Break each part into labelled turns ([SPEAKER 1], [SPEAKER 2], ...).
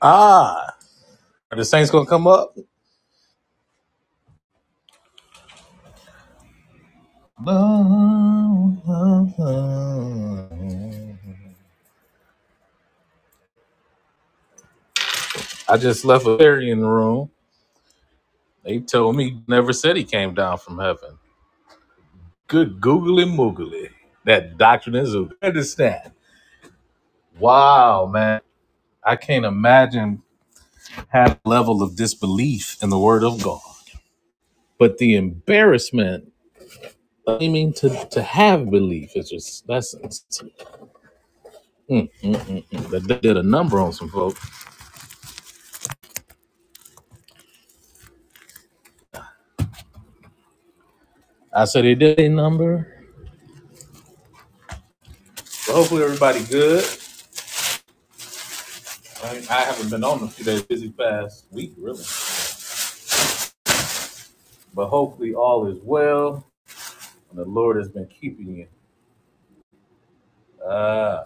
[SPEAKER 1] Ah, are the Saints gonna come up? I just left a fairy in the room. They told me never said he came down from heaven. Good googly moogly. That doctrine is a understand. Wow, man. I can't imagine having a level of disbelief in the word of God. But the embarrassment of claiming to, to have belief is just that's that did a number on some folks. I said they did a number. Well, hopefully everybody good. I, mean, I haven't been on a few days, busy past week really, but hopefully all is well and the Lord has been keeping you. Uh,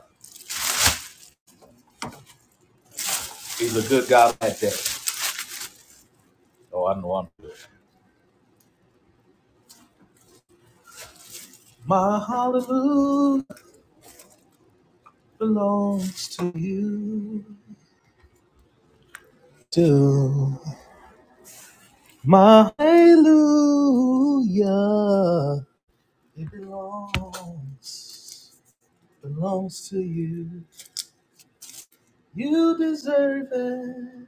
[SPEAKER 1] he's a good God at that. Oh, I know I'm good. My hallelujah belongs to you. To my hallelujah, it belongs belongs to you. You deserve it.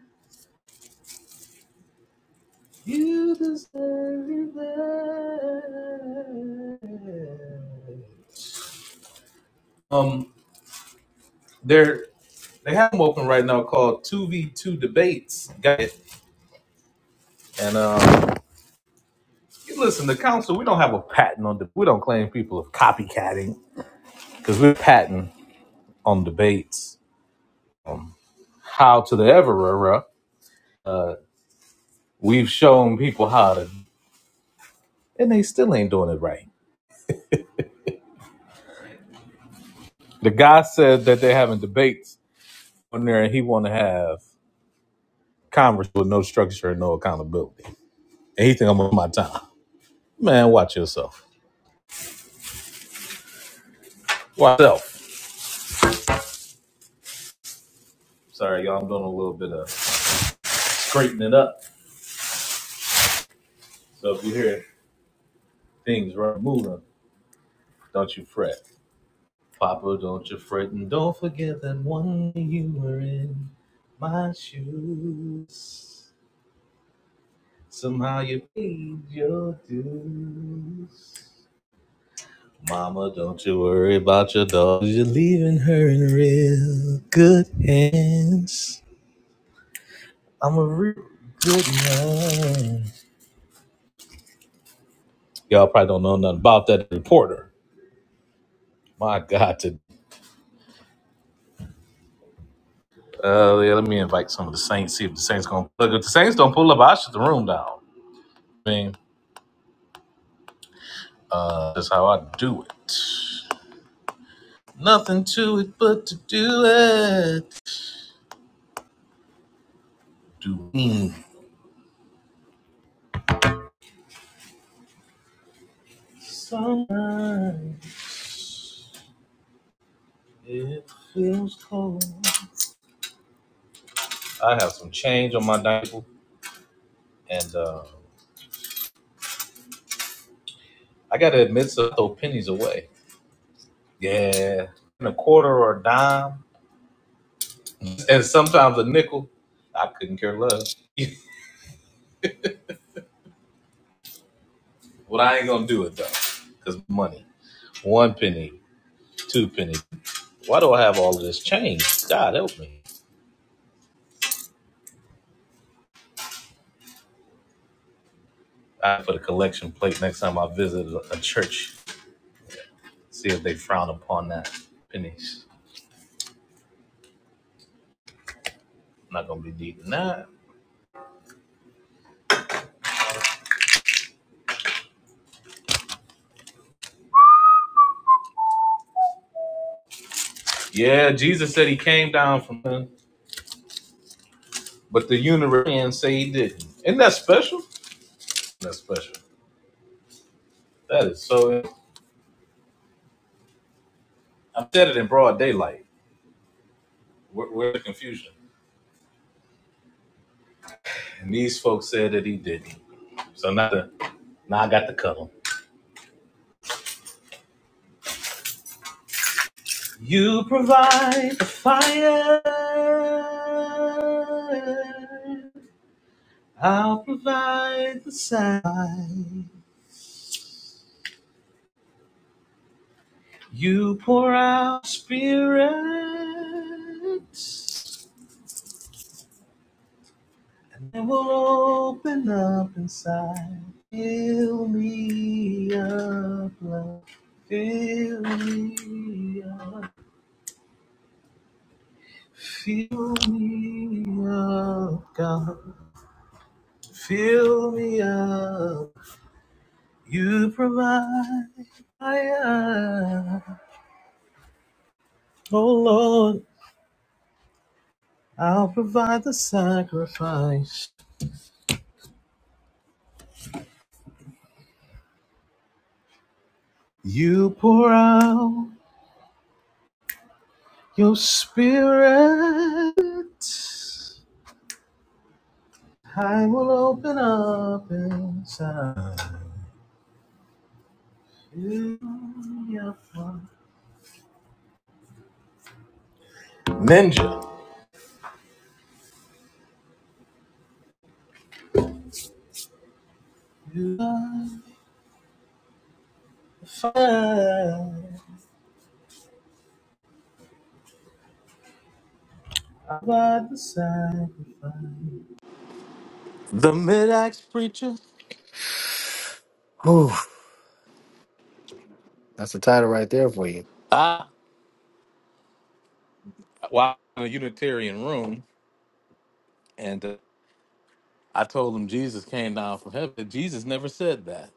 [SPEAKER 1] You deserve it. Um, they're they have them open right now called Two V Two Debates. Got it? And um, you listen, the council we don't have a patent on the we don't claim people of copycatting because we're patent on debates. Um, how to the ever uh, we've shown people how to, and they still ain't doing it right. The guy said that they're having debates on there, and he want to have. Congress with no structure and no accountability. And he think I'm on my time. Man, watch yourself. Watch yourself. Sorry, y'all. I'm doing a little bit of straightening it up. So if you hear things run moving, don't you fret. Papa, don't you fret. And don't forget that one day you were in my shoes. Somehow you paid your dues. Mama, don't you worry about your dog. You're leaving her in real good hands. I'm a real good man. Y'all probably don't know nothing about that reporter. My God, to uh, yeah, let me invite some of the Saints. See if the Saints gonna look. If the Saints don't pull up, I shut the room down. I mean, uh, that's how I do it. Nothing to it but to do it. Do it. Sometimes it feels cold. I have some change on my diaper, and uh, I gotta admit, so I throw pennies away. Yeah, and a quarter or a dime. and sometimes a nickel. I couldn't care less. but I ain't gonna do it though, cause money. One penny, two penny. Why do I have all of this change? God help me. I put a collection plate next time I visit a a church. See if they frown upon that pennies. I'm not gonna be needing that. Yeah, Jesus said he came down from heaven, but the Unitarians say he didn't. Isn't that special? That's special. That is so. I said it in broad daylight. Where, where's the confusion? And these folks said that he didn't. So now, the, now I got the cuddle. You provide the fire. I'll provide the sign. You pour out spirit. And it will open up inside. Fill me up, love. Fill me up. Fill me up, God. Fill me up, you provide. I, am. oh Lord, I'll provide the sacrifice. You pour out your spirit. I will open up inside. Fill me up, Ninja. You are the fire. i provide the sacrifice. The mid-axe preacher.
[SPEAKER 2] Whew, that's the title right there for you.
[SPEAKER 1] Ah. well, I was in a Unitarian room, and uh, I told them Jesus came down from heaven. Jesus never said that.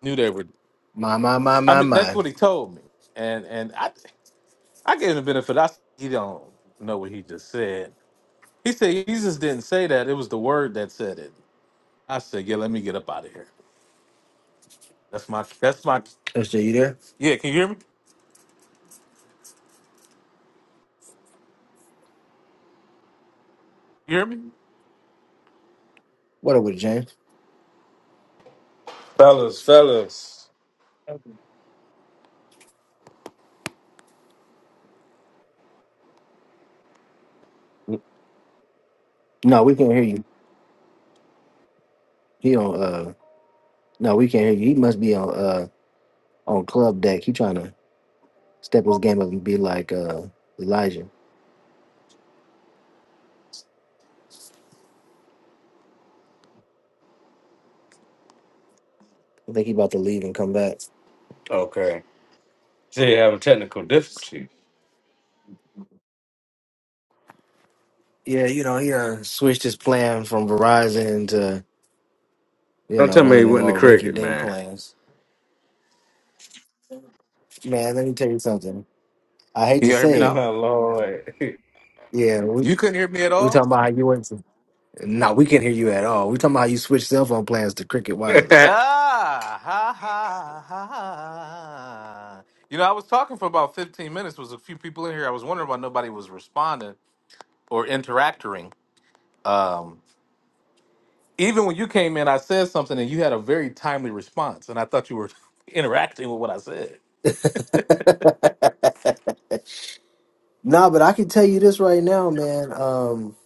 [SPEAKER 1] Knew they were.
[SPEAKER 2] My, my, my,
[SPEAKER 1] I
[SPEAKER 2] my,
[SPEAKER 1] mean, that's
[SPEAKER 2] my.
[SPEAKER 1] what he told me, and and I, I gave him the benefit. I said, he don't know what he just said. He said Jesus didn't say that. It was the Word that said it. I said, yeah, let me get up out of here. That's my. That's my.
[SPEAKER 2] SJ, you there?
[SPEAKER 1] Yeah, can you hear me? You hear me? Can
[SPEAKER 2] What up with James?
[SPEAKER 3] Fellas, fellas.
[SPEAKER 2] No, we can't hear you. He on, uh, no, we can't hear you. He must be on, uh, on club deck. He trying to step his game up and be like, uh, Elijah. I think he about to leave and come back.
[SPEAKER 3] Okay. See, you having technical difficulties.
[SPEAKER 2] Yeah, you know, he, uh, switched his plan from Verizon to, you
[SPEAKER 3] Don't
[SPEAKER 2] know,
[SPEAKER 3] tell me
[SPEAKER 2] one
[SPEAKER 3] he
[SPEAKER 2] of them
[SPEAKER 3] went to
[SPEAKER 2] old
[SPEAKER 3] cricket,
[SPEAKER 2] rinky-dink
[SPEAKER 3] man.
[SPEAKER 2] plans. Man, let me tell you something. I hate to
[SPEAKER 1] you hear me
[SPEAKER 2] say it.
[SPEAKER 1] now?
[SPEAKER 3] My lord.
[SPEAKER 2] Yeah, we,
[SPEAKER 1] You couldn't hear me at
[SPEAKER 2] we
[SPEAKER 1] all.
[SPEAKER 2] talking about how you went to No, we can't hear you at all. We're talking about how you switch cell phone plans to Cricket
[SPEAKER 3] hey,
[SPEAKER 2] Wireless.
[SPEAKER 1] Ah, ha, ha, ha, ha. You know, I was talking for about 15 minutes. was a few people in here. I was wondering why nobody was responding or interacting. Um, even when you came in, I said something and you had a very timely response, and I thought you were interacting with what I said.
[SPEAKER 2] nah, but I can tell you this right now, man. Um,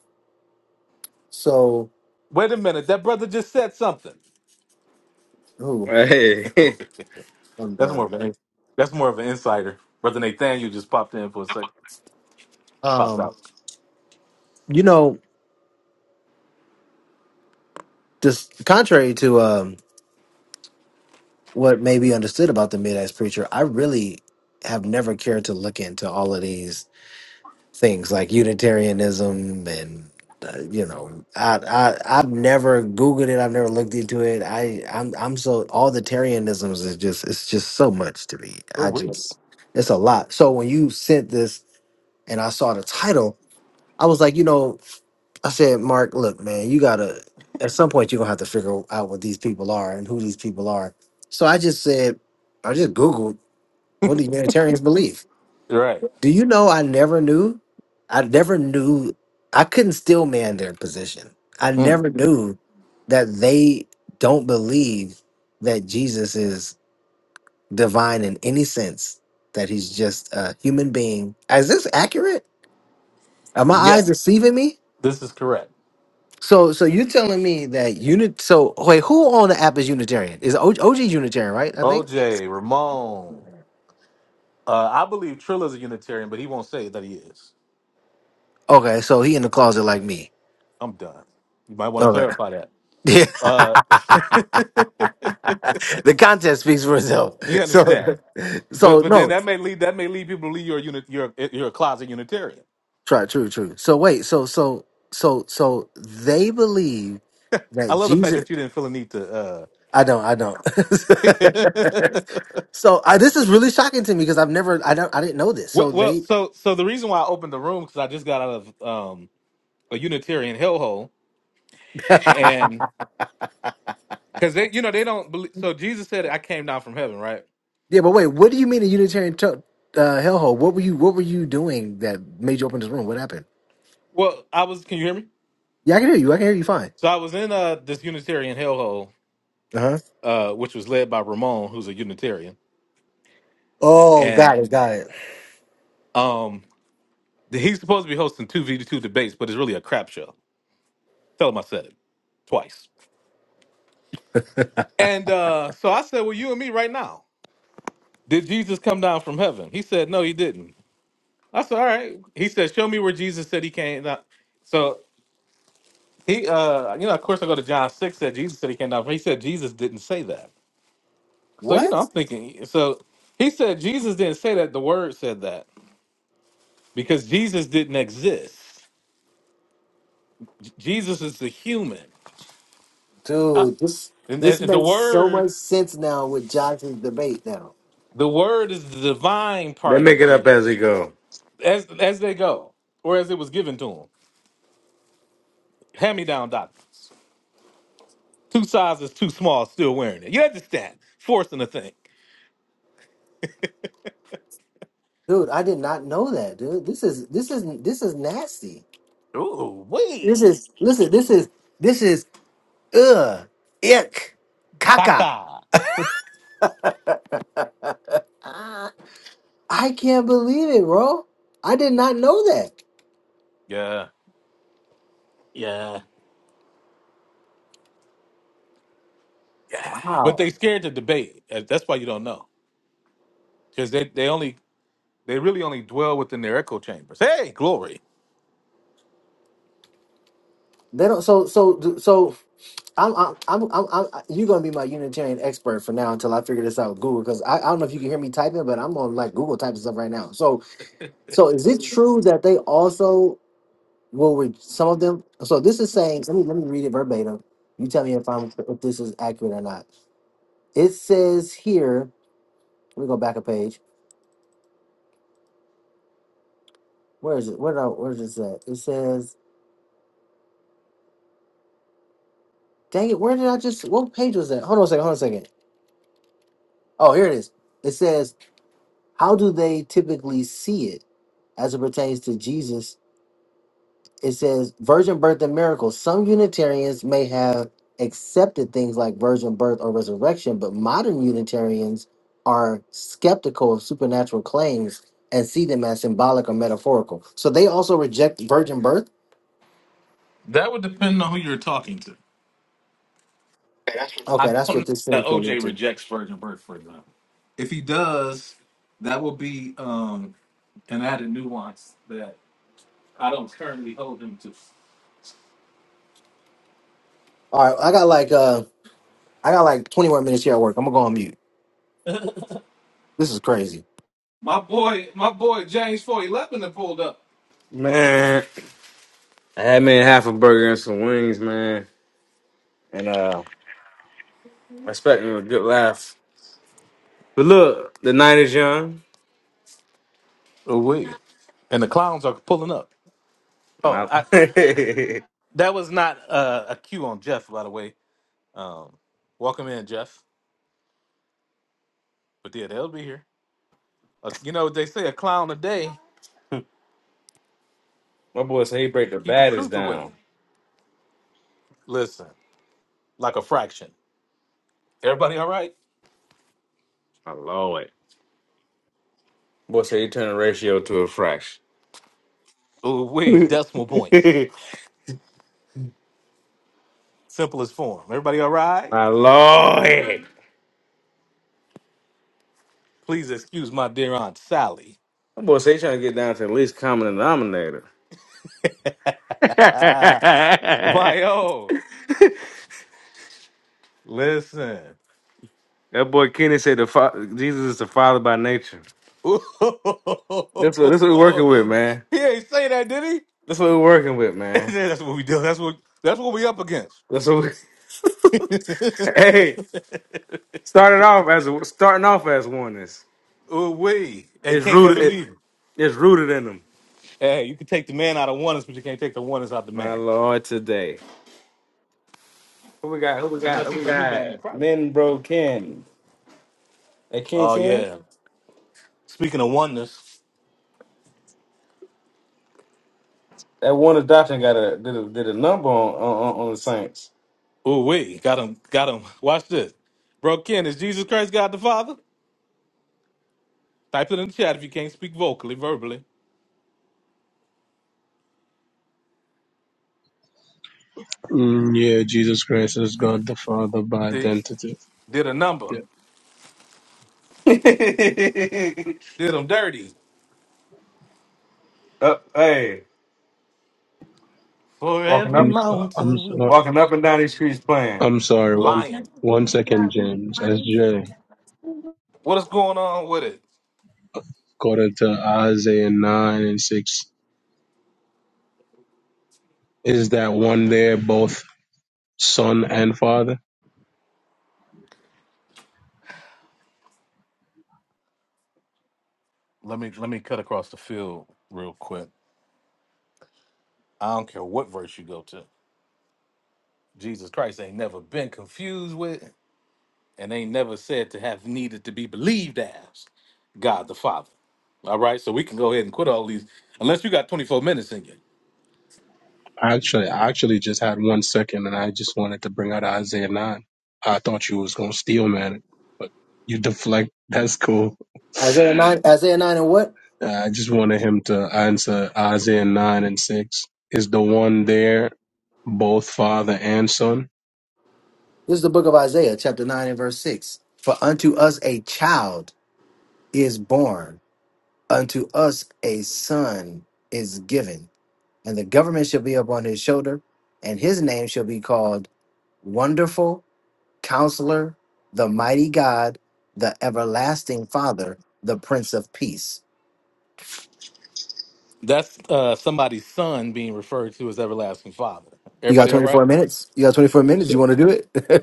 [SPEAKER 2] so
[SPEAKER 1] Wait a minute, that brother just said something.
[SPEAKER 2] who?
[SPEAKER 3] they
[SPEAKER 1] that's
[SPEAKER 2] I'm
[SPEAKER 1] more
[SPEAKER 2] done.
[SPEAKER 1] of an that's more of an insider. Brother Nathaniel just popped in for a second, popped
[SPEAKER 2] Um,
[SPEAKER 1] out.
[SPEAKER 2] you know, just contrary to um what may be understood about the mid-axe preacher, I really have never cared to look into all of these things like Unitarianism and uh, you know I, I I've never Googled it. I've never looked into it. I I'm I'm so all the Tarianisms is just it's just so much to me.
[SPEAKER 1] Oh,
[SPEAKER 2] I
[SPEAKER 1] wait.
[SPEAKER 2] just it's a lot. So when you sent this and I saw the title, I was like, you know, I said, Mark, look, man, you gotta at some point you're gonna have to figure out what these people are and who these people are. So I just said, I just Googled what do Unitarians believe
[SPEAKER 1] Right.
[SPEAKER 2] do you know I never knew? I never knew I couldn't still man their position. I
[SPEAKER 1] Mm.
[SPEAKER 2] never knew that they don't believe that Jesus is divine in any sense, that he's just a human being. Is this accurate? Are my
[SPEAKER 1] Yeah,
[SPEAKER 2] eyes deceiving me?
[SPEAKER 1] this is correct.
[SPEAKER 2] So so you're telling me that unit so wait, who on the app is Unitarian? Is OG, Unitarian, right? I think.
[SPEAKER 1] OJ, Ramon. Uh, I believe Trilla's a Unitarian, but he won't say that he is.
[SPEAKER 2] Okay, so he in the closet like me.
[SPEAKER 1] I'm done. You might want to
[SPEAKER 2] Okay.
[SPEAKER 1] clarify that. Uh,
[SPEAKER 2] the content speaks for itself.
[SPEAKER 1] you
[SPEAKER 2] So,
[SPEAKER 1] understand? But
[SPEAKER 2] so
[SPEAKER 1] but then
[SPEAKER 2] no,
[SPEAKER 1] that may lead that may lead people to believe you're a unit you're a- you're a closet Unitarian.
[SPEAKER 2] try true, true. So wait, so so so so they believe
[SPEAKER 1] I
[SPEAKER 2] that
[SPEAKER 1] love the fact
[SPEAKER 2] Jesus.
[SPEAKER 1] that you didn't feel a need to. Uh...
[SPEAKER 2] I don't, I don't. so I, this is really shocking to me because I've never, I don't, I didn't know this.
[SPEAKER 1] well,
[SPEAKER 2] So
[SPEAKER 1] well,
[SPEAKER 2] they,
[SPEAKER 1] so so the reason why I opened the room because I just got out of um, a Unitarian hellhole,
[SPEAKER 2] yeah,
[SPEAKER 1] and because they you know they don't believe. So Jesus said, "I came down from heaven," right?
[SPEAKER 2] but wait, what do you mean a Unitarian t- uh, hellhole? What were you, what were you doing that made you open this room? What happened?
[SPEAKER 1] Well, I was. Can you hear me?
[SPEAKER 2] Yeah, I can hear you. I can hear you fine.
[SPEAKER 1] So I was in uh this Unitarian hellhole,
[SPEAKER 2] Uh huh.
[SPEAKER 1] uh, which was led by Ramon, who's a Unitarian,
[SPEAKER 2] Oh,
[SPEAKER 1] and
[SPEAKER 2] got it, got it.
[SPEAKER 1] um he's supposed to be hosting two V two debates, but it's really a crap show. Tell him I said it twice. And uh so I said, Well, you and me right now. Did Jesus come down from heaven? He said, No, he didn't. I said, All right. He said, Show me where Jesus said he came down. So he uh you know, of course I go to John six said Jesus said he came down from he said Jesus didn't say that. So you
[SPEAKER 2] What?
[SPEAKER 1] know, I'm thinking so he said Jesus didn't say that, the word said that. because Jesus didn't exist. Jesus is the human,
[SPEAKER 2] Dude, this
[SPEAKER 1] and,
[SPEAKER 2] this
[SPEAKER 1] and the
[SPEAKER 2] makes so
[SPEAKER 1] word,
[SPEAKER 2] much sense now with Josh's debate now.
[SPEAKER 1] the word is the divine part of
[SPEAKER 3] make it up
[SPEAKER 1] Jesus,
[SPEAKER 3] as they go.
[SPEAKER 1] as as they go, or as it was given to him. Hand me down doctors, two sizes too small, still wearing it. You understand? Forcing a thing.
[SPEAKER 2] Dude, I did not know that, dude. This is this is this is nasty.
[SPEAKER 1] Ooh
[SPEAKER 2] This
[SPEAKER 1] wee,
[SPEAKER 2] is listen, this is this is ugh ick caca.
[SPEAKER 1] caca.
[SPEAKER 2] I can't believe it, bro. I did not know that.
[SPEAKER 1] Yeah, yeah, yeah. But
[SPEAKER 2] Wow.
[SPEAKER 1] they scared to debate. Uh, That's why you don't know, because they they only they really only dwell within their echo chambers. Hey, glory.
[SPEAKER 2] They don't so so so I'm I'm I'm I'm, I'm you're gonna be my Unitarian expert for now until I figure this out with Google because I, I don't know if you can hear me typing, but I'm on like Google typing stuff right now. So So is it true that they also will re- some of them? So this is saying. Let me let me read it verbatim. You tell me if I'm if this is accurate or not. It says here. Let me go back a page. Where is it? Where did I, where is this at? It says. Dang it! Where did I just? What page was that? Hold on a second. Hold on a second. Oh, here it is. It says. How do they typically see it as it pertains to Jesus it says virgin birth and miracles. Some Unitarians may have accepted things like virgin birth or resurrection, but modern Unitarians are skeptical of supernatural claims and see them as symbolic or metaphorical. So they also reject virgin birth.
[SPEAKER 1] That would depend on who you're talking to. I
[SPEAKER 2] Okay, that's
[SPEAKER 1] don't know
[SPEAKER 2] what this
[SPEAKER 1] that
[SPEAKER 2] thing's going
[SPEAKER 1] OJ
[SPEAKER 2] to.
[SPEAKER 1] rejects virgin birth for example. If he does, that will be um an added nuance that I don't currently hold him to.
[SPEAKER 2] All right, I got like uh, I got like twenty more minutes here at work. I'm gonna go on mute. This is crazy.
[SPEAKER 1] My boy, my boy James Four Eleven that pulled up.
[SPEAKER 3] Man, I had me half a burger and some wings, man. And uh expecting a good laugh. But look, the night is young.
[SPEAKER 1] Oh wait, and the clowns are pulling up. Oh,
[SPEAKER 3] My,
[SPEAKER 1] I, that was not uh, a cue on Jeff, by the way. Um, welcome in, Jeff. But yeah, they'll be here. Uh, you know they say: a clown a day
[SPEAKER 3] My boy said he break the
[SPEAKER 1] keep the
[SPEAKER 3] baddest
[SPEAKER 1] truth away.
[SPEAKER 3] down.
[SPEAKER 1] Listen, like a fraction. Everybody, all right?
[SPEAKER 3] my lord. Boy said he turned the ratio to a fraction.
[SPEAKER 1] Oh, wait, decimal points. Simplest form. Everybody all right?
[SPEAKER 3] my lord.
[SPEAKER 1] Please excuse my dear Aunt Sally.
[SPEAKER 3] That boy say he trying to get down to the least common denominator.
[SPEAKER 1] my
[SPEAKER 3] that
[SPEAKER 1] oh Listen.
[SPEAKER 3] boy Kenny said the fa- Jesus is the Father by nature.
[SPEAKER 1] he
[SPEAKER 3] That's what, that's what we're working with, man.
[SPEAKER 1] ain't say that, did he?
[SPEAKER 3] That's what we're working with, man.
[SPEAKER 1] that's what we do. That's what that's what we up against.
[SPEAKER 3] That's what we. hey, started off as a, starting off as oneness.
[SPEAKER 1] Ooh, we and
[SPEAKER 3] It's
[SPEAKER 1] can't
[SPEAKER 3] rooted.
[SPEAKER 1] never
[SPEAKER 3] It,
[SPEAKER 1] leave him.
[SPEAKER 3] it's rooted in them.
[SPEAKER 1] Hey, you can take the man out of oneness, but you can't take the oneness out the
[SPEAKER 3] My
[SPEAKER 1] man.
[SPEAKER 3] Lord, today. Who we got? Who we got?
[SPEAKER 1] Unless
[SPEAKER 3] Who we
[SPEAKER 1] he's a new man
[SPEAKER 3] got?
[SPEAKER 1] in Christ.
[SPEAKER 3] Lynn Bro Ken. That Ken
[SPEAKER 1] Oh
[SPEAKER 3] Ken.
[SPEAKER 1] yeah. Speaking of oneness.
[SPEAKER 3] That one adoption got a did a, did a number on on, on on the Saints.
[SPEAKER 1] Ooh, we got him, got him. Watch this, bro. Ken, is Jesus Christ God the Father? Type it in the chat if you can't speak vocally, verbally.
[SPEAKER 4] Mm, yeah, Jesus Christ is God the Father by
[SPEAKER 1] See,
[SPEAKER 4] identity.
[SPEAKER 1] did a number,
[SPEAKER 4] Yeah.
[SPEAKER 3] Uh,
[SPEAKER 1] did him dirty
[SPEAKER 3] hey,
[SPEAKER 1] for
[SPEAKER 3] walking
[SPEAKER 1] every
[SPEAKER 4] I'm
[SPEAKER 3] up,
[SPEAKER 4] so- I'm
[SPEAKER 1] mountain.
[SPEAKER 4] sorry.
[SPEAKER 3] walking up and down these streets playing.
[SPEAKER 4] I'm sorry. One
[SPEAKER 1] Lion,
[SPEAKER 4] one second, James. SJ,
[SPEAKER 1] what is going on with it?
[SPEAKER 4] according to Isaiah nine and six, is that one there both son and father?
[SPEAKER 1] Let me let me cut across the field real quick. I don't care what verse you go to. Jesus Christ ain't never been confused with, and ain't never said to have needed to be believed as God the Father. All right, so we can go ahead and quit all these, unless you got 24 minutes in you.
[SPEAKER 4] Actually, I actually just had one second, and I just wanted to bring out Isaiah nine. I thought you was gonna steal, man, but you deflect. That's cool.
[SPEAKER 2] Isaiah nine, Isaiah nine, and what?
[SPEAKER 4] Uh, I just wanted him to answer Isaiah 9 and 6. Is the one there both father and son?
[SPEAKER 2] This is the book of Isaiah, chapter nine and verse six. For unto us a child is born Unto us a son is given, and the government shall be upon his shoulder, and his name shall be called Wonderful Counselor, the Mighty God, the Everlasting Father, the Prince of Peace.
[SPEAKER 1] That's uh, somebody's son being referred to as everlasting father.
[SPEAKER 2] You got
[SPEAKER 1] Everybody all right?
[SPEAKER 2] 24 minutes? You got 24 minutes?
[SPEAKER 4] So,
[SPEAKER 2] You want to do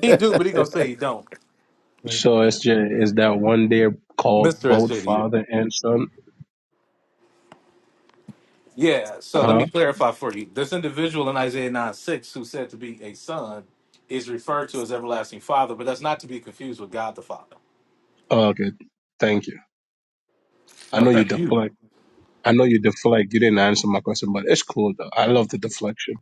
[SPEAKER 1] He do, but he
[SPEAKER 4] so
[SPEAKER 1] gonna say he don't.
[SPEAKER 4] so SJ, is that one there called
[SPEAKER 1] Mr.
[SPEAKER 4] both
[SPEAKER 1] SJ to you.
[SPEAKER 4] father and son?
[SPEAKER 1] Yeah, so let me
[SPEAKER 4] Huh?
[SPEAKER 1] clarify for you. This individual in Isaiah 9 6 who said to be a son is referred to as everlasting father, but that's not to be confused with God the Father.
[SPEAKER 4] Oh, good. Thank you. I
[SPEAKER 1] No,
[SPEAKER 4] know you
[SPEAKER 1] thank you.
[SPEAKER 4] deflect. I know you deflect. You didn't answer my question, but it's cool though. I love the deflection.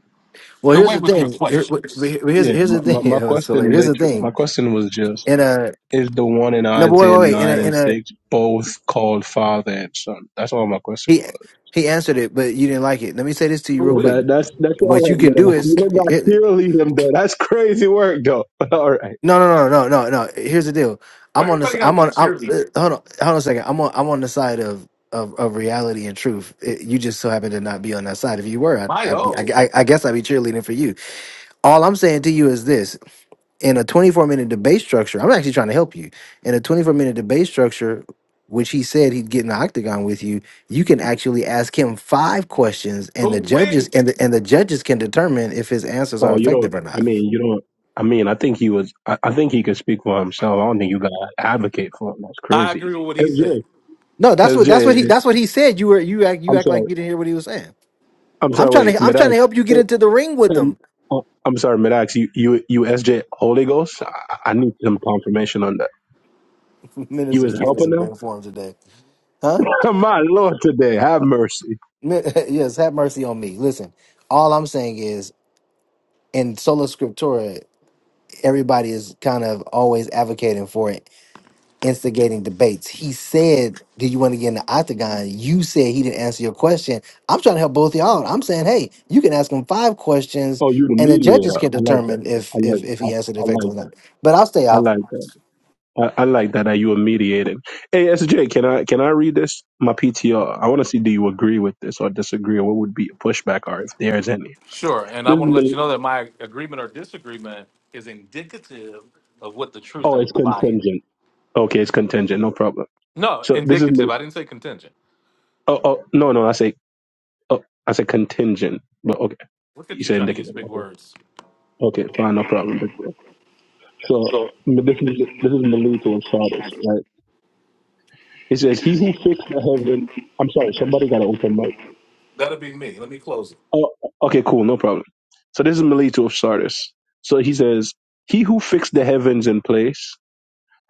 [SPEAKER 2] well, here's
[SPEAKER 1] Away
[SPEAKER 2] the
[SPEAKER 1] with your
[SPEAKER 2] thing. Here-
[SPEAKER 1] questions.
[SPEAKER 2] wh- Here's,
[SPEAKER 4] Yeah,
[SPEAKER 2] here's
[SPEAKER 4] my,
[SPEAKER 2] the thing.
[SPEAKER 4] my, my
[SPEAKER 2] It was hilarious.
[SPEAKER 4] question
[SPEAKER 2] Here's the
[SPEAKER 4] later,
[SPEAKER 2] thing.
[SPEAKER 4] my question was just,
[SPEAKER 2] In a,
[SPEAKER 4] is the one in
[SPEAKER 2] no, but wait,
[SPEAKER 4] Isaiah
[SPEAKER 2] wait, wait. In a,
[SPEAKER 4] 9 and
[SPEAKER 2] in a,
[SPEAKER 4] 6 both called father and son? That's all my question
[SPEAKER 2] he,
[SPEAKER 4] was.
[SPEAKER 2] he answered it, but you didn't like it. Let me say this to you real
[SPEAKER 4] Yeah,
[SPEAKER 1] Away.
[SPEAKER 2] quick.
[SPEAKER 4] that, that's that's all
[SPEAKER 2] What you
[SPEAKER 4] right,
[SPEAKER 2] can
[SPEAKER 4] but
[SPEAKER 2] do
[SPEAKER 4] uh, you
[SPEAKER 2] is
[SPEAKER 4] don't got cheerlead him though. That's crazy work though. all right.
[SPEAKER 2] No, no, no, no, no, no. Here's the deal.
[SPEAKER 1] Well,
[SPEAKER 2] I'm on this.
[SPEAKER 1] everybody got to
[SPEAKER 2] I'm
[SPEAKER 1] be
[SPEAKER 2] on. I'm,
[SPEAKER 1] cheerleading.
[SPEAKER 2] uh, hold on. Hold on a second. I'm on. I'm on the side of of, of reality and truth. It, you just so happen to not be on that side. If you were, I'd,
[SPEAKER 1] My
[SPEAKER 2] I'd be. I,
[SPEAKER 1] oh.
[SPEAKER 2] I I guess I'd be cheerleading for you. All I'm saying to you is this: in a 24 minute debate structure, I'm actually trying to help you. In a 24 minute debate structure, which he said he'd get in the octagon with you, you can actually ask him five questions, and the
[SPEAKER 1] Away.
[SPEAKER 2] judges and the, and the judges can determine if his answers
[SPEAKER 4] Oh,
[SPEAKER 2] are
[SPEAKER 4] you don't.
[SPEAKER 2] effective or
[SPEAKER 4] I
[SPEAKER 2] not.
[SPEAKER 4] mean, you don't. I mean, I think he was. I, I think he could speak for himself. I don't think you got to advocate for him. That's
[SPEAKER 1] I
[SPEAKER 4] crazy.
[SPEAKER 1] agree with what
[SPEAKER 4] S
[SPEAKER 1] he said.
[SPEAKER 2] No,
[SPEAKER 4] J.
[SPEAKER 2] that's what that's what he that's what he said. You were you act you
[SPEAKER 4] am
[SPEAKER 2] act like you
[SPEAKER 4] sorry.
[SPEAKER 2] didn't hear what he was saying.
[SPEAKER 4] I'm
[SPEAKER 2] I'm
[SPEAKER 4] sorry.
[SPEAKER 2] trying
[SPEAKER 4] Wait,
[SPEAKER 2] to I'm
[SPEAKER 4] Medax.
[SPEAKER 2] trying to help you
[SPEAKER 4] Uh,
[SPEAKER 2] get into the ring with
[SPEAKER 4] Um,
[SPEAKER 2] them.
[SPEAKER 4] uh, I'm sorry, Medax. You you you SJ Holy Ghost. I, I need some confirmation on that. You
[SPEAKER 2] Minister
[SPEAKER 4] was
[SPEAKER 2] Kid is
[SPEAKER 4] helping
[SPEAKER 2] in
[SPEAKER 4] them.
[SPEAKER 2] great form today, huh?
[SPEAKER 4] My Lord, today have mercy.
[SPEAKER 2] Mi- yes, have mercy on me. Listen, all I'm saying is in sola scriptura, everybody is kind of always advocating for it. instigating debates. He said, Do you want to get in the octagon? You said he didn't answer your question. I'm trying to help both y'all. I'm saying, hey, you can ask him five questions
[SPEAKER 4] Oh, you the
[SPEAKER 2] and the judges
[SPEAKER 4] mediator.
[SPEAKER 2] can
[SPEAKER 4] I like that.
[SPEAKER 2] determine
[SPEAKER 4] I
[SPEAKER 2] if if
[SPEAKER 4] like.
[SPEAKER 2] if
[SPEAKER 4] I,
[SPEAKER 2] he answered
[SPEAKER 4] I like
[SPEAKER 2] effectively or
[SPEAKER 4] that.
[SPEAKER 2] not. But I'll stay
[SPEAKER 4] I
[SPEAKER 2] out.
[SPEAKER 4] like that. I, I like that that you were mediated. Hey SJ, can I can I read this? My P T R. I want to see do you agree with this or disagree? What would be a pushback or if there is any?
[SPEAKER 1] Sure. And I
[SPEAKER 4] This is
[SPEAKER 1] want to let
[SPEAKER 4] Mil-
[SPEAKER 1] you know that my agreement or disagreement is indicative of what the truth
[SPEAKER 4] oh,
[SPEAKER 1] and
[SPEAKER 4] it's
[SPEAKER 1] what the lie is.
[SPEAKER 4] contingent. Okay, it's contingent. No problem.
[SPEAKER 1] No,
[SPEAKER 4] So this is
[SPEAKER 1] indicative.
[SPEAKER 4] Mil-
[SPEAKER 1] I didn't say contingent.
[SPEAKER 4] oh oh no no I say oh I say contingent, but okay
[SPEAKER 1] Look
[SPEAKER 4] you
[SPEAKER 1] at you
[SPEAKER 4] say
[SPEAKER 1] trying to use
[SPEAKER 4] indicative.
[SPEAKER 1] big
[SPEAKER 4] Okay
[SPEAKER 1] words.
[SPEAKER 4] okay
[SPEAKER 1] Okay,
[SPEAKER 4] fine no
[SPEAKER 1] fine, no
[SPEAKER 4] problem big
[SPEAKER 1] problem.
[SPEAKER 4] bro. So
[SPEAKER 1] So,
[SPEAKER 4] m- this
[SPEAKER 1] but
[SPEAKER 4] is
[SPEAKER 1] this is,
[SPEAKER 4] this is
[SPEAKER 1] this is
[SPEAKER 4] Melito of
[SPEAKER 1] relief on
[SPEAKER 4] Sardis,
[SPEAKER 1] Shabbos.
[SPEAKER 4] right? It says
[SPEAKER 1] It
[SPEAKER 4] he
[SPEAKER 1] says,
[SPEAKER 4] who
[SPEAKER 1] He who
[SPEAKER 4] fixed the
[SPEAKER 1] fixed the
[SPEAKER 4] heaven.
[SPEAKER 1] government.
[SPEAKER 4] I'm
[SPEAKER 1] I'm
[SPEAKER 4] sorry,
[SPEAKER 1] sorry,
[SPEAKER 4] somebody got to
[SPEAKER 1] somebody will
[SPEAKER 4] open mic.
[SPEAKER 1] open up. That'll be me. Let me close it.
[SPEAKER 4] Oh, okay, cool, no problem. So this is Melito of Sardis. So he says, "He who fixed the heavens in place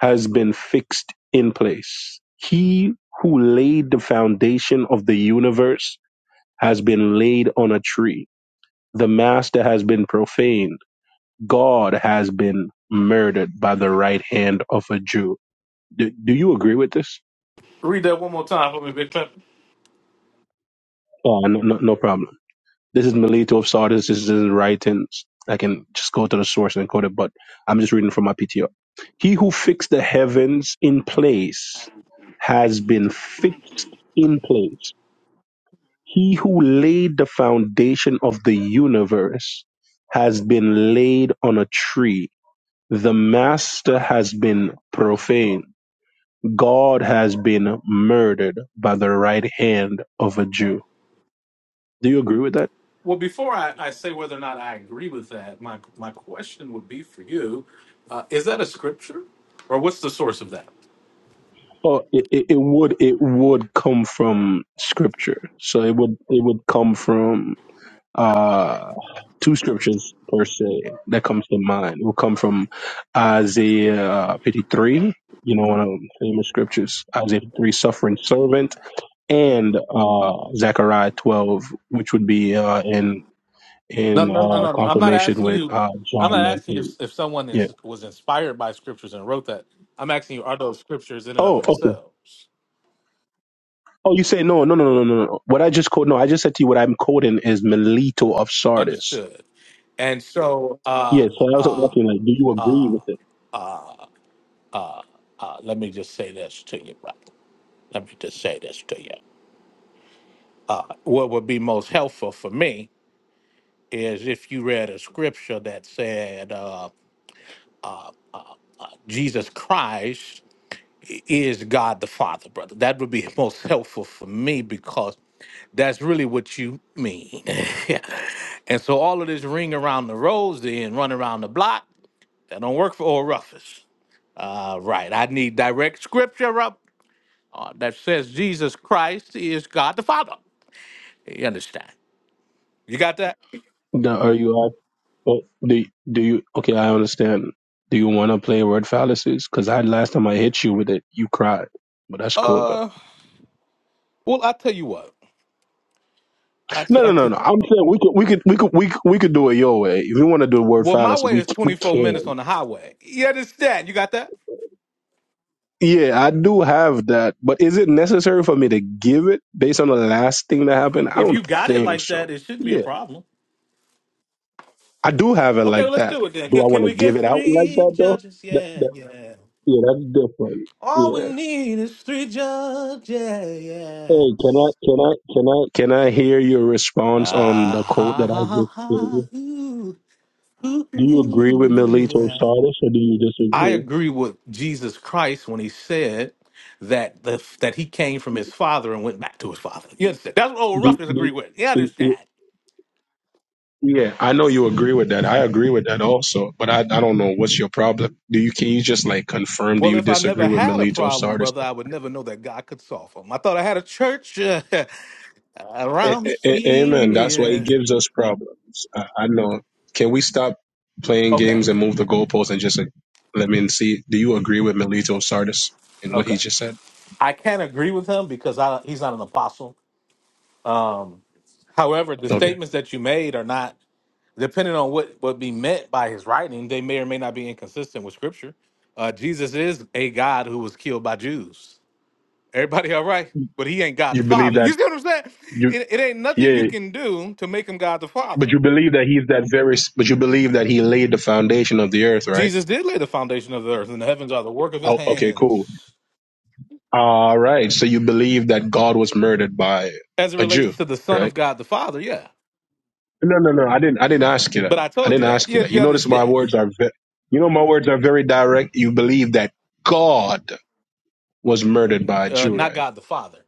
[SPEAKER 4] has been fixed in place. He who laid the foundation of the universe has been laid on a tree. The master has been profaned. God has been murdered by the right hand of a Jew." Do, do you agree with this?
[SPEAKER 1] Read that one more time for me, Big Pep.
[SPEAKER 4] Oh, no, no, no problem. this is Melito of Sardis, this is his writings. I can just go to the source and quote it, but I'm just reading from my PTO. He who fixed the heavens in place has been fixed in place. He who laid the foundation of the universe has been laid on a tree. The master has been profaned. God has been murdered by the right hand of a Jew. Do you agree with that?
[SPEAKER 1] Well, before I, I say whether or not I agree with that, my, my question would be for you uh, is that a scripture or what's the source of that?
[SPEAKER 4] Oh, it, it, it would it would come from scripture. So it would it would come from uh two scriptures per se that comes to mind. It would come from Isaiah fifty three, you know, one of the famous scriptures, Isaiah fifty three, suffering servant, and uh Zechariah twelve, which would be uh in
[SPEAKER 1] No,
[SPEAKER 4] in
[SPEAKER 1] no, no,
[SPEAKER 4] uh
[SPEAKER 1] no. no. I'm not
[SPEAKER 4] confirmation
[SPEAKER 1] asking
[SPEAKER 4] with
[SPEAKER 1] you.
[SPEAKER 4] uh John
[SPEAKER 1] I'm not asking you if,
[SPEAKER 4] nineteen.
[SPEAKER 1] if someone
[SPEAKER 4] Yeah.
[SPEAKER 1] is, was inspired by scriptures and wrote that. I'm asking you, are those scriptures in and of
[SPEAKER 4] Oh, okay.
[SPEAKER 1] themselves
[SPEAKER 4] Oh, you say no, no, no, no, no, no. no. What I just quote, no, I just said to you what I'm quoting is Melito of Sardis.
[SPEAKER 1] understood? And so,
[SPEAKER 4] Yeah,
[SPEAKER 1] uh,
[SPEAKER 4] so I was
[SPEAKER 1] uh,
[SPEAKER 4] asking, like, do you agree with it?
[SPEAKER 1] uh, uh, let me just say this to you, brother. Let me just say this to you. What would be most helpful for me is if you read a scripture that said uh, Jesus Christ is God the Father, brother. That would be most helpful for me because that's really what you mean. and so all of this ring around the rosy and run around the block, that don't work for Oral Ruffus. Uh, right. I need direct scripture up uh, that says Jesus Christ is God the Father. You understand? You got that?
[SPEAKER 4] No, are you? ask- oh, Do do you? Okay, I understand. Do you want to play word fallacies? Because I last time I hit you with it, you cried. But that's cool though.
[SPEAKER 1] Uh, well, I tell you what. I t-
[SPEAKER 4] No,
[SPEAKER 1] I
[SPEAKER 4] no, no,
[SPEAKER 1] t-
[SPEAKER 4] no. I'm saying we could, we could, we could, we could, we could do it your way. If you want to do word
[SPEAKER 1] well, my
[SPEAKER 4] fallacy,
[SPEAKER 1] way
[SPEAKER 4] we
[SPEAKER 1] is
[SPEAKER 4] c- we
[SPEAKER 1] 24 minutes
[SPEAKER 4] can.
[SPEAKER 1] on the highway. You understand? You got that?
[SPEAKER 4] Yeah, I do have that. But is it necessary for me to give it based on the last thing that happened? I
[SPEAKER 1] If you
[SPEAKER 4] don't
[SPEAKER 1] got it
[SPEAKER 4] think
[SPEAKER 1] like
[SPEAKER 4] so.
[SPEAKER 1] that, it shouldn't be
[SPEAKER 4] Yeah,
[SPEAKER 1] a problem.
[SPEAKER 4] I do have it
[SPEAKER 1] Okay,
[SPEAKER 4] like
[SPEAKER 1] well, let's
[SPEAKER 4] that.
[SPEAKER 1] do it then.
[SPEAKER 4] Do I
[SPEAKER 1] Can, can
[SPEAKER 4] want to
[SPEAKER 1] we
[SPEAKER 4] give
[SPEAKER 1] get
[SPEAKER 4] it out like
[SPEAKER 1] three
[SPEAKER 4] that though?
[SPEAKER 1] judges?
[SPEAKER 4] That,
[SPEAKER 1] Yeah,
[SPEAKER 4] that,
[SPEAKER 1] yeah.
[SPEAKER 4] yeah, that's different.
[SPEAKER 1] All
[SPEAKER 4] Yeah.
[SPEAKER 1] we need is three judges. Yeah.
[SPEAKER 4] Hey, can I can I can I can I hear your response on
[SPEAKER 1] Ah,
[SPEAKER 4] the quote
[SPEAKER 1] ha,
[SPEAKER 4] that I
[SPEAKER 1] ha, ha,
[SPEAKER 4] just gave
[SPEAKER 1] ha.
[SPEAKER 4] you?
[SPEAKER 1] Ooh, ooh,
[SPEAKER 4] Do you agree with
[SPEAKER 1] ooh.
[SPEAKER 4] Melito
[SPEAKER 1] yeah.
[SPEAKER 4] Sardis or do you
[SPEAKER 1] I
[SPEAKER 4] disagree?
[SPEAKER 1] agree with Jesus Christ when he said that the that he came from his father and went back to his father. You understand? That's what old
[SPEAKER 4] Do,
[SPEAKER 1] Ruffins agree
[SPEAKER 4] do,
[SPEAKER 1] with. You
[SPEAKER 4] do, do-
[SPEAKER 1] understand?
[SPEAKER 4] yeah, I know you agree with that. I agree with that also, but I, I don't know what's your problem. Do you can you just like confirm? Do
[SPEAKER 1] Well,
[SPEAKER 4] you
[SPEAKER 1] if I
[SPEAKER 4] disagree
[SPEAKER 1] never
[SPEAKER 4] with
[SPEAKER 1] had a
[SPEAKER 4] Melito
[SPEAKER 1] problem,
[SPEAKER 4] Sardis?
[SPEAKER 1] brother, I would never know that God could solve them. I thought I had a church.
[SPEAKER 4] A-
[SPEAKER 1] around
[SPEAKER 4] a- a- Amen. That's why it
[SPEAKER 1] here.
[SPEAKER 4] gives us problems. I, I know. Can we stop playing
[SPEAKER 1] Okay,
[SPEAKER 4] games and move the goalposts and just like, let me see? Do you agree with Melito Sardis in what
[SPEAKER 1] okay.
[SPEAKER 4] he just said?
[SPEAKER 1] I can't agree with him because I, he's not an apostle. Um, however, the
[SPEAKER 4] Okay.
[SPEAKER 1] statements that you made are not depending on what would be meant by his writing. They may or may not be inconsistent with Scripture. Uh, Jesus is a God who was killed by Jews. Everybody, all right? But he ain't God the
[SPEAKER 4] You believe
[SPEAKER 1] Father. You
[SPEAKER 4] that
[SPEAKER 1] see what I'm saying?
[SPEAKER 4] you,
[SPEAKER 1] It, it ain't nothing you
[SPEAKER 4] yeah,
[SPEAKER 1] can do to make him God the
[SPEAKER 4] but
[SPEAKER 1] Father.
[SPEAKER 4] you believe that he's that very, but you believe that he laid the foundation of the earth, right?
[SPEAKER 1] Jesus did lay the foundation of the earth, and the heavens are the work of his
[SPEAKER 4] Oh, okay, cool.
[SPEAKER 1] hands.
[SPEAKER 4] All right. So you believe that God was murdered by
[SPEAKER 1] As it
[SPEAKER 4] a Jew,
[SPEAKER 1] relates to the Son
[SPEAKER 4] right?
[SPEAKER 1] of God the Father, yeah.
[SPEAKER 4] No, no, no. I didn't. I didn't ask you that.
[SPEAKER 1] But I
[SPEAKER 4] I
[SPEAKER 1] told you
[SPEAKER 4] didn't
[SPEAKER 1] that.
[SPEAKER 4] ask you
[SPEAKER 1] You,
[SPEAKER 4] that.
[SPEAKER 1] you
[SPEAKER 4] You notice my
[SPEAKER 1] understand?
[SPEAKER 4] words are. Ve- you know my words are very direct. You believe that God was murdered by a
[SPEAKER 1] Uh,
[SPEAKER 4] Jew,
[SPEAKER 1] not
[SPEAKER 4] right?
[SPEAKER 1] God the Father.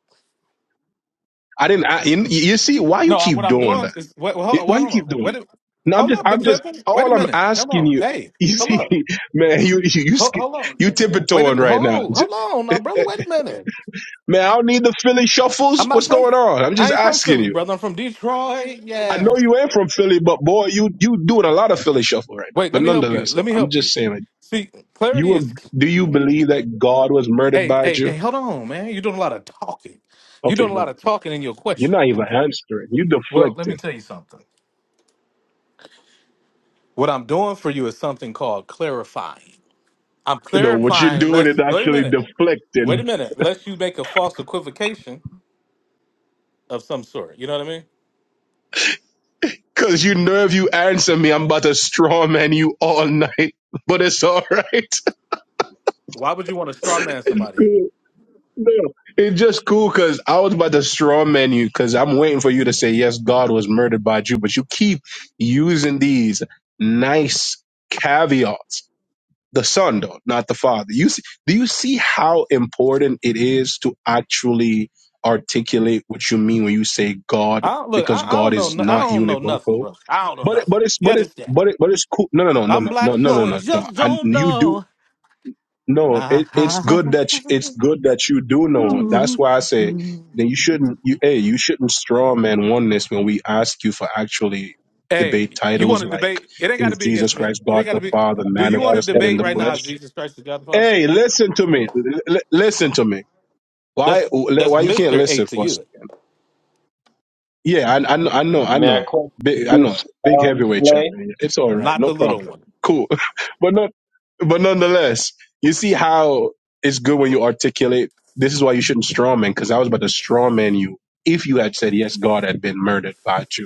[SPEAKER 4] I didn't. I, you, you see why you
[SPEAKER 1] No, I'm, what
[SPEAKER 4] keep
[SPEAKER 1] I'm
[SPEAKER 4] doing
[SPEAKER 1] doing
[SPEAKER 4] that?
[SPEAKER 1] is wait, well,
[SPEAKER 4] You-
[SPEAKER 1] hold,
[SPEAKER 4] Why
[SPEAKER 1] well,
[SPEAKER 4] you
[SPEAKER 1] hold on.
[SPEAKER 4] keep doing
[SPEAKER 1] Wait, a-
[SPEAKER 4] that? No, I'm
[SPEAKER 1] hold
[SPEAKER 4] just.
[SPEAKER 1] up, Big
[SPEAKER 4] I'm just.
[SPEAKER 1] Pepper. Wait a
[SPEAKER 4] All I'm
[SPEAKER 1] minute. Hold
[SPEAKER 4] asking
[SPEAKER 1] on.
[SPEAKER 4] you.
[SPEAKER 1] Hey,
[SPEAKER 4] You
[SPEAKER 1] hold
[SPEAKER 4] see,
[SPEAKER 1] up.
[SPEAKER 4] man, you you you,
[SPEAKER 1] Hold,
[SPEAKER 4] sk-
[SPEAKER 1] hold on.
[SPEAKER 4] you
[SPEAKER 1] Wait. A,
[SPEAKER 4] tiptoeing right now.
[SPEAKER 1] hold.
[SPEAKER 4] J-
[SPEAKER 1] Hold on,
[SPEAKER 4] eh,
[SPEAKER 1] now, brother. Wait a minute.
[SPEAKER 4] Man, I don't need the Philly shuffles.
[SPEAKER 1] I'm not
[SPEAKER 4] What's
[SPEAKER 1] from.
[SPEAKER 4] going on? I'm
[SPEAKER 1] I
[SPEAKER 4] just
[SPEAKER 1] ain't from
[SPEAKER 4] asking
[SPEAKER 1] Philly,
[SPEAKER 4] you.
[SPEAKER 1] brother. I'm from Detroit.
[SPEAKER 4] I
[SPEAKER 1] Yeah.
[SPEAKER 4] know you ain't from Philly, but boy, you you doing a lot of Philly shuffle right now.
[SPEAKER 1] Wait.
[SPEAKER 4] But
[SPEAKER 1] Let me help you.
[SPEAKER 4] nonetheless,
[SPEAKER 1] Let
[SPEAKER 4] though,
[SPEAKER 1] me
[SPEAKER 4] I'm
[SPEAKER 1] help
[SPEAKER 4] just
[SPEAKER 1] you.
[SPEAKER 4] saying. Like,
[SPEAKER 1] See, clarity
[SPEAKER 4] You
[SPEAKER 1] is.
[SPEAKER 4] ag- do you believe that God was murdered
[SPEAKER 1] Hey,
[SPEAKER 4] by a
[SPEAKER 1] hey,
[SPEAKER 4] Jew?
[SPEAKER 1] hey. Hold on, man. You're doing a lot of talking. You're
[SPEAKER 4] Okay,
[SPEAKER 1] doing a lot
[SPEAKER 4] Lord,
[SPEAKER 1] of talking in your
[SPEAKER 4] you're
[SPEAKER 1] question.
[SPEAKER 4] not even answering. You
[SPEAKER 1] Well, let
[SPEAKER 4] deflecting.
[SPEAKER 1] me tell you something. What I'm doing for you is something called clarifying. I'm
[SPEAKER 4] You know what you're
[SPEAKER 1] clarifying.
[SPEAKER 4] doing is
[SPEAKER 1] Let's wait a
[SPEAKER 4] actually
[SPEAKER 1] minute. Wait
[SPEAKER 4] deflecting.
[SPEAKER 1] a minute. Lest you make a false equivocation of some sort. You know what I mean?
[SPEAKER 4] Cause you know if you answer me, I'm about to straw man you all night. But it's all right.
[SPEAKER 1] Why would you want to straw man somebody?
[SPEAKER 4] Cool, no, it's just cool because I was about to straw man you because I'm waiting for you to say yes, God was murdered by a Jew. But you keep using these nice caveats The son, though, not the father. You see, do you see how important it is to actually articulate what you mean when you say God,
[SPEAKER 1] I don't, look,
[SPEAKER 4] because
[SPEAKER 1] I, I
[SPEAKER 4] God
[SPEAKER 1] don't know.
[SPEAKER 4] is
[SPEAKER 1] no- I
[SPEAKER 4] not
[SPEAKER 1] don't know nothing,
[SPEAKER 4] univocal.
[SPEAKER 1] bro. I don't
[SPEAKER 4] But
[SPEAKER 1] know
[SPEAKER 4] it, but
[SPEAKER 1] nothing.
[SPEAKER 4] it's
[SPEAKER 1] You
[SPEAKER 4] but it
[SPEAKER 1] understand?
[SPEAKER 4] but it but it's cool. No no no no
[SPEAKER 1] I'm
[SPEAKER 4] no
[SPEAKER 1] black,
[SPEAKER 4] no no no
[SPEAKER 1] slow, and
[SPEAKER 4] no no.
[SPEAKER 1] just
[SPEAKER 4] And
[SPEAKER 1] don't
[SPEAKER 4] you do
[SPEAKER 1] know.
[SPEAKER 4] no. It, it's
[SPEAKER 1] Ah,
[SPEAKER 4] good that you, it's good that you do know. That's
[SPEAKER 1] ooh.
[SPEAKER 4] why I say that you shouldn't. You hey, you shouldn't straw man oneness when we ask you for actually
[SPEAKER 1] Hey,
[SPEAKER 4] debate
[SPEAKER 1] you want
[SPEAKER 4] titles
[SPEAKER 1] to
[SPEAKER 4] like
[SPEAKER 1] debate? It ain't got to
[SPEAKER 4] is
[SPEAKER 1] be against
[SPEAKER 4] Jesus
[SPEAKER 1] me.
[SPEAKER 4] Christ
[SPEAKER 1] It ain't
[SPEAKER 4] God
[SPEAKER 1] got
[SPEAKER 4] the
[SPEAKER 1] to be.
[SPEAKER 4] Father
[SPEAKER 1] Do you
[SPEAKER 5] May
[SPEAKER 1] want
[SPEAKER 5] I
[SPEAKER 1] to
[SPEAKER 4] manifested in
[SPEAKER 1] debate
[SPEAKER 4] the
[SPEAKER 1] right
[SPEAKER 5] question
[SPEAKER 1] now?
[SPEAKER 5] you?
[SPEAKER 4] flesh?
[SPEAKER 1] If Jesus Christ is God the Father,
[SPEAKER 4] Hey, listen to me. L- l- listen to me.
[SPEAKER 1] that's
[SPEAKER 4] Why?
[SPEAKER 1] that's
[SPEAKER 4] Why you can't
[SPEAKER 1] Mister A
[SPEAKER 4] listen
[SPEAKER 1] to
[SPEAKER 4] for a
[SPEAKER 1] you,
[SPEAKER 4] second? Yeah, I, I know. I know. I
[SPEAKER 5] May I
[SPEAKER 4] know.
[SPEAKER 5] question
[SPEAKER 4] Big. I
[SPEAKER 5] you,
[SPEAKER 4] know. Big
[SPEAKER 5] um,
[SPEAKER 4] heavyweight
[SPEAKER 5] Slay?
[SPEAKER 4] champion. It's all right.
[SPEAKER 1] not
[SPEAKER 4] No
[SPEAKER 1] the little
[SPEAKER 4] problem.
[SPEAKER 1] one.
[SPEAKER 4] Cool. but not. But nonetheless, you see how it's good when you articulate. This is why you shouldn't strawman. Because I was about to strawman you if you had said yes, God had been murdered by you.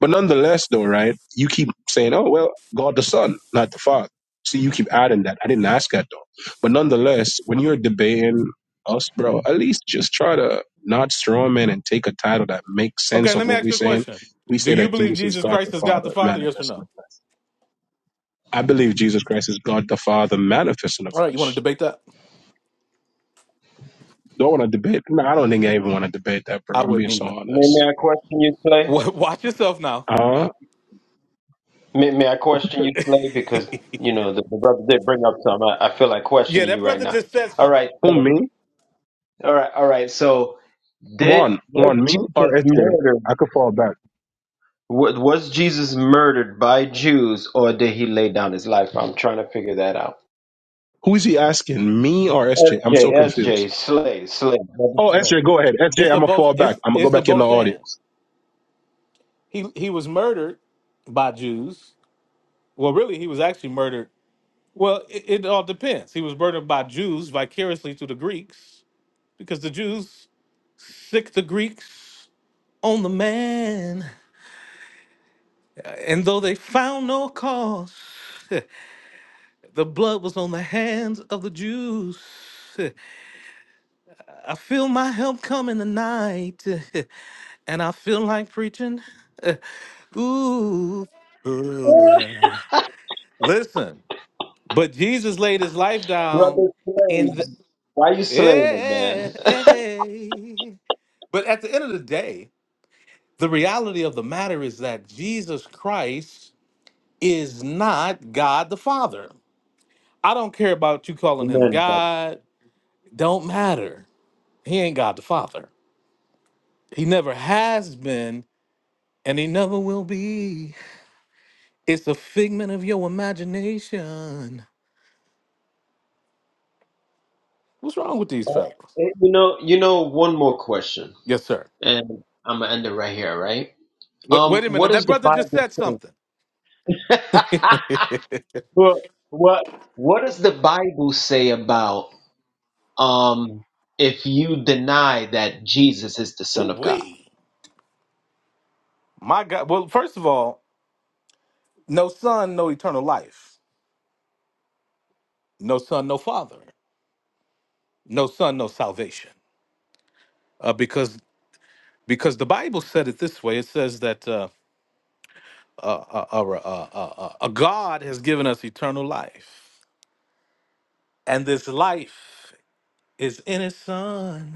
[SPEAKER 4] But nonetheless, though, right? You keep saying, "Oh well, God the Son, not the Father." So you keep adding that. I didn't ask that though. But nonetheless, when you're debating us, bro, at least just try to not strawman and take a title that makes
[SPEAKER 1] Okay,
[SPEAKER 4] sense of
[SPEAKER 1] let me
[SPEAKER 4] what
[SPEAKER 1] ask
[SPEAKER 4] we're
[SPEAKER 1] you a
[SPEAKER 4] saying.
[SPEAKER 1] question.
[SPEAKER 4] We
[SPEAKER 1] Do
[SPEAKER 4] say
[SPEAKER 1] you
[SPEAKER 4] that
[SPEAKER 1] believe
[SPEAKER 4] Jesus is
[SPEAKER 1] Jesus
[SPEAKER 4] God the
[SPEAKER 1] Christ is God the
[SPEAKER 4] Father
[SPEAKER 1] Father? Yes or
[SPEAKER 4] manifest in
[SPEAKER 1] no?
[SPEAKER 4] the flesh. I believe Jesus Christ is God the Father manifest in the
[SPEAKER 1] All right, you want to
[SPEAKER 4] flesh.
[SPEAKER 1] debate that?
[SPEAKER 4] Do I want to debate? No, I don't think I even want to debate that, bro.
[SPEAKER 1] I
[SPEAKER 4] I'm being
[SPEAKER 1] wouldn't
[SPEAKER 4] so
[SPEAKER 1] either.
[SPEAKER 5] May, may
[SPEAKER 4] honest.
[SPEAKER 5] I question you, Slay?
[SPEAKER 1] Wa- Watch yourself now.
[SPEAKER 4] Uh,
[SPEAKER 5] May, may I question you, Slay? Because you know the, the brother did bring up some. I, I feel like
[SPEAKER 1] Yeah,
[SPEAKER 5] questioning
[SPEAKER 1] that
[SPEAKER 5] you right
[SPEAKER 1] brother
[SPEAKER 5] now.
[SPEAKER 1] just said
[SPEAKER 5] All
[SPEAKER 1] something.
[SPEAKER 5] right.
[SPEAKER 4] who
[SPEAKER 5] So,
[SPEAKER 4] me?
[SPEAKER 5] all right. All right. So, did
[SPEAKER 4] One,
[SPEAKER 5] was
[SPEAKER 4] one me or
[SPEAKER 5] Jesus
[SPEAKER 4] SJ?
[SPEAKER 5] murdered?
[SPEAKER 4] I could fall back.
[SPEAKER 5] wa- Was Jesus murdered by Jews, or did he lay down his life? I'm trying to figure that out.
[SPEAKER 4] Who is he asking? Me or S am
[SPEAKER 5] SJ,
[SPEAKER 4] so confused.
[SPEAKER 5] SJ, Slay, Slay, brother,
[SPEAKER 4] Oh,
[SPEAKER 1] Right.
[SPEAKER 4] SJ, go ahead. S am
[SPEAKER 1] It's a
[SPEAKER 4] gonna
[SPEAKER 1] both.
[SPEAKER 4] fall back.
[SPEAKER 1] It's
[SPEAKER 4] I'm gonna go
[SPEAKER 1] it's a
[SPEAKER 4] back in the
[SPEAKER 1] both
[SPEAKER 4] audience.
[SPEAKER 1] and. He he was murdered by Jews. Well, really, he was actually murdered. Well, it, it all depends. He was murdered by Jews vicariously to the Greeks because the Jews sick the Greeks on the man, and though they found no cause. The blood was on the hands of the Jews. I feel my help coming tonight. And I feel like preaching. Ooh. Ooh. Listen, but Jesus laid his life down
[SPEAKER 5] brother Slay.
[SPEAKER 1] in the.
[SPEAKER 5] Why you slaying him,
[SPEAKER 1] Yeah,
[SPEAKER 5] man?
[SPEAKER 1] But at the end of the day, the reality of the matter is that Jesus Christ is not God the Father. I don't care about you calling him
[SPEAKER 5] Amen.
[SPEAKER 1] God, don't matter. He ain't God the Father. He never has been, and he never will be. It's a figment of your imagination. What's wrong with these
[SPEAKER 5] Eh,
[SPEAKER 1] fellas?
[SPEAKER 5] You know, you know, one more question,
[SPEAKER 1] Yes, sir.
[SPEAKER 5] and I'm gonna end it right here, right?
[SPEAKER 1] Wait,
[SPEAKER 5] Um,
[SPEAKER 1] wait a
[SPEAKER 5] what
[SPEAKER 1] minute. That
[SPEAKER 5] does the
[SPEAKER 1] brother just
[SPEAKER 5] Bible
[SPEAKER 1] said
[SPEAKER 5] say?
[SPEAKER 1] something. Ooh,
[SPEAKER 5] well, what what does the Bible say about um if you deny that Jesus is the Son of God?
[SPEAKER 1] wee. My God. Well, first of all, no son, no eternal life. No son, no father. No son, no salvation. Uh, because because the Bible said it this way. It says that uh, uh, uh, uh, uh, uh, God has given us eternal life, and this life is in his son.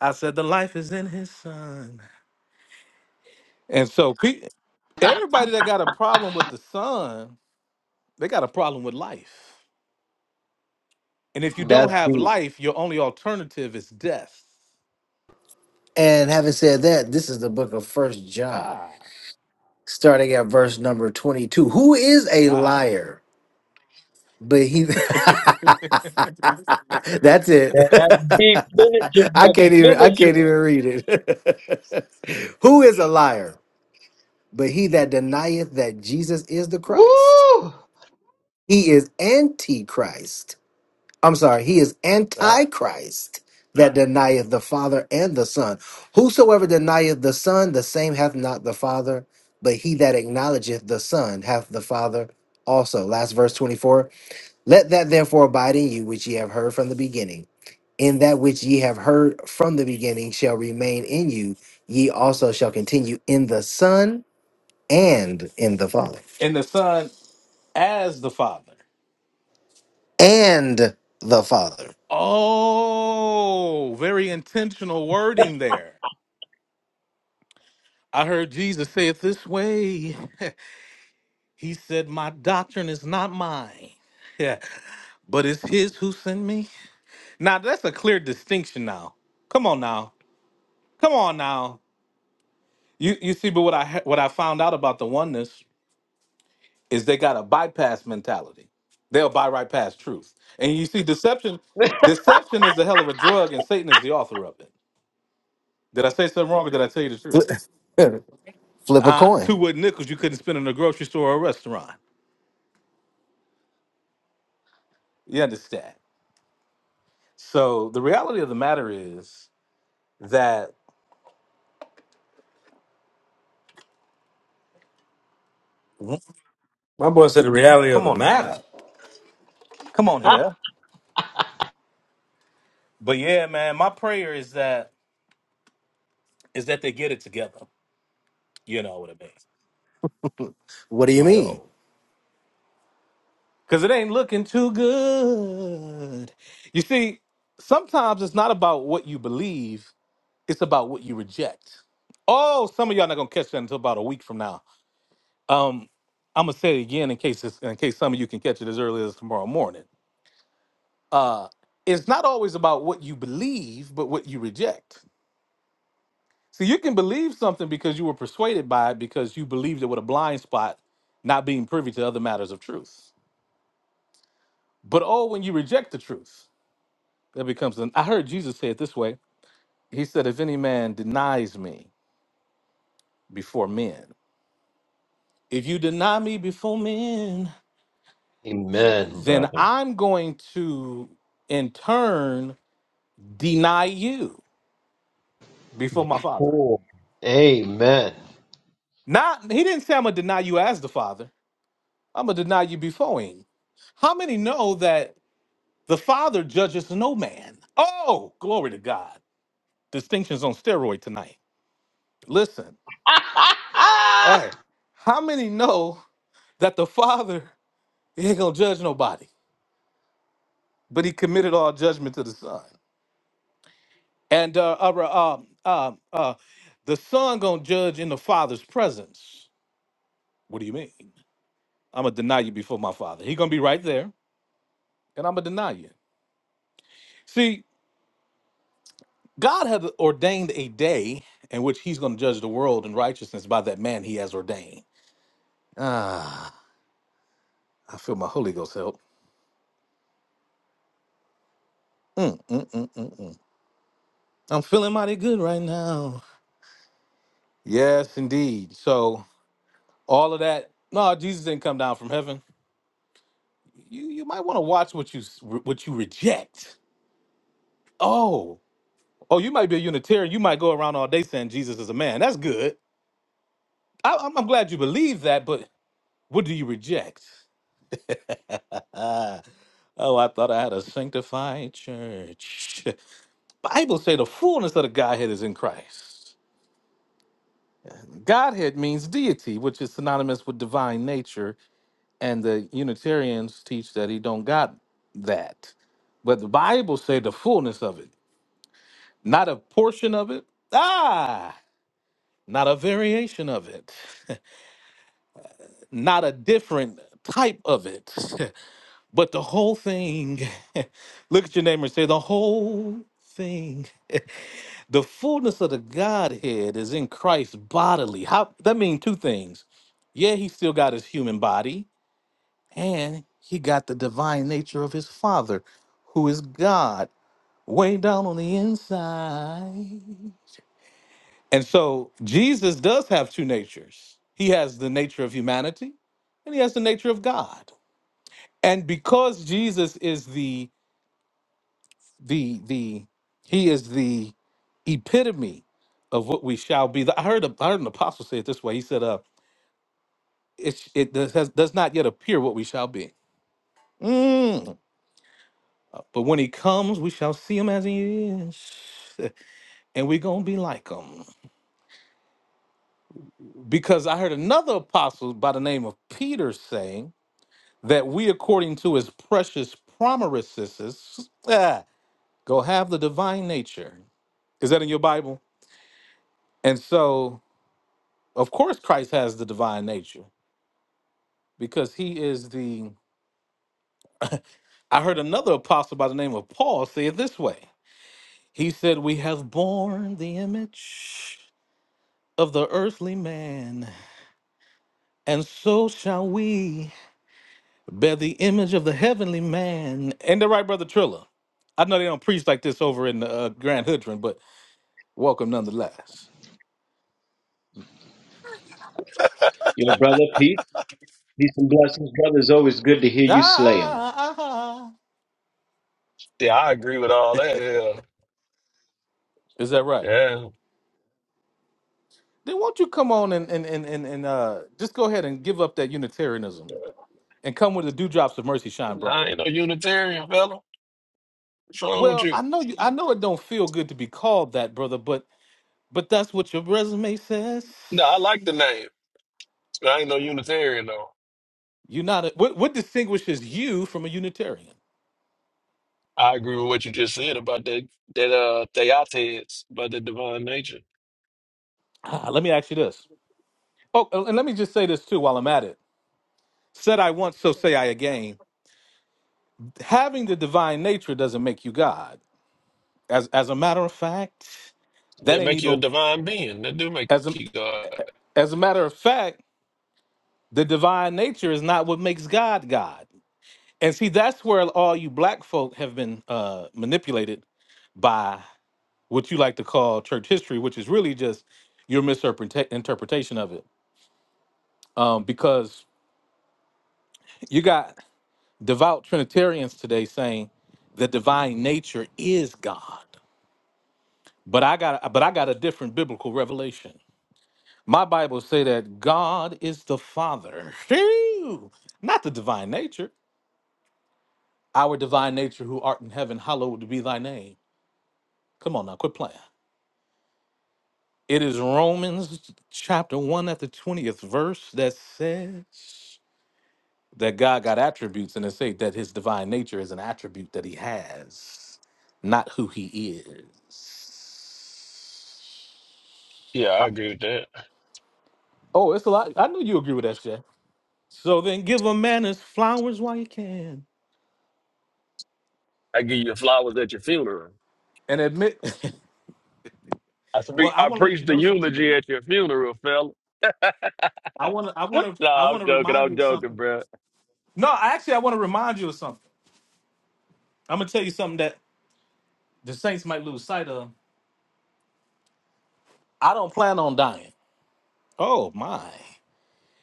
[SPEAKER 1] I said the life is in his son. And so pe- everybody that got a problem with the son, they got a problem with life. And if you don't
[SPEAKER 5] That's
[SPEAKER 1] have
[SPEAKER 5] deep.
[SPEAKER 1] life, your only alternative is death.
[SPEAKER 2] And having said that, this is the book of first John,
[SPEAKER 1] Ah.
[SPEAKER 2] starting at verse number 22. Who is a
[SPEAKER 1] Uh-huh.
[SPEAKER 2] liar? But he That's it.
[SPEAKER 5] That's deep. Finish it,
[SPEAKER 2] I
[SPEAKER 5] brother.
[SPEAKER 2] can't even I
[SPEAKER 5] Finish
[SPEAKER 2] can't
[SPEAKER 5] it.
[SPEAKER 2] even read it. Who is a liar? But he that denieth that Jesus is the Christ,
[SPEAKER 5] Woo!
[SPEAKER 2] he is antichrist. I'm sorry, he is
[SPEAKER 1] ah.
[SPEAKER 2] antichrist that denieth the Father and the Son. Whosoever denieth the Son, the same hath not the Father, but he that acknowledgeth the Son hath the Father also. Last verse 24. Let that therefore abide in you which ye have heard from the beginning. In that which ye have heard from the beginning shall remain in you, ye also shall continue in the Son and in the Father.
[SPEAKER 1] And the son as the father.
[SPEAKER 2] and the Father.
[SPEAKER 1] Oh, very intentional wording there. I heard Jesus say it this way. He said, My doctrine is not mine, yeah, but it's his who sent me. Now, that's a clear distinction now. Come on now. Come on now. You, you see, but what I, ha- what I found out about the oneness is they got a bypass mentality. They'll buy right past truth. And you see, deception, deception is a hell of a drug, and Satan is the author of it. Did I say something wrong or did I tell you the truth?
[SPEAKER 2] Flip a
[SPEAKER 1] Huh?
[SPEAKER 2] coin.
[SPEAKER 1] Two wooden nickels you couldn't spend in a grocery store or a restaurant. You understand? So the reality of the matter is that
[SPEAKER 3] My boy said the reality of
[SPEAKER 1] Come
[SPEAKER 3] the
[SPEAKER 1] on now.
[SPEAKER 3] matter.
[SPEAKER 1] Come on here. But yeah, man, my prayer is that is that they get it together. You know what I mean?
[SPEAKER 2] What do you
[SPEAKER 1] My
[SPEAKER 2] mean?
[SPEAKER 1] oh. Cause it ain't looking too good. You see, sometimes it's not about what you believe, it's about what you reject. Oh, some of y'all not gonna catch that until about a week from now. Um, I'm gonna say it again in case it's, in case some of you can catch it as early as tomorrow morning. Uh, it's not always about what you believe, but what you reject. See, you can believe something because you were persuaded by it because you believed it with a blind spot, not being privy to other matters of truth. But oh, when you reject the truth, that becomes an. I heard Jesus say it this way. He said, If any man denies me before men, if you deny me before men,
[SPEAKER 5] Amen,
[SPEAKER 1] then
[SPEAKER 5] brother.
[SPEAKER 1] I'm going to in turn deny you before my father.
[SPEAKER 5] Cool. Amen.
[SPEAKER 1] Not he didn't say I'm gonna deny you as the father. I'm gonna deny you before him. How many know that The Father judges no man. Oh, glory to God. Distinctions on steroid tonight. Listen, hey, how many know that the Father ain't gonna judge nobody, but he committed all judgment to the Son, and uh, uh, uh, um, uh, uh, the Son gonna judge in the Father's presence. What do you mean? I'm gonna deny you before my Father. He gonna be right there, and I'm gonna deny you. See, God had ordained a day in which He's gonna judge the world in righteousness by that man He has ordained. Ah, I feel my Holy Ghost help. Mm, mm, mm, mm, mm. I'm feeling mighty good right now. Yes, indeed. So all of that. No, Jesus didn't come down from heaven. You you might want to watch what you s- what you reject. Oh, oh, you might be a Unitarian. You might go around all day saying Jesus is a man. That's good. I, I'm, I'm glad you believe that. But what do you reject? oh, I thought I had a sanctified church. Bible say the fullness of the Godhead is in Christ. Godhead means deity, which is synonymous with divine nature, and the Unitarians teach that he don't got that. But the Bible say the fullness of it, not a portion of it. Ah, not a variation of it, not a different type of it, but the whole thing. Look at your neighbor and say the whole thing. The fullness of the Godhead is in Christ bodily. How that means two things. Yeah, he still got his human body And he got the divine nature of his father, who is God, way down on the inside. And so Jesus does have two natures. He has the nature of humanity and he has the nature of God. And because Jesus is the the the he is the epitome of what we shall be. I heard a, I heard an apostle say it this way. He said, uh, it, it does, has, does not yet appear what we shall be. Mm. But when he comes, we shall see him as he is, and we're going to be like him. Because I heard another apostle by the name of Peter saying that we, according to his precious promises, ah, go have the divine nature. Is that in your Bible? And so, of course, Christ has the divine nature because he is the. I heard another apostle by the name of Paul say it this way He said, We have borne the image of the earthly man And so shall we bear the image of the heavenly man. Ain't that right, Brother Triller? I know they don't preach like this over in uh, Grand Hudron, but welcome nonetheless.
[SPEAKER 5] Your brother, peace. Peace and blessings, brother. It's always good to hear
[SPEAKER 1] Ah,
[SPEAKER 5] you slay 'em.
[SPEAKER 1] ah, ah, ah.
[SPEAKER 6] Yeah, I agree with all that. Yeah,
[SPEAKER 1] Is that right?
[SPEAKER 6] yeah.
[SPEAKER 1] Then won't you come on and, and, and, and, and uh, just go ahead and give up that Unitarianism and come with the dewdrops of mercy shine
[SPEAKER 6] I
[SPEAKER 1] bright?
[SPEAKER 6] ain't no Unitarian, fella. What's wrong with
[SPEAKER 1] Well,
[SPEAKER 6] you?
[SPEAKER 1] I know you. I know it don't feel good to be called that, brother, but but that's what your resume says.
[SPEAKER 6] No, I like the name. but I ain't no Unitarian though.
[SPEAKER 1] You're not. A, what, what distinguishes you from a Unitarian?
[SPEAKER 6] I agree with what you just said about that that uh theotes, about the divine nature.
[SPEAKER 1] Ah, let me ask you this. Oh, and let me just say this too while I'm at it. Said I once, so say I again. Having the divine nature doesn't make you God. As as a matter of fact, that
[SPEAKER 6] That
[SPEAKER 1] ain't
[SPEAKER 6] make you a
[SPEAKER 1] even
[SPEAKER 6] divine being. That do make
[SPEAKER 1] as a
[SPEAKER 6] you God.
[SPEAKER 1] as a matter of fact, the divine nature is not what makes God God. And see, that's where all you black folk have been uh, manipulated by what you like to call church history, which is really just your misinterpretation of it. Um, because you got devout Trinitarians today saying the divine nature is God. But I got but I got a different biblical revelation. My Bible say that God is the Father. Phew! Not the divine nature. Our divine nature who art in heaven, hallowed be thy name. Come on now, quit playing. It is Romans chapter 1 at the 20th verse that says, that God got attributes and they say that his divine nature is an attribute that he has, not who he is.
[SPEAKER 6] Yeah, I agree with that.
[SPEAKER 1] Oh, it's a lot. I knew you agree with that, Jay. So then give a man his flowers while you can.
[SPEAKER 6] I give you flowers at your funeral.
[SPEAKER 1] And admit
[SPEAKER 6] I speak.
[SPEAKER 1] Well, I
[SPEAKER 6] I
[SPEAKER 1] want to let
[SPEAKER 6] preach
[SPEAKER 1] you
[SPEAKER 6] the
[SPEAKER 1] know something,
[SPEAKER 6] eulogy
[SPEAKER 1] brother.
[SPEAKER 6] at your funeral, fella.
[SPEAKER 1] I want to I want to I
[SPEAKER 6] Nah, I'm
[SPEAKER 1] want to
[SPEAKER 6] joking.
[SPEAKER 1] remind
[SPEAKER 6] I'm
[SPEAKER 1] you of
[SPEAKER 6] joking,
[SPEAKER 1] something.
[SPEAKER 6] bro.
[SPEAKER 1] No, actually I want to remind you of something. I'm going to tell you something that the Saints might lose sight of. I don't plan on dying. Oh my.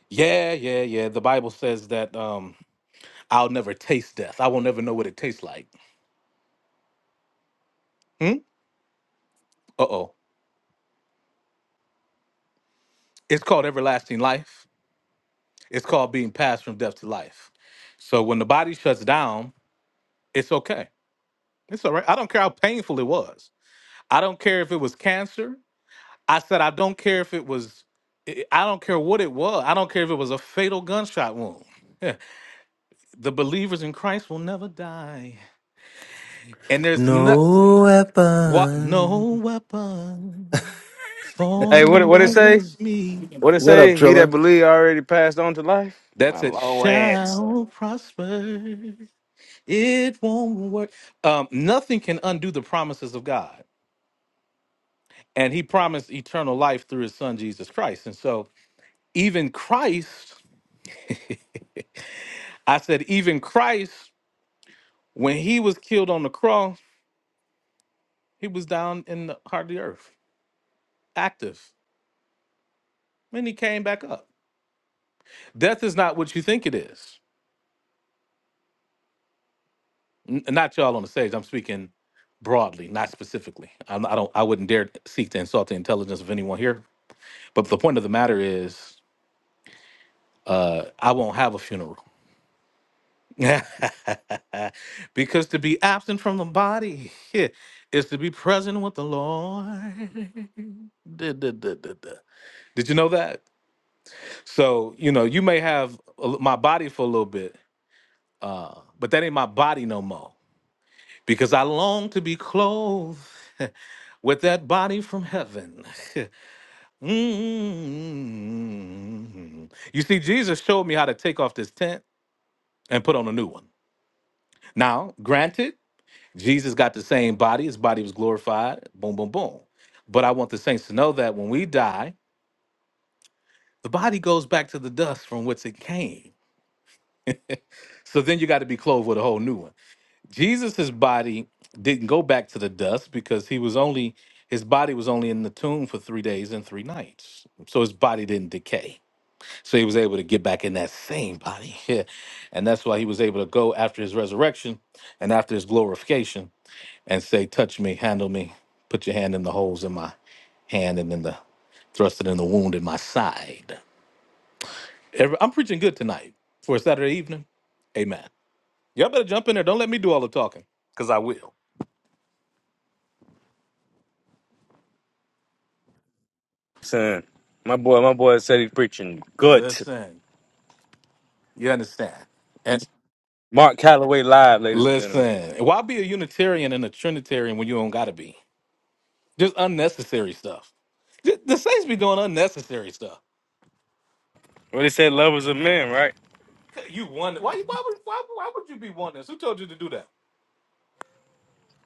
[SPEAKER 1] Yeah, yeah, yeah. The Bible says that um I'll never taste death. I won't ever know what it tastes like. Hmm? Uh-oh. It's called everlasting life. It's called being passed from death to life. So when the body shuts down, it's okay. It's all right. I don't care how painful it was. I don't care if it was cancer. I said I don't care if it was I I don't care what it was. I don't care if it was a fatal gunshot wound. the believers in Christ will never die. And there's no,
[SPEAKER 2] No
[SPEAKER 1] What? No
[SPEAKER 2] weapon.
[SPEAKER 1] weapon
[SPEAKER 3] Hey, what it-
[SPEAKER 1] formed
[SPEAKER 3] what it say?
[SPEAKER 1] against me.
[SPEAKER 3] What it
[SPEAKER 2] What up,
[SPEAKER 3] say? He that
[SPEAKER 2] Triller?
[SPEAKER 3] believe already passed on to life. My
[SPEAKER 1] That's it.
[SPEAKER 3] long
[SPEAKER 1] Shall prosper. It won't work. Um, nothing can undo the promises of God, and He promised eternal life through His Son Jesus Christ. And so, even Christ, I said, even Christ, when He was killed on the cross, He was down in the heart of the earth, active. When He came back up, death is not what you think it is. N- not y'all on the stage. I'm speaking broadly, not specifically. I'm, I don't. I wouldn't dare seek to insult the intelligence of anyone here. But the point of the matter is, uh, I won't have a funeral because to be absent from the body is to be present with the Lord. Duh, duh, duh, duh, duh. Did you know that? So you know, you may have a l- my body for a little bit, uh, but that ain't my body no more because I long to be clothed. with that body from heaven. Mm. You see, Jesus showed me how to take off this tent and put on a new one. Now, granted, Jesus got the same body, his body was glorified, boom, boom, boom. But I want the saints to know that when we die, the body goes back to the dust from which it came. So then you got to be clothed with a whole new one. Jesus's body didn't go back to the dust because he was only his body was only in the tomb for 3 days and 3 nights. So his body didn't decay. So he was able to get back in that same body. Yeah. And that's why he was able to go after his resurrection and after his glorification and say, Touch me, handle me, put your hand in the holes in my hand and in the thrust it in the wound in my side. Every, I'm preaching good tonight for a Saturday evening. Amen. Y'all better jump in there. Don't let me do all the talking because I will.
[SPEAKER 3] son, my boy, my boy said he's preaching good.
[SPEAKER 1] Listen, you understand? And
[SPEAKER 3] Mark Calloway live, ladies and gentlemen.
[SPEAKER 1] listen, why be a Unitarian and a Trinitarian when you don't got to be? Just unnecessary stuff. The, the Saints be doing unnecessary stuff.
[SPEAKER 3] What he said, love is a man, right?
[SPEAKER 1] Hey, You won. Why? Why would? Why, why would you be one this? Who told you to do that?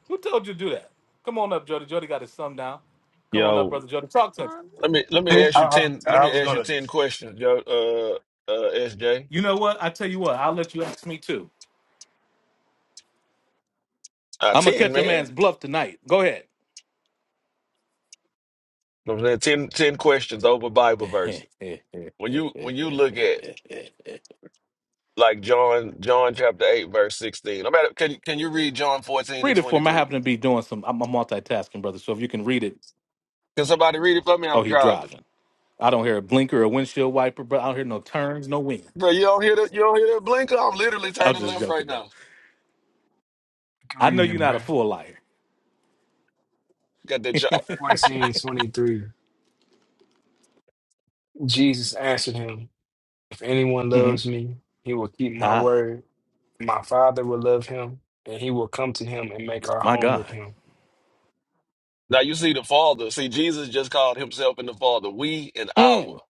[SPEAKER 1] Who told you to do that? Come on up, Jody. Jody got his thumb down. Come on up,
[SPEAKER 6] Yo,
[SPEAKER 1] brother Jody. Talk to him.
[SPEAKER 6] Let me let me
[SPEAKER 7] Hey,
[SPEAKER 6] ask you
[SPEAKER 7] I,
[SPEAKER 6] ten.
[SPEAKER 7] I,
[SPEAKER 6] Let
[SPEAKER 7] I
[SPEAKER 6] me
[SPEAKER 7] was
[SPEAKER 6] ask you
[SPEAKER 7] gonna.
[SPEAKER 6] ten questions, yo. Uh, uh, SJ.
[SPEAKER 1] You know what? I tell you what. I'll let you ask me too.
[SPEAKER 6] Uh,
[SPEAKER 1] I'm gonna
[SPEAKER 6] ten,
[SPEAKER 1] catch a
[SPEAKER 6] man.
[SPEAKER 1] man's bluff tonight. Go ahead.
[SPEAKER 6] You know what I'm saying 10, ten questions over Bible verses. When you when you look at like John John chapter eight verse sixteen. I'm at, can can you read John fourteen and
[SPEAKER 1] read it
[SPEAKER 6] twenty
[SPEAKER 1] for me. I
[SPEAKER 6] three?
[SPEAKER 1] happen to be doing some. I'm, I'm multitasking, brother. So if you can read it.
[SPEAKER 6] Can somebody read it for me?
[SPEAKER 1] Oh,
[SPEAKER 6] I'm
[SPEAKER 1] he
[SPEAKER 6] driving,
[SPEAKER 1] driving. I don't hear a blinker or windshield wiper, but I don't hear no turns, no wind.
[SPEAKER 6] bro. You don't hear that? You don't hear that blinker? I'm literally
[SPEAKER 1] I'm
[SPEAKER 6] turning
[SPEAKER 1] just
[SPEAKER 6] left right
[SPEAKER 1] joking, brother.
[SPEAKER 6] now.
[SPEAKER 8] can
[SPEAKER 1] I know
[SPEAKER 8] read
[SPEAKER 1] you're
[SPEAKER 8] it,
[SPEAKER 1] not a
[SPEAKER 8] bro.
[SPEAKER 1] full liar.
[SPEAKER 6] Got that job.
[SPEAKER 8] 14 and 23. Jesus answered him, If anyone
[SPEAKER 1] hmm
[SPEAKER 8] loves me, he will keep my
[SPEAKER 1] Ah,
[SPEAKER 8] word. My Father will love him, and he will come to him and make our
[SPEAKER 1] my
[SPEAKER 8] home with
[SPEAKER 1] God.
[SPEAKER 8] him.
[SPEAKER 6] Now you see the Father. See Jesus just called himself and the Father. We and our.
[SPEAKER 1] Mm,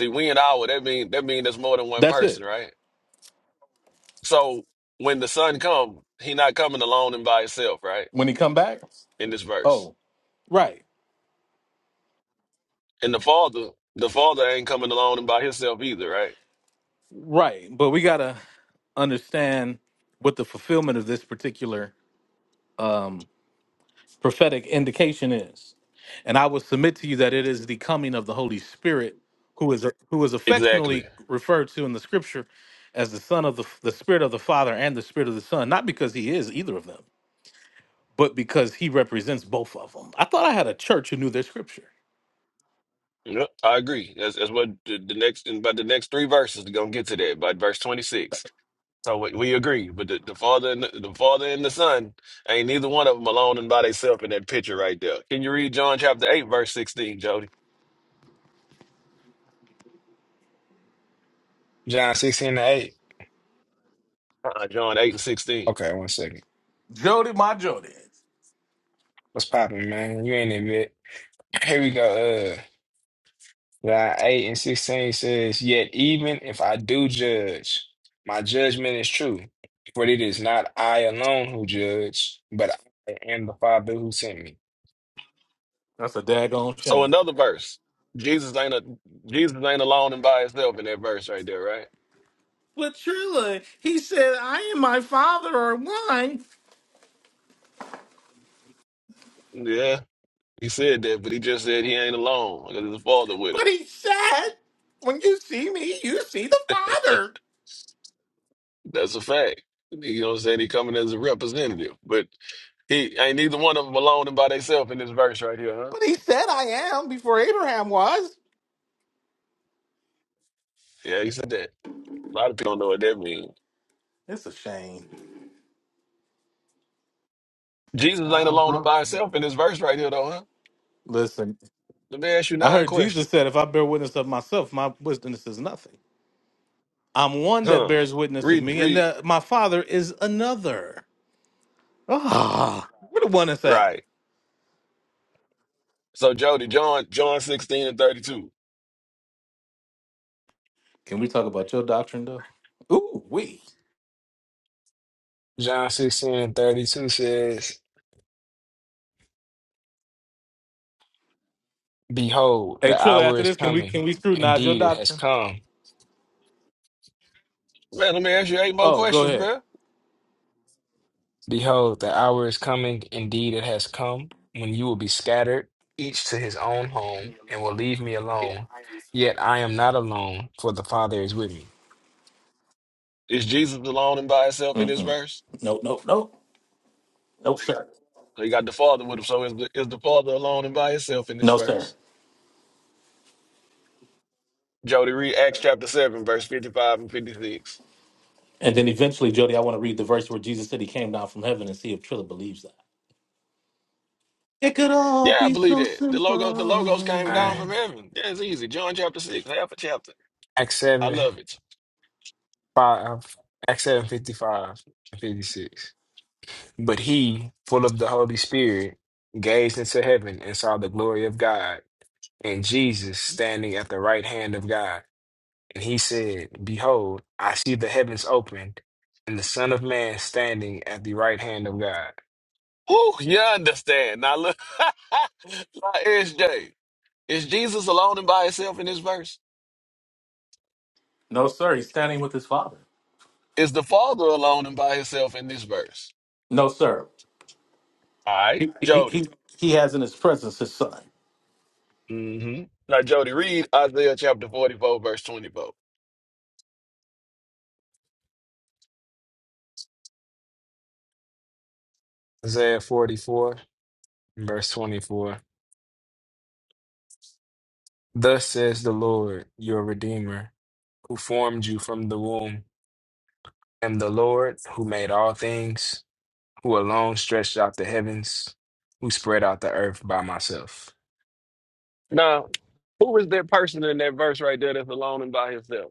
[SPEAKER 6] See we and our. That mean that mean that's more than one
[SPEAKER 1] that's
[SPEAKER 6] person,
[SPEAKER 1] it.
[SPEAKER 6] right? So when the son come, he not coming alone and by himself, right?
[SPEAKER 1] When he come back,
[SPEAKER 6] In this verse.
[SPEAKER 1] oh, right,
[SPEAKER 6] And the father, the father ain't coming alone and by himself either, right?
[SPEAKER 1] right. But we gotta understand what the fulfillment of this particular um, prophetic indication is. And I will submit to you that it is the coming of the Holy Spirit, who is who is
[SPEAKER 6] Exactly.
[SPEAKER 1] affectionately referred to in the Scripture as the Son of the the Spirit of the Father and the Spirit of the Son, not because he is either of them, but because he represents both of them. I thought I had a church who knew their Scripture.
[SPEAKER 6] Yep, I agree. That's that's what the, the next and by the next three verses are gonna get to that by verse twenty six. So we, we agree, but the, the father and the, the father and the son ain't neither one of them alone and by themselves in that picture right there. Can you read John chapter eight verse sixteen, Jody?
[SPEAKER 8] John 16 and 8.
[SPEAKER 6] Uh-uh, John eight and sixteen.
[SPEAKER 8] Okay, one second.
[SPEAKER 1] Jody, my Jody.
[SPEAKER 8] What's popping, man? You ain't admit. Here we go. Uh, John 8 and 16 says, Yet even if I do judge, my judgment is true. For it is not I alone who judge, but I and the Father who sent me.
[SPEAKER 1] That's a daggone
[SPEAKER 6] So
[SPEAKER 1] shame.
[SPEAKER 6] another verse. Jesus ain't a Jesus ain't alone and by himself in that verse right there, right?
[SPEAKER 1] But truly, he said, I and my father are one.
[SPEAKER 6] Yeah, he said that, but he just said he ain't alone because his father with him.
[SPEAKER 1] But he said, when you see me, you see the father.
[SPEAKER 6] That's a fact. You know what I'm saying? He coming as a representative, but he ain't neither one of them alone and by themselves in this verse right here, huh?
[SPEAKER 1] But he said, I am before Abraham was.
[SPEAKER 6] Yeah, he said that. A lot of people don't know what that means.
[SPEAKER 1] It's a shame.
[SPEAKER 6] Jesus ain't
[SPEAKER 7] I was
[SPEAKER 6] alone and
[SPEAKER 7] gonna.
[SPEAKER 6] by himself in this verse right here, though, huh?
[SPEAKER 1] Listen,
[SPEAKER 6] Let me ask you
[SPEAKER 1] I
[SPEAKER 6] nine
[SPEAKER 1] heard Jesus
[SPEAKER 6] questions.
[SPEAKER 1] said, if I bear witness of myself, my witness is nothing. I'm one that
[SPEAKER 6] Huh?
[SPEAKER 1] bears witness of
[SPEAKER 6] Read,
[SPEAKER 1] me, and
[SPEAKER 6] read,
[SPEAKER 1] that my father is another. Ah, where the one is that?
[SPEAKER 6] right. So Jody, John, John 16 and 32.
[SPEAKER 1] Can we talk about your doctrine, though? Ooh, we.
[SPEAKER 8] John 16 and 32 says, Behold,
[SPEAKER 1] Hey,
[SPEAKER 8] the
[SPEAKER 1] Trilla,
[SPEAKER 8] hour
[SPEAKER 1] after
[SPEAKER 8] is
[SPEAKER 1] this, can we
[SPEAKER 8] coming.
[SPEAKER 1] can we scrutinize your
[SPEAKER 8] Indeed, it has
[SPEAKER 1] doctrine?
[SPEAKER 8] come.
[SPEAKER 6] Man, let me ask you eight more
[SPEAKER 1] Oh, go
[SPEAKER 6] questions,
[SPEAKER 1] ahead.
[SPEAKER 6] bro.
[SPEAKER 8] Behold, the hour is coming. Indeed, it has come when you will be scattered, each to his own home, and will leave me alone. Yet I am not alone, for the Father is with me.
[SPEAKER 6] Is Jesus alone and by himself in this
[SPEAKER 1] Mm-mm.
[SPEAKER 6] verse?
[SPEAKER 1] No, no, no. No, sir.
[SPEAKER 6] So you got the Father with him. So is the, is the Father alone and by himself in this
[SPEAKER 1] No, sir.
[SPEAKER 6] verse? Jody, read Acts chapter seven, verse fifty-five and fifty-six.
[SPEAKER 1] And then eventually, Jody, I want to read the verse where Jesus said he came down from heaven and see if Trilla believes that. It could all
[SPEAKER 6] Yeah, I
[SPEAKER 1] be
[SPEAKER 6] believe
[SPEAKER 1] so
[SPEAKER 6] that. The logo, the logos came
[SPEAKER 8] Uh,
[SPEAKER 6] down from
[SPEAKER 1] simple.
[SPEAKER 6] heaven. Yeah, it's easy. John chapter six, half a chapter.
[SPEAKER 8] Acts
[SPEAKER 6] I
[SPEAKER 8] 7,
[SPEAKER 6] love it.
[SPEAKER 8] 5, Acts 7, fifty-five and 56. But he, full of the Holy Spirit, gazed into heaven and saw the glory of God and Jesus standing at the right hand of God. And he said, Behold, I see the heavens opened, and the Son of Man standing at the right hand of God.
[SPEAKER 6] Whew, you understand. Now look, now, SJ, is Jesus alone and by himself in this verse?
[SPEAKER 1] No, sir. He's standing with his father.
[SPEAKER 6] Is the Father alone and by himself in this verse?
[SPEAKER 1] No, sir.
[SPEAKER 6] All right,
[SPEAKER 1] He he
[SPEAKER 6] Jody.
[SPEAKER 1] he, he has in his presence his son.
[SPEAKER 6] hmm Now, Jody, read Isaiah chapter 44, verse 24.
[SPEAKER 8] Isaiah 44, verse 24. Thus says the Lord, your Redeemer, who formed you from the womb, and the Lord who made all things, who alone stretched out the heavens, who spread out the earth by myself.
[SPEAKER 6] Now, who is that person in that verse right there that's alone and by himself?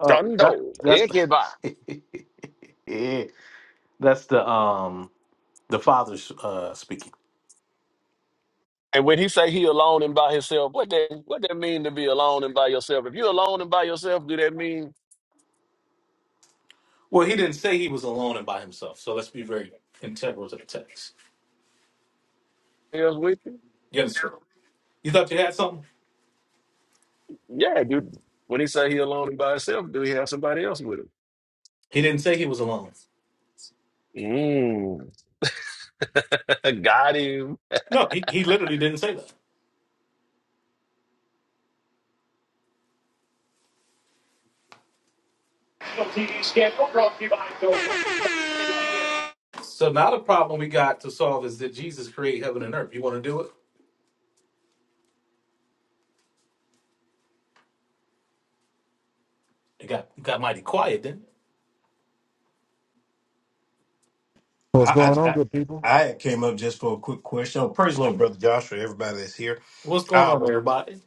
[SPEAKER 1] Uh, that,
[SPEAKER 6] Dundo,
[SPEAKER 1] that's
[SPEAKER 6] everybody.
[SPEAKER 1] that's the um the father's uh speaking.
[SPEAKER 6] And when he say he alone and by himself, what that what that mean to be alone and by yourself? If you alone and by yourself, do that mean
[SPEAKER 1] Well, he didn't say he was alone and by himself. So let's be very integral to the text.
[SPEAKER 6] somebody else with you?
[SPEAKER 1] You understand? You thought you had something?
[SPEAKER 6] Yeah, dude. When he say he alone and by himself, do he have somebody else with
[SPEAKER 1] He didn't say he was alone.
[SPEAKER 6] him? Mm. Got him.
[SPEAKER 1] No, he, he literally didn't say that.
[SPEAKER 9] TV scandal brought to you by Dover.
[SPEAKER 1] So now the problem we got to solve is that Jesus created heaven and earth? You want to do it? It got it got mighty quiet, didn't it?
[SPEAKER 10] What's
[SPEAKER 7] I, I
[SPEAKER 10] going on,
[SPEAKER 7] I
[SPEAKER 10] good people?
[SPEAKER 7] I had came up just for a quick question. Oh, praise the Lord, brother Joshua, everybody that's here.
[SPEAKER 1] What's going
[SPEAKER 7] I
[SPEAKER 1] on,
[SPEAKER 7] was
[SPEAKER 1] everybody?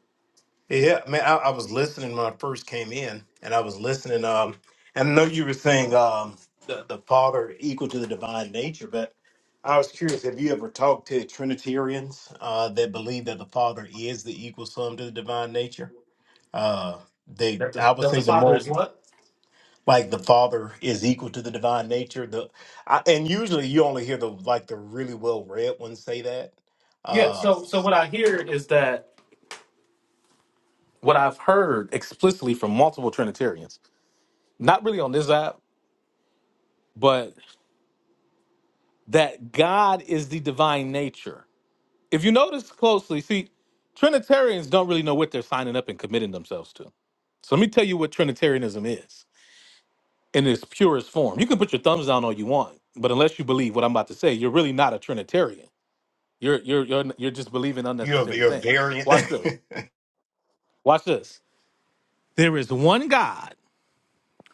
[SPEAKER 7] yeah, man. I, I was listening when I first came in, and I was listening. Um, and I know you were saying um the, the Father equal to the divine nature, but I was curious. Have you ever talked to Trinitarians uh, that believe that the Father is the equal sum to the divine nature? Uh, they,
[SPEAKER 1] That the,
[SPEAKER 7] I would
[SPEAKER 1] that the
[SPEAKER 7] say, the
[SPEAKER 1] Father
[SPEAKER 7] more.
[SPEAKER 1] is what?
[SPEAKER 7] like the father is equal to the divine nature the I, and usually you only hear the like the really well read ones say that
[SPEAKER 1] Yeah.
[SPEAKER 7] uh
[SPEAKER 1] So so what I hear is that what I've heard explicitly from multiple Trinitarians, not really on this app, but that God is the divine nature If you notice closely, see, Trinitarians don't really know what they're signing up and committing themselves to. So let me tell you what Trinitarianism is in its purest form. You can put your thumbs down all you want, but unless you believe what I'm about to say, you're really not a Trinitarian. You're you're you're you're just believing
[SPEAKER 7] you're
[SPEAKER 1] unnecessary
[SPEAKER 7] you're
[SPEAKER 1] things.
[SPEAKER 7] variant
[SPEAKER 1] Watch this. Watch this. There is one God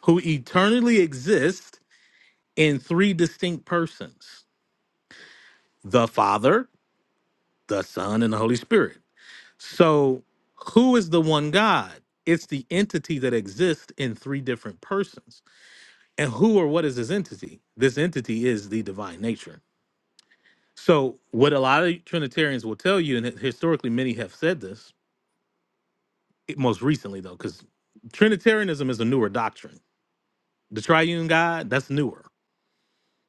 [SPEAKER 1] who eternally exists in three distinct persons: the Father, the Son, and the Holy Spirit. So, who is the one God? It's the entity that exists in three different persons. And who or what is this entity? This entity is the divine nature. So, what a lot of Trinitarians will tell you, and historically many have said this, it- most recently though, because Trinitarianism is a newer doctrine. The triune God, that's newer.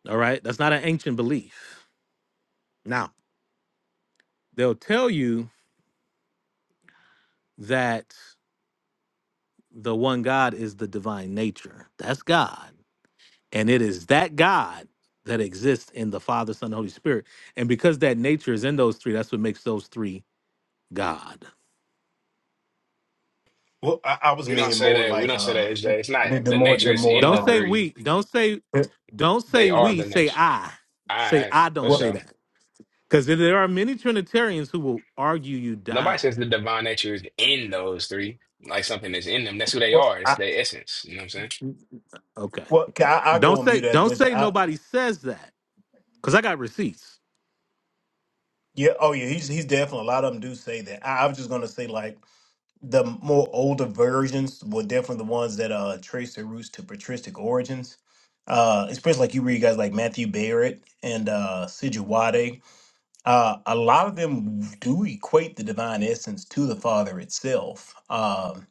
[SPEAKER 1] All right. That's not an ancient belief. Now, they'll tell you that the one God is the divine nature. That's God. And it is that God that exists in the Father, Son, and Holy Spirit. And because that nature is in those three, that's what makes those three God.
[SPEAKER 7] well I, I was
[SPEAKER 8] We don't
[SPEAKER 7] meaning
[SPEAKER 8] say
[SPEAKER 7] more
[SPEAKER 8] that. We
[SPEAKER 7] like
[SPEAKER 8] don't say
[SPEAKER 7] uh
[SPEAKER 8] that, HJ. It's not
[SPEAKER 7] the, the
[SPEAKER 8] the
[SPEAKER 7] more
[SPEAKER 8] nature
[SPEAKER 7] the
[SPEAKER 8] is
[SPEAKER 7] more
[SPEAKER 8] in
[SPEAKER 1] Don't
[SPEAKER 8] the
[SPEAKER 1] say
[SPEAKER 7] um
[SPEAKER 8] three.
[SPEAKER 1] we. Don't say,
[SPEAKER 7] eh,
[SPEAKER 1] don't say
[SPEAKER 8] They
[SPEAKER 7] uh,
[SPEAKER 8] are
[SPEAKER 1] we,
[SPEAKER 8] the
[SPEAKER 1] say
[SPEAKER 8] nature.
[SPEAKER 1] I. Say
[SPEAKER 8] I
[SPEAKER 1] I don't
[SPEAKER 8] for
[SPEAKER 7] what
[SPEAKER 1] say
[SPEAKER 8] sure.
[SPEAKER 1] that. Because there are many Trinitarians who will argue you
[SPEAKER 8] Nobody
[SPEAKER 1] down.
[SPEAKER 8] says the divine nature is in those three, like something that's in them. That's who they
[SPEAKER 7] what
[SPEAKER 8] are. It's
[SPEAKER 7] i
[SPEAKER 8] their essence. You know what I'm saying?
[SPEAKER 1] Okay.
[SPEAKER 7] what I, I go
[SPEAKER 1] Don't
[SPEAKER 7] on
[SPEAKER 1] say,
[SPEAKER 7] mute at
[SPEAKER 1] don't
[SPEAKER 7] this
[SPEAKER 1] say
[SPEAKER 7] i
[SPEAKER 1] nobody says that. Because I got receipts.
[SPEAKER 7] yeah oh yeah he's he's definitely a lot of them do say that I, I was just gonna say like the more older versions were definitely the ones that uh trace their roots to patristic origins. Uh, especially like you read guys like Matthew Barrett and uh, Sijuwade. Uh, a lot of them do equate the divine essence to the Father itself. Um,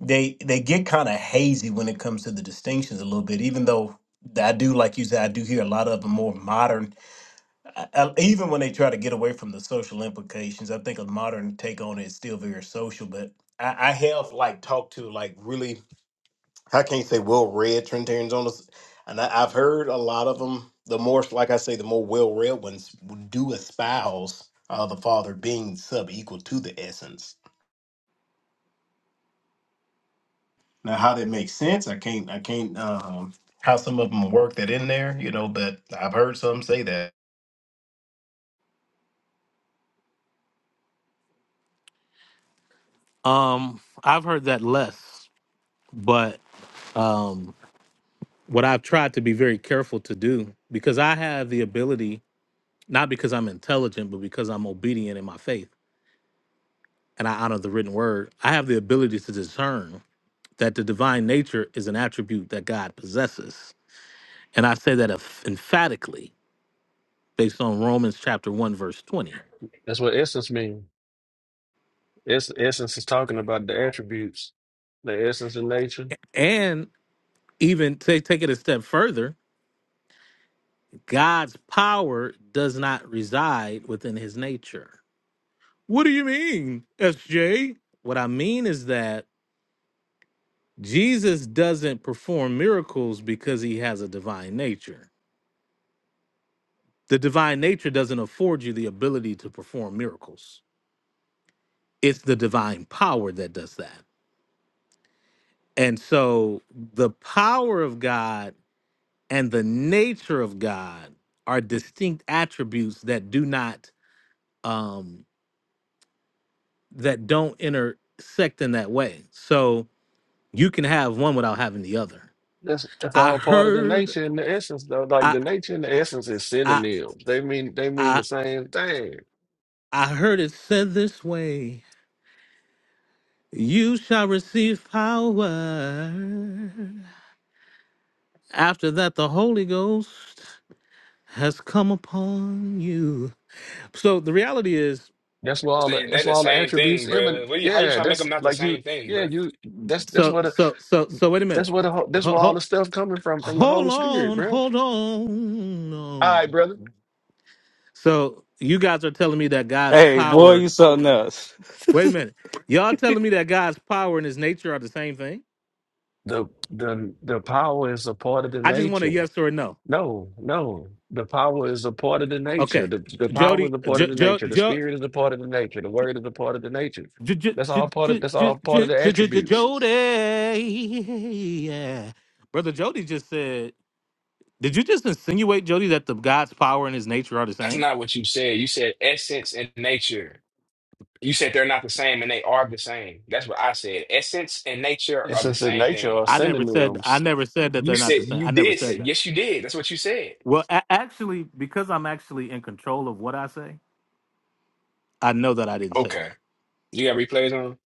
[SPEAKER 7] they they get kind of hazy when it comes to the distinctions a little bit, even though I do, like you said, I do hear a lot of the more modern I- I- even when they try to get away from the social implications, I think a modern take on it is still very social. But I, I have like talked to like really, I can't say well read Trinitarians on this, and I, I've heard a lot of them. The more, like I say, the more well read ones do espouse uh, the Father being sub equal to the essence. Now, how that makes sense, I can't, I can't, um, how some of them work that in there, you know. But I've heard some say that.
[SPEAKER 1] Um, I've heard that less, but um what I've tried to be very careful to do, because I have the ability not because I'm intelligent, but because I'm obedient in my faith and I honor the written word. I have the ability to discern that the divine nature is an attribute that God possesses. And I say that emph- emphatically based on Romans chapter 1, verse 20.
[SPEAKER 6] That's what essence means. Es- essence is talking about the attributes, the essence of nature.
[SPEAKER 1] And even ta- take it a step further, God's power does not reside within his nature. What do you mean, SJ? What I mean is that Jesus doesn't perform miracles because he has a divine nature. The divine nature doesn't afford you the ability to perform miracles. It's the divine power that does that. And so the power of God and the nature of God are distinct attributes that do not um that don't intersect in that way. So you can have one without having the other.
[SPEAKER 6] That's that's
[SPEAKER 1] I
[SPEAKER 6] all part of the
[SPEAKER 1] heard
[SPEAKER 6] nature and the essence, though. Like
[SPEAKER 1] I
[SPEAKER 6] the nature and the essence is
[SPEAKER 1] I
[SPEAKER 6] synonyms. They mean they mean the
[SPEAKER 1] I
[SPEAKER 6] same thing.
[SPEAKER 1] I heard it said this way. You shall receive power After that, the Holy Ghost has come upon you. So the reality is,
[SPEAKER 6] That's where
[SPEAKER 8] It's
[SPEAKER 6] all the
[SPEAKER 8] the- They're
[SPEAKER 6] that's
[SPEAKER 8] the
[SPEAKER 6] where all the
[SPEAKER 8] same
[SPEAKER 6] attributes
[SPEAKER 8] thing, bro.
[SPEAKER 6] emanate.
[SPEAKER 8] What you, how you
[SPEAKER 6] Yeah,
[SPEAKER 8] trying to make
[SPEAKER 6] that's
[SPEAKER 8] them not the
[SPEAKER 6] like you.
[SPEAKER 8] same thing,
[SPEAKER 6] Yeah,
[SPEAKER 8] bro?
[SPEAKER 6] you. That's that's
[SPEAKER 1] so
[SPEAKER 6] where the
[SPEAKER 1] so so so. Wait a
[SPEAKER 6] that's
[SPEAKER 1] minute.
[SPEAKER 6] where the ho- that's
[SPEAKER 1] Ho-
[SPEAKER 6] where all
[SPEAKER 1] ho-
[SPEAKER 6] the stuff coming from from the
[SPEAKER 1] hold
[SPEAKER 6] Holy Spirit,
[SPEAKER 1] on,
[SPEAKER 6] bro.
[SPEAKER 1] hold on.
[SPEAKER 6] All right,
[SPEAKER 1] on.
[SPEAKER 6] brother.
[SPEAKER 1] So you guys are telling me that God's
[SPEAKER 3] Hey, boy,
[SPEAKER 1] power.
[SPEAKER 3] you something else.
[SPEAKER 1] Wait a minute. Y'all telling me that God's power and His nature are the same thing?
[SPEAKER 6] the the the power is a part of the
[SPEAKER 1] I just want a
[SPEAKER 6] nature.
[SPEAKER 1] yes or a no.
[SPEAKER 6] No, no. The power is a part of the nature.
[SPEAKER 1] Okay,
[SPEAKER 6] The the power is
[SPEAKER 1] Jody,
[SPEAKER 6] a part
[SPEAKER 1] jo,
[SPEAKER 6] of the
[SPEAKER 1] jo,
[SPEAKER 6] nature. The
[SPEAKER 1] jo,
[SPEAKER 6] spirit is a part of the nature. The word is a part of the nature.
[SPEAKER 1] J- j-
[SPEAKER 6] That's all
[SPEAKER 1] j-
[SPEAKER 6] part of
[SPEAKER 1] j-
[SPEAKER 6] that's
[SPEAKER 1] j-
[SPEAKER 6] all part of
[SPEAKER 1] j-
[SPEAKER 6] the
[SPEAKER 1] j- j- j-
[SPEAKER 6] attributes.
[SPEAKER 1] Jody. Yeah. Brother Jody just said, Did you just insinuate, Jody, that the God's power and his nature are the
[SPEAKER 8] That's
[SPEAKER 1] same?
[SPEAKER 8] not what you said. You said essence and nature. You said they're not the same, and they are the same. That's what I said. Essence and nature
[SPEAKER 6] And
[SPEAKER 8] are the
[SPEAKER 6] since the
[SPEAKER 8] same
[SPEAKER 6] nature
[SPEAKER 8] thing.
[SPEAKER 6] are
[SPEAKER 1] I never said I
[SPEAKER 6] synonyms,
[SPEAKER 1] never said that
[SPEAKER 8] You
[SPEAKER 1] they're not
[SPEAKER 8] said
[SPEAKER 1] the same.
[SPEAKER 8] you
[SPEAKER 1] I never
[SPEAKER 8] did
[SPEAKER 1] said
[SPEAKER 8] say
[SPEAKER 1] that.
[SPEAKER 8] yes, you did. That's what you said.
[SPEAKER 1] Well, a- actually, because I'm actually in control of what I say, I know that I didn't say
[SPEAKER 8] Okay.
[SPEAKER 1] that.
[SPEAKER 8] You got replays on?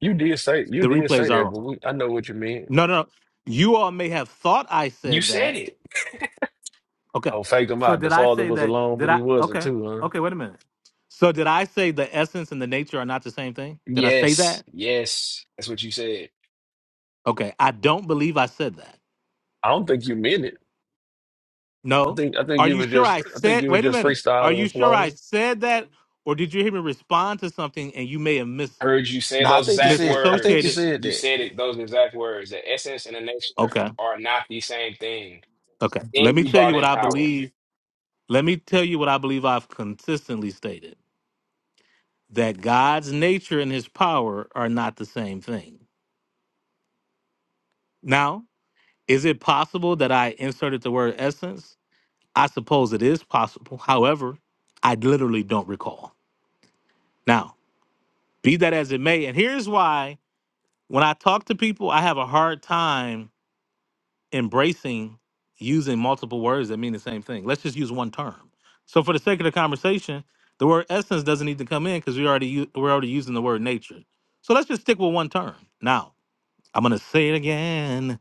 [SPEAKER 6] you did say you
[SPEAKER 1] The
[SPEAKER 6] did say
[SPEAKER 1] replays are
[SPEAKER 6] that, but
[SPEAKER 1] on.
[SPEAKER 6] we, I know what you mean.
[SPEAKER 1] No, no. no. You all may have thought I
[SPEAKER 8] You
[SPEAKER 1] said
[SPEAKER 8] said
[SPEAKER 1] that,
[SPEAKER 8] it.
[SPEAKER 1] Okay.
[SPEAKER 6] Oh, fake them
[SPEAKER 1] So
[SPEAKER 6] out. The
[SPEAKER 1] did I
[SPEAKER 6] father
[SPEAKER 1] say
[SPEAKER 6] was
[SPEAKER 1] that?
[SPEAKER 6] alone,
[SPEAKER 1] Did
[SPEAKER 6] but he
[SPEAKER 1] I?
[SPEAKER 6] wasn't
[SPEAKER 1] Okay.
[SPEAKER 6] too, huh?
[SPEAKER 1] Okay. Wait a minute. So did I say the essence and the nature are not the same thing? Did I say
[SPEAKER 8] Yes,
[SPEAKER 1] that?
[SPEAKER 8] yes. That's what you said.
[SPEAKER 1] Okay. I don't believe I said that.
[SPEAKER 6] I don't think you meant it. I
[SPEAKER 1] No.
[SPEAKER 6] think I think
[SPEAKER 1] Are
[SPEAKER 6] you
[SPEAKER 1] you
[SPEAKER 6] were
[SPEAKER 1] sure
[SPEAKER 6] just
[SPEAKER 1] I
[SPEAKER 6] I think
[SPEAKER 1] said?
[SPEAKER 6] you were
[SPEAKER 1] Wait a
[SPEAKER 6] just
[SPEAKER 1] minute. Are
[SPEAKER 6] freestyling
[SPEAKER 1] you
[SPEAKER 6] and
[SPEAKER 1] sure I
[SPEAKER 6] flowing.
[SPEAKER 1] said that, or did you hear me respond to something and you may have mis
[SPEAKER 8] I heard you say
[SPEAKER 6] No, I
[SPEAKER 8] those
[SPEAKER 6] think you
[SPEAKER 8] exact
[SPEAKER 6] said I think you
[SPEAKER 1] misassociated?
[SPEAKER 8] words.
[SPEAKER 6] said
[SPEAKER 8] You
[SPEAKER 6] that.
[SPEAKER 8] said it, those exact words. The essence and the nature
[SPEAKER 1] Okay.
[SPEAKER 8] are not the same thing.
[SPEAKER 1] Okay. Let
[SPEAKER 8] Then
[SPEAKER 1] me
[SPEAKER 8] you
[SPEAKER 1] tell
[SPEAKER 8] brought
[SPEAKER 1] you what
[SPEAKER 8] in
[SPEAKER 1] I
[SPEAKER 8] power.
[SPEAKER 1] believe. Let me tell you what I believe I've consistently stated that God's nature and his power are not the same thing. Now, Is it possible that I inserted the word essence? I suppose it is possible. However, I literally don't recall. Now, be that as it may, and here's why when I talk to people, I have a hard time embracing using multiple words that mean the same thing. Let's just use one term. So, for the sake of the conversation, the word essence doesn't need to come in because we already u- we're already using the word nature. So let's just stick with one term. Now, I'm gonna say it again.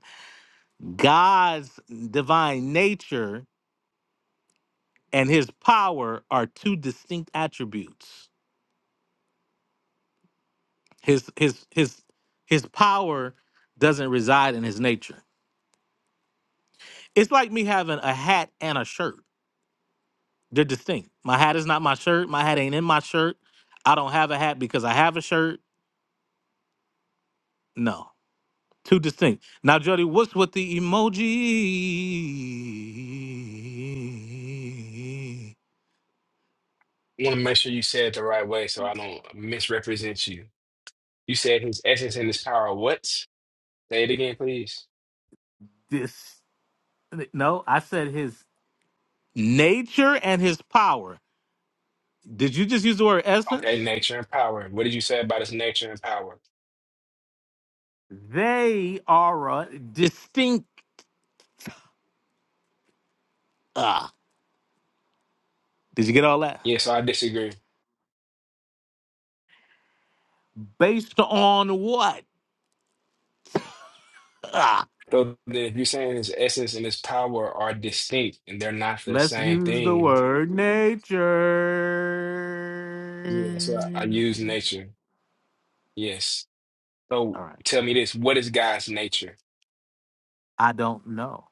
[SPEAKER 1] God's divine nature and his power are two distinct attributes. His his his his power doesn't reside in his nature. It's like me having a hat and a shirt. They're distinct. My hat is not my shirt. My hat ain't in my shirt. I don't have a hat because I have a shirt. No. Two distinct. Now, Jody, what's with the emoji?
[SPEAKER 8] I want to make sure you said it the right way so I don't misrepresent you. You said his essence and his power. What? Say it again, please.
[SPEAKER 1] This no, I said his nature and his power. Did you just use the word essence?
[SPEAKER 8] Okay, nature and power. What did you say about his nature and power?
[SPEAKER 1] They are a distinct. Uh, did you get all that?
[SPEAKER 8] Yeah, so I disagree.
[SPEAKER 1] Based on what? Uh,
[SPEAKER 8] So then if you're saying his essence and his power are distinct and they're not the
[SPEAKER 1] let's
[SPEAKER 8] same
[SPEAKER 1] use the
[SPEAKER 8] thing,
[SPEAKER 1] word nature.
[SPEAKER 8] yeah, so I, I use nature. Yes.
[SPEAKER 1] All
[SPEAKER 8] So
[SPEAKER 1] right.
[SPEAKER 8] tell me this, what is God's nature?
[SPEAKER 1] I don't know.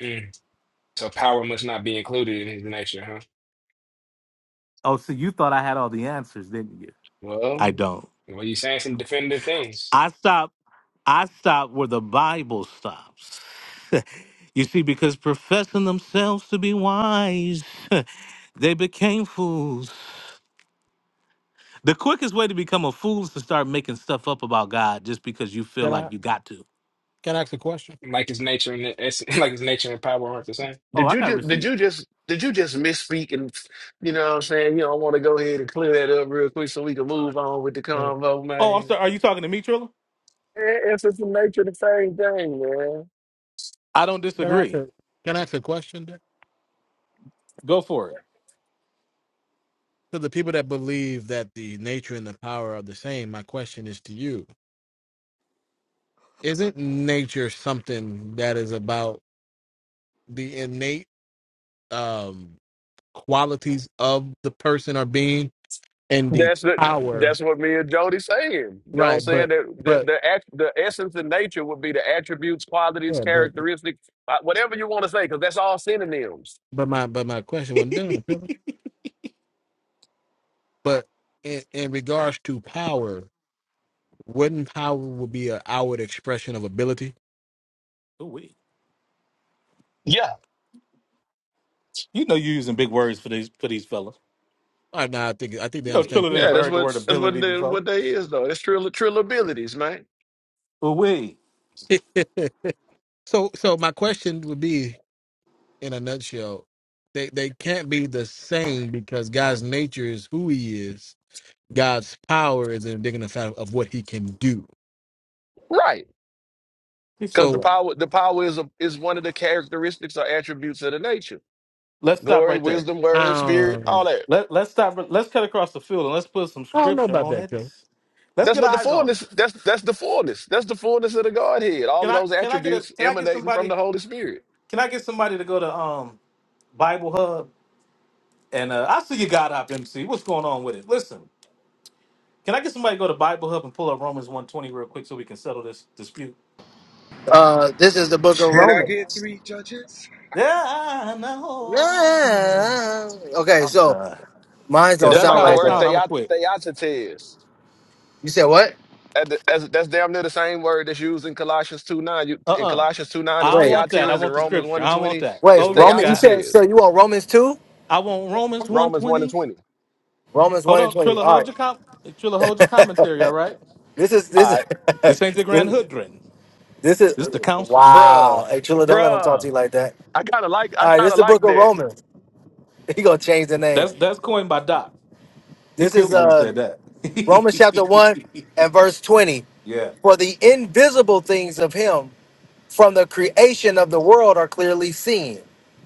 [SPEAKER 8] Mm. So power must not be included in his nature, huh?
[SPEAKER 1] Oh, so you thought I had all the answers, didn't you? I
[SPEAKER 8] Well,
[SPEAKER 1] don't.
[SPEAKER 8] well, you saying some definitive things.
[SPEAKER 1] I stop. I stop where the Bible stops. you see, because professing themselves to be wise, they became fools. The quickest way to become a fool is to start making stuff up about God just because you feel
[SPEAKER 10] Can I
[SPEAKER 1] like you got to.
[SPEAKER 10] can I ask a question?
[SPEAKER 8] Like his nature and it's like his nature and power aren't the same.
[SPEAKER 1] Oh,
[SPEAKER 6] Did
[SPEAKER 1] I
[SPEAKER 6] you
[SPEAKER 1] got
[SPEAKER 6] just did you
[SPEAKER 1] receipts.
[SPEAKER 6] just did you just misspeak and you know what I'm saying? You know, I want to go ahead and clear that up real quick so we can move on with the
[SPEAKER 10] Can
[SPEAKER 6] convo,
[SPEAKER 1] Oh, I'm
[SPEAKER 6] man.
[SPEAKER 1] sorry. Are you talking to me, Trilla?
[SPEAKER 6] Eh, It's just the nature of the same thing, man.
[SPEAKER 1] I don't
[SPEAKER 10] can I ask
[SPEAKER 1] disagree.
[SPEAKER 10] a can I ask a question Dick?
[SPEAKER 1] Go for it.
[SPEAKER 10] to the people that believe that the nature and the power are the same? My question is to you: Isn't nature something that is about the innate um, qualities of the person or being and the
[SPEAKER 6] That's the,
[SPEAKER 10] power?
[SPEAKER 6] that's what me and Jody saying. You know what I'm
[SPEAKER 10] Right,
[SPEAKER 6] saying?
[SPEAKER 10] but
[SPEAKER 6] That the
[SPEAKER 10] but
[SPEAKER 6] the act- the essence and nature would be the attributes, qualities,
[SPEAKER 10] yeah, but
[SPEAKER 6] characteristics, uh, whatever you want to say, because that's all synonyms.
[SPEAKER 10] but my but my question wasn't done. Philip. But in, in regards to power, wouldn't power would be an outward expression of ability?
[SPEAKER 1] Oh, wait.
[SPEAKER 6] Yeah,
[SPEAKER 1] You know you're using big words for these for these fellas.
[SPEAKER 10] I no, I think I think they
[SPEAKER 1] You know
[SPEAKER 10] understand
[SPEAKER 1] Trilla
[SPEAKER 6] yeah,
[SPEAKER 10] clearly.
[SPEAKER 1] never
[SPEAKER 6] that's
[SPEAKER 1] heard the
[SPEAKER 6] what
[SPEAKER 1] word
[SPEAKER 6] that's what
[SPEAKER 1] ability
[SPEAKER 6] they,
[SPEAKER 1] before.
[SPEAKER 6] what they is though. It's trill, trillabilities, man.
[SPEAKER 1] Oh, wait.
[SPEAKER 10] so so my question would be in a nutshell, they they can't be the same because God's nature is who he is. God's power is in digging the fact of what he can do.
[SPEAKER 6] Right.
[SPEAKER 1] He said,
[SPEAKER 6] Because the
[SPEAKER 10] So
[SPEAKER 1] right.
[SPEAKER 6] power, the power is a, is one of the characteristics or attributes of the nature.
[SPEAKER 1] Let's stop
[SPEAKER 6] Glory,
[SPEAKER 1] right there.
[SPEAKER 6] wisdom, word, spirit, all
[SPEAKER 10] um,
[SPEAKER 6] that.
[SPEAKER 1] Let let's stop. Let's cut across the field and let's put some
[SPEAKER 10] I don't know
[SPEAKER 1] scripture
[SPEAKER 10] about
[SPEAKER 1] on
[SPEAKER 10] that,
[SPEAKER 1] it.
[SPEAKER 10] Joe.
[SPEAKER 1] Let's
[SPEAKER 6] That's
[SPEAKER 1] get
[SPEAKER 6] what the
[SPEAKER 1] eyes on it.
[SPEAKER 6] fullness. That's that's the fullness. That's the fullness of the Godhead. All
[SPEAKER 1] Can
[SPEAKER 6] of
[SPEAKER 1] I
[SPEAKER 6] those
[SPEAKER 1] can I get a
[SPEAKER 6] attributes
[SPEAKER 1] can I get
[SPEAKER 6] emanating from the
[SPEAKER 1] somebody
[SPEAKER 6] Holy Spirit.
[SPEAKER 1] can I get somebody to go to um Bible Hub And uh, I see you got up, MC. What's going on with it? Listen, can I get somebody to go to Bible Hub and pull up Romans 120 real quick so we can settle this dispute?
[SPEAKER 2] Uh, this is the Book of
[SPEAKER 11] Can I get
[SPEAKER 2] Romans.
[SPEAKER 11] three judges?
[SPEAKER 1] Yeah, I know.
[SPEAKER 2] Yeah. Okay,
[SPEAKER 1] I'm
[SPEAKER 2] so
[SPEAKER 1] sorry.
[SPEAKER 2] mine
[SPEAKER 1] If
[SPEAKER 2] don't
[SPEAKER 6] That's
[SPEAKER 1] that's
[SPEAKER 2] sound
[SPEAKER 1] how
[SPEAKER 6] like the
[SPEAKER 1] I
[SPEAKER 2] like
[SPEAKER 6] word
[SPEAKER 1] sound,
[SPEAKER 2] that.
[SPEAKER 1] I'm going to
[SPEAKER 6] theot-
[SPEAKER 1] quit.
[SPEAKER 6] theotetes.
[SPEAKER 2] You said what?
[SPEAKER 6] And the- as- That's damn near the same word that's used in Colossians two nine. You- In
[SPEAKER 1] Uh-uh.
[SPEAKER 6] Colossians two nine,
[SPEAKER 1] I
[SPEAKER 6] it's
[SPEAKER 1] don't
[SPEAKER 2] Wait,
[SPEAKER 1] want
[SPEAKER 6] theotes,
[SPEAKER 1] that. I
[SPEAKER 6] and
[SPEAKER 1] want the
[SPEAKER 6] Romans
[SPEAKER 1] scripture.
[SPEAKER 6] one
[SPEAKER 1] I
[SPEAKER 6] and
[SPEAKER 1] don't want
[SPEAKER 6] twenty,
[SPEAKER 1] that.
[SPEAKER 6] it's
[SPEAKER 2] wait,
[SPEAKER 1] Hold what you
[SPEAKER 2] Roman. You
[SPEAKER 1] got.
[SPEAKER 2] said so.
[SPEAKER 6] theotetes.
[SPEAKER 2] You want Romans two?
[SPEAKER 1] I want Romans
[SPEAKER 6] Romans one and
[SPEAKER 1] 120.
[SPEAKER 6] twenty.
[SPEAKER 2] Romans
[SPEAKER 1] Hold
[SPEAKER 2] one and
[SPEAKER 1] on.
[SPEAKER 2] twenty.
[SPEAKER 1] Trilla,
[SPEAKER 2] All
[SPEAKER 1] hold your, com- Trilla, hold your
[SPEAKER 2] right.
[SPEAKER 1] commentary, all right?
[SPEAKER 2] this is this
[SPEAKER 6] All
[SPEAKER 2] is
[SPEAKER 6] right,
[SPEAKER 1] This ain't the
[SPEAKER 2] this,
[SPEAKER 1] Grand Hoodrin.
[SPEAKER 2] this is
[SPEAKER 1] This is the council.
[SPEAKER 2] wow.
[SPEAKER 6] bruh,
[SPEAKER 2] Hey, Triller, don't let him talk
[SPEAKER 6] bruh.
[SPEAKER 2] to you like that.
[SPEAKER 6] I gotta like. I
[SPEAKER 2] All right, this
[SPEAKER 6] gotta
[SPEAKER 2] is the Book
[SPEAKER 6] like
[SPEAKER 2] of
[SPEAKER 6] that.
[SPEAKER 2] Romans. He gonna change the name.
[SPEAKER 1] That's that's coined by Doc. He
[SPEAKER 2] This
[SPEAKER 1] killed
[SPEAKER 2] is
[SPEAKER 1] me when he
[SPEAKER 2] uh,
[SPEAKER 1] said that.
[SPEAKER 2] Romans chapter 1 and verse 20.
[SPEAKER 1] yeah.
[SPEAKER 2] For the invisible things of him from the creation of the world are clearly seen,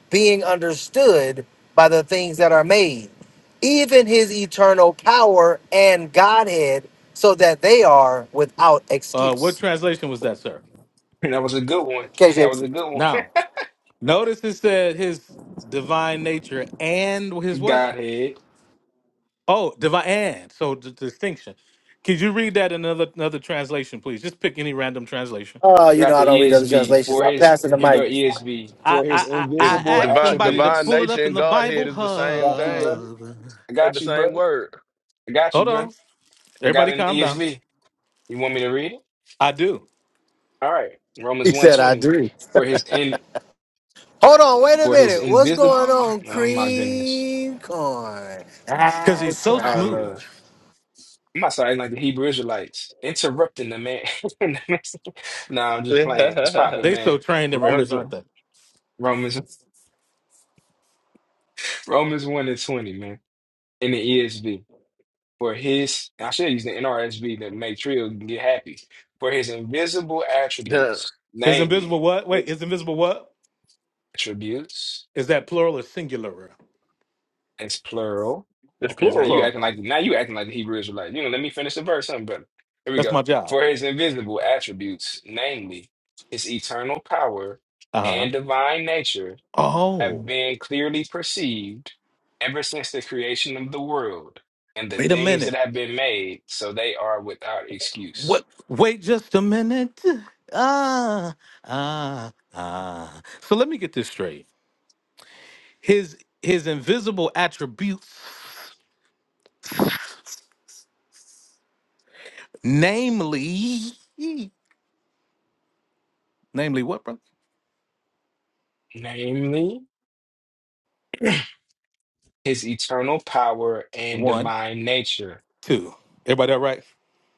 [SPEAKER 2] being understood by the things that are made, even his eternal power and Godhead, so that they are without
[SPEAKER 1] Uh, what
[SPEAKER 2] excuse.
[SPEAKER 1] translation was that, sir?
[SPEAKER 8] That was a good one. That was
[SPEAKER 2] KJ,
[SPEAKER 8] a good one.
[SPEAKER 1] Now, notice it said his divine nature and his what?
[SPEAKER 8] Godhead.
[SPEAKER 1] Oh, divine and. So the distinction. Could you read that in another another translation, please? Just pick any random translation.
[SPEAKER 2] uh, you know,
[SPEAKER 8] Got the
[SPEAKER 2] I don't read other
[SPEAKER 8] ESV
[SPEAKER 2] translations.
[SPEAKER 8] for
[SPEAKER 2] I'm
[SPEAKER 8] his
[SPEAKER 2] passing the
[SPEAKER 8] here go
[SPEAKER 2] mic.
[SPEAKER 8] ESV.
[SPEAKER 1] I
[SPEAKER 8] For
[SPEAKER 1] I
[SPEAKER 8] his
[SPEAKER 1] I,
[SPEAKER 6] Your
[SPEAKER 1] I
[SPEAKER 8] invisible
[SPEAKER 1] asked
[SPEAKER 6] divine
[SPEAKER 1] somebody to
[SPEAKER 6] divine
[SPEAKER 8] attributes.
[SPEAKER 1] pull it
[SPEAKER 6] nature
[SPEAKER 1] up in
[SPEAKER 6] and
[SPEAKER 1] the
[SPEAKER 6] Godhead
[SPEAKER 1] Bible
[SPEAKER 6] is the
[SPEAKER 8] I
[SPEAKER 6] same
[SPEAKER 8] Got you,
[SPEAKER 6] thing.
[SPEAKER 8] brother.
[SPEAKER 1] hub.
[SPEAKER 8] I
[SPEAKER 6] It's
[SPEAKER 8] got
[SPEAKER 6] the
[SPEAKER 8] you,
[SPEAKER 6] same
[SPEAKER 8] brother.
[SPEAKER 6] word.
[SPEAKER 8] I got
[SPEAKER 1] Hold
[SPEAKER 8] you,
[SPEAKER 1] on.
[SPEAKER 8] brother. I got
[SPEAKER 1] Everybody
[SPEAKER 8] an
[SPEAKER 1] calm down.
[SPEAKER 8] ESV. You want me to read it?
[SPEAKER 1] I do.
[SPEAKER 8] All right. Romans
[SPEAKER 2] He said, I
[SPEAKER 8] 120.
[SPEAKER 2] do.
[SPEAKER 8] For his in
[SPEAKER 2] Hold on, wait a
[SPEAKER 8] For his
[SPEAKER 2] minute. What's
[SPEAKER 8] invisible,
[SPEAKER 2] going on,
[SPEAKER 8] oh my goodness,
[SPEAKER 2] cream corn?
[SPEAKER 1] Cause he's
[SPEAKER 2] That's
[SPEAKER 1] so
[SPEAKER 8] our
[SPEAKER 2] right.
[SPEAKER 1] smooth.
[SPEAKER 8] Lord. I'm not sorry, like the Hebrew Israelites, interrupting the man. nah, I'm just playing. It's popping,
[SPEAKER 1] They so
[SPEAKER 8] man.
[SPEAKER 1] trained and rehearsed,
[SPEAKER 8] Romans,
[SPEAKER 1] aren't they?
[SPEAKER 8] Romans, Romans 1 and 20, man, in the ESV. For his, I should use the NRSV to make Trill get happy. For his invisible
[SPEAKER 6] Yeah.
[SPEAKER 8] attributes,
[SPEAKER 1] His
[SPEAKER 8] namely
[SPEAKER 1] invisible what? Wait,
[SPEAKER 8] his
[SPEAKER 1] his invisible what?
[SPEAKER 8] attributes,
[SPEAKER 1] Is that plural or singular?
[SPEAKER 8] it's plural
[SPEAKER 6] It's
[SPEAKER 1] Okay, it's
[SPEAKER 8] Now
[SPEAKER 6] plural.
[SPEAKER 8] you acting
[SPEAKER 1] plural.
[SPEAKER 8] like now you acting like the Hebrew Israelite. You know, let me finish the verse, something better. Here we
[SPEAKER 1] That's
[SPEAKER 8] go.
[SPEAKER 1] my job.
[SPEAKER 8] For his invisible attributes, namely his eternal power
[SPEAKER 1] Uh-huh.
[SPEAKER 8] and divine nature, have
[SPEAKER 1] Oh,
[SPEAKER 8] been clearly perceived ever since the creation of the world and the
[SPEAKER 1] wait a
[SPEAKER 8] things that
[SPEAKER 1] minute.
[SPEAKER 8] have been made, so they are without excuse.
[SPEAKER 1] What wait just a minute. Ah, ah, ah. So let me get this straight. His his invisible attributes, namely namely what, brother?
[SPEAKER 8] Namely, his eternal power and
[SPEAKER 1] One,
[SPEAKER 8] divine nature.
[SPEAKER 1] two. Everybody all right?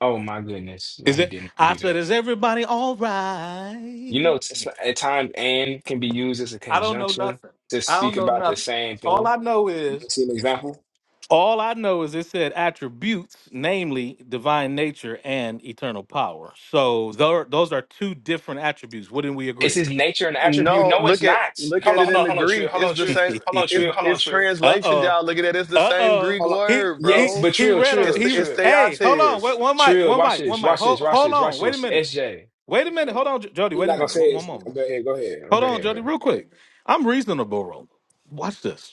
[SPEAKER 8] Oh my goodness. No,
[SPEAKER 1] Is
[SPEAKER 8] he
[SPEAKER 1] it
[SPEAKER 8] didn't
[SPEAKER 1] I
[SPEAKER 8] do
[SPEAKER 1] said,
[SPEAKER 8] that.
[SPEAKER 1] is everybody all
[SPEAKER 8] You
[SPEAKER 1] right?
[SPEAKER 8] know, it's, it's- at times and can be used as a
[SPEAKER 1] I don't know
[SPEAKER 8] conjunction
[SPEAKER 1] nothing.
[SPEAKER 8] to
[SPEAKER 1] I don't
[SPEAKER 8] speak
[SPEAKER 1] know
[SPEAKER 8] about the
[SPEAKER 1] nothing.
[SPEAKER 8] same
[SPEAKER 1] All
[SPEAKER 8] thing.
[SPEAKER 1] I know
[SPEAKER 8] You
[SPEAKER 1] is
[SPEAKER 8] wanna see an example?
[SPEAKER 1] All I know is it said attributes, namely divine nature and eternal power. So tho- those are two different attributes. Wouldn't we
[SPEAKER 8] It's
[SPEAKER 1] agree?
[SPEAKER 8] his nature and attribute.
[SPEAKER 6] No,
[SPEAKER 8] No, it's
[SPEAKER 6] look at
[SPEAKER 8] not.
[SPEAKER 6] look
[SPEAKER 8] Hold
[SPEAKER 6] at
[SPEAKER 8] on,
[SPEAKER 6] it
[SPEAKER 8] hold
[SPEAKER 6] in
[SPEAKER 8] on,
[SPEAKER 6] the
[SPEAKER 8] hold on, Trill.
[SPEAKER 6] Greek.
[SPEAKER 8] Hold
[SPEAKER 6] It's
[SPEAKER 8] on,
[SPEAKER 6] the
[SPEAKER 1] uh
[SPEAKER 8] Trill.
[SPEAKER 6] same.
[SPEAKER 8] Hold on,
[SPEAKER 6] It's
[SPEAKER 8] Trill. Hold on,
[SPEAKER 6] it's
[SPEAKER 8] Trill.
[SPEAKER 6] translations,
[SPEAKER 1] oh.
[SPEAKER 6] y'all. Look at it. It's the
[SPEAKER 1] Uh
[SPEAKER 6] same
[SPEAKER 1] oh.
[SPEAKER 6] Greek
[SPEAKER 8] Hold on.
[SPEAKER 1] He
[SPEAKER 6] word,
[SPEAKER 1] he
[SPEAKER 8] Yes,
[SPEAKER 6] bro.
[SPEAKER 8] but
[SPEAKER 1] he
[SPEAKER 8] Trill,
[SPEAKER 1] read a
[SPEAKER 6] It's
[SPEAKER 8] Trill,
[SPEAKER 1] he.
[SPEAKER 6] the
[SPEAKER 1] re-
[SPEAKER 6] it's
[SPEAKER 8] Trill.
[SPEAKER 1] Hey, hold on.
[SPEAKER 6] theates.
[SPEAKER 1] Wait, one mic.
[SPEAKER 8] Trill,
[SPEAKER 1] One
[SPEAKER 8] watch
[SPEAKER 1] mic. One
[SPEAKER 8] this,
[SPEAKER 1] mic.
[SPEAKER 8] watch this,
[SPEAKER 1] Hold
[SPEAKER 8] watch
[SPEAKER 1] hold
[SPEAKER 8] this,
[SPEAKER 1] on.
[SPEAKER 8] watch
[SPEAKER 1] Wait a
[SPEAKER 8] this.
[SPEAKER 1] minute.
[SPEAKER 8] SJ.
[SPEAKER 1] Wait a minute. Hold on, J- Jody.
[SPEAKER 8] He's
[SPEAKER 1] Wait a
[SPEAKER 8] not gonna
[SPEAKER 1] minute.
[SPEAKER 8] say
[SPEAKER 1] One,
[SPEAKER 8] it.
[SPEAKER 1] one moment.
[SPEAKER 8] Go ahead, go ahead.
[SPEAKER 1] Hold
[SPEAKER 8] Go
[SPEAKER 1] on,
[SPEAKER 8] ahead,
[SPEAKER 1] Jody.
[SPEAKER 8] brother.
[SPEAKER 1] Real quick. I'm reasonable. Ro. Watch this.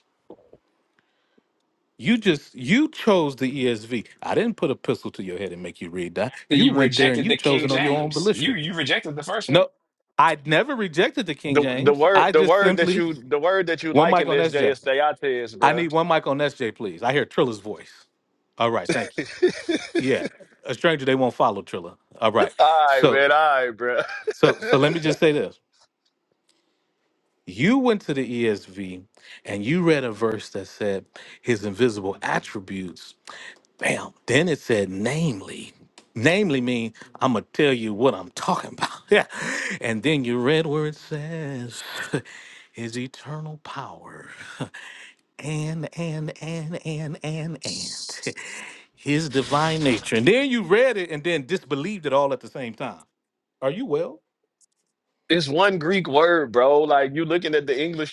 [SPEAKER 1] You just you chose the ESV. I didn't put a pistol to your head and make you read that.
[SPEAKER 8] That
[SPEAKER 1] You
[SPEAKER 8] You
[SPEAKER 1] went there and
[SPEAKER 8] rejected
[SPEAKER 1] you
[SPEAKER 8] the
[SPEAKER 1] chose
[SPEAKER 8] King
[SPEAKER 1] it on your own
[SPEAKER 8] James. You
[SPEAKER 1] volition.
[SPEAKER 8] you rejected the first one.
[SPEAKER 1] No, I never rejected the King
[SPEAKER 6] The the
[SPEAKER 1] James.
[SPEAKER 6] word
[SPEAKER 1] I
[SPEAKER 6] the
[SPEAKER 1] just
[SPEAKER 6] word that
[SPEAKER 1] simply
[SPEAKER 6] you the word that you
[SPEAKER 1] one
[SPEAKER 6] like in
[SPEAKER 1] mic on
[SPEAKER 6] this Jay
[SPEAKER 1] SJ.
[SPEAKER 6] is theates,
[SPEAKER 1] I
[SPEAKER 6] bro.
[SPEAKER 1] need one mic on SJ, please. I hear Trilla's voice. All right, thank you. Yeah, a stranger they won't follow Trilla. All right,
[SPEAKER 6] all right,
[SPEAKER 1] so
[SPEAKER 6] man. All right, bro.
[SPEAKER 1] so so let me just say this. You went to the ESV and you read a verse that said his invisible attributes Bam. Then it said, namely. Namely mean I'm gonna tell you what I'm talking about. Yeah. And then you read where it says his eternal power. And and and and and and his divine nature. And then you read it and then disbelieved it all at the same time. Are you well?
[SPEAKER 6] It's one Greek word, bro. Like you looking at the English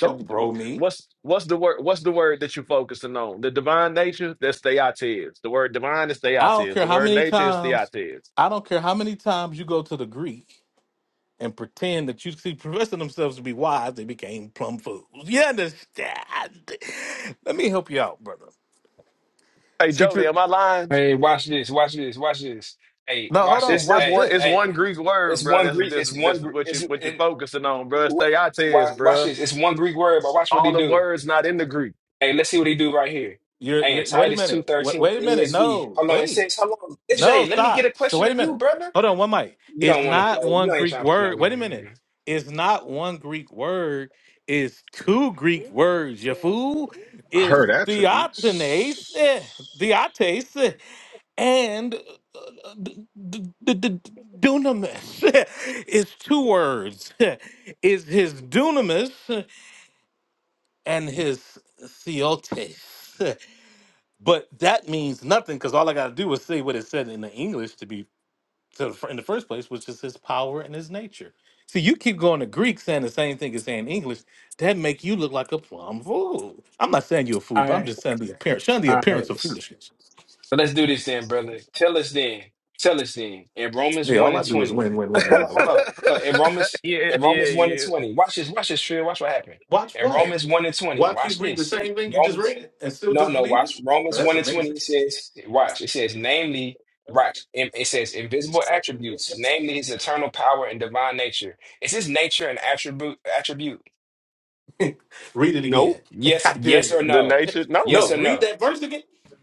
[SPEAKER 1] Don't bro me.
[SPEAKER 6] What's what's the word? What's the word that you focusing on? The divine nature. That's theotes. The word divine is
[SPEAKER 1] I
[SPEAKER 6] theotes.
[SPEAKER 1] don't care
[SPEAKER 6] The
[SPEAKER 1] how
[SPEAKER 6] word
[SPEAKER 1] many
[SPEAKER 6] nature is
[SPEAKER 1] times
[SPEAKER 6] theotes.
[SPEAKER 1] I don't care how many times you go to the Greek. and pretend that you see professing themselves to be wise, they became plumb fools. You understand? Let me help you out, brother.
[SPEAKER 6] Hey,
[SPEAKER 1] See, tr-
[SPEAKER 6] Jody, am I lying?
[SPEAKER 8] Hey, watch this, watch this, watch this. Hey,
[SPEAKER 1] no, hold
[SPEAKER 8] watch
[SPEAKER 6] It's
[SPEAKER 1] on.
[SPEAKER 8] this.
[SPEAKER 6] just
[SPEAKER 1] Watch
[SPEAKER 8] Hey,
[SPEAKER 6] one. It's
[SPEAKER 1] this.
[SPEAKER 8] hey.
[SPEAKER 6] one Greek word,
[SPEAKER 8] It's
[SPEAKER 6] bro.
[SPEAKER 8] one
[SPEAKER 6] That's
[SPEAKER 8] Greek.
[SPEAKER 6] that's
[SPEAKER 8] It's one.
[SPEAKER 6] that's what you what you're
[SPEAKER 8] Greek.
[SPEAKER 6] focusing on, bro. It's
[SPEAKER 8] Wha-
[SPEAKER 6] theotes,
[SPEAKER 8] Watch, watch
[SPEAKER 6] bro.
[SPEAKER 8] this. It's one Greek word, but watch what
[SPEAKER 6] All
[SPEAKER 8] he
[SPEAKER 6] them
[SPEAKER 8] do.
[SPEAKER 6] words not in the Greek.
[SPEAKER 8] Hey, let's see what he do right here.
[SPEAKER 1] You're,
[SPEAKER 8] Hey, in
[SPEAKER 1] you're. No, wait a
[SPEAKER 8] Titus two
[SPEAKER 1] minute. Wait,
[SPEAKER 8] thirteen
[SPEAKER 1] wait a minute.
[SPEAKER 8] ESV.
[SPEAKER 1] No,
[SPEAKER 8] How long it
[SPEAKER 1] wait.
[SPEAKER 8] says? How long? It's
[SPEAKER 1] No,
[SPEAKER 8] Jay. Let me get
[SPEAKER 1] stop.
[SPEAKER 8] a
[SPEAKER 1] So
[SPEAKER 8] question
[SPEAKER 1] wait
[SPEAKER 8] to
[SPEAKER 1] a
[SPEAKER 8] you,
[SPEAKER 1] minute.
[SPEAKER 8] brother.
[SPEAKER 1] Hold on. One mic.
[SPEAKER 8] You
[SPEAKER 1] It's
[SPEAKER 8] don't want to
[SPEAKER 1] not
[SPEAKER 8] play.
[SPEAKER 1] one
[SPEAKER 8] You ain't
[SPEAKER 1] Greek
[SPEAKER 8] trying to play no
[SPEAKER 1] word. Wait a
[SPEAKER 8] game.
[SPEAKER 1] minute.
[SPEAKER 8] man.
[SPEAKER 1] It's not one Greek word. It's two Greek words. You fool.
[SPEAKER 11] I
[SPEAKER 1] It's
[SPEAKER 11] heard attributes.
[SPEAKER 1] theotenes, eh, theotes. and uh, d- d- d- d- dunamis is two words is his dunamis and his theotes but that means nothing because all i got to do is say what it said in the english to be to, the fir- in the first place which is his power and his nature see you keep going to greek saying the same thing as saying english that make you look like a plum fool i'm not saying you're a fool
[SPEAKER 8] All
[SPEAKER 1] but i'm
[SPEAKER 8] right,
[SPEAKER 1] just saying the appearance showing the
[SPEAKER 8] all right.
[SPEAKER 1] appearance of
[SPEAKER 8] So
[SPEAKER 1] foolishness
[SPEAKER 8] let's do this then, brother. Tell us then. Tell us then. In Romans
[SPEAKER 1] yeah
[SPEAKER 8] one
[SPEAKER 1] all i
[SPEAKER 8] and
[SPEAKER 1] do is
[SPEAKER 8] twenty.
[SPEAKER 1] win win win no
[SPEAKER 8] Hold on,
[SPEAKER 1] matter
[SPEAKER 8] hold on,
[SPEAKER 1] what
[SPEAKER 8] hold on. In Romans,
[SPEAKER 6] yeah,
[SPEAKER 8] in
[SPEAKER 6] yeah,
[SPEAKER 8] Romans one and
[SPEAKER 6] yeah.
[SPEAKER 8] twenty. Watch this. Watch this, Trill. Watch what happened.
[SPEAKER 1] watch
[SPEAKER 8] In
[SPEAKER 1] what
[SPEAKER 8] Romans one and twenty.
[SPEAKER 1] Watch you
[SPEAKER 8] Watch
[SPEAKER 1] read the
[SPEAKER 8] this.
[SPEAKER 1] same thing you just
[SPEAKER 8] Romans
[SPEAKER 1] read and still
[SPEAKER 8] No, no,
[SPEAKER 1] disbelieve it.
[SPEAKER 8] watch.
[SPEAKER 1] Now,
[SPEAKER 8] Romans
[SPEAKER 1] that's
[SPEAKER 8] 1 and 20,
[SPEAKER 1] amazing.
[SPEAKER 8] it says, watch, it says, namely, watch, it it says, invisible attributes, namely his eternal power and divine nature. Is his nature an attribute attribute?
[SPEAKER 1] read it
[SPEAKER 6] No,
[SPEAKER 1] again.
[SPEAKER 8] Yes,
[SPEAKER 1] I dare
[SPEAKER 8] yes
[SPEAKER 1] you.
[SPEAKER 8] or
[SPEAKER 6] the
[SPEAKER 8] no?
[SPEAKER 6] nature.
[SPEAKER 8] Yes
[SPEAKER 1] No,
[SPEAKER 6] No.
[SPEAKER 8] or
[SPEAKER 1] read
[SPEAKER 8] no?
[SPEAKER 1] that verse again.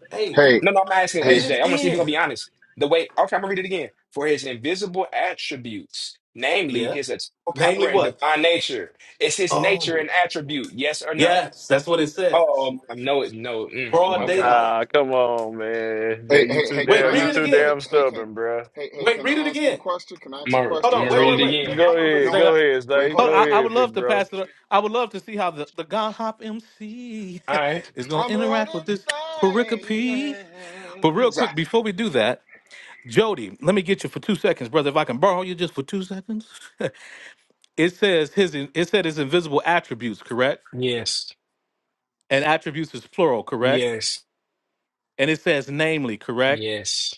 [SPEAKER 1] Hey,
[SPEAKER 11] Hey,
[SPEAKER 8] No, no, I'm asking
[SPEAKER 11] hey,
[SPEAKER 1] read
[SPEAKER 8] S
[SPEAKER 1] it
[SPEAKER 11] hey,
[SPEAKER 8] J. I want to see if you're gonna be
[SPEAKER 1] again.
[SPEAKER 8] honest. The way, okay, I'm gonna read it again. For his invisible attributes, namely
[SPEAKER 1] Yeah.
[SPEAKER 8] his eternal power
[SPEAKER 1] Namely,
[SPEAKER 8] and
[SPEAKER 1] what?
[SPEAKER 8] divine nature, is his nature
[SPEAKER 1] Oh,
[SPEAKER 8] an attribute? Yes or no?
[SPEAKER 1] yes, that's what it says.
[SPEAKER 8] Oh, um, no, it, no. Mm,
[SPEAKER 1] Broad
[SPEAKER 11] wait,
[SPEAKER 8] okay,
[SPEAKER 11] wait.
[SPEAKER 1] daylight.
[SPEAKER 6] Ah, come on, man.
[SPEAKER 11] Hey,
[SPEAKER 6] That you
[SPEAKER 11] hey,
[SPEAKER 6] too
[SPEAKER 11] hey, can
[SPEAKER 1] Wait,
[SPEAKER 6] damn
[SPEAKER 11] I
[SPEAKER 6] you
[SPEAKER 1] read it
[SPEAKER 11] ask,
[SPEAKER 6] too
[SPEAKER 1] again.
[SPEAKER 11] wait,
[SPEAKER 6] damn
[SPEAKER 11] hey, can,
[SPEAKER 6] stubborn, bruh.
[SPEAKER 11] hey, hey,
[SPEAKER 1] Wait,
[SPEAKER 11] can
[SPEAKER 1] read it
[SPEAKER 11] I ask a
[SPEAKER 1] again.
[SPEAKER 11] question? Can I
[SPEAKER 8] I'm
[SPEAKER 11] ask a
[SPEAKER 8] gonna,
[SPEAKER 1] Hold
[SPEAKER 8] I'm
[SPEAKER 11] question?
[SPEAKER 1] on.
[SPEAKER 8] gonna
[SPEAKER 1] Wait,
[SPEAKER 8] read
[SPEAKER 1] wait,
[SPEAKER 8] it
[SPEAKER 11] Jody,
[SPEAKER 1] wait.
[SPEAKER 8] again.
[SPEAKER 6] Go
[SPEAKER 1] Hold on, brother.
[SPEAKER 6] ahead,
[SPEAKER 11] no,
[SPEAKER 1] Zay.
[SPEAKER 6] go ahead,
[SPEAKER 11] wait,
[SPEAKER 6] stay.
[SPEAKER 11] hold
[SPEAKER 1] Hold
[SPEAKER 6] Go
[SPEAKER 1] I,
[SPEAKER 11] on.
[SPEAKER 1] I
[SPEAKER 6] ahead,
[SPEAKER 1] would
[SPEAKER 6] big
[SPEAKER 1] love to
[SPEAKER 6] bro.
[SPEAKER 1] pass it. I would love to see how the, the God Hop MC
[SPEAKER 8] All right.
[SPEAKER 1] is going to
[SPEAKER 11] I'm
[SPEAKER 1] interact with
[SPEAKER 11] running
[SPEAKER 1] this pericope. But real
[SPEAKER 11] things.
[SPEAKER 1] quick, before we do that, Jody, let me get you for two seconds, brother. If I can borrow you just for two seconds, it says his. It said his invisible attributes, correct?
[SPEAKER 8] Yes,
[SPEAKER 1] And attributes is plural, correct?
[SPEAKER 8] yes,
[SPEAKER 1] And it says namely, correct?
[SPEAKER 8] yes,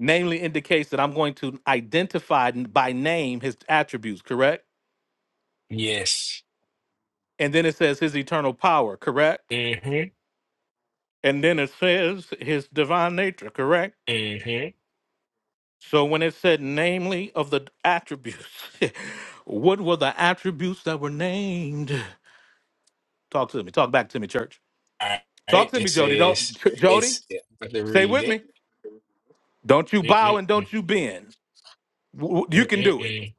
[SPEAKER 1] Namely indicates that I'm going to identify n- by name his attributes, correct?
[SPEAKER 8] yes.
[SPEAKER 1] And then it says his eternal power, correct?
[SPEAKER 8] Mm-hmm.
[SPEAKER 1] And then it says his divine nature, correct?
[SPEAKER 8] Mm-hmm.
[SPEAKER 1] So when it said namely of the attributes, what were the attributes that were named? Talk to me. Talk back to me, church.
[SPEAKER 8] All
[SPEAKER 1] Talk
[SPEAKER 8] right.
[SPEAKER 1] to
[SPEAKER 8] It
[SPEAKER 1] me, Jody. Don't
[SPEAKER 8] says
[SPEAKER 1] Jody,
[SPEAKER 8] it's I'm about to
[SPEAKER 1] stay
[SPEAKER 8] read
[SPEAKER 1] with me.
[SPEAKER 8] it.
[SPEAKER 1] Don't you bow and
[SPEAKER 8] Mm-mm-mm,
[SPEAKER 1] don't you bend. W- w- You can do it.
[SPEAKER 8] mm-mm-mm.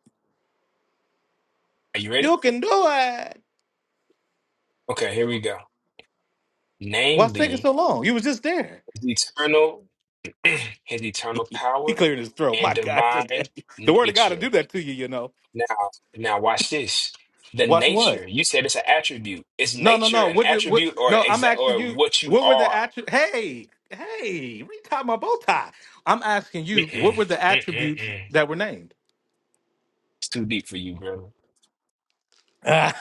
[SPEAKER 8] Are you ready?
[SPEAKER 1] You can do it.
[SPEAKER 8] Okay, here we go.
[SPEAKER 1] Why's it taking
[SPEAKER 8] Namely,
[SPEAKER 1] so long? You was just there.
[SPEAKER 8] his eternal his eternal
[SPEAKER 1] he
[SPEAKER 8] power
[SPEAKER 1] cleared his throat.
[SPEAKER 8] and
[SPEAKER 1] My God,
[SPEAKER 8] divine
[SPEAKER 1] today. The word of God will
[SPEAKER 8] nature.
[SPEAKER 1] do that to you, you know.
[SPEAKER 8] Now, now watch this. The
[SPEAKER 1] Watch what?
[SPEAKER 8] nature, you said it's an attribute. Is
[SPEAKER 1] No, no,
[SPEAKER 8] nature
[SPEAKER 1] no.
[SPEAKER 8] an
[SPEAKER 1] What did what
[SPEAKER 8] attribute or
[SPEAKER 1] no, I'm
[SPEAKER 8] exact
[SPEAKER 1] asking
[SPEAKER 8] or
[SPEAKER 1] you,
[SPEAKER 8] what you
[SPEAKER 1] what were the
[SPEAKER 8] are?
[SPEAKER 1] attributes? Hey, hey, retie my bow tie. I'm asking you,
[SPEAKER 8] Mm-mm,
[SPEAKER 1] what were the attributes
[SPEAKER 8] mm-mm-mm.
[SPEAKER 1] that were named?
[SPEAKER 8] It's too deep for you, brother.
[SPEAKER 1] I'm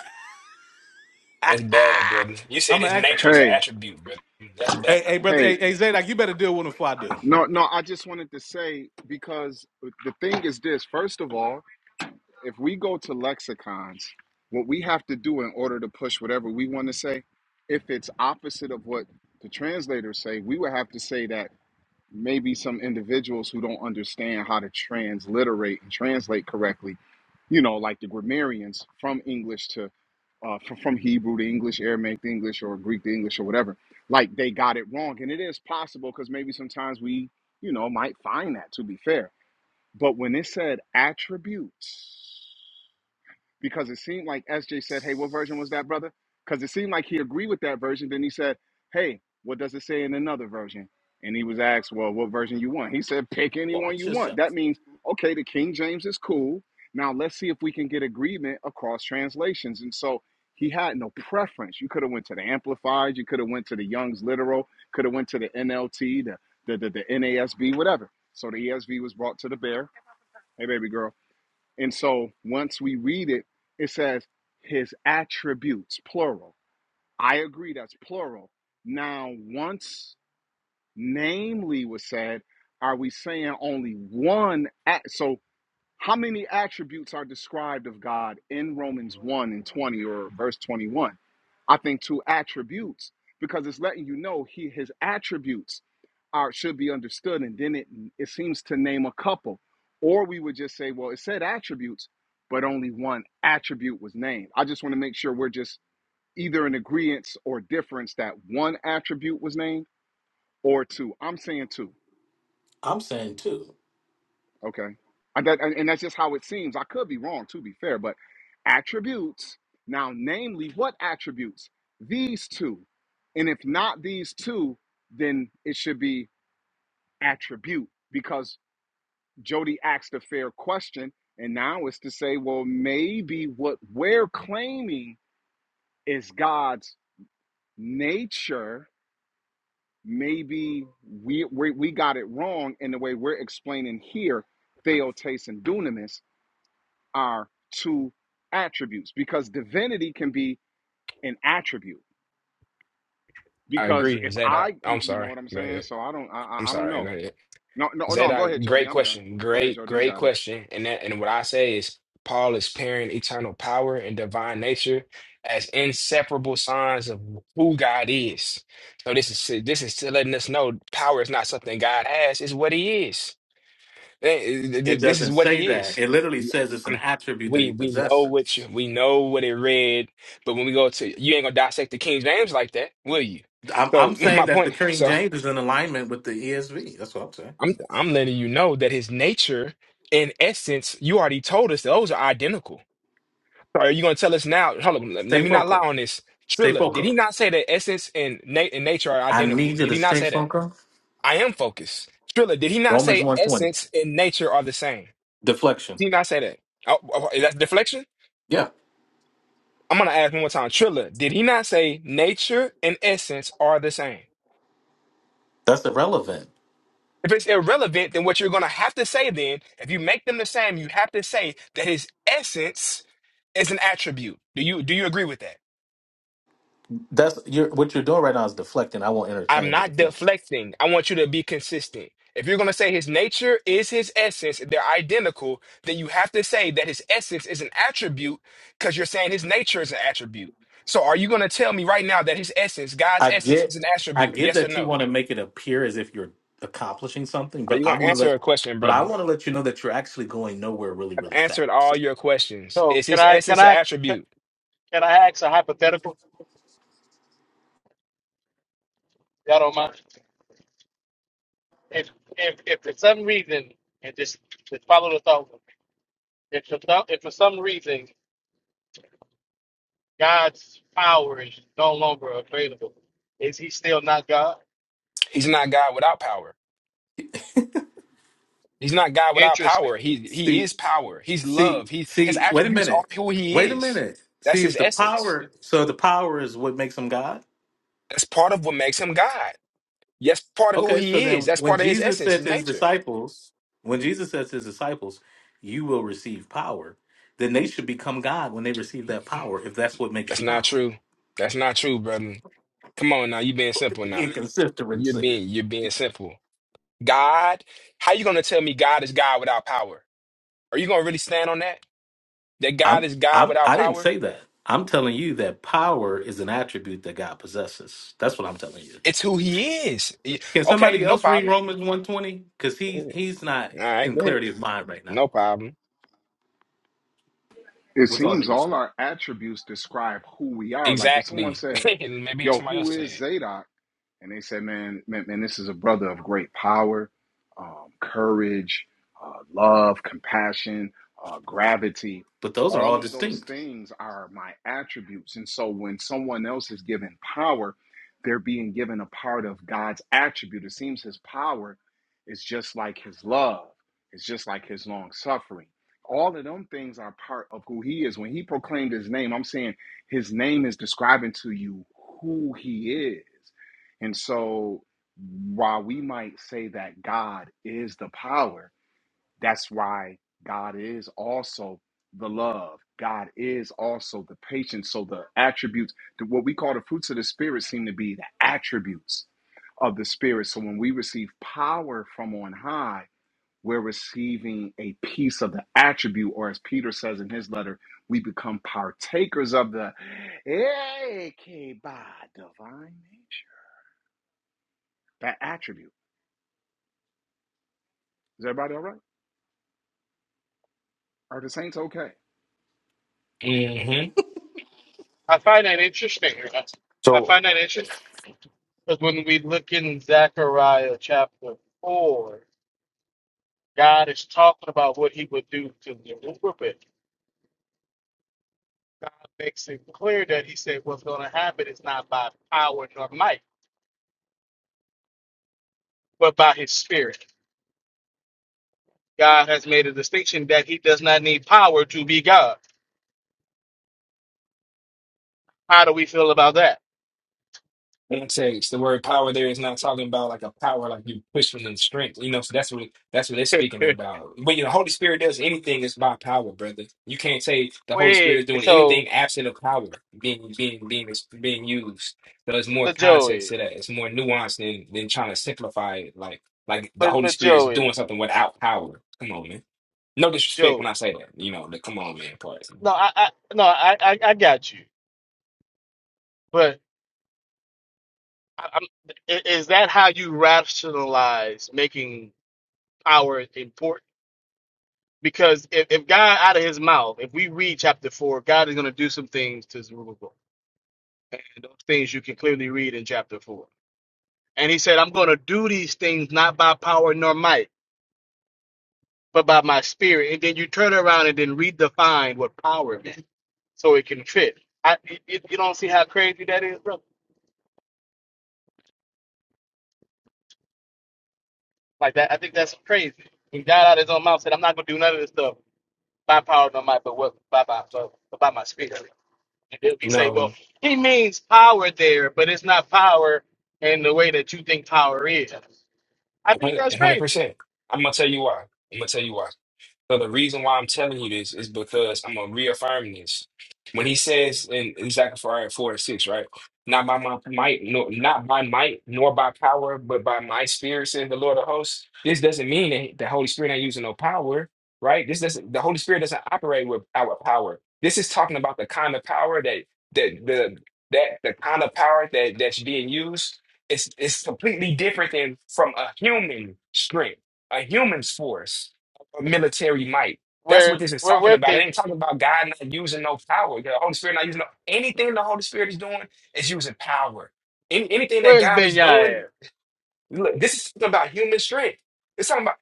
[SPEAKER 8] That's bad, brother. You said
[SPEAKER 1] gonna
[SPEAKER 8] his
[SPEAKER 1] ask
[SPEAKER 8] nature is an
[SPEAKER 11] Hey,
[SPEAKER 8] attribute, brother. That's bad.
[SPEAKER 1] Hey, hey, brother, hey,
[SPEAKER 11] hey,
[SPEAKER 1] hey, Zadok, you better deal with him before I do.
[SPEAKER 11] no, no, I just wanted to say because the thing is this, first of all, If we go to lexicons, what we have to do in order to push whatever we want to say, if it's opposite of what the translators say, we would have to say that maybe some individuals who don't understand how to transliterate and translate correctly, you know, like the grammarians from English to uh, from, from Hebrew to English, Aramaic to English, or Greek to English, or whatever. Like they got it wrong, and it is possible because maybe sometimes we, you know, might find that to be fair. But when it said attributes, because it seemed like SJ said, "Hey, what version was that, brother?" Because it seemed like he agreed with that version. Then he said, "Hey, what does it say in another version?" And he was asked, "Well, what version you want?" He said, "Pick any one
[SPEAKER 1] Watch
[SPEAKER 11] you want."
[SPEAKER 1] yourself.
[SPEAKER 11] That means, okay, the King James is cool. Now let's see if we can get agreement across translations. And so he had no preference. You could have went to the Amplified. You could have went to the Young's Literal. Could have went to the NLT, the the, the the NASB, whatever. So the ESV was brought to the bear. Hey, baby girl. And so once we read it, it says his attributes, plural. I agree, that's plural. Now, once namely was said, are we saying only one? At- so how many attributes are described of God in Romans 1 and 20 or verse 21? I think two attributes because it's letting you know he his attributes are should be understood and then it it seems to name a couple or we would just say well it said attributes but only one attribute was named. I just want to make sure we're just either in agreement or difference that one attribute was named or two. I'm saying two
[SPEAKER 1] I'm saying too.
[SPEAKER 11] Okay. And, that, and, and that's just how it seems. I could be wrong, to be fair, but attributes. Now, namely, what attributes? These two. And if not these two, then it should be attribute because Jody asked a fair question. And now it's to say, well, maybe what we're claiming is God's nature. Maybe we, we, we got it wrong in the way we're explaining here, theotaste and dunamis are two attributes because divinity can be an attribute.
[SPEAKER 8] I
[SPEAKER 11] Because
[SPEAKER 8] agree,
[SPEAKER 11] if
[SPEAKER 8] Zadok.
[SPEAKER 11] I, you,
[SPEAKER 8] I'm
[SPEAKER 11] you know
[SPEAKER 8] sorry.
[SPEAKER 11] what I'm
[SPEAKER 8] Go
[SPEAKER 11] saying,
[SPEAKER 8] ahead.
[SPEAKER 11] so I don't, I,
[SPEAKER 8] I'm
[SPEAKER 11] I I don't
[SPEAKER 8] sorry. Go
[SPEAKER 11] know.
[SPEAKER 8] ahead.
[SPEAKER 11] No, no, no. Go ahead,
[SPEAKER 8] Zadok,
[SPEAKER 11] Jody.
[SPEAKER 8] great
[SPEAKER 11] I'm done.
[SPEAKER 8] question.
[SPEAKER 11] Go ahead,
[SPEAKER 8] Great,
[SPEAKER 11] Jody. You
[SPEAKER 8] great
[SPEAKER 11] got it.
[SPEAKER 8] question. And that, and what I say is, Paul is pairing eternal power and divine nature as inseparable signs of who God is. So this is this is letting us know power is not something God has; it's what He is. Eh,
[SPEAKER 1] It
[SPEAKER 8] th- This is
[SPEAKER 1] doesn't
[SPEAKER 8] what
[SPEAKER 1] say
[SPEAKER 8] he
[SPEAKER 1] that.
[SPEAKER 8] is.
[SPEAKER 1] It literally
[SPEAKER 8] Yeah.
[SPEAKER 1] says it's an
[SPEAKER 8] Um,
[SPEAKER 1] attribute that
[SPEAKER 8] We
[SPEAKER 1] he
[SPEAKER 8] we know what you
[SPEAKER 1] possesses.
[SPEAKER 8] we know what it read, but when we go to you ain't gonna dissect the King James like that, will you?
[SPEAKER 1] I'm, I'm
[SPEAKER 8] So
[SPEAKER 1] saying
[SPEAKER 8] my
[SPEAKER 1] that the
[SPEAKER 8] point.
[SPEAKER 1] King
[SPEAKER 8] So
[SPEAKER 1] James is in alignment with the ESV. That's what I'm saying.
[SPEAKER 8] I'm I'm letting you know that his nature, in essence, you already told us those are identical. So are you gonna tell us now? Hold on, let, let
[SPEAKER 1] Stay
[SPEAKER 8] me not lie
[SPEAKER 1] focused.
[SPEAKER 8] on this.
[SPEAKER 1] Stay
[SPEAKER 8] Trilla, did he
[SPEAKER 1] focused.
[SPEAKER 8] not say that essence and, na and nature are
[SPEAKER 1] I
[SPEAKER 8] identical?
[SPEAKER 1] need you
[SPEAKER 8] Did
[SPEAKER 1] to
[SPEAKER 8] he not
[SPEAKER 1] stay
[SPEAKER 8] say that?
[SPEAKER 1] focused.
[SPEAKER 8] I am focused. Trilla, did he not
[SPEAKER 1] Romans
[SPEAKER 8] say
[SPEAKER 1] 120.
[SPEAKER 8] essence and nature are the same?
[SPEAKER 1] Deflection.
[SPEAKER 8] Did he not say that? Oh, oh, oh, is that deflection?
[SPEAKER 1] Yeah.
[SPEAKER 8] I'm gonna ask one more time. Trilla, did he not say nature and essence are the same?
[SPEAKER 1] That's irrelevant.
[SPEAKER 8] If it's irrelevant, then what you're gonna have to say then, if you make them the same, you have to say that his essence is an attribute. Do you do you agree with that?
[SPEAKER 1] That's you're, what you're doing right now is deflecting. I won't
[SPEAKER 8] I'm
[SPEAKER 1] entertain the
[SPEAKER 8] not
[SPEAKER 1] deflection.
[SPEAKER 8] deflecting. I want you to be consistent. If you're going to say his nature is his essence, they're identical, then you have to say that his essence is an attribute because you're saying his nature is an attribute. So are you going to tell me right now that his essence, God's
[SPEAKER 1] I
[SPEAKER 8] essence, is
[SPEAKER 1] get
[SPEAKER 8] an
[SPEAKER 1] I
[SPEAKER 8] attribute?
[SPEAKER 1] get
[SPEAKER 8] Yes or
[SPEAKER 1] that you
[SPEAKER 8] no?
[SPEAKER 1] want to make it appear as if you're accomplishing something,
[SPEAKER 8] Are you
[SPEAKER 1] but I
[SPEAKER 8] going to
[SPEAKER 1] want to
[SPEAKER 8] answer
[SPEAKER 1] let
[SPEAKER 8] a question,
[SPEAKER 1] but I
[SPEAKER 8] brother?
[SPEAKER 1] want to let you know that you're actually going nowhere really
[SPEAKER 8] I've
[SPEAKER 1] really fast.
[SPEAKER 8] answered all your questions.
[SPEAKER 10] So
[SPEAKER 8] Is
[SPEAKER 10] can
[SPEAKER 8] his
[SPEAKER 10] I can
[SPEAKER 8] essence an
[SPEAKER 10] I can,
[SPEAKER 8] attribute?
[SPEAKER 10] can I ask a hypothetical? Y'all don't mind? If if if for some reason and just just follow the thought. If for some if for some reason God's power is no longer available. Is he still not God?
[SPEAKER 8] He's not God without power. He's not God without
[SPEAKER 10] Interesting.
[SPEAKER 8] power. He he
[SPEAKER 1] See
[SPEAKER 8] is power. He's
[SPEAKER 1] see
[SPEAKER 8] love. He his
[SPEAKER 1] see wait a
[SPEAKER 8] attributes are
[SPEAKER 1] minute.
[SPEAKER 8] who he
[SPEAKER 1] Wait a
[SPEAKER 8] is.
[SPEAKER 1] minute.
[SPEAKER 8] That's
[SPEAKER 1] See if
[SPEAKER 8] his
[SPEAKER 1] the
[SPEAKER 8] essence.
[SPEAKER 1] power so the power is what makes him God?
[SPEAKER 8] That's part of what makes him God. That's part of who
[SPEAKER 1] Okay, so
[SPEAKER 8] he is.
[SPEAKER 1] then
[SPEAKER 8] That's
[SPEAKER 1] when
[SPEAKER 8] part of his
[SPEAKER 1] Jesus
[SPEAKER 8] essence,
[SPEAKER 1] said
[SPEAKER 8] his
[SPEAKER 1] to his
[SPEAKER 8] nature.
[SPEAKER 1] disciples, when Jesus says to his disciples, you will receive power, then they should become God when they receive that power if that's what makes
[SPEAKER 8] That's
[SPEAKER 1] you
[SPEAKER 8] not
[SPEAKER 1] God.
[SPEAKER 8] true. That's not true, brother. Come on now, you being simple now. You're
[SPEAKER 1] Inconsistency.
[SPEAKER 8] being you're being simple. God, how you gonna tell me God is God without power? Are you gonna really stand on that? That God
[SPEAKER 1] I'm
[SPEAKER 8] is God
[SPEAKER 1] I'm
[SPEAKER 8] without
[SPEAKER 1] I didn't
[SPEAKER 8] power?
[SPEAKER 1] say that. I'm telling you that power is an attribute that God possesses. That's what I'm telling you.
[SPEAKER 8] It's who he is. Y-
[SPEAKER 1] Can
[SPEAKER 8] Okay,
[SPEAKER 1] somebody
[SPEAKER 8] no
[SPEAKER 1] else read
[SPEAKER 8] problem.
[SPEAKER 1] Romans 120? Because he
[SPEAKER 8] All
[SPEAKER 1] he's not
[SPEAKER 8] right,
[SPEAKER 1] in
[SPEAKER 8] go ahead.
[SPEAKER 1] clarity of mind right now,
[SPEAKER 8] No problem.
[SPEAKER 11] It
[SPEAKER 1] with all due
[SPEAKER 11] seems all
[SPEAKER 1] respect.
[SPEAKER 11] our attributes describe who we are. Like if someone
[SPEAKER 8] Exactly.
[SPEAKER 11] said,
[SPEAKER 8] Maybe
[SPEAKER 11] "Yo,
[SPEAKER 8] somebody
[SPEAKER 11] who
[SPEAKER 8] else
[SPEAKER 11] is
[SPEAKER 8] said.
[SPEAKER 11] Zadok?" and they said, "Man, man, man this is a brother of great power, um, courage, uh, love, compassion, uh, gravity.
[SPEAKER 1] But those are
[SPEAKER 11] All
[SPEAKER 1] all
[SPEAKER 11] of those
[SPEAKER 1] distinct.
[SPEAKER 11] things are my attributes." And so, when someone else is given power, they're being given a part of God's attribute. It seems His power is just like His love. It's just like His long suffering. All of them things are part of who He is. When He proclaimed His name, I'm saying His name is describing to you who He is and so, while we might say that God is the power, that's why God is also the love. God is also the patience. So, the attributes, the- what we call the fruits of the Spirit, seem to be the attributes of the Spirit. So, when we receive power from on high, we're receiving a piece of the attribute, or as Peter says in his letter, we become partakers of the hey, divine nature, that attribute. Is everybody all right? Are the Saints okay?
[SPEAKER 8] it. Mm-hmm.
[SPEAKER 10] I find that interesting. I I
[SPEAKER 12] So
[SPEAKER 10] find that interesting because when we look in Zechariah chapter 4, God is talking about what he would do to Zerubbabel. God makes it clear that he said what's going to happen is not by power nor might, but by his spirit. God has made a distinction that he does not need power to be God. How do we feel about that?
[SPEAKER 8] context. The word power there is not talking about like a power like you pushing and strength. You know, so that's what that's what it's speaking about. When the Holy Spirit does anything, it's by power, brother. You can't say the Holy Spirit is
[SPEAKER 10] Wait,
[SPEAKER 8] doing
[SPEAKER 10] so,
[SPEAKER 8] anything absent of power being being being being used. There's more
[SPEAKER 10] but
[SPEAKER 8] context to
[SPEAKER 10] Joey.
[SPEAKER 8] that. It's more nuanced than than trying to simplify it. Like like the
[SPEAKER 10] but
[SPEAKER 8] Holy
[SPEAKER 10] but
[SPEAKER 8] Spirit is doing
[SPEAKER 10] Joey,
[SPEAKER 8] something without power. Come on, man. No disrespect when I
[SPEAKER 10] Joey,
[SPEAKER 8] say that. You know, the come on, man part.
[SPEAKER 10] no, I, I no, I, I I got you. But I, I'm, i- is that how you rationalize making power important? Because if, if God out of his mouth, if we read chapter four, God is going to do some things to Zerubbabel, and those things you can clearly read in chapter four. And he said, "I'm going to do these things not by power nor might, but by my spirit." And then you turn around and then redefine what power meant, so it can fit. I, you, you don't see how crazy that is, bro. Like that, I think that's crazy. He died out of his own mouth. Said, "I'm not gonna do none of this stuff by power, no might, but what by by but, but by my spirit." And then we say, "Well,
[SPEAKER 8] No,
[SPEAKER 10] he means power there, but it's not power in the way that you think power is." I think that's
[SPEAKER 8] hundred
[SPEAKER 10] crazy.
[SPEAKER 8] percent. I'm gonna tell you why. I'm gonna tell you why. So the reason why I'm telling you this is because I'm gonna reaffirm this. When he says in, in Zechariah four and six, right? Not by my might, nor not by might, nor by power, but by my spirit, says the Lord of hosts. This doesn't mean that the Holy Spirit ain't using no power, right? This doesn't the Holy Spirit doesn't operate with our power. This is talking about the kind of power that that the that the kind of power that that's being used is is completely different than from a human strength, a human's force of military might. That's
[SPEAKER 10] Where
[SPEAKER 8] what this is
[SPEAKER 10] where
[SPEAKER 8] talking
[SPEAKER 10] where
[SPEAKER 8] about. It
[SPEAKER 10] Ben-
[SPEAKER 8] ain't talking about God not using no power. The Holy Spirit not using no, anything the Holy Spirit is doing is using power. Any, anything that
[SPEAKER 10] where's
[SPEAKER 8] God is doing,
[SPEAKER 10] Benyai at?
[SPEAKER 8] look, this is talking about human strength. It's talking about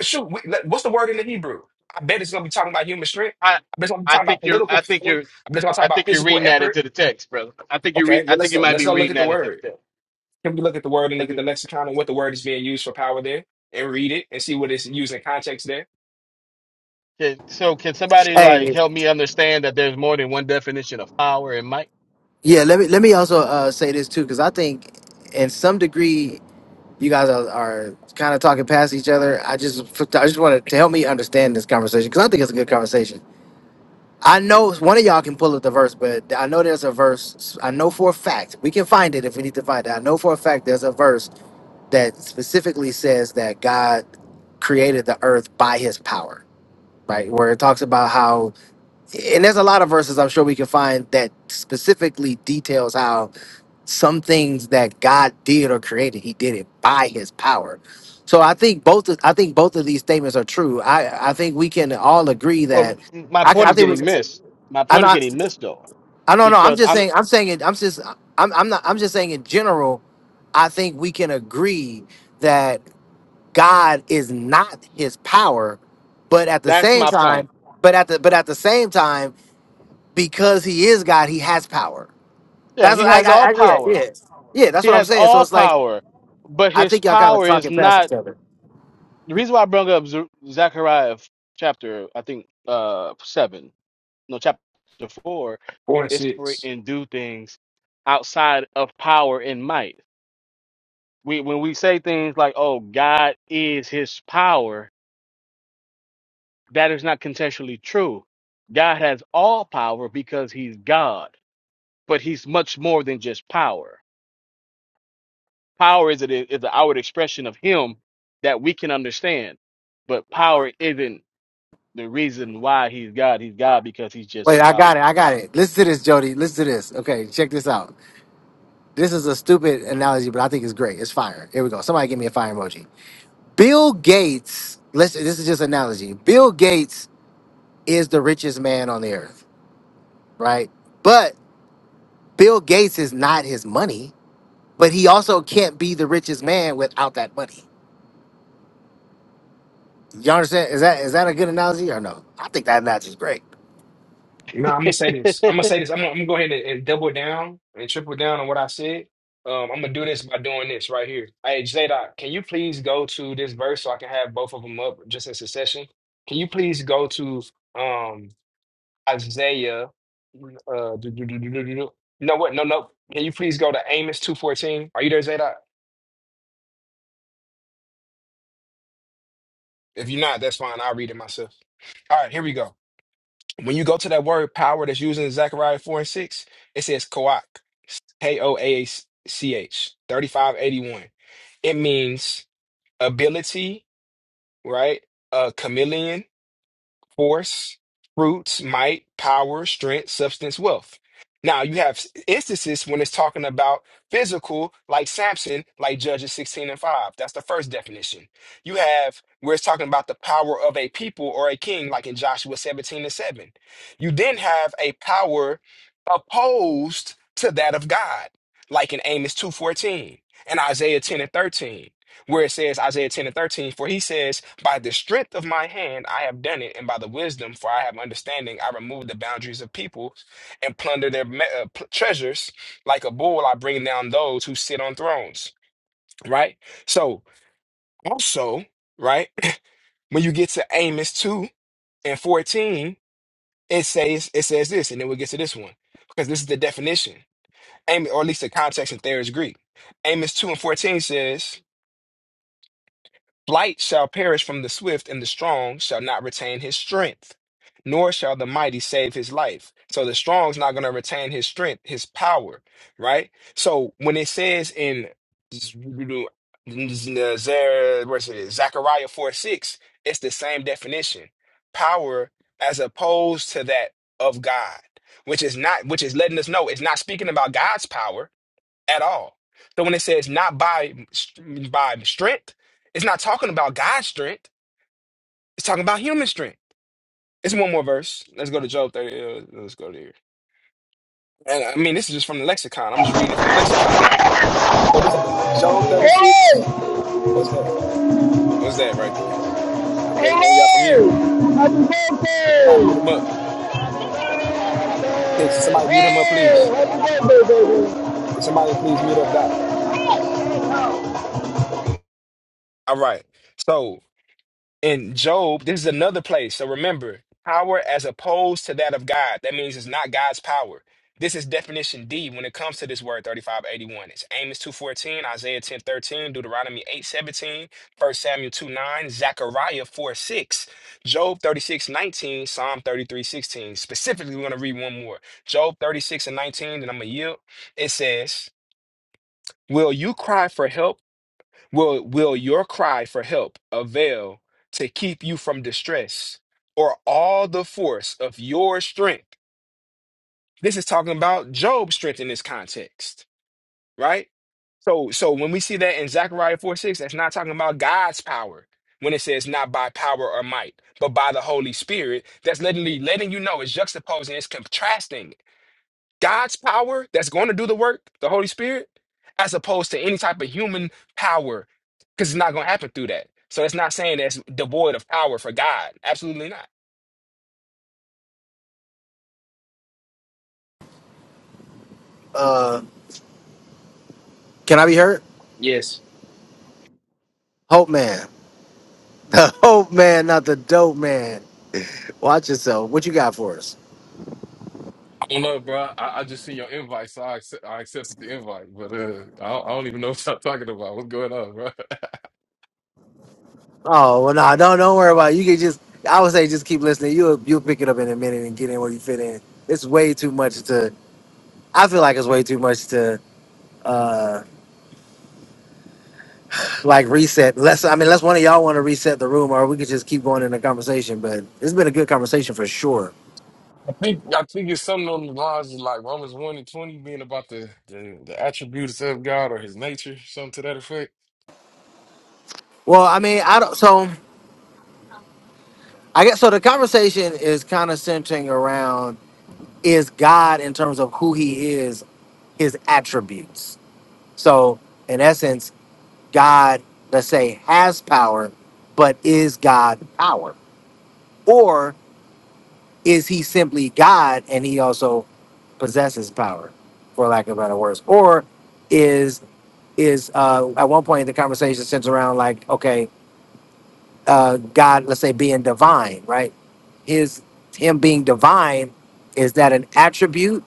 [SPEAKER 8] shoot. We, let- what's the word in the Hebrew? I bet it's gonna be talking about human strength.
[SPEAKER 10] I
[SPEAKER 8] I bet it's gonna be
[SPEAKER 10] I
[SPEAKER 8] talking about
[SPEAKER 10] think you're
[SPEAKER 8] political
[SPEAKER 10] I think
[SPEAKER 8] power.
[SPEAKER 10] you're
[SPEAKER 8] I bet it's gonna talk
[SPEAKER 10] I
[SPEAKER 8] about
[SPEAKER 10] think you're
[SPEAKER 8] physical
[SPEAKER 10] reading that
[SPEAKER 8] effort.
[SPEAKER 10] into the text, brother. I think you
[SPEAKER 8] Okay,
[SPEAKER 10] read I
[SPEAKER 8] well let's
[SPEAKER 10] think you
[SPEAKER 8] go.
[SPEAKER 10] might
[SPEAKER 8] Let's
[SPEAKER 10] be
[SPEAKER 8] go look
[SPEAKER 10] reading
[SPEAKER 8] at the
[SPEAKER 10] that into the
[SPEAKER 8] word.
[SPEAKER 10] text.
[SPEAKER 8] Can we look at the word
[SPEAKER 10] I
[SPEAKER 8] and look
[SPEAKER 10] think
[SPEAKER 8] at the
[SPEAKER 10] you
[SPEAKER 8] lexicon and what the word is being used for power there, and read it and see what it's used in context there.
[SPEAKER 10] can, so can somebody like
[SPEAKER 2] Hey,
[SPEAKER 10] help me understand that there's more than one definition of power and might?
[SPEAKER 2] yeah. Let me let me also uh, say this too, because I think, in some degree, you guys are, are kind of talking past each other. I just I just wanted to help me understand this conversation because I think it's a good conversation. I know one of y'all can pull up the verse, but I know there's a verse. I know for a fact we can find it if we need to find it. I know for a fact there's a verse that specifically says that God created the earth by His power right? Where it talks about how, and there's a lot of verses I'm sure we can find that specifically details how some things that God did or created, He did it by His power. So I think both, of- I think both of these statements are true. I, I think we can all agree
[SPEAKER 10] Well,
[SPEAKER 2] that,
[SPEAKER 10] m- my
[SPEAKER 2] I,
[SPEAKER 10] point
[SPEAKER 2] I
[SPEAKER 10] is
[SPEAKER 2] think we,
[SPEAKER 10] getting missed. My
[SPEAKER 2] I'm
[SPEAKER 10] point is
[SPEAKER 2] not,
[SPEAKER 10] getting missed though,
[SPEAKER 2] I don't know. I'm
[SPEAKER 10] because
[SPEAKER 2] just
[SPEAKER 10] I'm.
[SPEAKER 2] saying, I'm saying it. I'm just, I'm, I'm not, I'm just saying in general. I think we can agree God is not his power, but at the
[SPEAKER 10] That's
[SPEAKER 2] same
[SPEAKER 10] my point.
[SPEAKER 2] time, but at the but at the same time, because he is God, he has power.
[SPEAKER 10] Yeah,
[SPEAKER 2] That's
[SPEAKER 10] he
[SPEAKER 2] I,
[SPEAKER 10] has all
[SPEAKER 2] I, I yeah yeah
[SPEAKER 10] power.
[SPEAKER 2] yeah. That's
[SPEAKER 10] He
[SPEAKER 2] what I'm
[SPEAKER 10] has
[SPEAKER 2] saying. So
[SPEAKER 10] all
[SPEAKER 2] it's like
[SPEAKER 10] power, but
[SPEAKER 2] I
[SPEAKER 10] his
[SPEAKER 2] think y'all kind of
[SPEAKER 10] power is
[SPEAKER 2] talking past
[SPEAKER 10] not
[SPEAKER 2] each other.
[SPEAKER 10] the reason why I brought up Z- Zechariah f- chapter. I think uh seven, no chapter four,
[SPEAKER 8] Four and
[SPEAKER 10] is to operate
[SPEAKER 8] six.
[SPEAKER 10] and do things outside of power and might. We when we say things like, "Oh, God is His power," That is not contextually true. God has all power because he's God, but he's much more than just power. Power is, it is the outward expression of him that we can understand, but power isn't the reason why he's God. He's God because he's
[SPEAKER 2] Wait,
[SPEAKER 10] just
[SPEAKER 2] I
[SPEAKER 10] God.
[SPEAKER 2] got it. I got it. Listen to this, Jody. Listen to this. Okay, check this out. This is a stupid analogy, but I think it's great. It's fire. Here we go. Somebody give me a fire emoji. Bill Gates. Listen, this is just analogy. Bill Gates is the richest man on the earth, right? But Bill Gates is not his money, but he also can't be the richest man without that money. You understand? Is that is that a good analogy or no? I think that analogy is great.
[SPEAKER 8] No, I'm gonna say this. I'm gonna say this. I'm gonna, I'm gonna go ahead and, and double down and triple down on what I said. Um, I'm gonna do this by doing this right here. Hey, Zadok, can you please go to this verse so I can have both of them up just in succession? Can you please go to um Isaiah? Uh, do, do, do, do, do, do, do. No, what? No, no. Can you please go to Amos two fourteen? Are you there, Zadok? If you're not, that's fine. I'll read it myself. All right, here we go. When you go to that word power that's used in Zechariah 4 and 6, it says koach, K O A C H, 3581. It means ability, right? A chameleon force, fruits, might, power, strength, substance, wealth. Now you have instances when it's talking about physical, like Samson, like Judges 16 and 5. That's the first definition. You have where it's talking about the power of a people or a king, like in Joshua 17 and 7. You then have a power opposed to that of God, like in Amos 2:14 and Isaiah 10 and 13, where it says Isaiah 10 and 13, for he says, by the strength of my hand I have done it, and by the wisdom, for I have understanding, I remove the boundaries of people and plunder their me- uh, pl- treasures. Like a bull, I bring down those who sit on thrones. Right? So, also, right, when you get to Amos 2 and 14, it says it says this, and then we'll get to this one. Because this is the definition. Amos, or at least the context in Thayer's Greek. Amos 2 and 14 says, Flight shall perish from the swift, and the strong shall not retain his strength, nor shall the mighty save his life. So the strong's not going to retain his strength, his power, right? So when it says in Zer- what's it, Zechariah 4 6, it's the same definition power as opposed to that of God, which is not, which is letting us know it's not speaking about God's power at all. So when it says not by by strength, it's not talking about God's strength. It's talking about human strength. It's one more verse. Let's go to Job 30. uh, Let's go to here. And I mean, this is just from the lexicon. I'm just reading it from the lexicon. So this Job 36.
[SPEAKER 13] Hello!
[SPEAKER 8] What's that? What's that right there? The brother know y'all from mute.
[SPEAKER 13] Hello! Happy
[SPEAKER 8] Can somebody mute him
[SPEAKER 13] birthday!
[SPEAKER 8] up? Can somebody mute him up, please?
[SPEAKER 13] Hey! Happy birthday, baby!
[SPEAKER 8] Can somebody please mute up Doc? All right. So. in Job, this is another place. So remember, power as opposed to that of God. That means it's not God's power. This is definition D when it comes to this word 3581. It's Amos 2.14, Isaiah 10.13, Deuteronomy eight seventeen, First Samuel two nine, Zechariah four six, Job 36.19, Psalm 33.16. Specifically, we're going to read one more. Job 36 and 19, and I'm going to yield. It says, Will you cry for help Will, will your cry for help avail to keep you from distress or all the force of your strength? This is talking about Job's strength in this context, right? So, so when we see that in Zechariah 4 6, that's not talking about God's power when it says not by power or might, but by the Holy Spirit. That's literally letting you know it's juxtaposing, it's contrasting God's power that's going to do the work, the Holy Spirit, as opposed to any type of human power, because it's not going to happen through that. So it's not saying that's devoid of power for God. Absolutely not.
[SPEAKER 2] Can I be heard?
[SPEAKER 8] Yes.
[SPEAKER 2] Hope man. Hope man, not the dope man. Watch yourself. What you got for us?
[SPEAKER 14] don't know, bro. I, I just seen your invite, so I accept, I accepted the invite. But uh, I, don't, I don't even know what y'all talking about. What's going on, bro?
[SPEAKER 2] Oh well nah, don't don't worry about it. You can just I would say just keep listening. You'll you'll pick it up in a minute and get in where you fit in. It's way too much to I feel like it's way too much to. like reset. Unless I mean, unless one of y'all want to reset the room, or we could just keep going in the conversation. But it's been a good conversation for sure.
[SPEAKER 14] I think I think it's something on the lines of like Romans one and twenty being about the, the the attributes of God or His nature, something to that effect.
[SPEAKER 2] Well, I mean, I don't. So I guess so. The conversation is kind of centering around is God in terms of who He is, His attributes. So in essence, God, let's say, has power, but is God power, or is He simply God and He also possesses power, for lack of better words, or is is uh, at one point the conversation centers around like, okay, uh, God, let's say being divine, right? His him being divine is that an attribute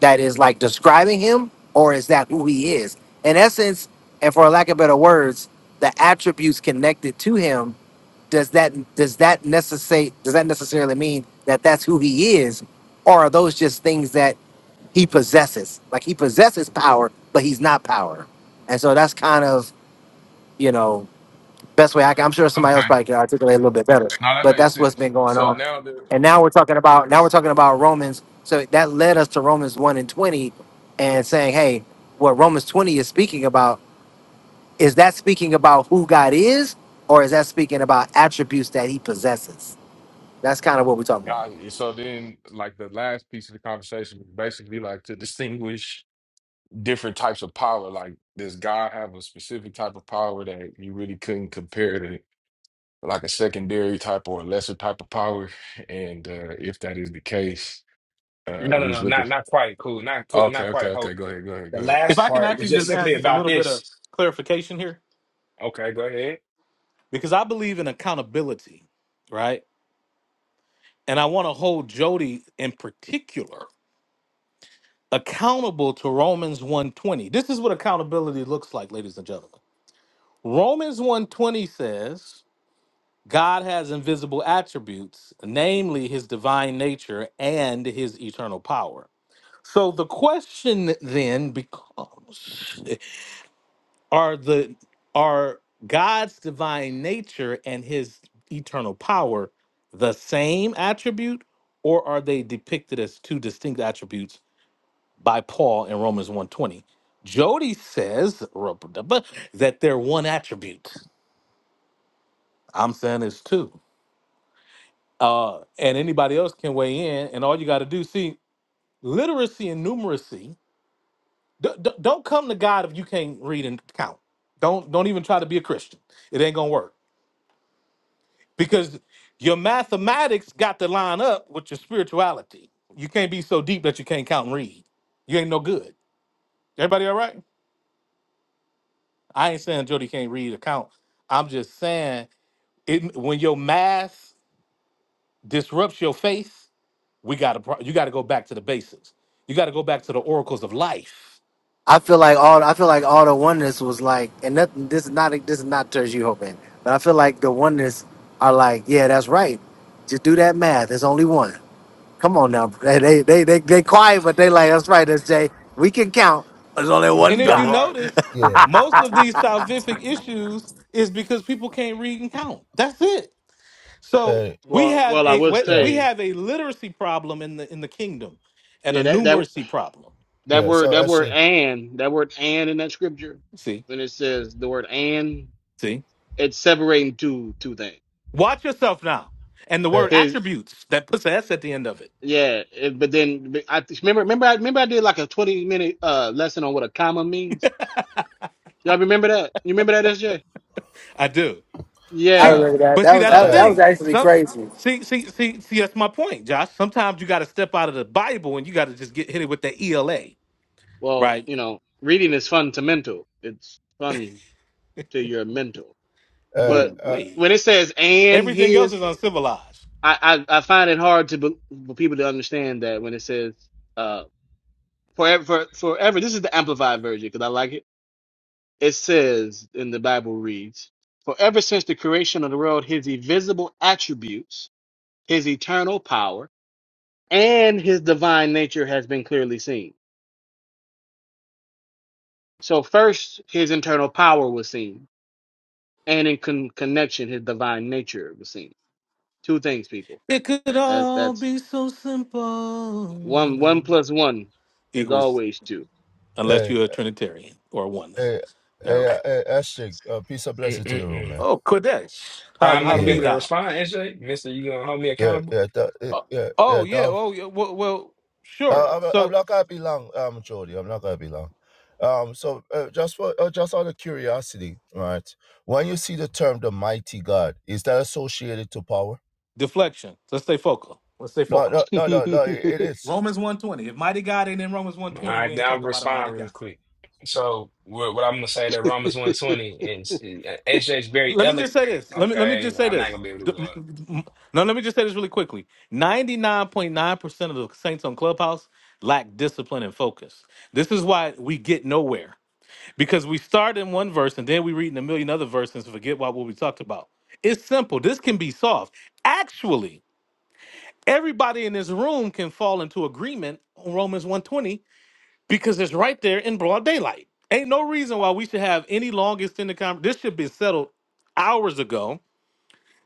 [SPEAKER 2] that is like describing him, or is that who he is? In essence, and for lack of better words, the attributes connected to him does that does that necessary does that necessarily mean that that's who he is, or are those just things that he possesses? Like he possesses power, but he's not power, and so that's kind of you know, best way I can. I'm sure somebody else
[SPEAKER 14] Okay,
[SPEAKER 2] probably can articulate a little bit better,
[SPEAKER 14] now that
[SPEAKER 2] but
[SPEAKER 14] makes
[SPEAKER 2] that's what's
[SPEAKER 14] sense.
[SPEAKER 2] been going
[SPEAKER 14] So
[SPEAKER 2] on.
[SPEAKER 14] now the
[SPEAKER 2] And now we're talking about now we're talking about Romans. So that led us to Romans one and twenty, and saying, hey, what Romans twenty is speaking about is that speaking about who God is, or is that speaking about attributes that He possesses? That's kind of what we're talking about.
[SPEAKER 14] God, so then like the last piece of the conversation was basically like to distinguish different types of power. Like does God have a specific type of power that you really couldn't compare to? like a secondary type or a lesser type of power. And uh, if that is the case, uh,
[SPEAKER 8] No,
[SPEAKER 14] we
[SPEAKER 8] no,
[SPEAKER 14] was
[SPEAKER 8] no,
[SPEAKER 14] looking.
[SPEAKER 8] not not quite. Cool, not cool,
[SPEAKER 14] Okay,
[SPEAKER 8] not
[SPEAKER 14] okay,
[SPEAKER 8] quite.
[SPEAKER 14] okay.
[SPEAKER 8] Hold.
[SPEAKER 14] Go ahead, go ahead, go
[SPEAKER 8] The
[SPEAKER 14] ahead.
[SPEAKER 1] If
[SPEAKER 8] last
[SPEAKER 1] I can
[SPEAKER 8] part was
[SPEAKER 1] actually
[SPEAKER 8] just
[SPEAKER 1] just add
[SPEAKER 8] simply
[SPEAKER 1] just a
[SPEAKER 8] about
[SPEAKER 1] little bit of
[SPEAKER 8] this.
[SPEAKER 1] clarification here,
[SPEAKER 8] Okay, go ahead.
[SPEAKER 1] because I believe in accountability, right? And I want to hold Jody in particular accountable to Romans 120. This is what accountability looks like, ladies and gentlemen. Romans 120 says God has invisible attributes, namely his divine nature and his eternal power. So the question then becomes are the are God's divine nature and his eternal power the same attribute or are they depicted as two distinct attributes by Paul in Romans 120? Jody says that they're one attribute. I'm saying it's two. uh, and anybody else can weigh in. And all you got to do, see, literacy and numeracy. D- d- don't come to God if you can't read and count. Don't don't even try to be a Christian. It ain't gonna work because your mathematics got to line up with your spirituality. You can't be so deep that you can't count and read. You ain't no good. Everybody all right? I ain't saying Jody can't read or count. I'm just saying it when your math disrupts your faith. we got to you got to go back to the basics. You got to go back to the oracles of life.
[SPEAKER 2] I feel like all I feel like all the oneness was like, and nothing. This is not this is not towards you, hoping, but I feel like the oneness are like, yeah, that's right. Just do that math. There's only one. Come on now. They they they they, they quiet, but they like that's right, SJ. We can count. There's only
[SPEAKER 15] Yeah,
[SPEAKER 1] And
[SPEAKER 2] one
[SPEAKER 1] if
[SPEAKER 14] That's
[SPEAKER 1] you
[SPEAKER 2] God.
[SPEAKER 14] right.
[SPEAKER 1] notice,
[SPEAKER 15] yeah,
[SPEAKER 1] most of these salvific issues is because people can't read and count. That's it. So
[SPEAKER 15] hey,
[SPEAKER 1] we
[SPEAKER 10] Well,
[SPEAKER 1] have
[SPEAKER 10] well, I
[SPEAKER 1] a
[SPEAKER 10] will
[SPEAKER 1] we
[SPEAKER 15] yeah,
[SPEAKER 1] we
[SPEAKER 10] say,
[SPEAKER 1] have a literacy problem in the in the kingdom, and a
[SPEAKER 10] yeah, that that
[SPEAKER 1] numeracy problem.
[SPEAKER 10] that
[SPEAKER 15] yeah.
[SPEAKER 10] word,
[SPEAKER 15] So
[SPEAKER 10] that
[SPEAKER 15] that
[SPEAKER 10] word,
[SPEAKER 15] shit,
[SPEAKER 10] and that word, and in that scripture,
[SPEAKER 1] See,
[SPEAKER 10] when it says the word, and,
[SPEAKER 1] see.
[SPEAKER 10] it's separating two two
[SPEAKER 1] Watch yourself now, and the
[SPEAKER 15] hey,
[SPEAKER 1] word
[SPEAKER 10] things.
[SPEAKER 1] attributes that puts an S at the end of it.
[SPEAKER 10] Yeah, it, but then but I remember, remember, I remember I did like a twenty minute uh lesson on what a comma means. Y'all remember that? You remember that, SJ?
[SPEAKER 1] I do.
[SPEAKER 2] I
[SPEAKER 1] See,
[SPEAKER 10] Yeah.
[SPEAKER 2] remember that.
[SPEAKER 1] but
[SPEAKER 2] That
[SPEAKER 1] see,
[SPEAKER 2] was
[SPEAKER 1] that's
[SPEAKER 2] that
[SPEAKER 1] the
[SPEAKER 2] was,
[SPEAKER 10] Um.
[SPEAKER 2] that
[SPEAKER 15] hey,
[SPEAKER 2] was
[SPEAKER 1] thing.
[SPEAKER 2] actually
[SPEAKER 1] Some
[SPEAKER 2] crazy.
[SPEAKER 1] see, see, see, see. That's my point, Josh. Sometimes you got to step out of the Bible and you got to just get hit it with the ELA,
[SPEAKER 10] Well,
[SPEAKER 1] right?
[SPEAKER 10] you know, reading is fundamental. It's fun to your mental.
[SPEAKER 15] hey,
[SPEAKER 10] But
[SPEAKER 1] Ooh,
[SPEAKER 15] uh,
[SPEAKER 10] when
[SPEAKER 1] wee.
[SPEAKER 10] it says "and
[SPEAKER 1] Everything else is
[SPEAKER 10] his,"
[SPEAKER 1] uncivilized.
[SPEAKER 10] I I, I find it hard to be, for people to understand that when it says uh forever for, forever. This is the amplified version because I like it it says in the Bible reads, For ever since the creation of the world, his invisible attributes, his eternal power, and his divine nature has been clearly seen. So first his internal power was seen, and in con- connection, his divine nature was seen. Two things, people.
[SPEAKER 1] It could
[SPEAKER 10] That,
[SPEAKER 1] all
[SPEAKER 10] that's
[SPEAKER 1] be so
[SPEAKER 10] one one
[SPEAKER 1] simple.
[SPEAKER 10] plus one is
[SPEAKER 1] Equals
[SPEAKER 10] always two.
[SPEAKER 1] unless
[SPEAKER 15] hey, hey,
[SPEAKER 1] you're a Trinitarian or a
[SPEAKER 15] hey, uh,
[SPEAKER 1] oneness. All right.
[SPEAKER 15] hey, that shit. Uh, peace and blessing to the room,
[SPEAKER 8] Mm-mm-mm.
[SPEAKER 15] man.
[SPEAKER 1] Oh, Kodesh.
[SPEAKER 8] Well,
[SPEAKER 1] How
[SPEAKER 8] I'm not
[SPEAKER 1] how
[SPEAKER 8] gonna be
[SPEAKER 1] be
[SPEAKER 8] able
[SPEAKER 15] Yeah,
[SPEAKER 8] to
[SPEAKER 1] thou?
[SPEAKER 8] respond, SJ. Mister, you gonna hold me
[SPEAKER 15] yeah,
[SPEAKER 8] accountable?
[SPEAKER 15] yeah, that, it-
[SPEAKER 1] Oh,
[SPEAKER 15] yeah, yeah.
[SPEAKER 1] oh yeah.
[SPEAKER 15] Dolph,
[SPEAKER 1] Oh yeah. Well, well,
[SPEAKER 15] uh,
[SPEAKER 1] sure.
[SPEAKER 15] I'm, I'm
[SPEAKER 1] So
[SPEAKER 15] not gonna be long, um, Jody. I'm not gonna be long. Um, so uh, just for uh, just out of curiosity, right? When you see the term the mighty God, is that associated to power?
[SPEAKER 1] deflection. Let's stay focal. Let's stay
[SPEAKER 15] No, no,
[SPEAKER 1] focal.
[SPEAKER 15] no, no, no. It it is.
[SPEAKER 1] Romans 120. If mighty God ain't in Romans
[SPEAKER 8] All
[SPEAKER 1] 120, we
[SPEAKER 8] right,
[SPEAKER 1] ain't
[SPEAKER 8] now I'll
[SPEAKER 1] talking about a mighty
[SPEAKER 8] respond real
[SPEAKER 1] God.
[SPEAKER 8] quick. So what, what I'm gonna say that Romans 120 and uh, SJ is very
[SPEAKER 1] Let me
[SPEAKER 8] eloquent.
[SPEAKER 1] just say this. Let me let me
[SPEAKER 8] Okay,
[SPEAKER 1] just say
[SPEAKER 8] I'm not
[SPEAKER 1] this.
[SPEAKER 8] gonna be able to
[SPEAKER 1] The-
[SPEAKER 8] go.
[SPEAKER 1] No, let me just say this really quickly. 99.9% of the saints on Clubhouse lack discipline and focus. This is why we get nowhere. Because we start in one verse and then we read in a million other verses and forget what, what we talked about. It's simple. This can be solved. Actually, everybody in this room can fall into agreement on Romans 120 because it's right there in broad daylight. Ain't no reason why we should have any long extended conversation. This should be settled hours ago.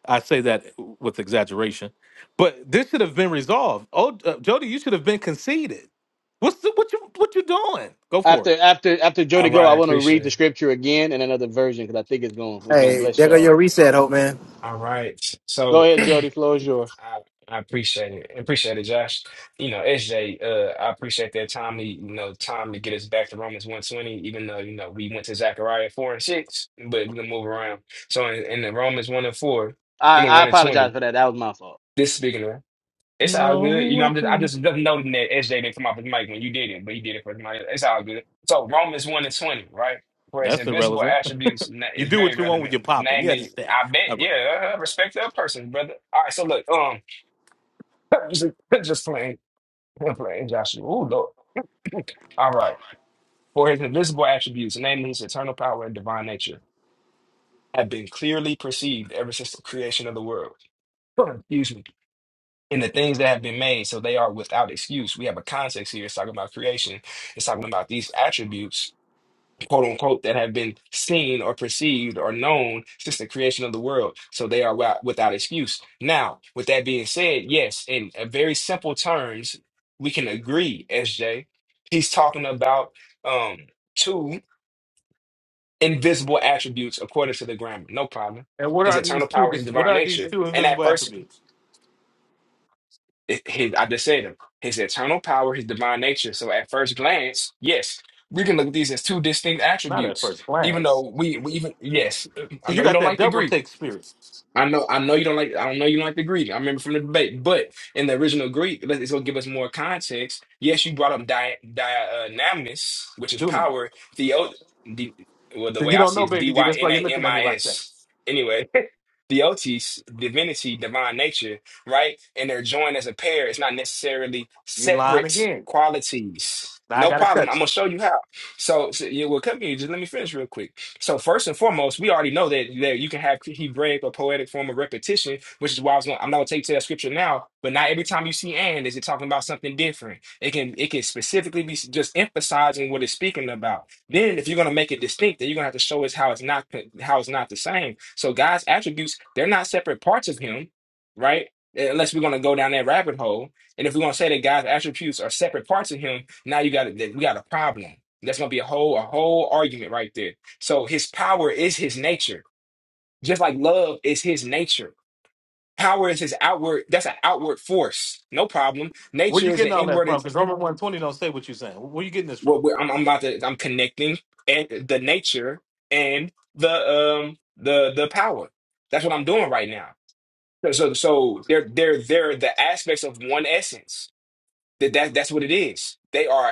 [SPEAKER 1] I say that with exaggeration, but this should have been resolved. Oh, uh, Jody, you should have been conceded. What's the, what you what you doing? Go for it.
[SPEAKER 10] after after after
[SPEAKER 8] All
[SPEAKER 10] Jody go, I
[SPEAKER 8] right,
[SPEAKER 10] want to
[SPEAKER 8] appreciate
[SPEAKER 10] read the
[SPEAKER 8] it.
[SPEAKER 10] scripture again in another version because I think it's going it's gonna
[SPEAKER 2] Hey,
[SPEAKER 10] bless
[SPEAKER 2] there go
[SPEAKER 10] y'all.
[SPEAKER 2] your reset, hope man.
[SPEAKER 8] All right,
[SPEAKER 10] Go
[SPEAKER 8] so
[SPEAKER 10] ahead,
[SPEAKER 8] I,
[SPEAKER 10] Jody. Floor is yours.
[SPEAKER 8] I appreciate it. Appreciate it, Josh. You know, SJ, uh, I appreciate that timely, you know, time to get us back to Romans 120, even though, you know, we went to Zechariah 4 and 6, but we can move around. So in, in the Romans 1 and 4, I
[SPEAKER 10] I,
[SPEAKER 8] mean
[SPEAKER 10] I
[SPEAKER 8] 1 and
[SPEAKER 10] apologize
[SPEAKER 8] 20,
[SPEAKER 10] for that. That was my fault.
[SPEAKER 8] this speaking of It's all
[SPEAKER 1] No
[SPEAKER 8] good. You know, I'm just I
[SPEAKER 1] weapon.
[SPEAKER 8] just just noting that SJ didn't come off his mic when you did it, but he did it for somebody else. It's all good. So Romans one and twenty, right? For his
[SPEAKER 1] That's
[SPEAKER 8] invisible
[SPEAKER 1] irrelevant.
[SPEAKER 8] attributes na-
[SPEAKER 1] You
[SPEAKER 8] is
[SPEAKER 1] do
[SPEAKER 8] very
[SPEAKER 1] what you want when
[SPEAKER 8] relevant.
[SPEAKER 1] you're popping. You
[SPEAKER 8] Namely,
[SPEAKER 1] understand?
[SPEAKER 8] I
[SPEAKER 1] All
[SPEAKER 8] bet,
[SPEAKER 1] right.
[SPEAKER 8] yeah, uh, respect that person, brother. All right, so look, um, just, just playing, I'm playing Joshua. Ooh, Lord. All right. For his invisible attributes, namely his eternal power and divine nature, have been clearly perceived ever since the creation of the world. Excuse me in the things that have been made, so they are without excuse. We have a context here. It's talking about creation. It's talking about these attributes, quote unquote, that have been seen or perceived or known since the creation of the world. So they are wi- without excuse. Now, with that being said, yes, in a very simple terms, we can agree, SJ. He's talking about um two invisible attributes according to the grammar. No problem.
[SPEAKER 1] And what
[SPEAKER 8] His
[SPEAKER 1] are these
[SPEAKER 8] eternal
[SPEAKER 1] two?
[SPEAKER 8] power, his
[SPEAKER 1] dis- What
[SPEAKER 8] divine
[SPEAKER 1] are these
[SPEAKER 8] nature.
[SPEAKER 1] two
[SPEAKER 8] And at
[SPEAKER 1] invisible
[SPEAKER 8] first
[SPEAKER 1] attributes?
[SPEAKER 8] it- his, I just said him, his eternal power, his divine nature. So at first glance, yes, we can look at these as two distinct
[SPEAKER 1] Not at
[SPEAKER 8] attributes,
[SPEAKER 1] first
[SPEAKER 8] even
[SPEAKER 1] glance.
[SPEAKER 8] though we, we even, yes, I
[SPEAKER 1] You
[SPEAKER 8] know you
[SPEAKER 1] got
[SPEAKER 8] don't
[SPEAKER 1] that
[SPEAKER 8] like the
[SPEAKER 1] double
[SPEAKER 8] Greek,
[SPEAKER 1] take spirit,
[SPEAKER 8] I know, I know you don't like, I don't know you don't like the Greek. I remember from the debate, but in the original Greek, let- it's gonna give us more context. Yes, you brought up di, di uh, namis, which is
[SPEAKER 1] dunamis.
[SPEAKER 8] power. Theo, the well, the
[SPEAKER 1] So
[SPEAKER 8] way
[SPEAKER 1] you
[SPEAKER 8] I
[SPEAKER 1] don't
[SPEAKER 8] see
[SPEAKER 1] know,
[SPEAKER 8] it is D
[SPEAKER 1] baby G.
[SPEAKER 8] Y
[SPEAKER 1] That's why
[SPEAKER 8] N
[SPEAKER 1] you're
[SPEAKER 8] A
[SPEAKER 1] looking
[SPEAKER 8] M
[SPEAKER 1] at me
[SPEAKER 8] I
[SPEAKER 1] like that.
[SPEAKER 8] S. Anyway, theotis, divinity, divine nature, right? And they're joined as a pair. It's not necessarily
[SPEAKER 1] You lying
[SPEAKER 8] separate
[SPEAKER 1] again.
[SPEAKER 8] qualities.
[SPEAKER 1] Now I
[SPEAKER 8] No
[SPEAKER 1] gotta
[SPEAKER 8] problem.
[SPEAKER 1] cut
[SPEAKER 8] I'm gonna
[SPEAKER 1] you.
[SPEAKER 8] show you how. So, so yeah, well, come here. Just let me finish real quick. So first and foremost, we already know that, that you can have Hebraic or poetic form of repetition, which is why I was going. I'm not gonna take you to that scripture now, but not every time you see "and" is it talking about something different. It can it can specifically be just emphasizing what it's speaking about. Then, if you're gonna make it distinct, then you're gonna have to show us how it's not how it's not the same. So God's attributes they're not separate parts of Him, right? Uh, Unless we're gonna go down that rabbit hole, and if we're gonna say that God's attributes are separate parts of Him, now you got we got a problem. That's gonna be a whole a whole argument right there. So his power is his nature. Just like love is his nature. Power is his outward, that's an outward force. No problem.
[SPEAKER 1] Where you
[SPEAKER 8] Nature is
[SPEAKER 1] getting
[SPEAKER 8] the
[SPEAKER 1] all that
[SPEAKER 8] inward.
[SPEAKER 1] from?
[SPEAKER 8] It's,
[SPEAKER 1] Because Romans 120 don't say what you're saying. Where you getting this from?
[SPEAKER 8] what we're, I'm, I'm about to, I'm connecting and the nature and the, um, the, the power. That's what I'm doing right now. So, so, so they're, they're, they're the aspects of one essence. That, that, that's what it is. They are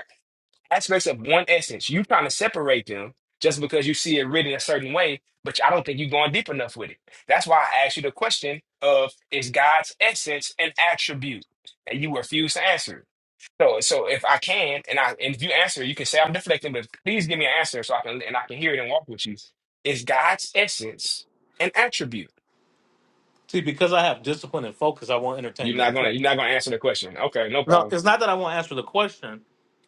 [SPEAKER 8] aspects of one essence. You trying to separate them just because you see it written a certain way, but I don't think you're going deep enough with it. That's why I asked you the question of is God's essence an attribute? And you refuse to answer. it. So so if I can and I and if you answer, you can say I'm deflecting, but please give me an answer so I can and I can hear it and walk with you. Is God's essence an attribute?
[SPEAKER 1] See, because I have discipline and focus, I won't entertain
[SPEAKER 8] You're
[SPEAKER 1] the
[SPEAKER 8] not gonna you're
[SPEAKER 1] deflection.
[SPEAKER 8] not gonna answer the question. Okay, no
[SPEAKER 1] No,
[SPEAKER 8] problem.
[SPEAKER 1] it's not that I won't answer the question.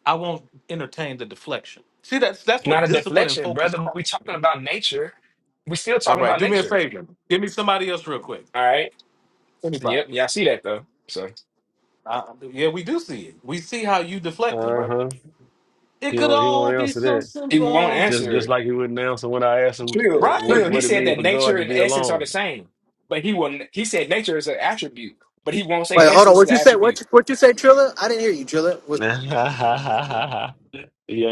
[SPEAKER 1] I won't entertain the deflection. See, that's that's
[SPEAKER 8] Not
[SPEAKER 1] what
[SPEAKER 8] a
[SPEAKER 1] discipline and
[SPEAKER 8] deflection,
[SPEAKER 1] focus
[SPEAKER 8] brother. We're
[SPEAKER 1] calls.
[SPEAKER 8] talking about nature. We're still
[SPEAKER 1] All
[SPEAKER 8] talking
[SPEAKER 1] right,
[SPEAKER 8] about
[SPEAKER 1] do me a
[SPEAKER 8] nature.
[SPEAKER 1] favor. Give me somebody else real quick.
[SPEAKER 8] All right.
[SPEAKER 1] Anybody.
[SPEAKER 8] Yep, yeah, I see that though. So
[SPEAKER 1] Uh, yeah, we do see it. We see how you deflecting, bro.
[SPEAKER 6] Uh-huh.
[SPEAKER 1] It
[SPEAKER 6] He
[SPEAKER 1] could
[SPEAKER 6] won't he
[SPEAKER 1] all
[SPEAKER 6] won't
[SPEAKER 1] be
[SPEAKER 6] answer
[SPEAKER 1] so
[SPEAKER 6] that.
[SPEAKER 8] he won't
[SPEAKER 1] simple.
[SPEAKER 6] Just
[SPEAKER 8] answer
[SPEAKER 6] just
[SPEAKER 8] it.
[SPEAKER 6] like he wouldn't answer when I asked him eh,
[SPEAKER 8] Trill,
[SPEAKER 6] what
[SPEAKER 1] Right.
[SPEAKER 8] Trill. He
[SPEAKER 6] what it
[SPEAKER 8] said
[SPEAKER 6] mean
[SPEAKER 8] that
[SPEAKER 6] for God
[SPEAKER 8] nature
[SPEAKER 6] to
[SPEAKER 8] and
[SPEAKER 6] be
[SPEAKER 8] essence are the
[SPEAKER 6] alone.
[SPEAKER 8] same, but he will. not He said nature is an attribute, but he won't say
[SPEAKER 2] Wait, hold on.
[SPEAKER 8] essence is an
[SPEAKER 2] What you say?
[SPEAKER 8] attribute.
[SPEAKER 2] What you, what you say, Trilla? I didn't hear you, Trilla. Was
[SPEAKER 6] he ain't he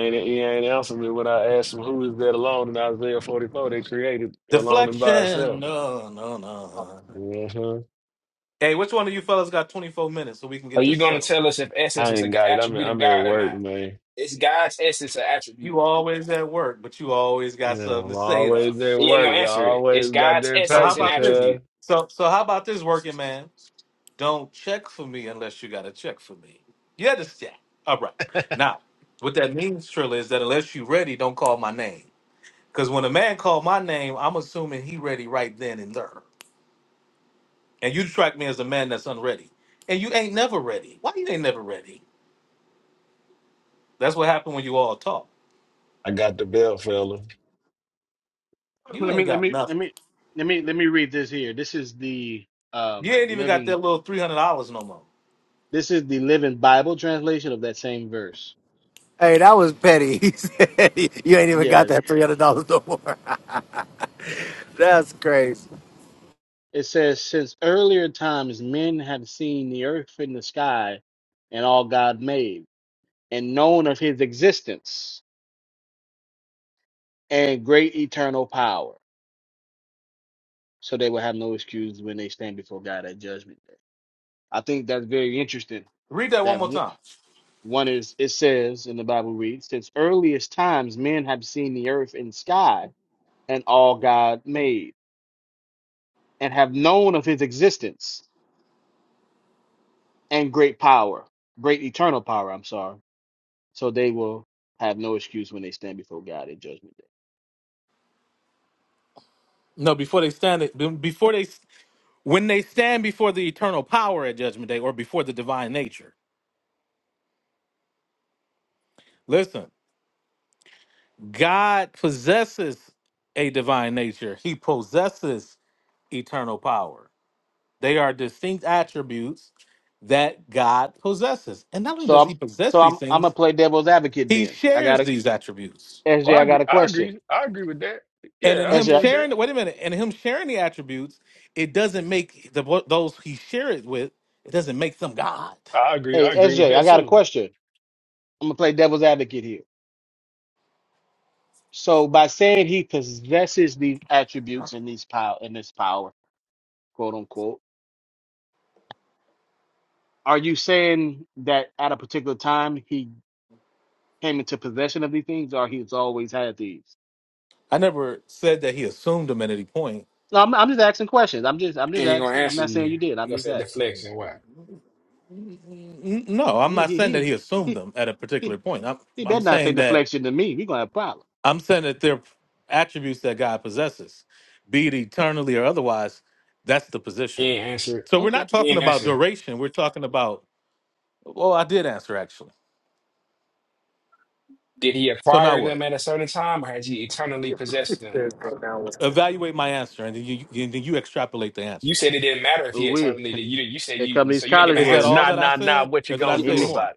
[SPEAKER 6] ain't answering me when I asked him who is that alone in Isaiah 44 they created alone and by
[SPEAKER 1] Deflection.
[SPEAKER 6] itself.
[SPEAKER 1] No, no, no.
[SPEAKER 6] Uh-huh.
[SPEAKER 1] Hey, which one of you fellas got 24 minutes so we can
[SPEAKER 8] Are
[SPEAKER 1] get
[SPEAKER 8] you
[SPEAKER 1] this
[SPEAKER 8] going to
[SPEAKER 1] settled?
[SPEAKER 8] tell us if essence
[SPEAKER 6] I
[SPEAKER 8] is
[SPEAKER 6] ain't
[SPEAKER 8] an
[SPEAKER 6] got it. I'm
[SPEAKER 8] attribute of
[SPEAKER 6] I'm at
[SPEAKER 8] God or
[SPEAKER 6] work,
[SPEAKER 8] not?
[SPEAKER 6] man.
[SPEAKER 8] It's God's essence an
[SPEAKER 1] You
[SPEAKER 8] attribute.
[SPEAKER 1] always at work, but you always
[SPEAKER 6] Yeah,
[SPEAKER 1] got something
[SPEAKER 6] I'm
[SPEAKER 1] to say though.
[SPEAKER 6] always at
[SPEAKER 8] He ain't
[SPEAKER 6] work.
[SPEAKER 8] gonna
[SPEAKER 6] I
[SPEAKER 8] answer it. It's
[SPEAKER 6] always got
[SPEAKER 8] God's
[SPEAKER 6] that
[SPEAKER 1] So how
[SPEAKER 8] essence
[SPEAKER 6] paper,
[SPEAKER 8] and
[SPEAKER 1] about this?
[SPEAKER 6] cuz.
[SPEAKER 8] attribute.
[SPEAKER 1] So so how about this working man? Don't check for me unless you got a check for me. You understand? All right. Now, what that means, Trilla, is that unless you ready, don't call my name. Because when a man called my name, I'm assuming he ready right then and there. And you track me as a man that's unready. And you ain't never ready. Why you ain't never ready? That's what happened when you all talk.
[SPEAKER 6] I got the belt, fella.
[SPEAKER 1] You
[SPEAKER 10] Let me
[SPEAKER 1] ain't
[SPEAKER 10] let
[SPEAKER 1] got
[SPEAKER 10] me let
[SPEAKER 1] nothing.
[SPEAKER 10] me let me let me read this here. This is the
[SPEAKER 1] You
[SPEAKER 10] um
[SPEAKER 1] ain't even got that
[SPEAKER 10] living
[SPEAKER 1] little three hundred dollars no more.
[SPEAKER 10] this is the living Bible translation of that same verse.
[SPEAKER 2] hey, that was petty. He said, you ain't even got
[SPEAKER 10] Yeah.
[SPEAKER 2] that three hundred dollars no more. That's crazy.
[SPEAKER 10] It says, Since earlier times men have seen the earth and the sky and all God made, and known of his existence and great eternal power. So they will have no excuse when they stand before God at judgment day. I think that's very interesting.
[SPEAKER 1] Read that one more
[SPEAKER 10] That
[SPEAKER 1] time.
[SPEAKER 10] One is, it says in the Bible reads, since earliest times men have seen the earth and sky and all God made, and have known of his existence and great power, great eternal power, I'm sorry. So they will have no excuse when they stand before God in judgment day.
[SPEAKER 1] No, before they stand, be- before they, when they stand before the eternal power at judgment day, or before the divine nature. Listen, God possesses a divine nature. He possesses eternal power. They are distinct attributes that God possesses, and not only
[SPEAKER 10] So
[SPEAKER 1] does
[SPEAKER 10] I'm
[SPEAKER 1] He possess
[SPEAKER 10] so
[SPEAKER 1] these
[SPEAKER 10] I'm I'm gonna
[SPEAKER 1] things,
[SPEAKER 10] play devil's advocate
[SPEAKER 1] He
[SPEAKER 10] then. I
[SPEAKER 1] shares
[SPEAKER 10] got a
[SPEAKER 1] these attributes.
[SPEAKER 6] Well,
[SPEAKER 10] SJ,
[SPEAKER 6] I
[SPEAKER 10] I
[SPEAKER 6] agree.
[SPEAKER 10] got a
[SPEAKER 6] I
[SPEAKER 10] question.
[SPEAKER 6] agree. I agree with that.
[SPEAKER 1] And in
[SPEAKER 6] Yeah, I
[SPEAKER 1] him
[SPEAKER 6] agree
[SPEAKER 10] SJ
[SPEAKER 6] with that.
[SPEAKER 1] sharing, wait a minute, and in him sharing the attributes, it doesn't make the what- those he share it with, it doesn't make them God.
[SPEAKER 6] I agree. I
[SPEAKER 10] hey
[SPEAKER 6] agree with
[SPEAKER 10] SJ, I
[SPEAKER 6] that
[SPEAKER 10] got a
[SPEAKER 6] too.
[SPEAKER 10] question. I'm gonna play devil's advocate here. So by saying he possesses these attributes and these power and this power quote unquote. Are you saying that at a particular time he came into possession of these things, or he's always had these?
[SPEAKER 1] I never said that he assumed them at any point.
[SPEAKER 10] No, I'm, I'm just asking questions. I'm just, I'm
[SPEAKER 8] He
[SPEAKER 10] just
[SPEAKER 8] ain't gonna
[SPEAKER 10] asking. I'm
[SPEAKER 8] answer
[SPEAKER 10] not saying
[SPEAKER 8] you.
[SPEAKER 10] you did.
[SPEAKER 8] He
[SPEAKER 10] I'm
[SPEAKER 8] gonna
[SPEAKER 10] just
[SPEAKER 8] say
[SPEAKER 10] asking.
[SPEAKER 8] deflection. Why?
[SPEAKER 1] N- No, I'm
[SPEAKER 10] He,
[SPEAKER 1] not
[SPEAKER 10] he,
[SPEAKER 1] saying that
[SPEAKER 10] he,
[SPEAKER 1] he assumed
[SPEAKER 10] he,
[SPEAKER 1] them at a
[SPEAKER 10] he,
[SPEAKER 1] particular point. I'm
[SPEAKER 10] he
[SPEAKER 1] I'm
[SPEAKER 10] better not say
[SPEAKER 1] saying that
[SPEAKER 10] deflection to me. We gonna have problems.
[SPEAKER 1] I'm saying that they're attributes that God possesses, be it eternally or otherwise. That's the
[SPEAKER 8] He
[SPEAKER 1] position.
[SPEAKER 8] ain't answer it.
[SPEAKER 1] So we're
[SPEAKER 10] Okay.
[SPEAKER 1] not
[SPEAKER 8] He
[SPEAKER 1] talking
[SPEAKER 8] ain't
[SPEAKER 1] about
[SPEAKER 8] answer.
[SPEAKER 1] duration. We're talking about. Well, I did answer actually.
[SPEAKER 8] Did he
[SPEAKER 1] So now
[SPEAKER 8] acquire
[SPEAKER 1] what?
[SPEAKER 8] them at a certain time, or has he eternally possessed them?
[SPEAKER 1] Evaluate my answer, and then you you- then you extrapolate the
[SPEAKER 8] You
[SPEAKER 1] answer.
[SPEAKER 8] said it didn't matter if
[SPEAKER 10] Ooh,
[SPEAKER 8] he
[SPEAKER 10] we
[SPEAKER 8] eternally. did. You didn't- you said
[SPEAKER 10] here come
[SPEAKER 8] you
[SPEAKER 10] these
[SPEAKER 8] so you didn't give
[SPEAKER 10] college
[SPEAKER 8] an
[SPEAKER 1] Is that
[SPEAKER 10] words.
[SPEAKER 1] all
[SPEAKER 6] Nah,
[SPEAKER 8] answer.
[SPEAKER 1] that I
[SPEAKER 6] nah, nah.
[SPEAKER 1] said,
[SPEAKER 6] What you
[SPEAKER 1] or did I
[SPEAKER 6] gonna
[SPEAKER 10] He
[SPEAKER 1] say
[SPEAKER 6] do
[SPEAKER 10] me,
[SPEAKER 8] Yes,
[SPEAKER 1] more?
[SPEAKER 6] about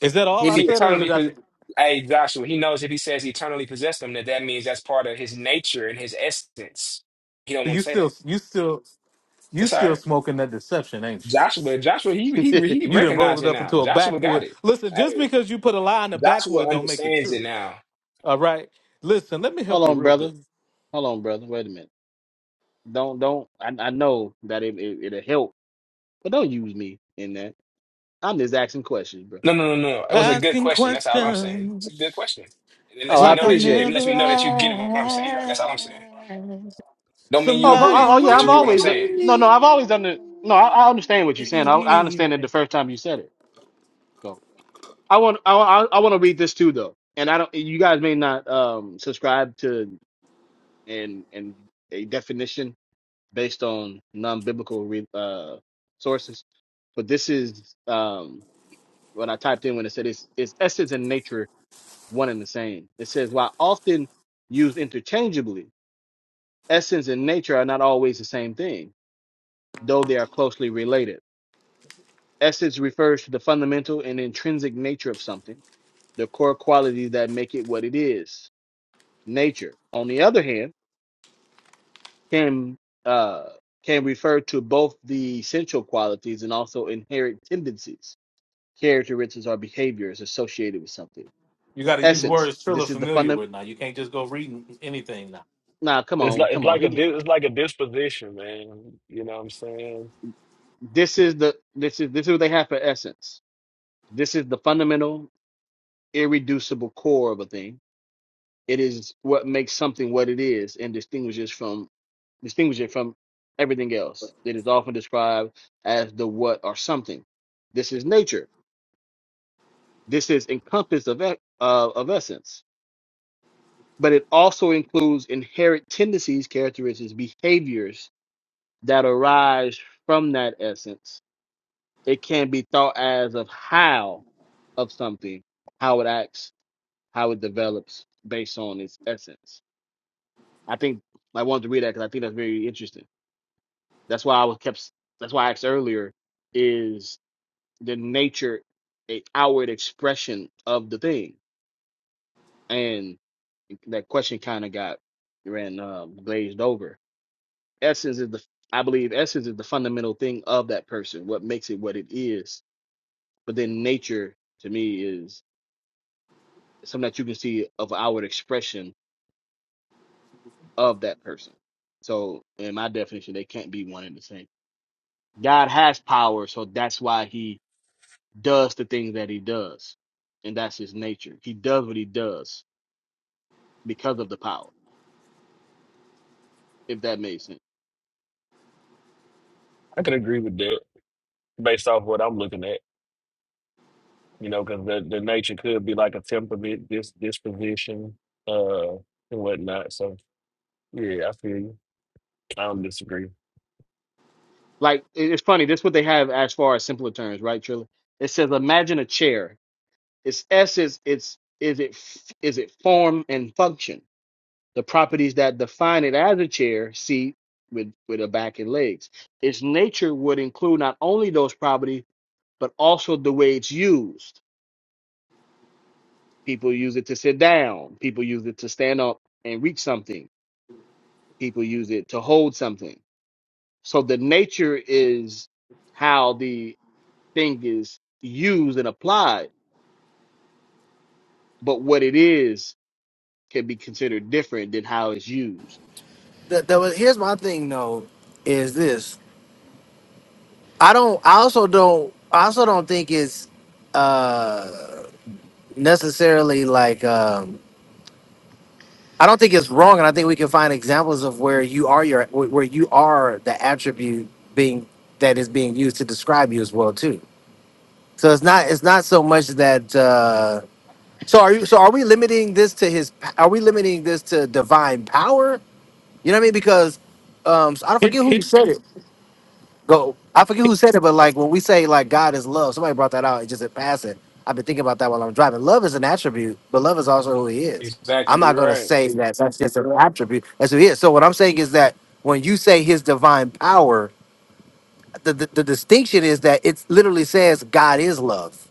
[SPEAKER 1] Is that all
[SPEAKER 10] he
[SPEAKER 8] if
[SPEAKER 1] I
[SPEAKER 8] he
[SPEAKER 10] me.
[SPEAKER 1] said, or
[SPEAKER 8] eternally,
[SPEAKER 1] did I?
[SPEAKER 8] po- hey Joshua, he knows if he says he eternally possessed him, that that means that's part of his nature and his essence. He don't want
[SPEAKER 1] You
[SPEAKER 8] to say
[SPEAKER 1] still,
[SPEAKER 8] that.
[SPEAKER 1] you still, you
[SPEAKER 8] It's all
[SPEAKER 1] still
[SPEAKER 8] right.
[SPEAKER 1] smoking that deception, ain't you?
[SPEAKER 8] Joshua, Joshua, he he he
[SPEAKER 1] You didn't roll
[SPEAKER 8] recognized
[SPEAKER 1] it
[SPEAKER 8] it
[SPEAKER 1] up
[SPEAKER 8] now.
[SPEAKER 1] into a
[SPEAKER 8] Joshua got
[SPEAKER 1] backwood.
[SPEAKER 8] it.
[SPEAKER 1] Listen, just
[SPEAKER 8] Hey,
[SPEAKER 1] because you put a lie in the
[SPEAKER 8] Joshua
[SPEAKER 1] backwood, don't make it
[SPEAKER 8] understands
[SPEAKER 1] true.
[SPEAKER 8] it now.
[SPEAKER 1] All right. Listen, let me help
[SPEAKER 10] Hold
[SPEAKER 1] you
[SPEAKER 10] on,
[SPEAKER 1] real
[SPEAKER 10] brother.
[SPEAKER 1] good.
[SPEAKER 10] Hold on, brother. Wait a minute. Don't, don't. I, I know that it, it, it'll help, but don't use me in that. I'm just asking questions,
[SPEAKER 8] No,
[SPEAKER 10] bro.
[SPEAKER 8] no, no, no. It was a good
[SPEAKER 1] Asking
[SPEAKER 8] question. That's all I'm saying. It's a good
[SPEAKER 1] questions
[SPEAKER 8] question. And it
[SPEAKER 10] Oh,
[SPEAKER 8] lets
[SPEAKER 10] I
[SPEAKER 8] me
[SPEAKER 1] like
[SPEAKER 8] know
[SPEAKER 1] I've
[SPEAKER 8] that you. It
[SPEAKER 10] appreciate it.
[SPEAKER 8] lets
[SPEAKER 1] never
[SPEAKER 8] me know that you get what I'm saying. That's
[SPEAKER 1] asked.
[SPEAKER 8] all I'm saying. Don't mean you
[SPEAKER 10] Oh, vo-
[SPEAKER 1] Somebody
[SPEAKER 10] oh
[SPEAKER 8] agree,
[SPEAKER 10] oh, yeah,
[SPEAKER 8] but you
[SPEAKER 10] I've
[SPEAKER 8] get what
[SPEAKER 1] what
[SPEAKER 8] I'm
[SPEAKER 10] always uh,
[SPEAKER 8] saying.
[SPEAKER 1] you
[SPEAKER 10] no, no, I've always done it. No, I, I understand what you're saying. I, I understand
[SPEAKER 1] need.
[SPEAKER 10] it the first time you said it. So I want I, I, I want to read this too though, and I don't. You guys may not um subscribe to and and a definition based on non-biblical re, uh sources, but this is um what I typed in when it said it's it's essence and nature one and the same. It says while often used interchangeably, essence and nature are not always the same thing though they are closely related. Essence refers to the fundamental and intrinsic nature of something, the core qualities that make it what it is. Nature, on the other hand, can uh, can refer to both the essential qualities and also inherent tendencies, characteristics, or behaviors associated with something.
[SPEAKER 1] You got to use
[SPEAKER 10] Essence.
[SPEAKER 1] words Trill
[SPEAKER 10] This is the
[SPEAKER 1] familiar
[SPEAKER 10] fundamental.
[SPEAKER 1] with now. You can't just go reading anything now.
[SPEAKER 10] Nah, come
[SPEAKER 6] it? It's
[SPEAKER 10] on,
[SPEAKER 6] like it's
[SPEAKER 10] come on.
[SPEAKER 6] like a
[SPEAKER 10] He-
[SPEAKER 6] di- it's like a disposition, man. You know what I'm saying?
[SPEAKER 10] This is the this is this is what they have for essence. This is the fundamental, irreducible core of a thing It is what makes something what it is and distinguishes from distinguish it from everything else. It is often described as the what or something. This is nature. This is encompassed of, e- uh, of essence. But it also includes inherent tendencies, characteristics, behaviors that arise from that essence. It can be thought as of how of something, how it acts, how it develops based on its essence. I think I wanted to read that because I think that's very interesting That's why I was kept. That's why I asked earlier: is the nature a outward expression of the thing? And that question kind of got ran um, glazed over. Essence is the I believe essence is the fundamental thing of that person. What makes it what it is. But then nature to me is something that you can see of outward expression of that person. So in my definition, they can't be one and the same. God has power, so that's why he does the things that he does, and that's his nature. He does what he does because of the power, if that makes sense.
[SPEAKER 6] I can agree with that based off what I'm looking at. You know, because the, the nature could be like a temperament, this disposition, uh, and whatnot. So yeah, I feel you. I don't disagree.
[SPEAKER 10] Like it- it's funny. This what they have as far as simpler terms, right, Trilla? It says, imagine a chair. Its essence, its is it f- is it form and function. The properties that define it as a chair, seat with with a back and legs. Its nature would include not only those properties but also the way it's used. People use it to sit down. People use it to stand up and reach something people use it to hold something. So the nature is how the thing is used and applied, but what it is can be considered different than how it's used.
[SPEAKER 2] The, the, was- here's my thing though, is this? I don't. I also don't. I also don't think it's uh necessarily like. um, I don't think it's wrong, and I think we can find examples of where you are your where where you are the attribute being that is being used to describe you as well too. So it's not it's not so much that. Uh, so are you? So are we limiting this to his? Are we limiting this to divine power? You know what I mean? Because um, I don't
[SPEAKER 1] Here,
[SPEAKER 2] forget who
[SPEAKER 1] here,
[SPEAKER 2] said it go. I forget who said it, but like when we say like God is love, somebody brought that out It just in passing. I've been thinking about that while I'm driving. Love is an attribute, but love is also who He is. I'm
[SPEAKER 8] Exactly
[SPEAKER 2] not gonna
[SPEAKER 8] right.
[SPEAKER 2] say that that's just an attribute. That's who He is. So what I'm saying is that when you say His divine power, the the, the distinction is that it literally says God is love.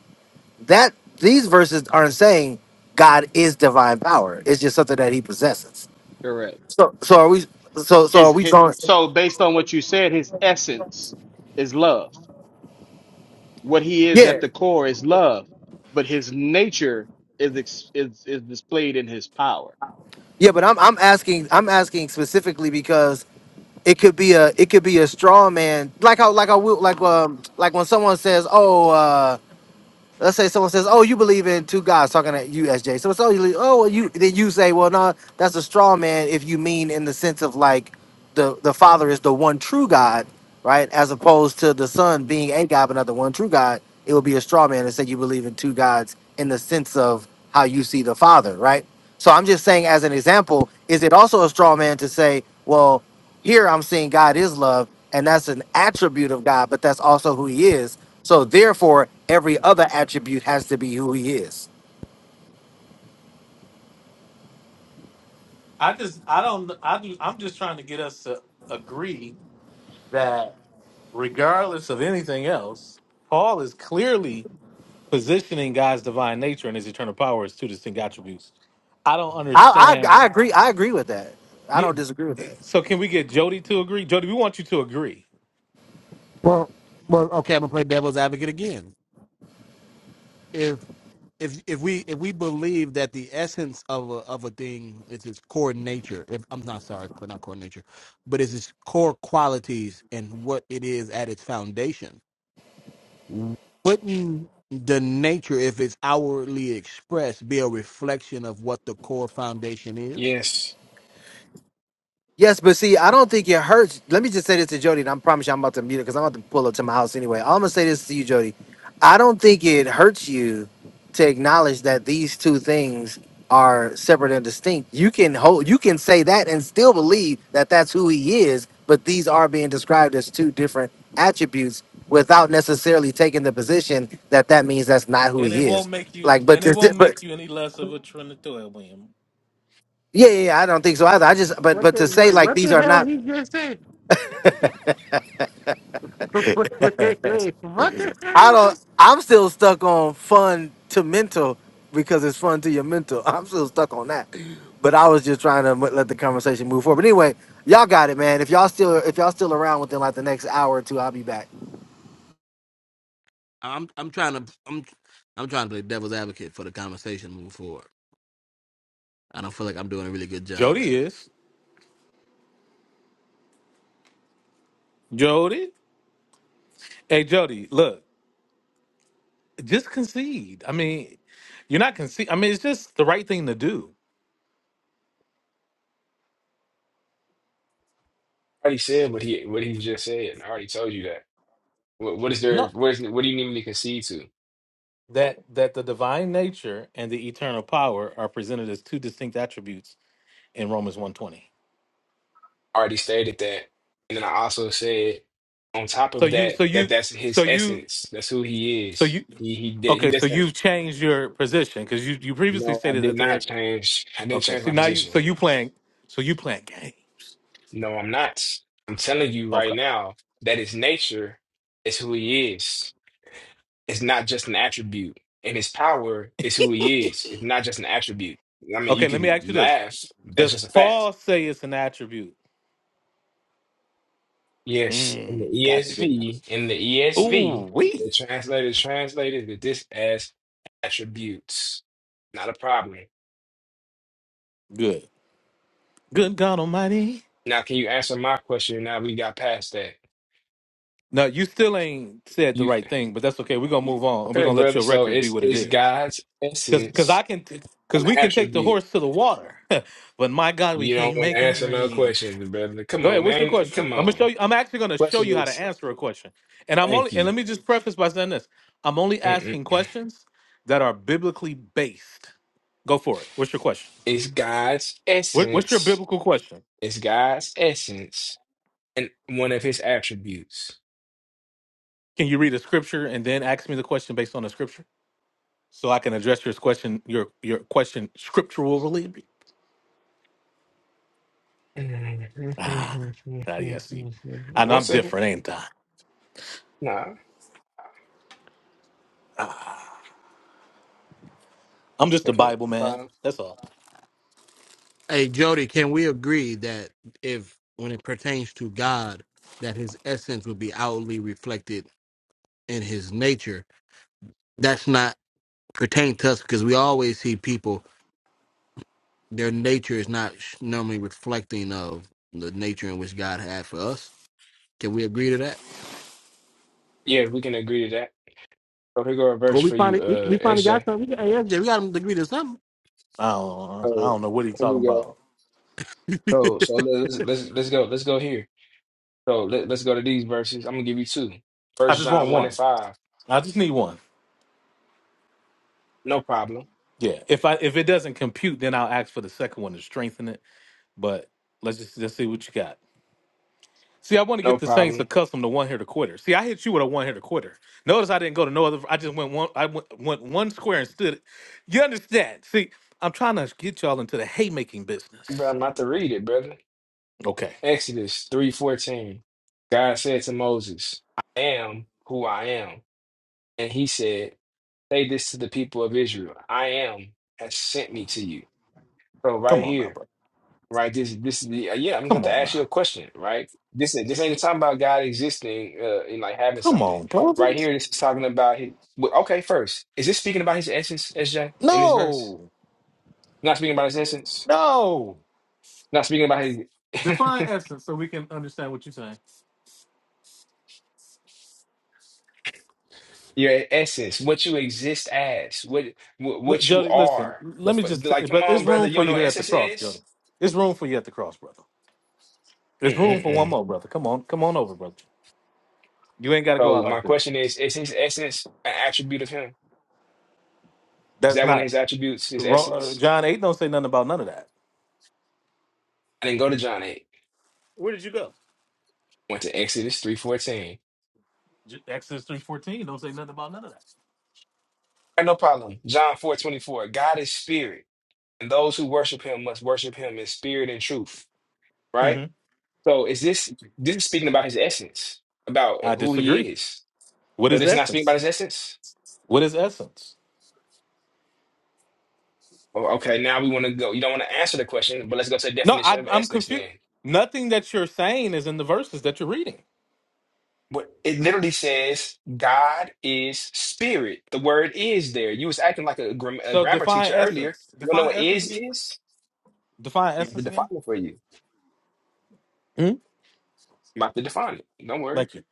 [SPEAKER 2] That these verses aren't saying God is divine power. It's just something that He possesses.
[SPEAKER 10] Correct.
[SPEAKER 2] So so are we? So so
[SPEAKER 10] His,
[SPEAKER 2] are we
[SPEAKER 10] his
[SPEAKER 2] going?
[SPEAKER 10] so based on what you said, his essence is love. What he is at
[SPEAKER 2] Yeah.
[SPEAKER 10] the core is love, but his nature is ex, is is displayed in his power.
[SPEAKER 2] Yeah, but I'm I'm asking I'm asking specifically because it could be a it could be a straw man like how like I will like um like when someone says oh uh let's say someone says oh you believe in two gods talking at you SJ so it's oh you oh well, you then you say well no that's a straw man if you mean in the sense of like the the father is the one true God right as opposed to the son being a God but not the one true God it would be a straw man to say you believe in two gods in the sense of how you see the father right so I'm just saying as an example is it also a straw man to say well here I'm seeing God is love, and that's an attribute of God, but that's also who he is. So therefore, every other attribute has to be who he is.
[SPEAKER 1] I just, I don't, I, do- I'm just trying to get us to agree that regardless of anything else, Paul is clearly positioning God's divine nature and his eternal power as two distinct attributes. I don't
[SPEAKER 2] I
[SPEAKER 1] understand.
[SPEAKER 2] I, I agree. I agree with that. I don't
[SPEAKER 1] You,
[SPEAKER 2] disagree with that.
[SPEAKER 1] so can we get Jody to agree? Jody, we want you to agree,
[SPEAKER 10] Well, well, okay. I'm gonna play devil's advocate again. if if we if we believe that the essence of a of a thing is its core nature, if I'm not sorry, not core nature, but is its core qualities and what it is at its foundation, wouldn't the nature, if it's outwardly expressed, be a reflection of what the core foundation is?
[SPEAKER 8] Yes,
[SPEAKER 2] Yes, but see, I don't think it hurts. Let me just say this to Jody, and I promise you I'm about to mute it because I'm about to pull up to my house anyway. I'm gonna say this to you, Jody. I don't think it hurts you to acknowledge that these two things are separate and distinct. You can hold, you can say that and still believe that that's who he is, but these are being described as two different attributes without necessarily taking the position that that means that's not who
[SPEAKER 1] and it
[SPEAKER 2] he is.
[SPEAKER 1] won't make you,
[SPEAKER 2] Like, but
[SPEAKER 1] and it
[SPEAKER 2] to,
[SPEAKER 1] won't make
[SPEAKER 2] but
[SPEAKER 1] you any less of a Trinitarian.
[SPEAKER 2] yeah, yeah, yeah, I don't think so either. I just, but
[SPEAKER 10] What
[SPEAKER 2] but to
[SPEAKER 10] the
[SPEAKER 2] say
[SPEAKER 10] what,
[SPEAKER 2] like
[SPEAKER 10] what
[SPEAKER 2] these
[SPEAKER 10] the
[SPEAKER 2] are
[SPEAKER 10] hell
[SPEAKER 2] not.
[SPEAKER 10] he just said? Wait, wait, wait. what the hell
[SPEAKER 2] I
[SPEAKER 10] he
[SPEAKER 2] don't.
[SPEAKER 10] just
[SPEAKER 2] I'm still stuck on fun to mental because it's fun to your mental. I'm still stuck on that. But I was just trying to m- let the conversation move forward. But anyway, y'all got it, man. If y'all still if y'all still around within like the next hour or two, I'll be back.
[SPEAKER 10] I'm I'm trying to I'm I'm trying to play devil's advocate for the conversation moving forward. I don't feel like I'm doing a really good job at
[SPEAKER 1] Jody
[SPEAKER 10] it.
[SPEAKER 1] is Jody. Hey, Jody, look. just concede. I mean, you're not concede. I mean, it's just the right thing to do.
[SPEAKER 8] I already said what he what he just said, and I already told you that. What what is there?
[SPEAKER 1] No,
[SPEAKER 8] What is what do you need me to concede to?
[SPEAKER 1] that that the divine nature and the eternal power are presented as two distinct attributes in Romans 1:20.
[SPEAKER 8] I already stated that, and then I also said on top
[SPEAKER 1] So
[SPEAKER 8] of
[SPEAKER 1] you, so
[SPEAKER 8] that
[SPEAKER 1] you,
[SPEAKER 8] that that's
[SPEAKER 1] so
[SPEAKER 8] his
[SPEAKER 1] you,
[SPEAKER 8] essence. That's who he
[SPEAKER 1] so
[SPEAKER 8] is.
[SPEAKER 1] you.
[SPEAKER 8] He he did he
[SPEAKER 1] Okay, so
[SPEAKER 8] does that.
[SPEAKER 1] you've changed your position because you you previously
[SPEAKER 8] No, I
[SPEAKER 1] stated
[SPEAKER 8] did
[SPEAKER 1] that
[SPEAKER 8] not
[SPEAKER 1] they're
[SPEAKER 8] change. I didn't
[SPEAKER 1] okay.
[SPEAKER 8] change
[SPEAKER 1] So
[SPEAKER 8] my
[SPEAKER 1] now you
[SPEAKER 8] position.
[SPEAKER 1] so you playing so you playing games.
[SPEAKER 8] No, I'm not. I'm telling you right
[SPEAKER 1] Okay.
[SPEAKER 8] now that his nature is who he is. It's not just an attribute, and his power is who he is. It's not just an attribute. I mean, you
[SPEAKER 1] Okay. Let me
[SPEAKER 8] can
[SPEAKER 1] ask you this:
[SPEAKER 8] laugh. That's
[SPEAKER 1] Does
[SPEAKER 8] just a fact.
[SPEAKER 1] Paul say it's an attribute?
[SPEAKER 8] Yes, in the
[SPEAKER 1] Mm, got you good enough.
[SPEAKER 8] ESV, in the
[SPEAKER 1] Ooh,
[SPEAKER 8] ESV,
[SPEAKER 1] we
[SPEAKER 8] the translators translated this as attributes. Not a problem.
[SPEAKER 1] good. Good God Almighty.
[SPEAKER 8] Now, can you answer my question? Now we got past that.
[SPEAKER 1] No, you still ain't said the
[SPEAKER 8] You
[SPEAKER 1] right thing, but that's okay. We're gonna move on, and we're
[SPEAKER 8] okay,
[SPEAKER 1] gonna let
[SPEAKER 8] brother?
[SPEAKER 1] your
[SPEAKER 8] So
[SPEAKER 1] record be
[SPEAKER 8] it's
[SPEAKER 1] what it
[SPEAKER 8] it's
[SPEAKER 1] is.
[SPEAKER 8] God's
[SPEAKER 1] Cause, cause
[SPEAKER 8] essence,
[SPEAKER 1] I can, cause
[SPEAKER 8] an
[SPEAKER 1] we can take the
[SPEAKER 8] attribute.
[SPEAKER 1] horse to the water, but my God, we
[SPEAKER 8] You don't
[SPEAKER 1] can't
[SPEAKER 8] want
[SPEAKER 1] make
[SPEAKER 8] to
[SPEAKER 1] him
[SPEAKER 8] answer no
[SPEAKER 1] dream.
[SPEAKER 8] questions, brother. Come
[SPEAKER 1] Go
[SPEAKER 8] on,
[SPEAKER 1] ahead. What's your
[SPEAKER 8] man.
[SPEAKER 1] question?
[SPEAKER 8] Come
[SPEAKER 1] I'm gonna show
[SPEAKER 8] on.
[SPEAKER 1] you. I'm actually gonna show you
[SPEAKER 8] Question
[SPEAKER 1] how to
[SPEAKER 8] is,
[SPEAKER 1] answer a question, and I'm
[SPEAKER 8] thank
[SPEAKER 1] only. And let
[SPEAKER 8] you.
[SPEAKER 1] me just preface by saying this: I'm only asking questions that are biblically based. Go for it. What's your question?
[SPEAKER 8] It's God's
[SPEAKER 1] What, what's your
[SPEAKER 8] essence.
[SPEAKER 1] biblical question?
[SPEAKER 8] It's God's essence and one of his attributes.
[SPEAKER 1] Can you read a scripture and then ask me the question based on the scripture? so I can address your question, your your question scripturally.
[SPEAKER 8] One
[SPEAKER 1] Ah, yeah, see, I know I'm
[SPEAKER 8] second.
[SPEAKER 1] different, ain't I?
[SPEAKER 8] Nah,
[SPEAKER 1] I'm just a
[SPEAKER 8] okay, can
[SPEAKER 1] Bible man.
[SPEAKER 8] Problem.
[SPEAKER 1] That's all.
[SPEAKER 10] Hey Jody, can we agree that if when it pertains to God, that his essence would be outwardly reflected in his nature? That's not pertain to us because we always see people their nature is not sh- normally reflecting of the nature in which God had for us. Can we agree to that?
[SPEAKER 8] Yeah, we can agree to that. So here go a verse
[SPEAKER 10] Well, we
[SPEAKER 8] for you,
[SPEAKER 10] finally we,
[SPEAKER 8] uh,
[SPEAKER 10] we finally got
[SPEAKER 8] SJ.
[SPEAKER 10] something. We, got- hey, SJ, we got to agree to something.
[SPEAKER 1] I don't, I
[SPEAKER 8] So
[SPEAKER 1] don't know what he's
[SPEAKER 8] here
[SPEAKER 1] talking
[SPEAKER 8] we go.
[SPEAKER 1] about.
[SPEAKER 8] So so let's let's let's go. Let's go here. So let, let's go to these verses. I'm gonna give you two.
[SPEAKER 1] I
[SPEAKER 8] First
[SPEAKER 1] just want
[SPEAKER 8] John one
[SPEAKER 1] one.
[SPEAKER 8] and five.
[SPEAKER 1] I just need one.
[SPEAKER 8] No problem.
[SPEAKER 1] Yeah. If I if it doesn't compute, then I'll ask for the second one to strengthen it. But let's just let's see what you got. See, I want to get
[SPEAKER 8] No
[SPEAKER 1] the Saints
[SPEAKER 8] problem.
[SPEAKER 1] accustomed to one hitter quitter. See, I hit you with a one hitter quitter. Notice I didn't go to no other. I just went one. I went, went one square and stood. it. You understand? See, I'm trying to get y'all into the haymaking
[SPEAKER 8] But
[SPEAKER 1] business.
[SPEAKER 8] I'm about to read it, brother.
[SPEAKER 1] Okay,
[SPEAKER 8] Exodus 3:14. God said to Moses, I am who I am. And he said, Say this to the people of Israel. I am has sent me to you. So
[SPEAKER 1] come
[SPEAKER 8] right
[SPEAKER 1] on now,
[SPEAKER 8] here,
[SPEAKER 1] bro.
[SPEAKER 8] right? This this is the uh, yeah, I'm gonna have
[SPEAKER 1] Come
[SPEAKER 8] to
[SPEAKER 1] on
[SPEAKER 8] ask you a
[SPEAKER 1] now.
[SPEAKER 8] question, right? This this ain't talking about God existing uh and like having
[SPEAKER 1] Come
[SPEAKER 8] something.
[SPEAKER 1] on, bro.
[SPEAKER 8] Right here, this is talking about his well, okay, first, is this speaking about his essence, SJ, in this verse?
[SPEAKER 1] No,
[SPEAKER 8] Not speaking about his essence,
[SPEAKER 1] no.
[SPEAKER 8] not speaking about his
[SPEAKER 1] Define essence so we can understand what you're saying.
[SPEAKER 8] your essence, what you exist as, what what,
[SPEAKER 1] Look,
[SPEAKER 8] what you
[SPEAKER 1] Jody, listen.
[SPEAKER 8] are. The,
[SPEAKER 1] Let me
[SPEAKER 8] f-
[SPEAKER 1] just.
[SPEAKER 8] like, come
[SPEAKER 1] But
[SPEAKER 8] on,
[SPEAKER 1] there's
[SPEAKER 8] brother,
[SPEAKER 1] room
[SPEAKER 8] you
[SPEAKER 1] for
[SPEAKER 8] don't know
[SPEAKER 1] you
[SPEAKER 8] what
[SPEAKER 1] here at the
[SPEAKER 8] essence
[SPEAKER 1] cross, brother.
[SPEAKER 8] is?
[SPEAKER 1] There's room for you at the cross, brother. There's room for one
[SPEAKER 8] Mm-mm-mm.
[SPEAKER 1] more, brother. Come on, come on over, brother. You ain't got to go
[SPEAKER 8] So
[SPEAKER 1] out
[SPEAKER 8] my
[SPEAKER 1] like that.
[SPEAKER 8] question is, is his essence an attribute of him? Is
[SPEAKER 1] That's
[SPEAKER 8] that one of
[SPEAKER 1] not
[SPEAKER 8] his attributes, his
[SPEAKER 1] Ro- uh,
[SPEAKER 8] essence?
[SPEAKER 1] John eight. Don't say nothing about none of that.
[SPEAKER 8] I didn't go to John 8.
[SPEAKER 1] Where did you go?
[SPEAKER 8] Went to Exodus 3.14.
[SPEAKER 1] J- Exodus three fourteen. Don't say nothing about none of
[SPEAKER 8] Got no problem. John 4.24, God is spirit, and those who worship him must worship him in spirit and truth,
[SPEAKER 1] that.
[SPEAKER 8] right?
[SPEAKER 1] hmm
[SPEAKER 8] So is this, this is speaking about his essence, about
[SPEAKER 1] I
[SPEAKER 8] who he
[SPEAKER 1] disagree.
[SPEAKER 8] is.
[SPEAKER 1] What
[SPEAKER 8] So
[SPEAKER 1] is
[SPEAKER 8] this is not speaking about
[SPEAKER 1] essence?
[SPEAKER 8] his essence?
[SPEAKER 1] What is essence?
[SPEAKER 8] Oh, okay, now we want to go. You don't want to answer the question, but let's go to the
[SPEAKER 1] No,
[SPEAKER 8] definition
[SPEAKER 1] I,
[SPEAKER 8] of
[SPEAKER 1] I'm
[SPEAKER 8] essence
[SPEAKER 1] confused.
[SPEAKER 8] then.
[SPEAKER 1] Nothing that you're saying is in the verses that you're reading.
[SPEAKER 8] What it literally says, God is spirit. The word is there. You was acting like a, gram- a
[SPEAKER 1] So
[SPEAKER 8] grammar
[SPEAKER 1] define
[SPEAKER 8] teacher earlier.
[SPEAKER 1] essence.
[SPEAKER 8] You don't know
[SPEAKER 1] Define
[SPEAKER 8] what
[SPEAKER 1] essence
[SPEAKER 8] is
[SPEAKER 1] again.
[SPEAKER 8] is?
[SPEAKER 1] Define
[SPEAKER 8] I'm about to
[SPEAKER 1] essence
[SPEAKER 8] define
[SPEAKER 1] again.
[SPEAKER 8] it for you.
[SPEAKER 1] hmm
[SPEAKER 8] I'm about to define it. Don't worry.
[SPEAKER 1] Thank you.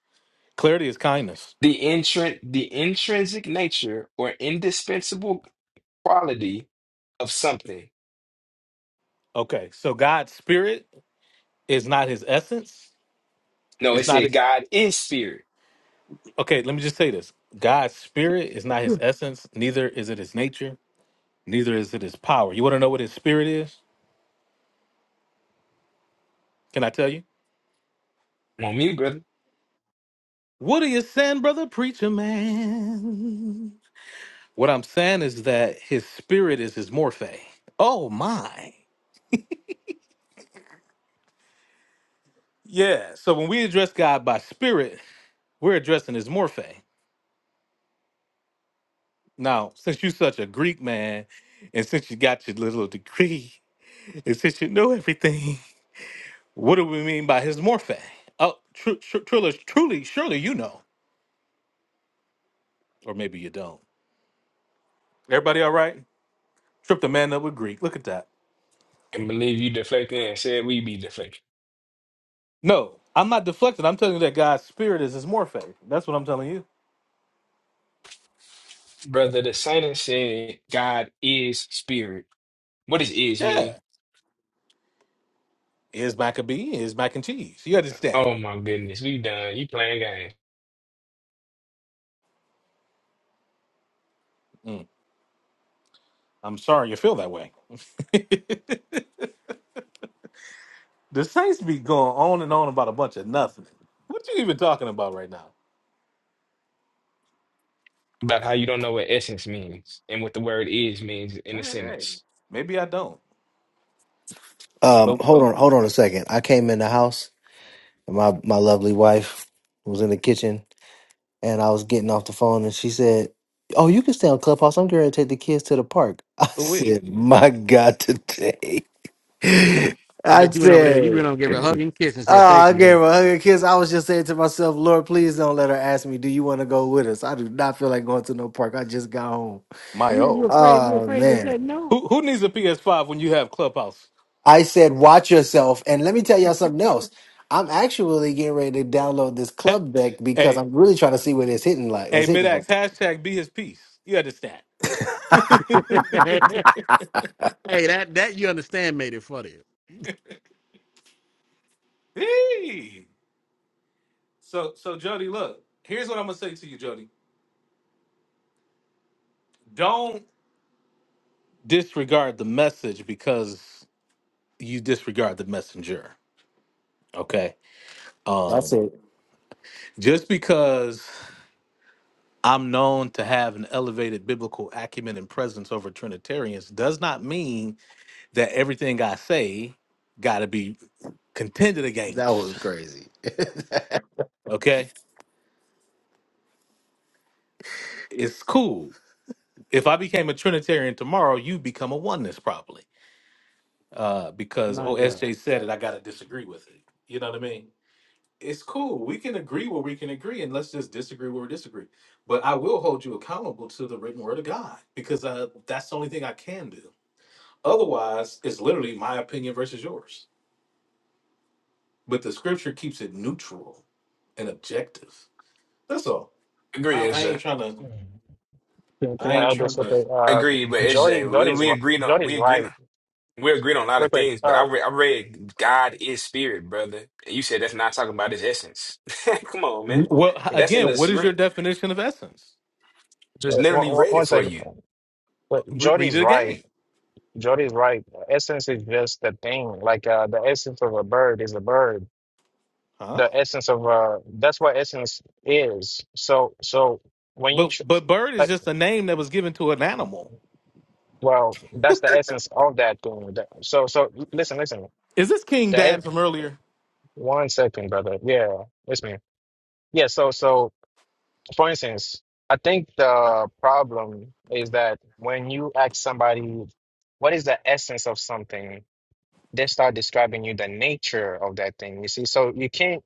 [SPEAKER 1] Clarity is kindness.
[SPEAKER 8] The intrin the intrinsic nature or indispensable quality of something.
[SPEAKER 1] Okay, so God's spirit is not his essence.
[SPEAKER 8] No, it
[SPEAKER 1] It's not.
[SPEAKER 8] said God is spirit.
[SPEAKER 1] Okay, let me just say this. God's spirit is not his
[SPEAKER 10] Phew.
[SPEAKER 1] essence. Neither is it his nature. neither is it his power. You want to know what his spirit is? Can I tell you?
[SPEAKER 8] On me, brother.
[SPEAKER 1] What are you saying, brother preacher man? What I'm saying is that his spirit is his morphe. Oh my. Yeah. So when we address God by spirit, we're addressing his morphe. Now, since you're such a Greek man, and since you got your little degree, and since you know everything, what do we mean by his morphe? Oh, tr- tr- truly, truly, surely you know, or maybe you don't. Everybody, all right? Trip the man up with Greek. Look at that.
[SPEAKER 8] And believe you deflecting and said we be deflecting.
[SPEAKER 1] No, I'm not deflecting. I'm telling you that God's spirit is his morphe. That's what I'm telling you.
[SPEAKER 8] Brother, the sentence said God is spirit. What does is
[SPEAKER 1] Yeah.
[SPEAKER 8] mean?
[SPEAKER 1] Is Maccabee, is mac and cheese. You understand?
[SPEAKER 8] Oh my goodness, we done. You playing games
[SPEAKER 1] Mm. I'm sorry you feel that way. the Saints be going on and on about a bunch of nothing. What you even talking about right now?
[SPEAKER 8] about how you don't know what essence means and what the word is means in
[SPEAKER 1] All
[SPEAKER 8] a
[SPEAKER 1] right.
[SPEAKER 8] sentence.
[SPEAKER 1] Maybe I don't.
[SPEAKER 2] Um,
[SPEAKER 1] Oh,
[SPEAKER 2] hold on, hold on a second. I came in the house and my, my lovely wife was in the kitchen and I was getting off the phone and she said, Oh, you can stay on Clubhouse. I'm going to take the kids to the park. I
[SPEAKER 1] oh we.
[SPEAKER 2] said, My God, today.
[SPEAKER 1] Oh
[SPEAKER 10] I,
[SPEAKER 1] we.
[SPEAKER 10] I
[SPEAKER 2] I
[SPEAKER 10] bet you went over there. You
[SPEAKER 2] said.
[SPEAKER 10] went over and gave her a hug and kiss and
[SPEAKER 2] Oh,
[SPEAKER 10] said, "Thank
[SPEAKER 2] I gave her a hug and kiss. I was just saying to myself, Lord, please don't let her ask me, do you want to go with us? I do not feel like going to no park. I just got home.
[SPEAKER 1] My
[SPEAKER 10] you." You
[SPEAKER 1] oh.
[SPEAKER 10] afraid? You
[SPEAKER 2] Oh
[SPEAKER 10] afraid to
[SPEAKER 2] man.
[SPEAKER 10] say no?
[SPEAKER 1] Who who needs a PS5 when you have Clubhouse?
[SPEAKER 2] I said, watch yourself. And let me tell y'all something else. I'm actually getting ready to download this
[SPEAKER 1] Hey,
[SPEAKER 2] club deck because
[SPEAKER 1] hey,
[SPEAKER 2] I'm really trying to see what it's hitting like.
[SPEAKER 1] hey
[SPEAKER 2] What's
[SPEAKER 1] mid
[SPEAKER 2] hitting for.
[SPEAKER 1] hashtag be his peace. You understand?
[SPEAKER 10] Hey, that that you understand made it funny.
[SPEAKER 1] hey. So so Jody, look, here's what I'm gonna say to you, Jody. Don't disregard the message because you disregard the messenger. Okay.
[SPEAKER 2] That's
[SPEAKER 1] Um
[SPEAKER 2] it.
[SPEAKER 1] just because I'm known to have an elevated biblical acumen and presence over Trinitarians does not mean that everything I say gotta be contended
[SPEAKER 2] that was
[SPEAKER 1] against.
[SPEAKER 2] crazy.
[SPEAKER 1] Okay? It's cool. If I became a Trinitarian tomorrow, you become a oneness probably. uh, because
[SPEAKER 10] My
[SPEAKER 1] oh
[SPEAKER 10] God.
[SPEAKER 1] SJ said it, I gotta disagree with it. You know what I mean? It's cool. We can agree where we can agree, and let's just disagree where we disagree. But I will hold you accountable to the written word of God because uh, that's the only thing I can do. Otherwise, it's literally my opinion versus yours. But the scripture keeps it neutral and objective. That's all. I,
[SPEAKER 8] Agree,
[SPEAKER 1] I ain't
[SPEAKER 8] SJ.
[SPEAKER 1] trying to.
[SPEAKER 16] Mm. Can, can
[SPEAKER 1] I
[SPEAKER 16] I
[SPEAKER 1] ain't
[SPEAKER 16] add
[SPEAKER 1] trying
[SPEAKER 16] this okay.
[SPEAKER 1] to.
[SPEAKER 16] Uh,
[SPEAKER 8] agree, but
[SPEAKER 16] Jody,
[SPEAKER 8] SJ, we,
[SPEAKER 16] Jody's,
[SPEAKER 8] we
[SPEAKER 16] ri-
[SPEAKER 8] agreed on
[SPEAKER 16] Jody's
[SPEAKER 8] we agreed on
[SPEAKER 16] right.
[SPEAKER 8] we agreed on a lot
[SPEAKER 16] Real
[SPEAKER 8] of
[SPEAKER 16] quick.
[SPEAKER 8] things. But
[SPEAKER 16] Uh,
[SPEAKER 8] I re I read God is spirit, brother. And you said that's not talking about his essence. Come on, man.
[SPEAKER 1] Well, h-
[SPEAKER 8] That's in
[SPEAKER 16] uh,
[SPEAKER 8] the
[SPEAKER 1] again,
[SPEAKER 16] uh,
[SPEAKER 1] what is your
[SPEAKER 8] script.
[SPEAKER 1] definition of essence?
[SPEAKER 8] Just
[SPEAKER 16] one,
[SPEAKER 8] literally
[SPEAKER 16] one
[SPEAKER 8] read
[SPEAKER 16] one
[SPEAKER 8] it for
[SPEAKER 16] second.
[SPEAKER 8] you.
[SPEAKER 16] But
[SPEAKER 1] Re- read
[SPEAKER 16] Jody's
[SPEAKER 1] it
[SPEAKER 16] right.
[SPEAKER 1] again,
[SPEAKER 16] Jody's right. Essence is just the thing. Like uh, the essence of a bird is a bird.
[SPEAKER 1] huh?
[SPEAKER 16] The essence of uh, that's what essence is. So, so when you
[SPEAKER 1] But
[SPEAKER 16] tr
[SPEAKER 1] but bird is
[SPEAKER 16] like,
[SPEAKER 1] just a name that was given to an animal
[SPEAKER 16] well, that's the essence of that thing. That- So, so listen, listen.
[SPEAKER 1] Is this King Dan
[SPEAKER 16] That
[SPEAKER 1] from earlier?
[SPEAKER 16] one second, brother. Yeah, listen. Yeah. So, so for instance, I think the problem is that when you ask somebody, what is the essence of something, they start describing you the nature of that thing. You see, so you can't,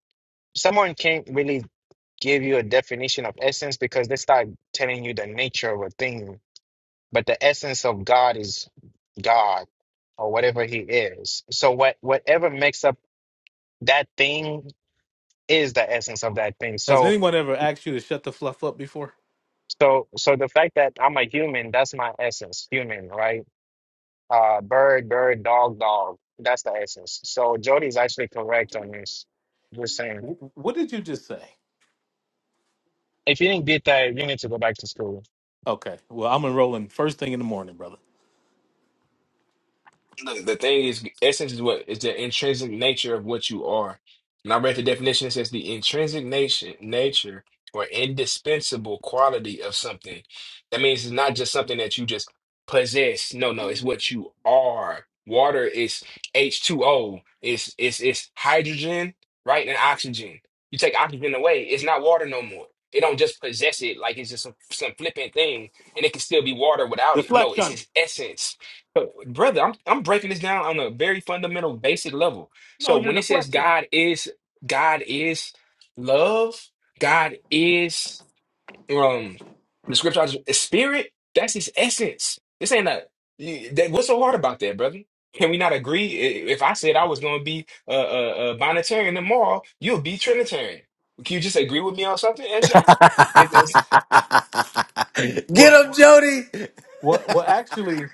[SPEAKER 16] someone can't really give you a definition of essence because they start telling you the nature of a thing. But the essence of God is God or whatever He is. So what whatever makes up that thing is the essence of that thing.
[SPEAKER 1] Has
[SPEAKER 16] So
[SPEAKER 1] anyone ever asked you to shut the fluff up before?
[SPEAKER 16] So, so the fact that I'm a human, that's my essence, human, right? Uh, bird, bird, dog, dog. That's the essence. So Jody's actually correct on this. Just saying.
[SPEAKER 1] Wh- What did you just say?
[SPEAKER 16] If you didn't get that, you need to go back to school.
[SPEAKER 1] Okay, well, I'm enrolling first thing in the morning, brother.
[SPEAKER 8] Look, the thing is, essence is what is the intrinsic nature of what you are. And I read the definition, it says the intrinsic nature, nature or indispensable quality of something. That means it's not just something that you just possess. No, no, it's what you are. Water is H2O. It's it's it's hydrogen, right? And oxygen. You take oxygen away, it's not water no more. It don't just possess it like it's just some, some flippant thing, and it can still be water without it. No, it's
[SPEAKER 1] Deflection.
[SPEAKER 8] its essence. But brother, I'm I'm breaking this down on a very fundamental, basic level.
[SPEAKER 1] No,
[SPEAKER 8] So
[SPEAKER 1] you're
[SPEAKER 8] when it says
[SPEAKER 1] deflecting.
[SPEAKER 8] God is God is love, God is um the scripture is spirit. That's His essence. This ain't a you- that, what's so hard about that, brother? Can we not agree? I- If I said I was going to be a, a, a Bonitarian tomorrow, you'll be Trinitarian. Can you just agree with me on something, SJ? It- it's
[SPEAKER 2] Get
[SPEAKER 1] Well,
[SPEAKER 2] him, Jody.
[SPEAKER 1] well, well. Actually,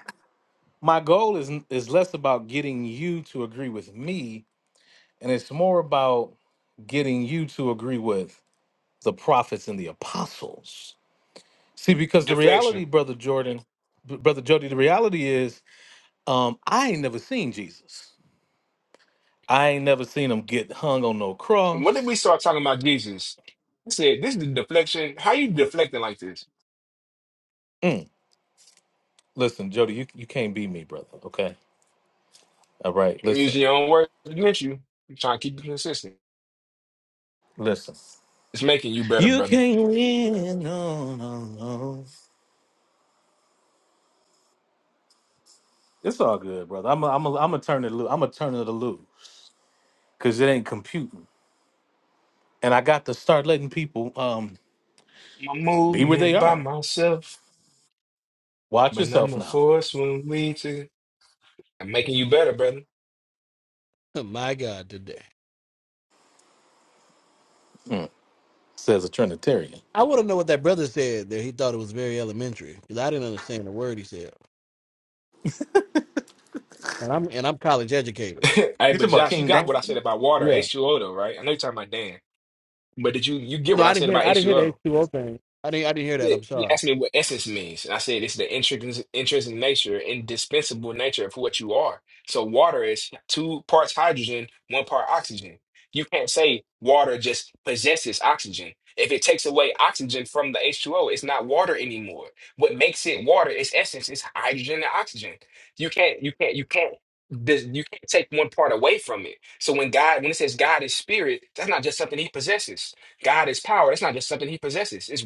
[SPEAKER 1] my goal is is less about getting you to agree with me, and it's more about getting you to agree with the prophets and the apostles. See, because the
[SPEAKER 8] deflection.
[SPEAKER 1] reality, brother Jordan, brother Jody, the reality is, um, I ain't never seen Jesus. I ain't never seen him get hung on no
[SPEAKER 8] When did we
[SPEAKER 1] cross.
[SPEAKER 8] start talking about Jesus? I said, this is the deflection. How you deflecting like this?
[SPEAKER 1] Mm. Listen, Jody, you you can't be me, brother. Okay, all right.
[SPEAKER 8] And
[SPEAKER 1] Listen,
[SPEAKER 8] Using your own words against you. I'm trying to keep you consistent.
[SPEAKER 1] listen.
[SPEAKER 8] It's making you better,
[SPEAKER 1] You
[SPEAKER 8] brother.
[SPEAKER 1] can't win. No, no, no. It's all good, brother. I'm a, I'm a, I'm gonna turn it loose. I'm gonna turn it loose because it ain't computing. And I got to start letting people um
[SPEAKER 8] My
[SPEAKER 1] be where they
[SPEAKER 8] movement by
[SPEAKER 1] are.
[SPEAKER 8] myself,
[SPEAKER 1] Watch
[SPEAKER 8] but I'm
[SPEAKER 1] yourself
[SPEAKER 8] a
[SPEAKER 1] now,
[SPEAKER 8] force when we two. I'm making you better, brother.
[SPEAKER 10] Oh, My God, today.
[SPEAKER 1] Mm. says a Trinitarian.
[SPEAKER 10] I want to know what that brother said that he thought it was very elementary because I didn't understand a word he said, and I'm and I'm college educated.
[SPEAKER 8] Hey,
[SPEAKER 1] You talking
[SPEAKER 8] but
[SPEAKER 1] about
[SPEAKER 8] Josh, you
[SPEAKER 1] King
[SPEAKER 8] got what
[SPEAKER 1] Dan?
[SPEAKER 8] I said about water,
[SPEAKER 10] Yeah.
[SPEAKER 8] H2O though, right? I know you're talking about Dan. But did you you get
[SPEAKER 10] No,
[SPEAKER 8] what I
[SPEAKER 10] I
[SPEAKER 8] said
[SPEAKER 10] didn't
[SPEAKER 8] about
[SPEAKER 10] hear the
[SPEAKER 8] H2O?
[SPEAKER 10] H two O thing. I didn't. I didn't hear that.
[SPEAKER 8] that
[SPEAKER 10] I'm
[SPEAKER 8] you
[SPEAKER 10] sorry.
[SPEAKER 8] asked me what essence means, and I said it's the intrinsic, intrinsic nature, indispensable nature of what you are. So water is two parts hydrogen, one part oxygen. You can't say water just possesses oxygen. If it takes away oxygen from the H2O, it's not water anymore. What makes it water, its essence, is hydrogen and oxygen. You can't, you can't, you can't. This, you can't take one part away from it. So when God, when it says God is spirit, that's not just something He possesses. God is power. That's not just something He possesses. It's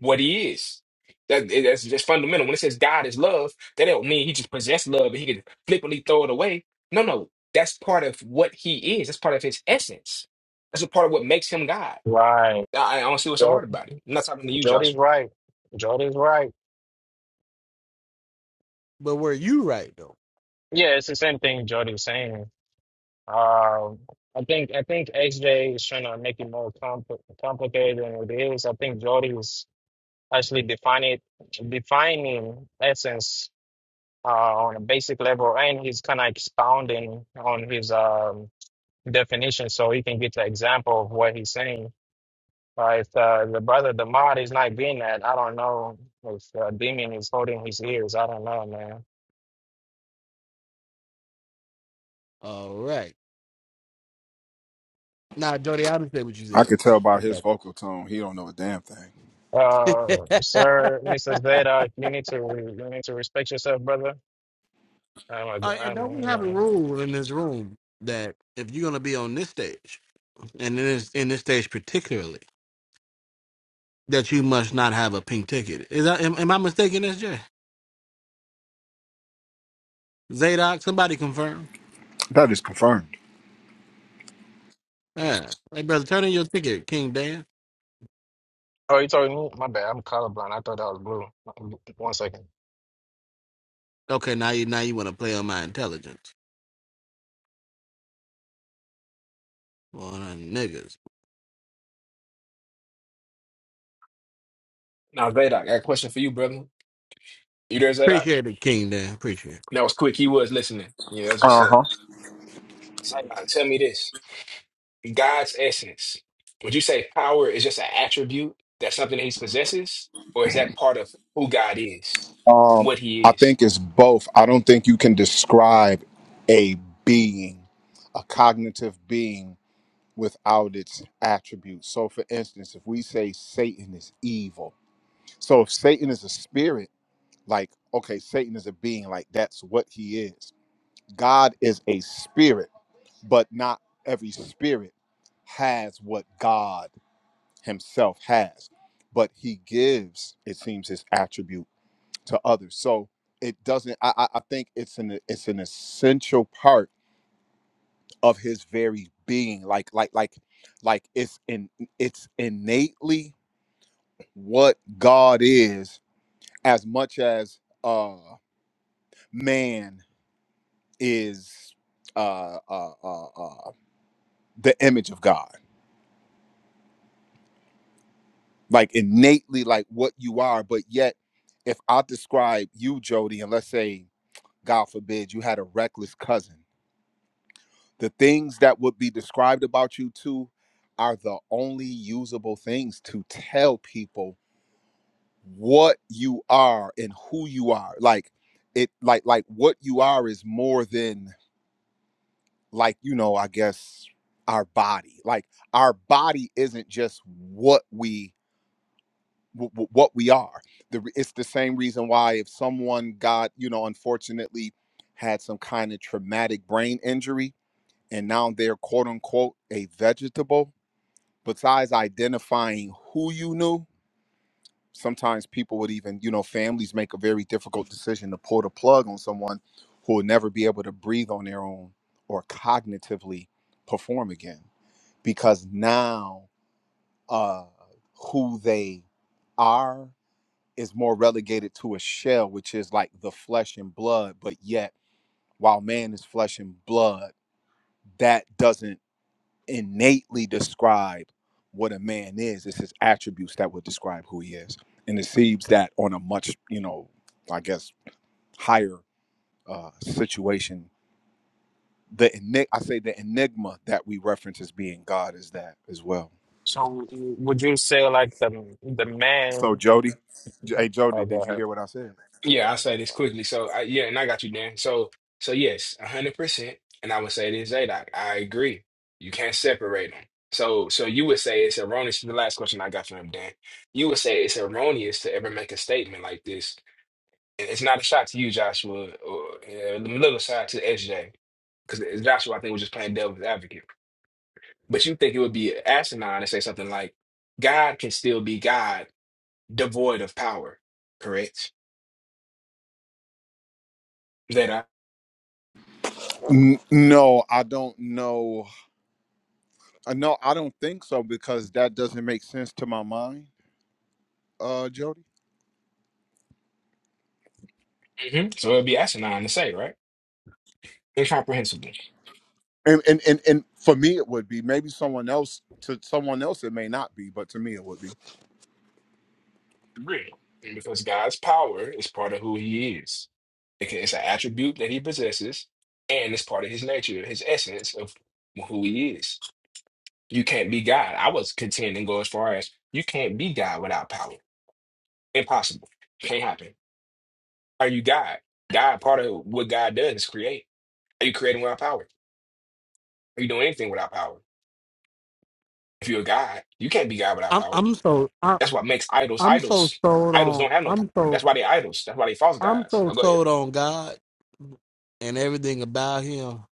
[SPEAKER 8] what he is. That, that's just fundamental. When it says God is love, that don't mean he just possessed love and he can flippantly throw it away. No, no. That's part of what he is. That's part of his essence. That's a part of what makes him God.
[SPEAKER 16] Right.
[SPEAKER 8] I, I don't see what's so
[SPEAKER 16] Jo
[SPEAKER 8] hard about it. I'm not talking to you,
[SPEAKER 16] Jody's
[SPEAKER 8] Joshua.
[SPEAKER 16] right. Jody's right.
[SPEAKER 10] But were you right though?
[SPEAKER 16] Yeah, it's the same thing Jody's saying. Um, I think I think XJ is trying to make it more compl complicated than it is. I think Jody's actually defining defining essence uh, on a basic level, and he's kind of expounding on his um, definition so you can get the example of what he's saying. Uh, if uh, the brother Damod is not getting that, I don't know if uh, Demon is holding his ears. I don't know, man.
[SPEAKER 10] All right. Now, Jody, I understand what you
[SPEAKER 11] I
[SPEAKER 10] said.
[SPEAKER 11] could tell by
[SPEAKER 10] I
[SPEAKER 11] his
[SPEAKER 10] got
[SPEAKER 11] vocal tone, he don't know a damn thing.
[SPEAKER 16] Uh,
[SPEAKER 10] you.
[SPEAKER 16] sir, Mrs. Veda, you need to you need to respect yourself, brother. I'm, a-
[SPEAKER 10] Uh, and
[SPEAKER 16] I'm,
[SPEAKER 10] don't we
[SPEAKER 16] you
[SPEAKER 10] have a
[SPEAKER 16] know.
[SPEAKER 10] rule in this room that if you're gonna be on this stage, and in this in this stage particularly, that you must not have a pink ticket? Is that am, am I mistaken, SJ? Zadok, somebody confirm.
[SPEAKER 11] That is confirmed.
[SPEAKER 10] Yeah. Hey, brother, turn in your ticket, King Dan.
[SPEAKER 16] Oh, you told me? My bad. I'm colorblind. I thought that was blue. One second.
[SPEAKER 10] Okay, now you now you want to play on my intelligence. Well, niggas.
[SPEAKER 8] Now, Zadok, I got a question for you, brother. You there, Zadok?
[SPEAKER 10] Appreciate it, King Dan. Appreciate it.
[SPEAKER 8] That was quick. He was listening. Yeah, that's what's
[SPEAKER 11] Uh
[SPEAKER 8] up.
[SPEAKER 11] huh.
[SPEAKER 8] Zadok, tell me this. God's essence. Would you say power is just an attribute? That's something that he possesses? Or is that part of who God is?
[SPEAKER 11] Um,
[SPEAKER 8] What he
[SPEAKER 11] I
[SPEAKER 8] is?
[SPEAKER 11] think it's both. I don't think you can describe a being, a cognitive being, without its attributes. So, for instance, if we say Satan is evil, so if Satan is a spirit, like, okay, Satan is a being, like, that's what he is. God is a spirit, but not every spirit has what God himself has, but he gives, it seems, his attribute to others. So it doesn't. I, I I think it's an it's an essential part of his very being. Like like like like it's in it's innately what God is as much as uh man is uh uh uh, uh the image of God. Like innately like what you are, but yet if I describe you, Jody, and let's say God forbid, you had a reckless cousin. The things that would be described about you two are the only usable things to tell people what you are and who you are. Like it like like what you are is more than like, you know, I guess our body. Like our body isn't just what we wh- wh- what we are. The, re- it's the same reason why if someone got, you know, unfortunately had some kind of traumatic brain injury, and now they're quote unquote a vegetable besides identifying who you knew sometimes people would even you know families make a very difficult decision to pull the plug on someone who will never be able to breathe on their own or cognitively perform again because now uh who they are is more relegated to a shell which is like the flesh and blood but yet while man is flesh and blood that doesn't innately describe what a man is. It's his attributes that would describe who he is. And it seems that on a much, you know, I guess higher uh, situation, the enig- I say the enigma that we reference as being God is that as well.
[SPEAKER 16] So, would you say like the the
[SPEAKER 11] So
[SPEAKER 16] man?
[SPEAKER 11] Jody, J- hey Jody,
[SPEAKER 16] Oh, go
[SPEAKER 11] did you
[SPEAKER 16] ahead.
[SPEAKER 11] hear what I said?
[SPEAKER 8] Yeah, I'll say this quickly. So, I, yeah, and I got you, Dan. So, so yes, 100%. And I would say this, Zadok, I agree. You can't separate them. So, so you would say it's erroneous. The last question I got from him, Dan, you would say it's erroneous to ever make a statement like this. And it's not a shot to you, Joshua, or uh, a little shot to SJ, because Joshua, I think, was just playing devil's advocate. But you think it would be asinine to say something like, God can still be God, devoid of power, correct?
[SPEAKER 11] N- no, I don't know. Uh, No, I don't think so because that doesn't make sense to my mind, uh, Jody.
[SPEAKER 8] hmm So it'd be asinine to say, right? Incomprehensible.
[SPEAKER 11] and and and, and for me it would be maybe someone else to someone else it may not be but to me it would be
[SPEAKER 8] Agreed. And Because God's power is part of who he is. It can- It's an attribute that he possesses, and it's part of his nature, his essence of who he is. You can't be God. I was contending go as far as you can't be God without power. Impossible. Can't happen. Are you God? God, part of what God does is create. Are you creating without power? Are you doing anything without power? If you're God, you can't be God without
[SPEAKER 10] I'm
[SPEAKER 8] power.
[SPEAKER 10] I'm so I,
[SPEAKER 8] That's what makes idols
[SPEAKER 10] I'm so
[SPEAKER 8] idols. Idols don't have no
[SPEAKER 10] I'm
[SPEAKER 8] power.
[SPEAKER 10] so
[SPEAKER 8] That's why they idols. That's why they false
[SPEAKER 10] I'm
[SPEAKER 8] gods.
[SPEAKER 10] so
[SPEAKER 8] Oh, go ahead.
[SPEAKER 10] sold on God and everything about Him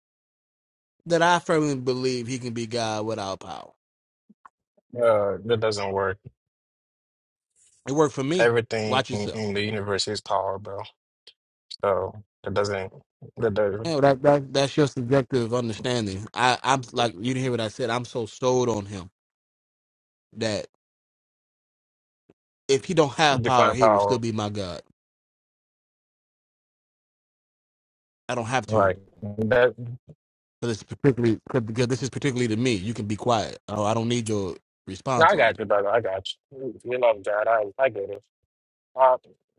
[SPEAKER 10] that I firmly believe He can be God without power.
[SPEAKER 16] Uh, that doesn't work.
[SPEAKER 10] It worked for me.
[SPEAKER 16] Everything
[SPEAKER 10] Watch yourself.
[SPEAKER 16] in the universe is power, bro. So that doesn't that doesn't
[SPEAKER 10] Yeah, well, that, that that's your subjective understanding. I I'm like you didn't hear what I said. I'm so sold on Him that if He don't have power,
[SPEAKER 16] define
[SPEAKER 10] He will still
[SPEAKER 16] power
[SPEAKER 10] be my God. I don't have to.
[SPEAKER 16] like that.
[SPEAKER 10] So this is particularly so because this is particularly to me. You can be quiet. Oh, I don't need your
[SPEAKER 16] No,
[SPEAKER 10] response
[SPEAKER 16] I
[SPEAKER 10] on it.
[SPEAKER 16] got you, brother. I got you. You love God. I I get it. Uh,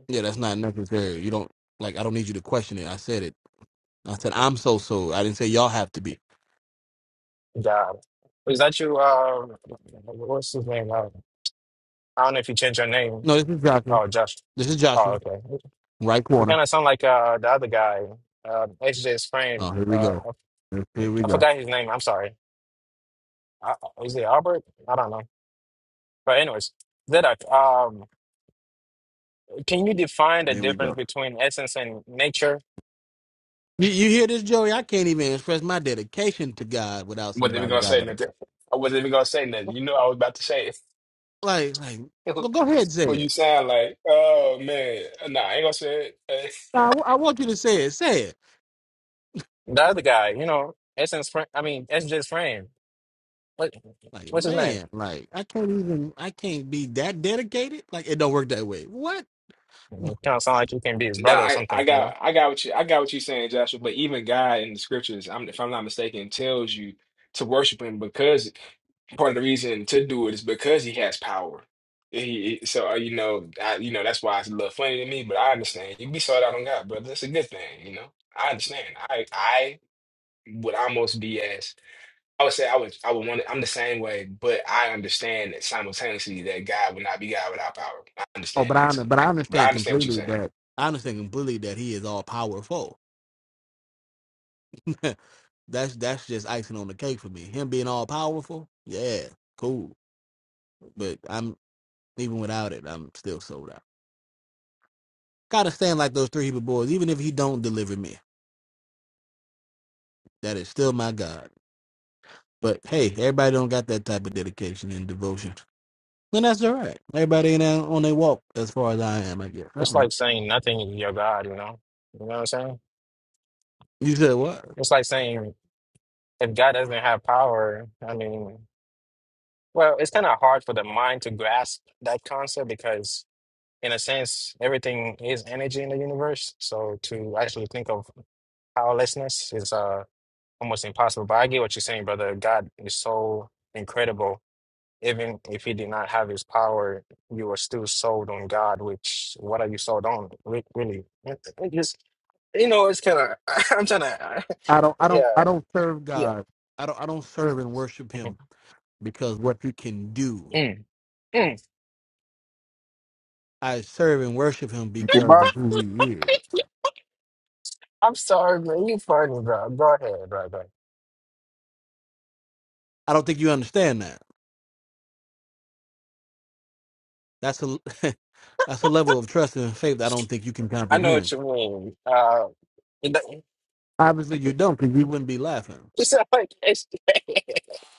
[SPEAKER 10] Yeah, that's not necessary. You don't like. I don't need you to question it. I said it. I said I'm so so. I didn't say y'all have to be.
[SPEAKER 16] God, is that you? Uh, what's his name? Uh, I don't know if you changed your name.
[SPEAKER 10] No, this is Joshua.
[SPEAKER 16] Oh, Josh.
[SPEAKER 10] This is
[SPEAKER 16] Oh,
[SPEAKER 10] Joshua.
[SPEAKER 16] okay.
[SPEAKER 10] Right
[SPEAKER 16] You
[SPEAKER 10] corner.
[SPEAKER 16] kind of sound like uh the other guy, uh, HJ's friend.
[SPEAKER 10] Oh, here we
[SPEAKER 16] Uh,
[SPEAKER 10] go. Here we
[SPEAKER 16] I
[SPEAKER 10] go.
[SPEAKER 16] forgot his name. I'm sorry. Uh, is it Albert? I don't know. But anyways, Zedek. Um. Can you define the
[SPEAKER 10] Here we
[SPEAKER 16] difference
[SPEAKER 10] go.
[SPEAKER 16] between essence and nature?
[SPEAKER 10] You, you hear this, Joey? I can't even express my dedication to God without
[SPEAKER 8] I wasn't even
[SPEAKER 10] somebody's
[SPEAKER 8] gonna say
[SPEAKER 10] validation.
[SPEAKER 8] nothing. I wasn't even gonna say nothing. You know I was about to say
[SPEAKER 10] Like, like,
[SPEAKER 8] it.
[SPEAKER 10] go, go ahead, say
[SPEAKER 8] What you
[SPEAKER 10] it.
[SPEAKER 8] sound like? Oh man, nah, I ain't gonna say it. Eh,
[SPEAKER 10] I, I want you to say it. Say it.
[SPEAKER 16] The other guy, you know, essence. Fra- I mean, SJ's friend. What?
[SPEAKER 10] Like,
[SPEAKER 16] What's his name?
[SPEAKER 10] man, like I can't even I can't be that dedicated. Like it don't work that way. What?
[SPEAKER 16] kind of sound like you can be his
[SPEAKER 8] Nah,
[SPEAKER 16] brother or
[SPEAKER 8] I, I
[SPEAKER 16] something. You know,
[SPEAKER 8] got I got what you I got what you saying, Joshua. But even God in the scriptures, I'm if I'm not mistaken, tells you to worship Him because part of the reason to do it is because he has power. He, he- so uh, you know, I, you know that's why it's a little funny to me, but I understand. You be sold out on God, brother. That's a good thing, you know. I understand. I I would almost be as I would say I would I would want to, I'm the same way, but I understand that simultaneously that God would not be God without power. I
[SPEAKER 10] Oh,
[SPEAKER 8] understand
[SPEAKER 10] but
[SPEAKER 8] that
[SPEAKER 10] I under-
[SPEAKER 8] too.
[SPEAKER 10] but I
[SPEAKER 8] But I
[SPEAKER 10] understand
[SPEAKER 8] understand what you're
[SPEAKER 10] completely
[SPEAKER 8] saying.
[SPEAKER 10] that I understand completely that he is all powerful. that's that's just icing on the cake for me. Him being all powerful, yeah, cool. But I'm even without it, I'm still sold out. Gotta stand like those three Hebrew boys, even if he don't deliver me. That is still my God. But hey, everybody don't got that type of dedication and devotion. Then that's all right. Everybody ain't there on their walk, as far as I am, I guess. I
[SPEAKER 16] it's
[SPEAKER 10] don't know.
[SPEAKER 16] like saying nothing is your God. You know, you know what I'm saying?
[SPEAKER 10] You said what?
[SPEAKER 16] It's like saying if God doesn't have power. I mean, well, it's kind of hard for the mind to grasp that concept because, in a sense, everything is energy in the universe. So to actually think of powerlessness is uh almost impossible. But I get what you're saying, brother. God is so incredible. Even if he did not have his power, you are still sold on God, which what are you sold on? Re- Really? It it just, you know, it's kind of, I'm trying to,
[SPEAKER 10] I don't. I don't. I
[SPEAKER 16] yeah,
[SPEAKER 10] don't serve
[SPEAKER 16] yeah.
[SPEAKER 10] God. I don't. I don't serve and worship
[SPEAKER 16] Mhm.
[SPEAKER 10] Him because what you can do.
[SPEAKER 16] Mm, mm.
[SPEAKER 10] I serve and worship Him
[SPEAKER 11] Okay,
[SPEAKER 10] because
[SPEAKER 11] bye.
[SPEAKER 10] of who He is.
[SPEAKER 16] I'm sorry, man. You funny, bro. Go ahead, bro. bro.
[SPEAKER 10] I don't think you understand that. That's a that's a level of trust and faith I don't think you can
[SPEAKER 16] I know what
[SPEAKER 10] comprehend.
[SPEAKER 16] you mean. Uh, it don't-
[SPEAKER 10] Obviously, you don't, because you wouldn't be laughing.
[SPEAKER 16] it's not like it's-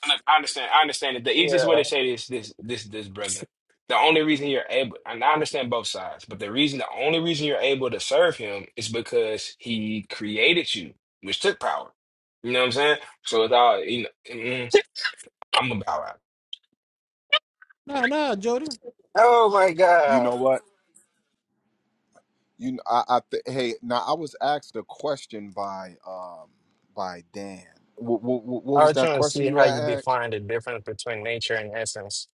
[SPEAKER 8] I I understand. I understand it. The easiest way to
[SPEAKER 16] yeah.
[SPEAKER 8] say this, this, this, this, brother. The only reason you're able, and I understand both sides, but the reason, the only reason you're able to serve him is because he created you, which took power. You know what I'm saying? So it's all, you know, mm, I'm going bow out.
[SPEAKER 10] Nah, nah, Jody.
[SPEAKER 16] Oh my
[SPEAKER 11] you know
[SPEAKER 16] God.
[SPEAKER 11] what you i, I th- hey now i was asked a question by um by dan what, what, what
[SPEAKER 16] I
[SPEAKER 11] was
[SPEAKER 16] was
[SPEAKER 11] that
[SPEAKER 16] trying to
[SPEAKER 11] question
[SPEAKER 16] see
[SPEAKER 11] you
[SPEAKER 16] how
[SPEAKER 11] had
[SPEAKER 16] you
[SPEAKER 11] asked
[SPEAKER 16] define the difference between nature and essence.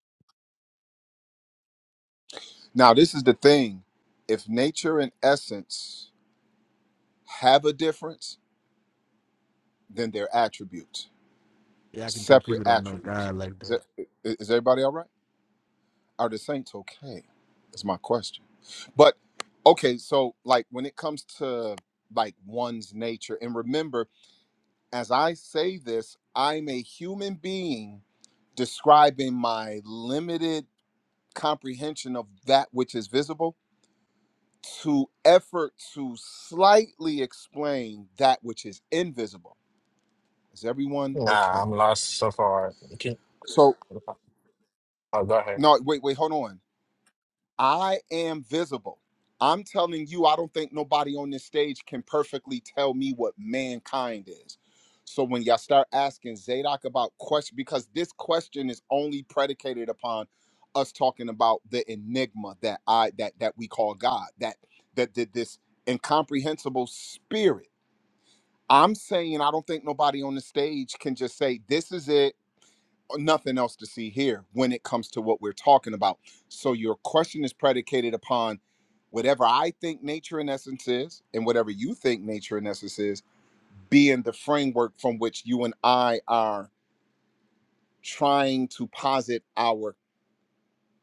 [SPEAKER 11] now this is the thing if nature and essence have a difference then they're attributes
[SPEAKER 10] Yeah, I can tell
[SPEAKER 11] separate
[SPEAKER 10] people don't know
[SPEAKER 11] attributes
[SPEAKER 10] God like
[SPEAKER 11] is that
[SPEAKER 10] that.
[SPEAKER 11] is everybody all right are the saints okay that's my question But okay, so like when it comes to like one's nature, and remember, as I say this, I'm a human being describing my limited comprehension of that which is visible to effort to slightly explain that which is invisible. Is everyone okay?
[SPEAKER 16] Nah, I'm lost so far. You can-
[SPEAKER 11] So
[SPEAKER 16] Oh, go ahead.
[SPEAKER 11] no, wait, wait, hold on. I am visible. I'm telling you, I don't think nobody on this stage can perfectly tell me what mankind is. So when y'all start asking Zadok about question, because this question is only predicated upon us talking about the enigma that I that that we call God, that that did this incomprehensible spirit. I'm saying I don't think nobody on the stage can just say this is it nothing else to see here when it comes to what we're talking about. So your question is predicated upon whatever I think nature in essence is and whatever you think nature in essence is being the framework from which you and I are trying to posit our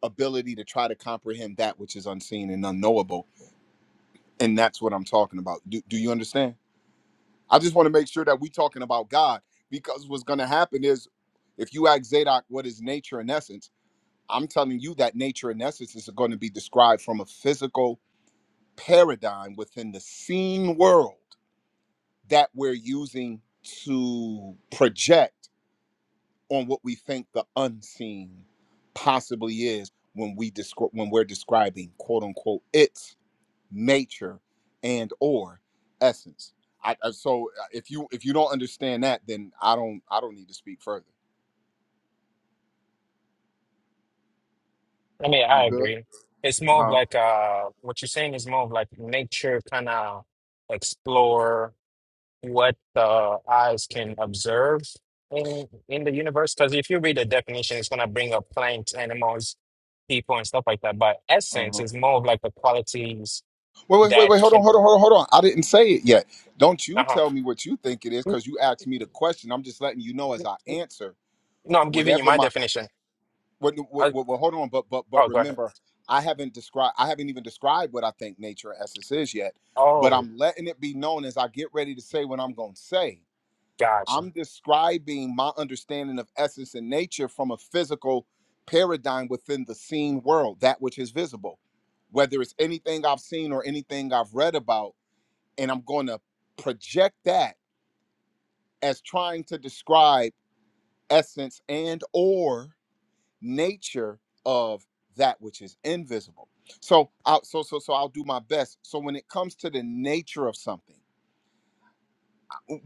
[SPEAKER 11] ability to try to comprehend that which is unseen and unknowable. And that's what I'm talking about. Do, do you understand? I just want to make sure that we're talking about God because what's going to happen is if you ask Zadok what is nature in essence, I'm telling you that nature and essence is going to be described from a physical paradigm within the seen world that we're using to project on what we think the unseen possibly is when we descri- when we're describing quote unquote its nature and or essence. I, I so uh, if you if you don't understand that, then I don't I don't need to speak further.
[SPEAKER 16] I mean, I
[SPEAKER 11] I'm good.
[SPEAKER 16] agree. It's
[SPEAKER 11] Uh
[SPEAKER 16] more of
[SPEAKER 11] huh.
[SPEAKER 16] like uh, what you're saying is more of like nature kind of explore what the eyes can observe in in the universe. Because if you read the definition, it's gonna bring up plants, animals, people, and stuff like that. But
[SPEAKER 11] Uh huh.
[SPEAKER 16] essence is more of like the qualities
[SPEAKER 11] Wait, wait, wait,
[SPEAKER 16] that
[SPEAKER 11] wait. Hold on,
[SPEAKER 16] can.
[SPEAKER 11] hold on, hold on, hold on. I didn't say it yet. Don't you
[SPEAKER 16] Uh
[SPEAKER 11] tell me what you think it is
[SPEAKER 16] huh.
[SPEAKER 11] because you asked me the question. I'm just letting you know as I answer
[SPEAKER 16] No, I'm giving you
[SPEAKER 11] whatever
[SPEAKER 16] my
[SPEAKER 11] my.
[SPEAKER 16] definition.
[SPEAKER 11] What, what,
[SPEAKER 16] I,
[SPEAKER 11] what, what, hold on, but but but
[SPEAKER 16] oh, go ahead.
[SPEAKER 11] remember, I haven't described. I haven't even described what I think nature and essence is yet. But
[SPEAKER 16] Oh,
[SPEAKER 11] I'm letting it be known as I get ready to say what I'm going to say.
[SPEAKER 16] gotcha.
[SPEAKER 11] I'm describing my understanding of essence and nature from a physical paradigm within the seen world, that which is visible. Whether it's anything I've seen or anything I've read about and I'm going to project that as trying to describe essence and or nature of that which is invisible. So I so so so I'll do my best. So when it comes to the nature of something,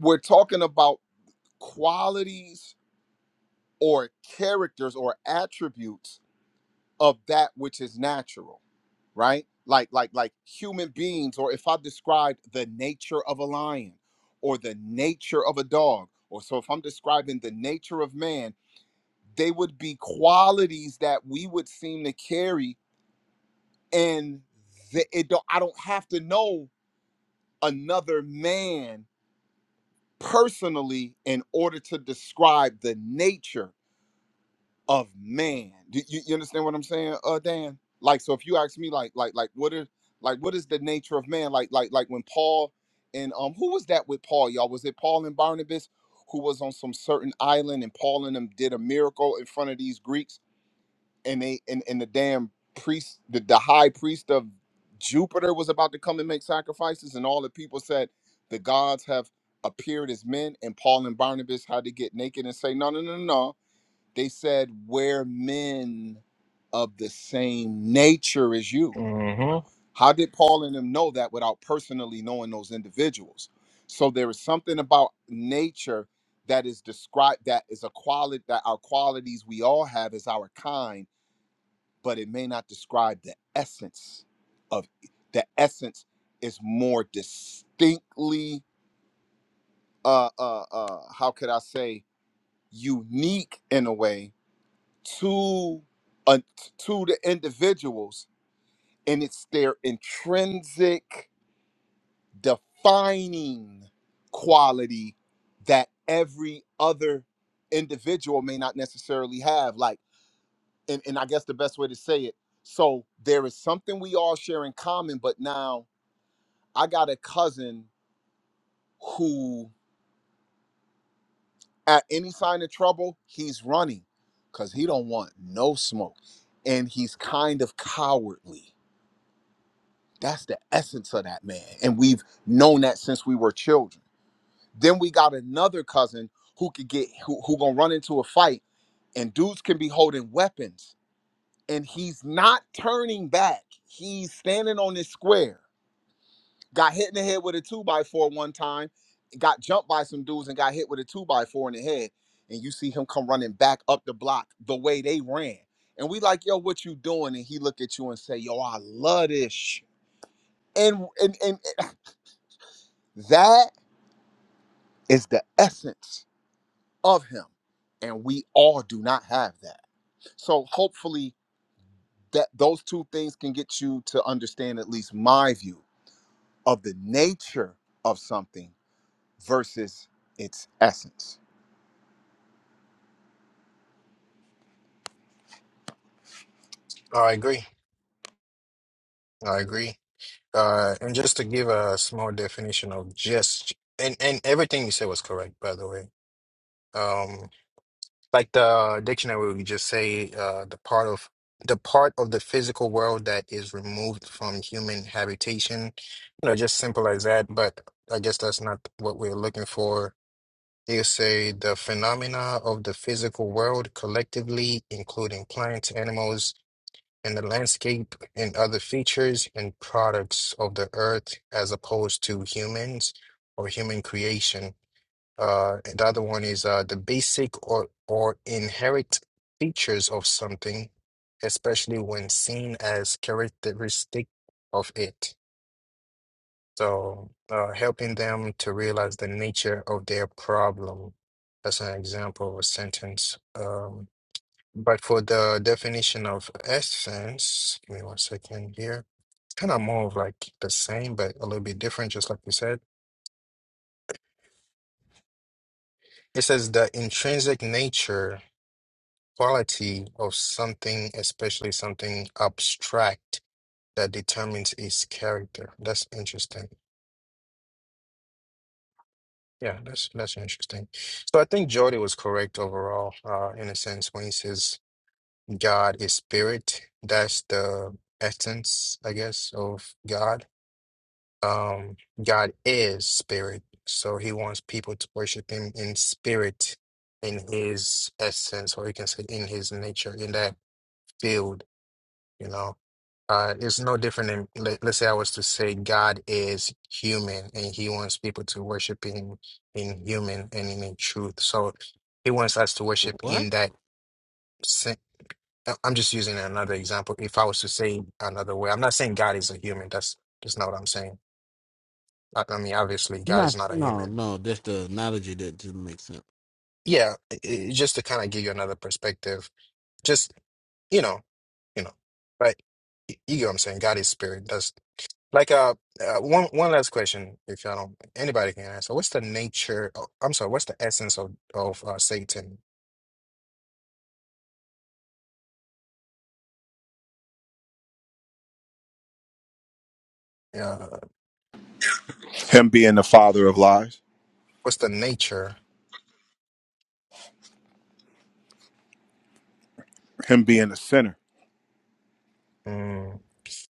[SPEAKER 11] we're talking about qualities or characters or attributes of that which is natural right? Like like like human beings, or if I described the nature of a lion or the nature of a dog, or so if I'm describing the nature of man, they would be qualities that we would seem to carry, and the, it don't, I don't have to know another man personally in order to describe the nature of man. Do you, you understand what I'm saying, uh, Dan? Like, so if you ask me, like, like, like, what is, like, what is the nature of man? Like, like, like when Paul and um, who was that with Paul, y'all? Was it Paul and Barnabas who was on some certain island, and Paul and them did a miracle in front of these Greeks, and they and and the damn priest, the, the high priest of Jupiter was about to come and make sacrifices, and all the people said, the gods have appeared as men, and Paul and Barnabas had to get naked and say, no, no, no, no. no. They said, We're men of the same nature as you.
[SPEAKER 16] Mm-hmm.
[SPEAKER 11] How did Paul and them know that without personally knowing those individuals? So there is something about nature that is described that is a quality that our qualities we all have is our kind, but it may not describe the essence of the essence is more distinctly uh uh uh how could I say unique in a way to uh, to the individuals and it's their intrinsic defining quality that every other individual may not necessarily have like and, and i guess the best way to say it so there is something we all share in common but now i got a cousin who at any sign of trouble he's running because he don't want no smoke and he's kind of cowardly That's the essence of that man. And we've known that since we were children. Then we got another cousin who could get who, who gonna run into a fight and dudes can be holding weapons and he's not turning back. He's standing on this square. Got hit in the head with a two by four one time, got jumped by some dudes and got hit with a two by four in the head. And you see him come running back up the block the way they ran. And we like, yo, what you doing? And he look at you and say, yo, I love this. shit." And, and and that is the essence of him and we all do not have that so hopefully that those two things can get you to understand at least my view of the nature of something versus its essence
[SPEAKER 16] I agree. I agree. Uh, and just to give a small definition of just, and, and everything you said was correct, by the way. Um, like the dictionary would just say uh, the part of the part of the physical world that is removed from human habitation. You know, just simple as that. But I guess that's not what we're looking for. You say the phenomena of the physical world collectively, including plants, animals, and the landscape and other features and products of the earth as opposed to humans or human creation. Uh, and the other one is uh, the basic or, or inherent features of something, especially when seen as characteristic of it. So, uh, helping them to realize the nature of their problem. That's an example of a sentence. Um, but for the definition of essence, give me one second here. kind of more of like the same, but a little bit different, just like you said. It says the intrinsic nature, quality of something, especially something abstract that determines its character. That's interesting. Yeah, that's that's interesting. So I think Jordy was correct overall, uh, in a sense, when he says God is spirit. That's the essence, I guess, of God Um, God is spirit, so he wants people to worship him in spirit, in his essence, or you can say in his nature, in that field, you know. Uh, it's no different than, let, let's say I was to say God is human and he wants people to worship him in human and in, in truth. So he wants us to worship
[SPEAKER 10] What?
[SPEAKER 16] in that sen- I- I'm just using another example. If I was to say another way, I'm not saying God is a human. That's that's not what I'm saying. I, I mean, obviously, God
[SPEAKER 10] Not,
[SPEAKER 16] is not a
[SPEAKER 10] no,
[SPEAKER 16] human
[SPEAKER 10] no. just the analogy that didn't make sense.
[SPEAKER 16] yeah, i- i- just to kind of give you another perspective, just you know, you know, right? Y- You get what I'm saying? God is spirit. That's like uh, uh one one last question, if y'all don't, anybody can answer. What's the nature? Oh, I'm sorry. What's the essence of of uh, Satan? Uh,
[SPEAKER 11] him being the father of lies
[SPEAKER 16] what's the nature?
[SPEAKER 11] him being a sinner
[SPEAKER 16] Mm.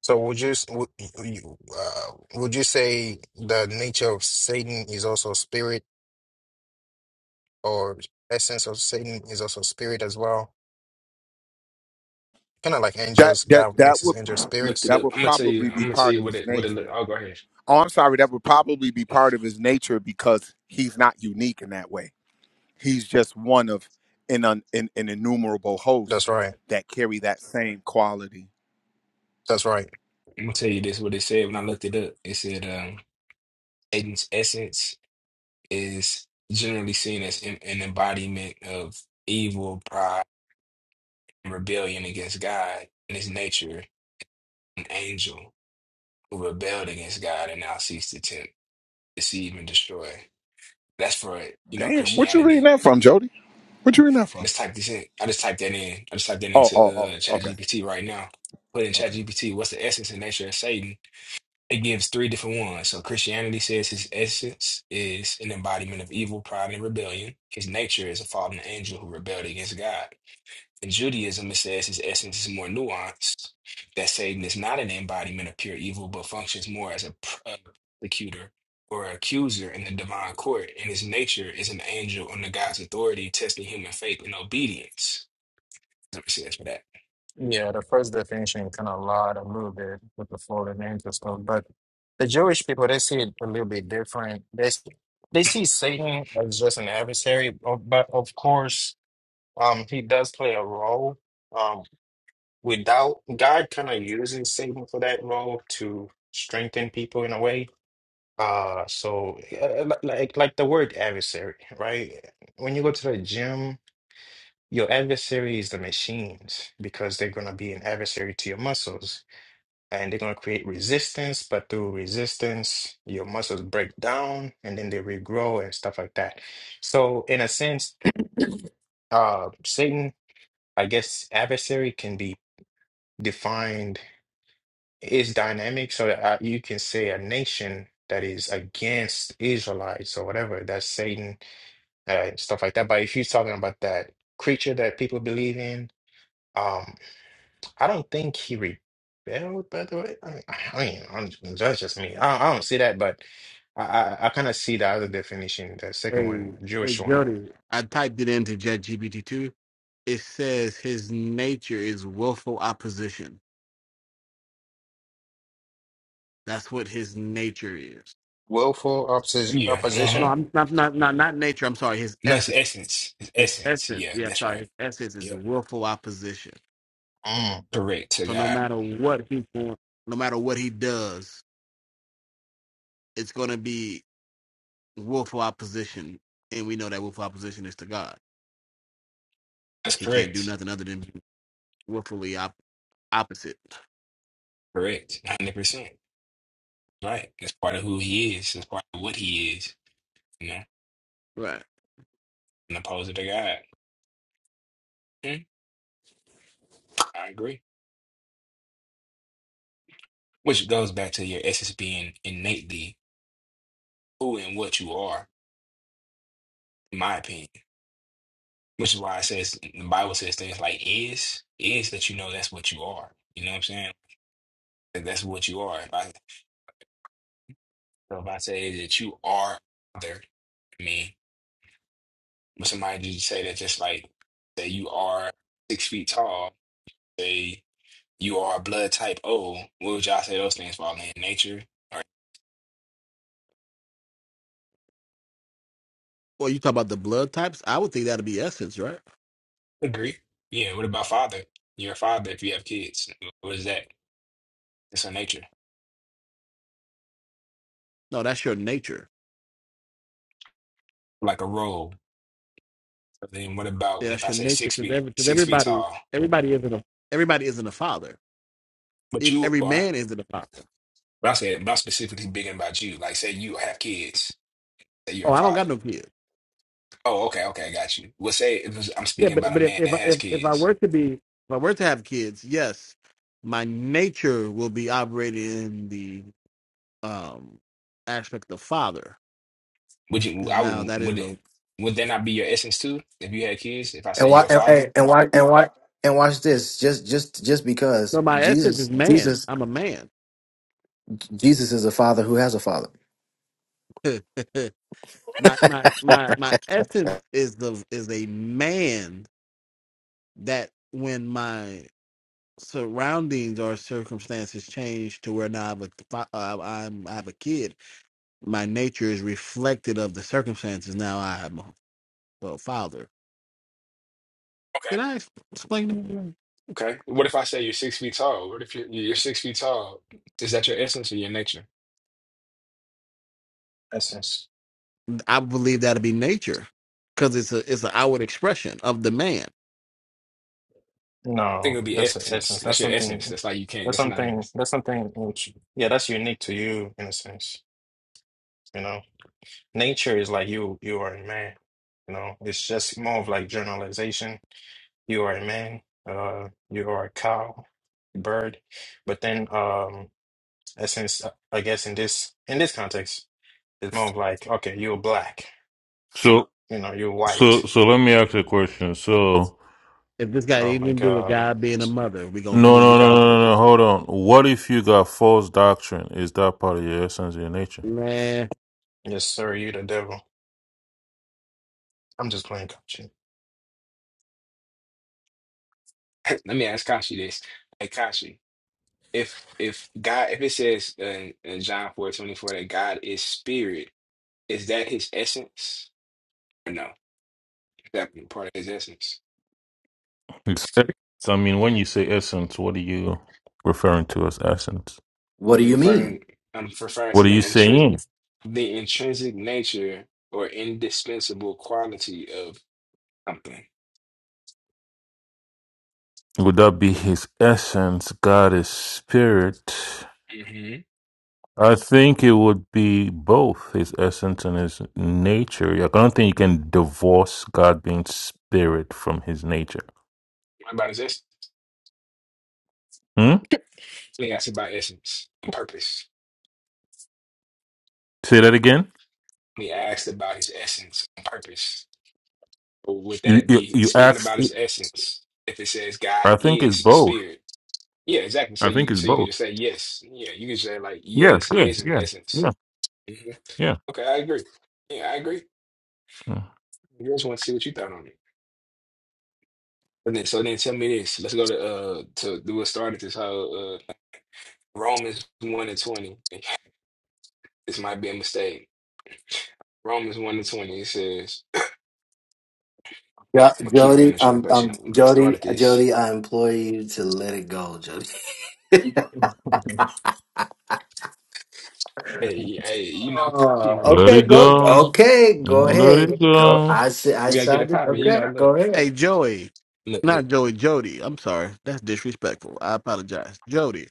[SPEAKER 16] So would you s- would you uh, would you say the nature of Satan is also spirit, or essence of Satan is also spirit as well? Kind of like
[SPEAKER 11] that
[SPEAKER 16] angels,
[SPEAKER 11] that
[SPEAKER 16] God makes
[SPEAKER 11] that
[SPEAKER 16] his
[SPEAKER 11] would
[SPEAKER 16] angels spirits.
[SPEAKER 8] Looked it
[SPEAKER 11] that
[SPEAKER 8] up.
[SPEAKER 11] would
[SPEAKER 8] I'm gonna tell you.
[SPEAKER 11] probably
[SPEAKER 8] I'm
[SPEAKER 11] be
[SPEAKER 8] gonna tell
[SPEAKER 11] part of
[SPEAKER 8] you what
[SPEAKER 11] his
[SPEAKER 8] it, what it look.
[SPEAKER 11] nature
[SPEAKER 8] Oh, go ahead.
[SPEAKER 11] oh i'm sorry that would probably be part of his nature because he's not unique in that way He's just one of an, un, an, an innumerable
[SPEAKER 16] That's
[SPEAKER 11] host
[SPEAKER 16] right.
[SPEAKER 11] that carry that same quality.
[SPEAKER 16] That's right.
[SPEAKER 8] I'm gonna tell you this. What it said when I looked it up. It said, um, Aiden's essence is generally seen as an an embodiment of evil, pride. in rebellion against God and his nature, an angel who rebelled against God and now seeks to tempt, deceive, and destroy. That's for, you know,
[SPEAKER 11] Damn, what you reading
[SPEAKER 8] Christianity.
[SPEAKER 11] that from, Jody? What you reading that from?
[SPEAKER 8] Let's type this in. I just typed that in. I just typed that
[SPEAKER 11] Oh,
[SPEAKER 8] into
[SPEAKER 11] oh,
[SPEAKER 8] uh,
[SPEAKER 11] oh, okay,
[SPEAKER 8] ChatGPT right now. Put in
[SPEAKER 11] okay.
[SPEAKER 8] ChatGPT, what's the essence and nature of Satan? It gives three different ones. So Christianity says his essence is an embodiment of evil, pride, and rebellion. His nature is a fallen angel who rebelled against God. In Judaism, it says his essence is more nuanced, that Satan is not an embodiment of pure evil, but functions more as a prosecutor or accuser in the divine court, and his nature is an angel under God's authority, testing human faith and obedience. That's what it says for that.
[SPEAKER 16] Yeah, the first definition kind of lied a little bit with the Florida names and stuff, but the Jewish people they see it a little bit different. They s- they see Satan as just an adversary, o- but of course, um, he does play a role. Um, without God, kind of uses Satan for that role to strengthen people in a way. Uh, so uh, li- like like the word adversary, right? When you go to the gym. Your adversary is the machines because they're going to be an adversary to your muscles and they're going to create resistance. But through resistance, your muscles break down and then they regrow and stuff like that. So, in a sense, uh, Satan, I guess, adversary can be defined is dynamic. So, uh, you can say a nation that is against Israelites or whatever, that's Satan, uh, stuff like that. But if you're talking about that creature that people believe in, um, I don't think he rebelled, by the way. I mean, I mean, I'm, that's just me. I, I don't see that, but I, I, I kind of see the other definition, the second
[SPEAKER 10] Hey,
[SPEAKER 16] one,
[SPEAKER 10] hey,
[SPEAKER 16] Jewish one.
[SPEAKER 10] Jody. I typed it into chatgpt too. It says his nature is willful opposition. That's what his nature is.
[SPEAKER 16] Willful opposi
[SPEAKER 8] Yeah,
[SPEAKER 10] No,
[SPEAKER 8] uh-huh.
[SPEAKER 16] opposition.
[SPEAKER 10] I'm not not not not nature. I'm sorry. His
[SPEAKER 8] No, it's
[SPEAKER 10] essence.
[SPEAKER 8] essence. It's
[SPEAKER 10] His
[SPEAKER 8] essence.
[SPEAKER 10] essence.
[SPEAKER 8] Yeah,
[SPEAKER 10] Yeah,
[SPEAKER 8] that's
[SPEAKER 10] sorry.
[SPEAKER 8] right.
[SPEAKER 10] His essence
[SPEAKER 8] Yeah.
[SPEAKER 10] is willful opposition.
[SPEAKER 16] Mm,
[SPEAKER 8] Correct to
[SPEAKER 10] So no
[SPEAKER 8] God.
[SPEAKER 10] matter what he's going, no matter what he does, it's going to be willful opposition. And we know that willful opposition is to God.
[SPEAKER 8] That's
[SPEAKER 10] He can't do
[SPEAKER 8] correct.
[SPEAKER 10] nothing other than be willfully op- opposite.
[SPEAKER 8] Correct. 100%. Right. That's part of who he is. That's part of what he is, you know,
[SPEAKER 10] Right.
[SPEAKER 8] and opposed to God. Mm, I agree. Which goes back to your essence being innately who and what you are, in my opinion. Which is why it says the Bible says things like is, is that you know that's what you are. You know what I'm saying? That that's what you are. If I, so if I say that you are there, I mean, but somebody just say that just like that you are six feet tall, say you are blood type O, what would y'all say those things fall in? Nature? All right.
[SPEAKER 10] Well, you talk about the blood types. I would think that'd be essence, right?
[SPEAKER 8] Agree. Yeah, what about father? You're a father if you have kids. What is that? It's a nature.
[SPEAKER 10] No, that's your nature.
[SPEAKER 8] like a robe. But then what about
[SPEAKER 10] Yeah,
[SPEAKER 8] when if
[SPEAKER 10] that's
[SPEAKER 8] I
[SPEAKER 10] your
[SPEAKER 8] say
[SPEAKER 10] nature
[SPEAKER 8] six
[SPEAKER 10] because
[SPEAKER 8] feet,
[SPEAKER 10] every because
[SPEAKER 8] six feet
[SPEAKER 10] everybody,
[SPEAKER 8] tall,
[SPEAKER 10] everybody isn't a everybody isn't a father.
[SPEAKER 8] but
[SPEAKER 10] If
[SPEAKER 8] you
[SPEAKER 10] every
[SPEAKER 8] are,
[SPEAKER 10] man isn't a father.
[SPEAKER 8] but I said, but I'm specifically bigging about you. Like say you have kids, say you're a
[SPEAKER 10] Oh, I don't got
[SPEAKER 8] father.
[SPEAKER 10] no kids.
[SPEAKER 8] Oh, okay, okay, I got you. Well, say if it's- I'm
[SPEAKER 10] Yeah,
[SPEAKER 8] speaking
[SPEAKER 10] but
[SPEAKER 8] about
[SPEAKER 10] but
[SPEAKER 8] a
[SPEAKER 10] if
[SPEAKER 8] man
[SPEAKER 10] if
[SPEAKER 8] that has
[SPEAKER 10] if, if I
[SPEAKER 8] kids,
[SPEAKER 10] were to be, if I were to have kids, yes, my nature will be operated in the um aspect of father
[SPEAKER 8] would you,
[SPEAKER 10] because
[SPEAKER 8] I
[SPEAKER 10] now
[SPEAKER 8] would,
[SPEAKER 10] that
[SPEAKER 8] would
[SPEAKER 10] is
[SPEAKER 8] it,
[SPEAKER 10] a
[SPEAKER 8] would that not be your essence too? If you had kids, if I say
[SPEAKER 2] And why
[SPEAKER 8] you're a
[SPEAKER 2] and,
[SPEAKER 8] father?
[SPEAKER 2] hey, and why and why and watch this. Just just just because
[SPEAKER 10] So My essence is
[SPEAKER 2] Jesus
[SPEAKER 10] man.
[SPEAKER 2] Jesus
[SPEAKER 10] I'm a man.
[SPEAKER 2] Jesus is a father who has a father.
[SPEAKER 10] my my my my essence is the is a man that when my surroundings or circumstances change to where now I have a fi- uh, I'm I have a kid, my nature is reflected of the circumstances. Now I'm a a father.
[SPEAKER 8] Okay.
[SPEAKER 10] Did I ex- explain?
[SPEAKER 8] Okay. What if I say you're six feet tall? What if you're, you're six feet tall? Is that your essence or your nature? I
[SPEAKER 16] essence.
[SPEAKER 10] that? I believe that'll be nature, because it's a it's an outward expression of the man.
[SPEAKER 8] think it
[SPEAKER 16] No,
[SPEAKER 8] would be
[SPEAKER 16] that's an
[SPEAKER 8] essence.
[SPEAKER 16] essence.
[SPEAKER 8] That's
[SPEAKER 16] That's
[SPEAKER 8] your essence.
[SPEAKER 16] something.
[SPEAKER 8] That's like you can't.
[SPEAKER 16] That's
[SPEAKER 8] That's not in
[SPEAKER 16] something.
[SPEAKER 8] this.
[SPEAKER 16] That's something which, yeah, that's unique to you in a sense. You know, nature is like you. You are a man. You know, it's just more of like generalization You are a man. Uh, you are a cow, bird. But then, um, since I guess in this in this context, it's more of like, okay, you're black.
[SPEAKER 17] So
[SPEAKER 16] You know, you're
[SPEAKER 17] so
[SPEAKER 16] white.
[SPEAKER 17] so let me ask you a question. So
[SPEAKER 10] If this got
[SPEAKER 16] Oh
[SPEAKER 10] anything
[SPEAKER 16] my
[SPEAKER 10] to do with
[SPEAKER 16] God,
[SPEAKER 10] God being a mother, we gonna
[SPEAKER 17] no
[SPEAKER 10] move you,
[SPEAKER 17] no no no
[SPEAKER 16] God,
[SPEAKER 17] no no hold on. What if you got false doctrine? Is that part of your essence, your nature?
[SPEAKER 10] man.
[SPEAKER 16] yes sir, you the devil. I'm just playing coaching.
[SPEAKER 8] Let me ask Kashi this. Hey, Kashi. if if God if it says in, in John four twenty four that God is spirit, is that his essence? Or no? Is that part of his essence?
[SPEAKER 17] Exactly. So, I mean, when you say essence, what are you referring to as essence?
[SPEAKER 2] What do
[SPEAKER 8] You're
[SPEAKER 2] you
[SPEAKER 8] referring
[SPEAKER 2] mean?
[SPEAKER 8] I'm referring to
[SPEAKER 17] What are you
[SPEAKER 8] the intrinsic
[SPEAKER 17] saying?
[SPEAKER 8] the intrinsic nature or indispensable quality of something.
[SPEAKER 17] Would that be his essence? God is spirit.
[SPEAKER 8] hmm
[SPEAKER 17] I think it would be both his essence and his nature. I don't think you can divorce God being spirit from his nature.
[SPEAKER 8] What about his essence?
[SPEAKER 17] Hmm?
[SPEAKER 8] He asked about essence and purpose.
[SPEAKER 17] Say that again.
[SPEAKER 8] He asked about his essence and purpose. Or would
[SPEAKER 17] You
[SPEAKER 8] that
[SPEAKER 17] you,
[SPEAKER 8] be
[SPEAKER 17] you
[SPEAKER 8] speaking about
[SPEAKER 17] asked.
[SPEAKER 8] his essence if it says God
[SPEAKER 17] I think it's
[SPEAKER 8] is
[SPEAKER 17] both.
[SPEAKER 8] spirit? Yeah, exactly. So
[SPEAKER 17] I think
[SPEAKER 8] you
[SPEAKER 17] it's
[SPEAKER 8] so you can
[SPEAKER 17] both.
[SPEAKER 8] just say yes. Yeah, you can say like
[SPEAKER 17] Yeah,
[SPEAKER 8] yes, it
[SPEAKER 17] yeah,
[SPEAKER 8] is in
[SPEAKER 17] yeah,
[SPEAKER 8] essence.
[SPEAKER 17] yeah,
[SPEAKER 8] hmm
[SPEAKER 17] yeah.
[SPEAKER 8] Okay, I agree. Yeah, I agree.
[SPEAKER 17] yeah.
[SPEAKER 8] I just want to see what you thought on it. And then so then tell me this. Let's go to uh to do what started this how uh Romans one and twenty. This might be a mistake. Romans one and twenty it says
[SPEAKER 2] Yeah,
[SPEAKER 8] I'm gonna keep it in
[SPEAKER 2] Jody,
[SPEAKER 8] the
[SPEAKER 2] um, um,
[SPEAKER 8] translation that
[SPEAKER 2] Jody,
[SPEAKER 8] started this.
[SPEAKER 2] Jody, I implore you to let it go, Jody.
[SPEAKER 8] Hey, hey, you know, Kachi in
[SPEAKER 2] Oh,
[SPEAKER 8] the role, we
[SPEAKER 17] Let it
[SPEAKER 2] okay,
[SPEAKER 8] gotta get it
[SPEAKER 2] go.
[SPEAKER 8] popping.
[SPEAKER 17] go.
[SPEAKER 2] Okay, go
[SPEAKER 17] Let
[SPEAKER 2] ahead.
[SPEAKER 17] it
[SPEAKER 2] Go.
[SPEAKER 17] go.
[SPEAKER 2] I said. I
[SPEAKER 8] We gotta get it
[SPEAKER 2] started.
[SPEAKER 8] popping. You
[SPEAKER 2] Okay,
[SPEAKER 8] know, look,
[SPEAKER 2] go ahead.
[SPEAKER 10] Hey Joey,
[SPEAKER 8] look, uh,
[SPEAKER 10] not Joey, Jody. I'm sorry, that's disrespectful. I apologize, Jody.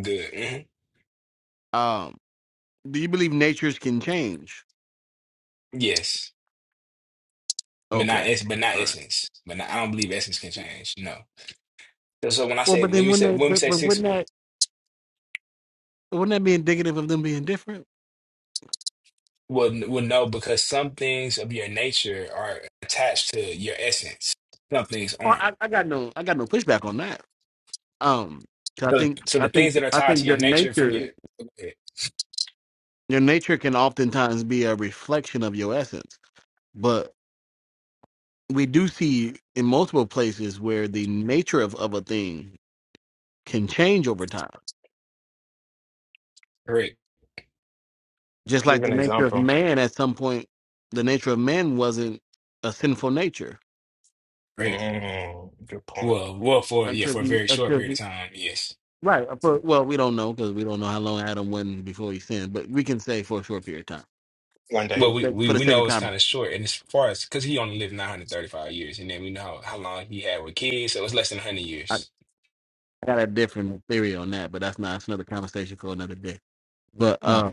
[SPEAKER 8] good. hmm
[SPEAKER 10] Um. Do you believe natures can change?
[SPEAKER 8] Yes. but not
[SPEAKER 10] Okay.
[SPEAKER 8] es- but not
[SPEAKER 10] All right.
[SPEAKER 8] essence. But not, I don't believe essence can change. No. So, so when I
[SPEAKER 10] Well,
[SPEAKER 8] say
[SPEAKER 10] but
[SPEAKER 8] when
[SPEAKER 10] then
[SPEAKER 8] we say
[SPEAKER 10] wouldn't that,
[SPEAKER 8] when we
[SPEAKER 10] but,
[SPEAKER 8] say
[SPEAKER 10] but
[SPEAKER 8] six,
[SPEAKER 10] wouldn't that, wouldn't that be indicative of them being different?
[SPEAKER 8] will will know because some things of your nature are attached to your essence. Some things
[SPEAKER 10] Well,
[SPEAKER 8] aren't.
[SPEAKER 10] I, I got no, I got no pushback on that. Um, 'cause I
[SPEAKER 8] So
[SPEAKER 10] think,
[SPEAKER 8] so
[SPEAKER 10] I
[SPEAKER 8] the
[SPEAKER 10] think,
[SPEAKER 8] things that are
[SPEAKER 10] I
[SPEAKER 8] tied to
[SPEAKER 10] think
[SPEAKER 8] your
[SPEAKER 10] your
[SPEAKER 8] nature from your
[SPEAKER 10] nature,
[SPEAKER 8] okay,
[SPEAKER 10] your nature can oftentimes be a reflection of your essence. But we do see in multiple places where the nature of, of a thing can change over time.
[SPEAKER 8] great
[SPEAKER 10] Just
[SPEAKER 16] Give
[SPEAKER 10] like the
[SPEAKER 16] an
[SPEAKER 10] nature of
[SPEAKER 16] example.
[SPEAKER 10] man at some point, the nature of man wasn't a sinful nature
[SPEAKER 8] great
[SPEAKER 16] Mm, good point.
[SPEAKER 8] well well for yeah
[SPEAKER 10] until
[SPEAKER 8] for a
[SPEAKER 10] he,
[SPEAKER 8] very short
[SPEAKER 10] until
[SPEAKER 8] period
[SPEAKER 10] he
[SPEAKER 8] of time yes.
[SPEAKER 10] Right. For, well, we don't know because we don't know how long Adam went before he sinned, but we can say for a short period of time.
[SPEAKER 16] One
[SPEAKER 10] For
[SPEAKER 8] Well,
[SPEAKER 16] day,
[SPEAKER 10] the
[SPEAKER 8] we,
[SPEAKER 10] sake,
[SPEAKER 8] we,
[SPEAKER 10] for the
[SPEAKER 8] we
[SPEAKER 10] sake
[SPEAKER 8] know
[SPEAKER 10] of
[SPEAKER 8] it's
[SPEAKER 10] time,
[SPEAKER 8] kind of short, and as far as because he only lived 935 years, and then we know how, how long he had with kids, so it's less than 100
[SPEAKER 10] I
[SPEAKER 8] years.
[SPEAKER 10] got a different theory on that, but that's not that's another conversation for another day. But
[SPEAKER 16] mm.
[SPEAKER 10] uh,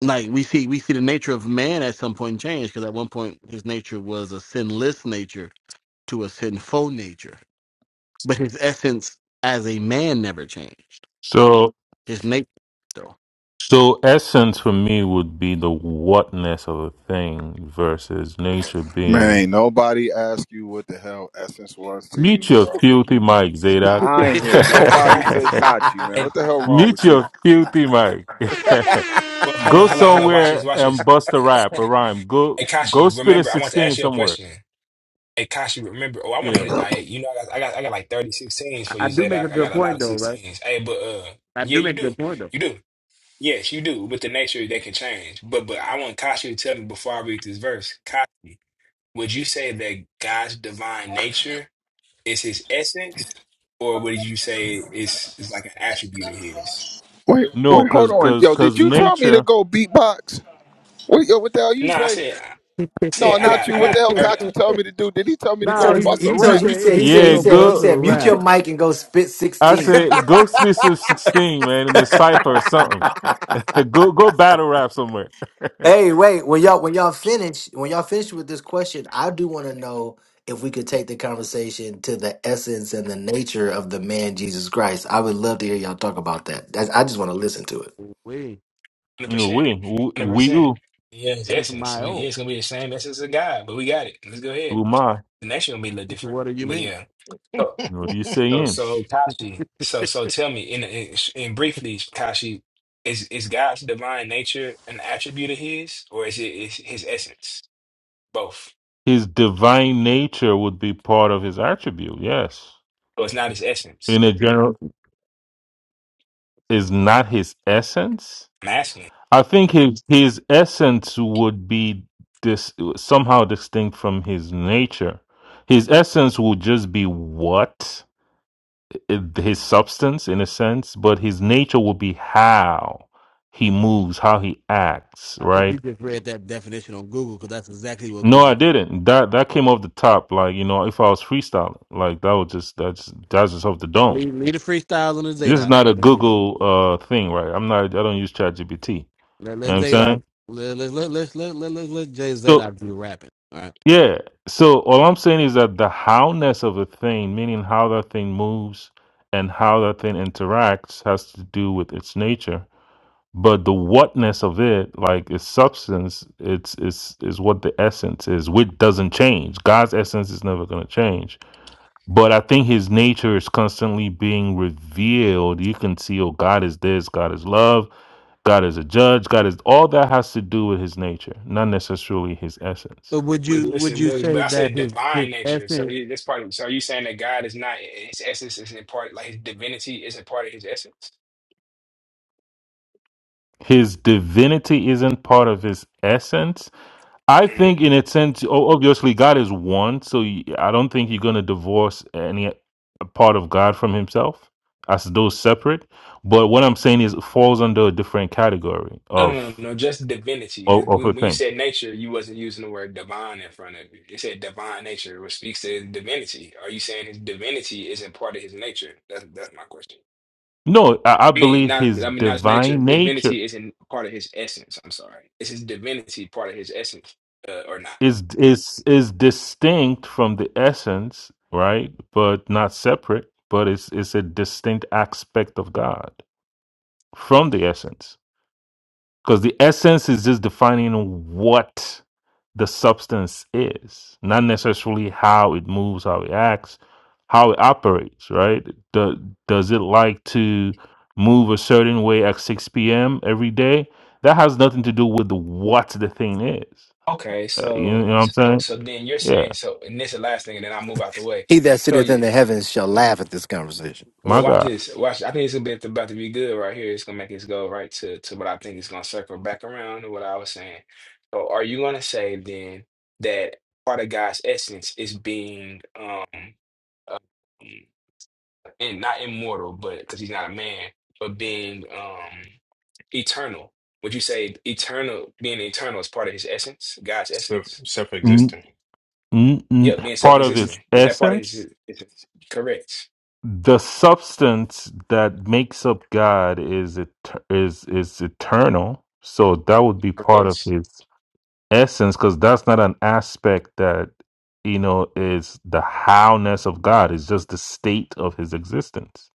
[SPEAKER 10] like we see, we see the nature of man at some point change because at one point his nature was a sinless nature to a sinful nature, but his essence as a man never changed.
[SPEAKER 17] So
[SPEAKER 10] His nature, though.
[SPEAKER 17] so essence for me would be the whatness of a thing versus nature
[SPEAKER 11] Man,
[SPEAKER 17] being.
[SPEAKER 11] ain't nobody asked you what the hell essence was to
[SPEAKER 17] Meet
[SPEAKER 11] you,
[SPEAKER 17] your
[SPEAKER 11] bro.
[SPEAKER 17] filthy Mike
[SPEAKER 11] Nah,
[SPEAKER 17] Zadok.
[SPEAKER 11] I ain't hear nobody say Kachi, man.
[SPEAKER 8] and
[SPEAKER 11] What the hell wrong
[SPEAKER 17] Meet
[SPEAKER 11] with
[SPEAKER 17] your
[SPEAKER 11] you?
[SPEAKER 17] filthy Mike.
[SPEAKER 8] Well, holla,
[SPEAKER 17] go
[SPEAKER 8] holla, holla. Watch this,
[SPEAKER 17] somewhere
[SPEAKER 8] watch
[SPEAKER 17] and
[SPEAKER 8] this.
[SPEAKER 17] bust a rap, a rhyme.
[SPEAKER 8] Hey,
[SPEAKER 17] Go go
[SPEAKER 8] Kashi,
[SPEAKER 17] spit a
[SPEAKER 8] remember, I want to
[SPEAKER 17] sixteen
[SPEAKER 8] ask you a
[SPEAKER 17] somewhere.
[SPEAKER 8] question. Hey, Kashi, remember. Oh, I want to
[SPEAKER 17] Yeah.
[SPEAKER 8] hit it. I, you know, I got, I got, I got like 30 sixteens
[SPEAKER 10] I,
[SPEAKER 8] for
[SPEAKER 10] I
[SPEAKER 8] you,
[SPEAKER 10] do make
[SPEAKER 8] Zayda.
[SPEAKER 10] a
[SPEAKER 8] I got
[SPEAKER 10] good
[SPEAKER 8] a lot
[SPEAKER 10] point,
[SPEAKER 8] of
[SPEAKER 10] though, right?
[SPEAKER 8] 16s. Hey, but, uh,
[SPEAKER 10] I
[SPEAKER 8] yeah,
[SPEAKER 10] do
[SPEAKER 8] you
[SPEAKER 10] make a
[SPEAKER 8] do.
[SPEAKER 10] good point, though.
[SPEAKER 8] You do. Yes, you do. With the nature, they can change. But, but I want Kashi to tell me before I read this verse. Kashi, would you say that God's divine nature is his essence, or would you say it's, it's like an attribute of his?
[SPEAKER 11] Wait,
[SPEAKER 17] No,
[SPEAKER 11] wait, hold
[SPEAKER 17] cause
[SPEAKER 11] on.
[SPEAKER 17] cause
[SPEAKER 11] Yo, did
[SPEAKER 17] cause
[SPEAKER 11] you tell me to
[SPEAKER 17] nature.
[SPEAKER 11] go beatbox? What, yo, what the hell you
[SPEAKER 8] No, I
[SPEAKER 11] say?
[SPEAKER 8] said, I
[SPEAKER 11] No,
[SPEAKER 8] said, I
[SPEAKER 11] not
[SPEAKER 8] got,
[SPEAKER 11] you.
[SPEAKER 8] I
[SPEAKER 11] What the
[SPEAKER 8] got
[SPEAKER 11] hell
[SPEAKER 8] 30.
[SPEAKER 11] Kachi told me to do? Did he tell me
[SPEAKER 2] he
[SPEAKER 11] to go
[SPEAKER 10] Nah,
[SPEAKER 2] told
[SPEAKER 10] he
[SPEAKER 2] you.
[SPEAKER 11] bust
[SPEAKER 2] He
[SPEAKER 11] a
[SPEAKER 10] he, he
[SPEAKER 2] told
[SPEAKER 11] rap?
[SPEAKER 2] you. He
[SPEAKER 10] said
[SPEAKER 2] said.
[SPEAKER 10] he
[SPEAKER 2] He said.
[SPEAKER 10] said
[SPEAKER 2] He
[SPEAKER 17] Yeah,
[SPEAKER 10] go
[SPEAKER 2] said. He
[SPEAKER 10] bust
[SPEAKER 17] go.
[SPEAKER 2] said. Mute
[SPEAKER 10] around.
[SPEAKER 2] your mic and go spit
[SPEAKER 17] I
[SPEAKER 2] sixteen.
[SPEAKER 17] said go speak some sixteen, man, in the cipher or something. Go go battle rap somewhere.
[SPEAKER 2] Hey, wait. When y'all when y'all finish when y'all finish with this question, I do want to know if we could take the conversation to the essence and the nature of the man Jesus Christ. I would love to hear y'all talk about that. That's, I just want to listen to it.
[SPEAKER 10] Wait,
[SPEAKER 8] Hundred
[SPEAKER 17] No,
[SPEAKER 8] percent.
[SPEAKER 17] we
[SPEAKER 8] Hundred
[SPEAKER 17] we
[SPEAKER 8] percent.
[SPEAKER 17] we,
[SPEAKER 8] Yeah, his essence.
[SPEAKER 10] my
[SPEAKER 8] We, yeah,
[SPEAKER 10] old.
[SPEAKER 8] it's gonna be the same essence of God, but we got it. Let's go ahead.
[SPEAKER 17] umai.
[SPEAKER 8] The next one gonna be a little different,
[SPEAKER 10] What do you
[SPEAKER 8] but
[SPEAKER 10] mean?
[SPEAKER 8] yeah. So,
[SPEAKER 17] What do you say
[SPEAKER 8] so,
[SPEAKER 17] in?
[SPEAKER 8] so Kashi. So, so tell me in in, in briefly, Kashi, is is God's divine nature an attribute of His, or is it is His essence? Both.
[SPEAKER 17] His divine nature would be part of his attribute. Yes,
[SPEAKER 8] So it's not His essence.
[SPEAKER 17] in a general is not his essence.
[SPEAKER 8] I'm asking.
[SPEAKER 17] I think his his essence would be this somehow distinct from his nature. His essence would just be what his substance in a sense, but his nature will be how he moves, how he acts,
[SPEAKER 10] I think you
[SPEAKER 17] right?
[SPEAKER 10] just read that definition on Google because that's exactly what
[SPEAKER 17] No, I
[SPEAKER 10] Google.
[SPEAKER 17] didn't. That that came off the top. Like you know, if I was freestyling, like that was just that's that's just off the dome.
[SPEAKER 10] Leave lead a freestyle on the
[SPEAKER 17] This is
[SPEAKER 10] Zadok.
[SPEAKER 17] not a
[SPEAKER 10] Let him do that.
[SPEAKER 17] Google uh thing, right? I'm not. I don't use ChatGPT. You know
[SPEAKER 10] Let
[SPEAKER 17] what
[SPEAKER 10] let
[SPEAKER 17] I'm
[SPEAKER 10] Zadok.
[SPEAKER 17] saying?
[SPEAKER 10] Let let let let let let, let, let Jay
[SPEAKER 17] So
[SPEAKER 10] Zadok do rapping. All right.
[SPEAKER 17] yeah. So all I'm saying is that the howness of a thing, meaning how that thing moves and how that thing interacts, has to do with its nature but the whatness of it like its substance it's it's is what the essence is which doesn't change god's essence is never going to change but i think his nature is constantly being revealed you can see oh god is this god is love god is a judge god is all that has to do with his nature not necessarily his essence
[SPEAKER 10] But would
[SPEAKER 8] But
[SPEAKER 10] you would
[SPEAKER 8] listen,
[SPEAKER 10] you
[SPEAKER 8] but, but
[SPEAKER 10] say
[SPEAKER 8] I
[SPEAKER 10] that
[SPEAKER 8] said
[SPEAKER 10] his his
[SPEAKER 8] divine nature. So
[SPEAKER 10] essence
[SPEAKER 8] you, this part. So are you saying that God is not His essence? Isn't part like His divinity? Isn't part of His essence?
[SPEAKER 17] his divinity isn't part of his essence I
[SPEAKER 8] Mm-hmm.
[SPEAKER 17] think, in a sense, o- obviously God is one, so y- I don't think you're going to divorce any part of God from Himself as those separate. But what I'm saying is, it falls under a different category
[SPEAKER 8] No,
[SPEAKER 17] of
[SPEAKER 8] no, no, no, just divinity. Because
[SPEAKER 17] of, of a
[SPEAKER 8] when you
[SPEAKER 17] thing.
[SPEAKER 8] said nature, you wasn't using the word divine in front of it. You said divine nature, which speaks to his divinity. Are you saying his divinity isn't part of his nature? That's that's my question.
[SPEAKER 17] No, I, I
[SPEAKER 8] I mean,
[SPEAKER 17] believe
[SPEAKER 8] not
[SPEAKER 17] His
[SPEAKER 8] I mean not his nature.
[SPEAKER 17] divine nature
[SPEAKER 8] Divinity isn't part of his essence. I'm sorry. Is his divinity part of his essence uh, or not?
[SPEAKER 17] is is is distinct from the essence, right? But not separate. But it's it's a distinct aspect of God from the essence. because the essence is just defining what the substance is, not necessarily how it moves, how it acts, how it operates, right? Do, does it like to move a certain way at 6 p.m. every day? That has nothing to do with the, what the thing is.
[SPEAKER 8] Okay,
[SPEAKER 17] Uh, you,
[SPEAKER 8] so
[SPEAKER 17] know what I'm
[SPEAKER 8] so
[SPEAKER 17] saying?
[SPEAKER 8] so then you're
[SPEAKER 17] Yeah,
[SPEAKER 8] saying so, and this is the last thing, and then I'll move out the way.
[SPEAKER 2] He that
[SPEAKER 8] So
[SPEAKER 2] sitteth
[SPEAKER 8] you.
[SPEAKER 2] in the heavens shall laugh at this conversation.
[SPEAKER 8] Well,
[SPEAKER 17] my
[SPEAKER 8] watch
[SPEAKER 17] God.
[SPEAKER 8] this. Watch. I think it's a bit about to be good right here. It's gonna make us go right to to what I think is gonna circle back around to what I was saying. So, are you gonna say then that part of God's essence is being um and not immortal, but because he's not a man, but being um eternal? Would you say eternal being eternal is part of his essence, God's
[SPEAKER 16] self
[SPEAKER 8] essence?
[SPEAKER 17] N-
[SPEAKER 16] self-existent.
[SPEAKER 17] n- n-
[SPEAKER 8] Yep, being
[SPEAKER 17] part of
[SPEAKER 8] self-existent
[SPEAKER 17] its
[SPEAKER 8] is that part of his
[SPEAKER 17] essence
[SPEAKER 8] essence? Correct.
[SPEAKER 17] the substance that makes up God is et- is is eternal. So that would be part of
[SPEAKER 8] Correct.
[SPEAKER 17] his essence because that's not an aspect that you know is the howness of God. It's just the state of his existence.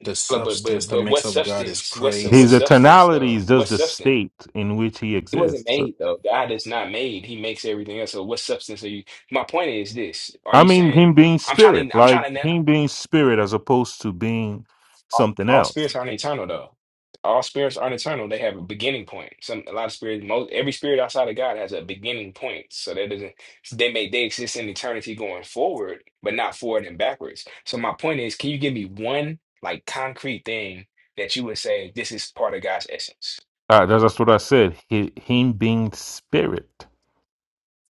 [SPEAKER 16] The
[SPEAKER 8] But but
[SPEAKER 16] substance
[SPEAKER 8] but
[SPEAKER 16] that
[SPEAKER 8] but what
[SPEAKER 16] makes up God is
[SPEAKER 8] substance? What what
[SPEAKER 17] His
[SPEAKER 16] crazy.
[SPEAKER 8] substance
[SPEAKER 17] eternality
[SPEAKER 8] though?
[SPEAKER 17] is
[SPEAKER 8] What
[SPEAKER 17] just the
[SPEAKER 8] substance?
[SPEAKER 17] state in which he
[SPEAKER 8] He wasn't
[SPEAKER 17] exists. So,
[SPEAKER 8] made though. God is not made. He makes everything else. So what substance are you? My point is this: Are
[SPEAKER 17] I
[SPEAKER 8] you
[SPEAKER 17] mean, him
[SPEAKER 8] saying wh-
[SPEAKER 17] being
[SPEAKER 8] I'm trying
[SPEAKER 17] spirit,
[SPEAKER 8] to? I'm trying
[SPEAKER 17] like
[SPEAKER 8] to now.
[SPEAKER 17] him being spirit, as opposed to being something
[SPEAKER 8] All
[SPEAKER 17] else.
[SPEAKER 8] spirits aren't eternal though. All spirits aren't eternal. They have a beginning point. Some a lot of spirits. Most every spirit outside of God has a beginning point. So that doesn't. They may they exist in eternity going forward, but not forward and backwards. So my point is, can you give me one like concrete thing that you would say this is part of God's essence?
[SPEAKER 17] Uh, that's, that's what I said. He, him being spirit.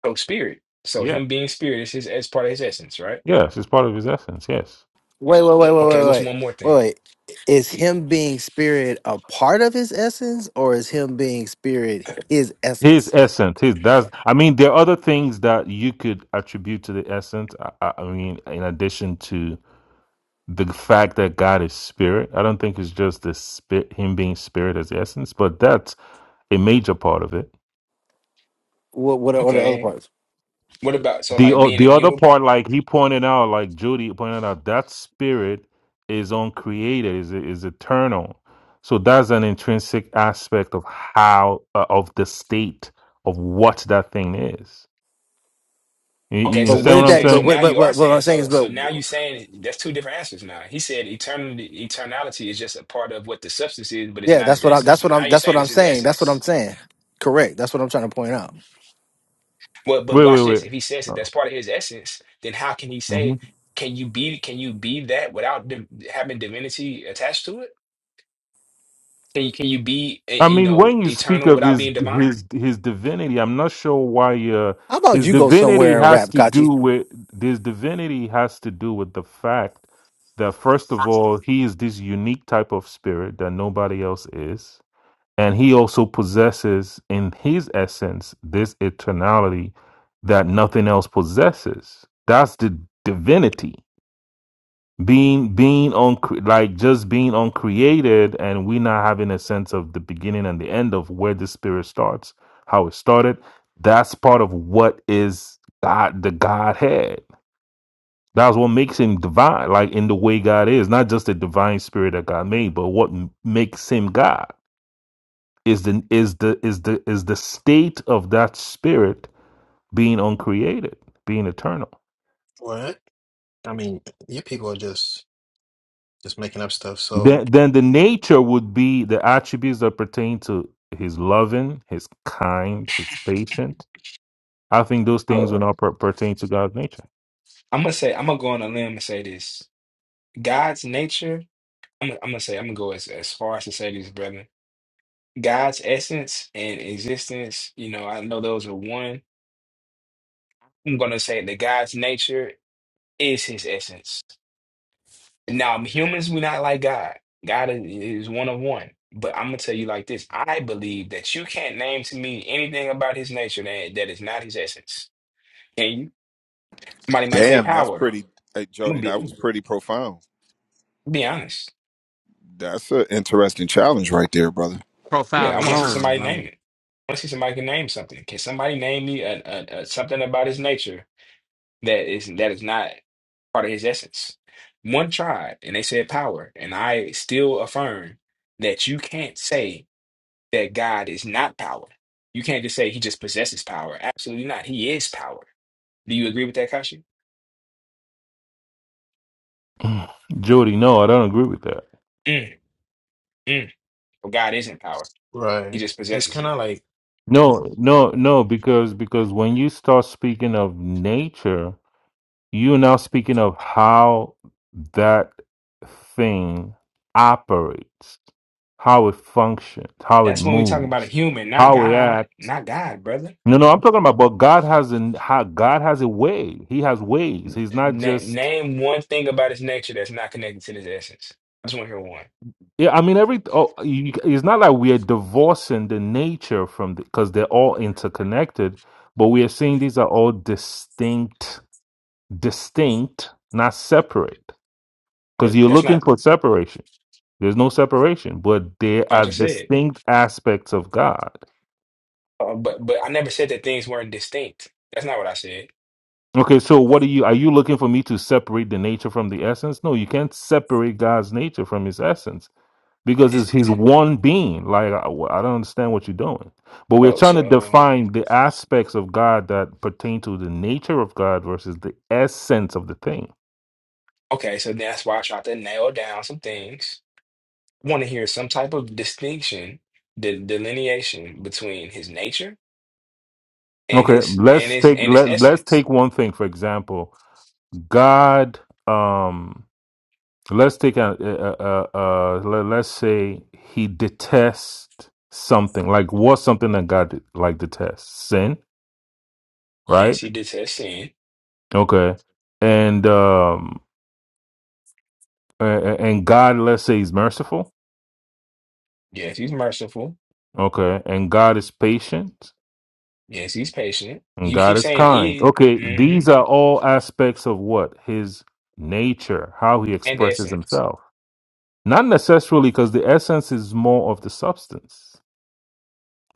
[SPEAKER 8] from spirit. So
[SPEAKER 17] Yeah.
[SPEAKER 8] him being spirit is his as part of his essence, right?
[SPEAKER 17] Yes, it's part of his essence. Yes,
[SPEAKER 2] Wait, wait, wait, wait, wait,
[SPEAKER 8] Okay,
[SPEAKER 2] wait,
[SPEAKER 8] what's
[SPEAKER 2] wait.
[SPEAKER 8] one more thing?
[SPEAKER 2] wait. Is him being spirit a part of his essence, or is him being spirit his
[SPEAKER 17] his
[SPEAKER 2] essence?
[SPEAKER 17] essence. His that's. I mean, there are other things that you could attribute to the essence. I, I I mean, in addition to the fact that God is spirit, I don't think it's just the spirit, him being spirit as essence, but that's a major part of it.
[SPEAKER 2] What what are, what are the other
[SPEAKER 8] Okay.
[SPEAKER 2] parts?
[SPEAKER 8] What about so
[SPEAKER 17] The
[SPEAKER 8] like
[SPEAKER 17] o-
[SPEAKER 8] being
[SPEAKER 17] the other
[SPEAKER 8] immutable?
[SPEAKER 17] part, like he pointed out, like Judy pointed out, that spirit is uncreated, is is eternal. So that's an intrinsic aspect of how uh, of the state of what that thing is. You,
[SPEAKER 8] Okay,
[SPEAKER 17] you
[SPEAKER 2] But
[SPEAKER 8] so
[SPEAKER 17] understand
[SPEAKER 8] then you
[SPEAKER 2] wouldn't
[SPEAKER 17] what I'm
[SPEAKER 2] that?
[SPEAKER 8] saying so
[SPEAKER 2] But
[SPEAKER 17] saying?
[SPEAKER 8] now
[SPEAKER 2] what? But
[SPEAKER 8] you are
[SPEAKER 2] but but what
[SPEAKER 8] saying
[SPEAKER 2] I'm saying
[SPEAKER 8] so
[SPEAKER 2] is,
[SPEAKER 8] so
[SPEAKER 2] but
[SPEAKER 8] now you saying that's two different answers now. He said eternity eternality is just a part of what the substance is, but it's
[SPEAKER 2] Yeah,
[SPEAKER 8] not
[SPEAKER 2] that's
[SPEAKER 8] his
[SPEAKER 2] what I
[SPEAKER 8] essence.
[SPEAKER 2] that's
[SPEAKER 8] But
[SPEAKER 2] what
[SPEAKER 8] now
[SPEAKER 2] I'm
[SPEAKER 8] you're
[SPEAKER 2] that's what
[SPEAKER 8] saying
[SPEAKER 2] I'm
[SPEAKER 8] it's his
[SPEAKER 2] saying. That's what I'm
[SPEAKER 8] essence.
[SPEAKER 2] saying. Correct. That's what I'm trying to point out.
[SPEAKER 8] Well, but
[SPEAKER 17] Wait, wait,
[SPEAKER 8] watch this.
[SPEAKER 17] wait.
[SPEAKER 8] If he says that that's
[SPEAKER 17] Oh.
[SPEAKER 8] part of his essence, then how can he say
[SPEAKER 17] Mhm.
[SPEAKER 8] can you be can you be that without div- having divinity attached to it? Can you can you be eh,
[SPEAKER 17] I
[SPEAKER 8] you
[SPEAKER 17] mean,
[SPEAKER 8] know
[SPEAKER 17] when you speak
[SPEAKER 8] eternal
[SPEAKER 17] of
[SPEAKER 8] without
[SPEAKER 17] his
[SPEAKER 8] being divine?
[SPEAKER 17] his his divinity, I'm not sure why uh,
[SPEAKER 2] How about
[SPEAKER 17] his
[SPEAKER 2] you go
[SPEAKER 17] divinity
[SPEAKER 2] somewhere and
[SPEAKER 17] has
[SPEAKER 2] rap,
[SPEAKER 17] to
[SPEAKER 2] Kachi?
[SPEAKER 17] do with his divinity has to do with the fact that first of all, he is this unique type of spirit that nobody else is, and he also possesses in his essence this eternality that nothing else possesses. That's the divinity. being being on like just being uncreated and we not having a sense of the beginning and the end of where the spirit starts how it started that's part of what is god the godhead that's what makes him divine like in the way god is not just the divine spirit that god made but what m- makes him god is the is the is the is the state of that spirit being uncreated being eternal
[SPEAKER 16] What? I mean, you people are just just making up stuff. So.
[SPEAKER 17] Then, then the nature would be the attributes that pertain to his loving, his kind, his patient. I think those things will not per- pertain to God's nature.
[SPEAKER 8] I'm gonna say I'm gonna go on a limb and say this. God's nature, I'm gonna, I'm gonna say I'm gonna go as, as far as to say this, brother. God's essence and existence, you know, I know those are one. I'm gonna say that God's nature is his essence. Now, humans, we're not like God. God is, is one of one. But I'm gonna tell you like this. I believe that you can't name to me anything about his nature that, that is not his essence. Can you? Somebody might say
[SPEAKER 11] Damn, that's
[SPEAKER 8] power.
[SPEAKER 11] pretty, hey,
[SPEAKER 8] I'm gonna
[SPEAKER 11] Jody.
[SPEAKER 8] be
[SPEAKER 11] That was
[SPEAKER 8] honest.
[SPEAKER 11] pretty profound.
[SPEAKER 8] Be honest.
[SPEAKER 11] That's an interesting challenge right there, brother.
[SPEAKER 10] profiled
[SPEAKER 8] Yeah,
[SPEAKER 10] the
[SPEAKER 8] I want to see somebody
[SPEAKER 10] wrong?
[SPEAKER 8] name it. I want to see somebody can name something. Can somebody name me a, a, a something about his nature that is that is not part of his essence? One tried, and they said power, and I still affirm that you can't say that God is not power. You can't just say he just possesses power. Absolutely not. He is power. Do you agree with that, Kashi?
[SPEAKER 17] Jody, no, I don't agree with that.
[SPEAKER 8] Mm, mm. But God isn't power. He
[SPEAKER 16] Right.
[SPEAKER 8] just
[SPEAKER 16] It's
[SPEAKER 8] possesses
[SPEAKER 16] kind
[SPEAKER 8] it.
[SPEAKER 16] of like,
[SPEAKER 17] No, no, no, because because when you start speaking of nature, you're now speaking of how that thing operates, how it functions, how it
[SPEAKER 8] That's when we talking about a
[SPEAKER 17] moves,
[SPEAKER 8] human, not
[SPEAKER 17] how it
[SPEAKER 8] God,
[SPEAKER 17] acts
[SPEAKER 8] not God, brother.
[SPEAKER 17] No, no, I'm talking about, but God has an ha- God has a way. He has ways. He's not
[SPEAKER 8] Na
[SPEAKER 17] just.
[SPEAKER 8] name one thing about his nature that's not connected to this essence. I just want to hear one.
[SPEAKER 17] Yeah, I mean, every. Oh, you, it's not like we are divorcing the nature from the, because they're all interconnected, but we are saying these are all distinct, distinct, not separate. Because
[SPEAKER 8] What?
[SPEAKER 17] you're
[SPEAKER 8] That's
[SPEAKER 17] looking
[SPEAKER 8] not
[SPEAKER 17] for separation. There's no separation, but they
[SPEAKER 8] what I
[SPEAKER 17] are
[SPEAKER 8] just said.
[SPEAKER 17] distinct aspects of God.
[SPEAKER 8] Uh, but but I never said that things weren't distinct. That's not what I said.
[SPEAKER 17] Okay, so what are you? Are you looking for me to separate the nature from the essence? No, you can't separate God's nature from His essence because
[SPEAKER 8] Is
[SPEAKER 17] it's he's one being like I, I don't understand what you're doing but we're
[SPEAKER 8] oh
[SPEAKER 17] trying to
[SPEAKER 8] so um,
[SPEAKER 17] define the aspects of god that pertain to the nature of god versus the essence of the thing
[SPEAKER 8] okay. So that's why I tried to nail down some things. I want to hear some type of distinction, the delineation between his nature and
[SPEAKER 17] okay
[SPEAKER 8] his and
[SPEAKER 17] let's
[SPEAKER 8] his
[SPEAKER 17] take
[SPEAKER 8] and his
[SPEAKER 17] let, let's
[SPEAKER 8] essence.
[SPEAKER 17] take one thing for example god um let's take a, a, a, a, a let, us say he detests something like what's something that god like detests sin right
[SPEAKER 8] Yes, he detests sin.
[SPEAKER 17] okay and um a- a- and god let's say he's merciful
[SPEAKER 8] Yes, he's merciful.
[SPEAKER 17] Okay. And God is patient
[SPEAKER 8] Yes, he's patient.
[SPEAKER 17] and
[SPEAKER 8] You keep
[SPEAKER 17] God is
[SPEAKER 8] saying
[SPEAKER 17] kind.
[SPEAKER 8] is
[SPEAKER 17] Okay.
[SPEAKER 8] mm-hmm,
[SPEAKER 17] These are all aspects of what? His nature, how he
[SPEAKER 8] and
[SPEAKER 17] expresses
[SPEAKER 8] essence.
[SPEAKER 17] himself. Not necessarily because the essence is more of the substance,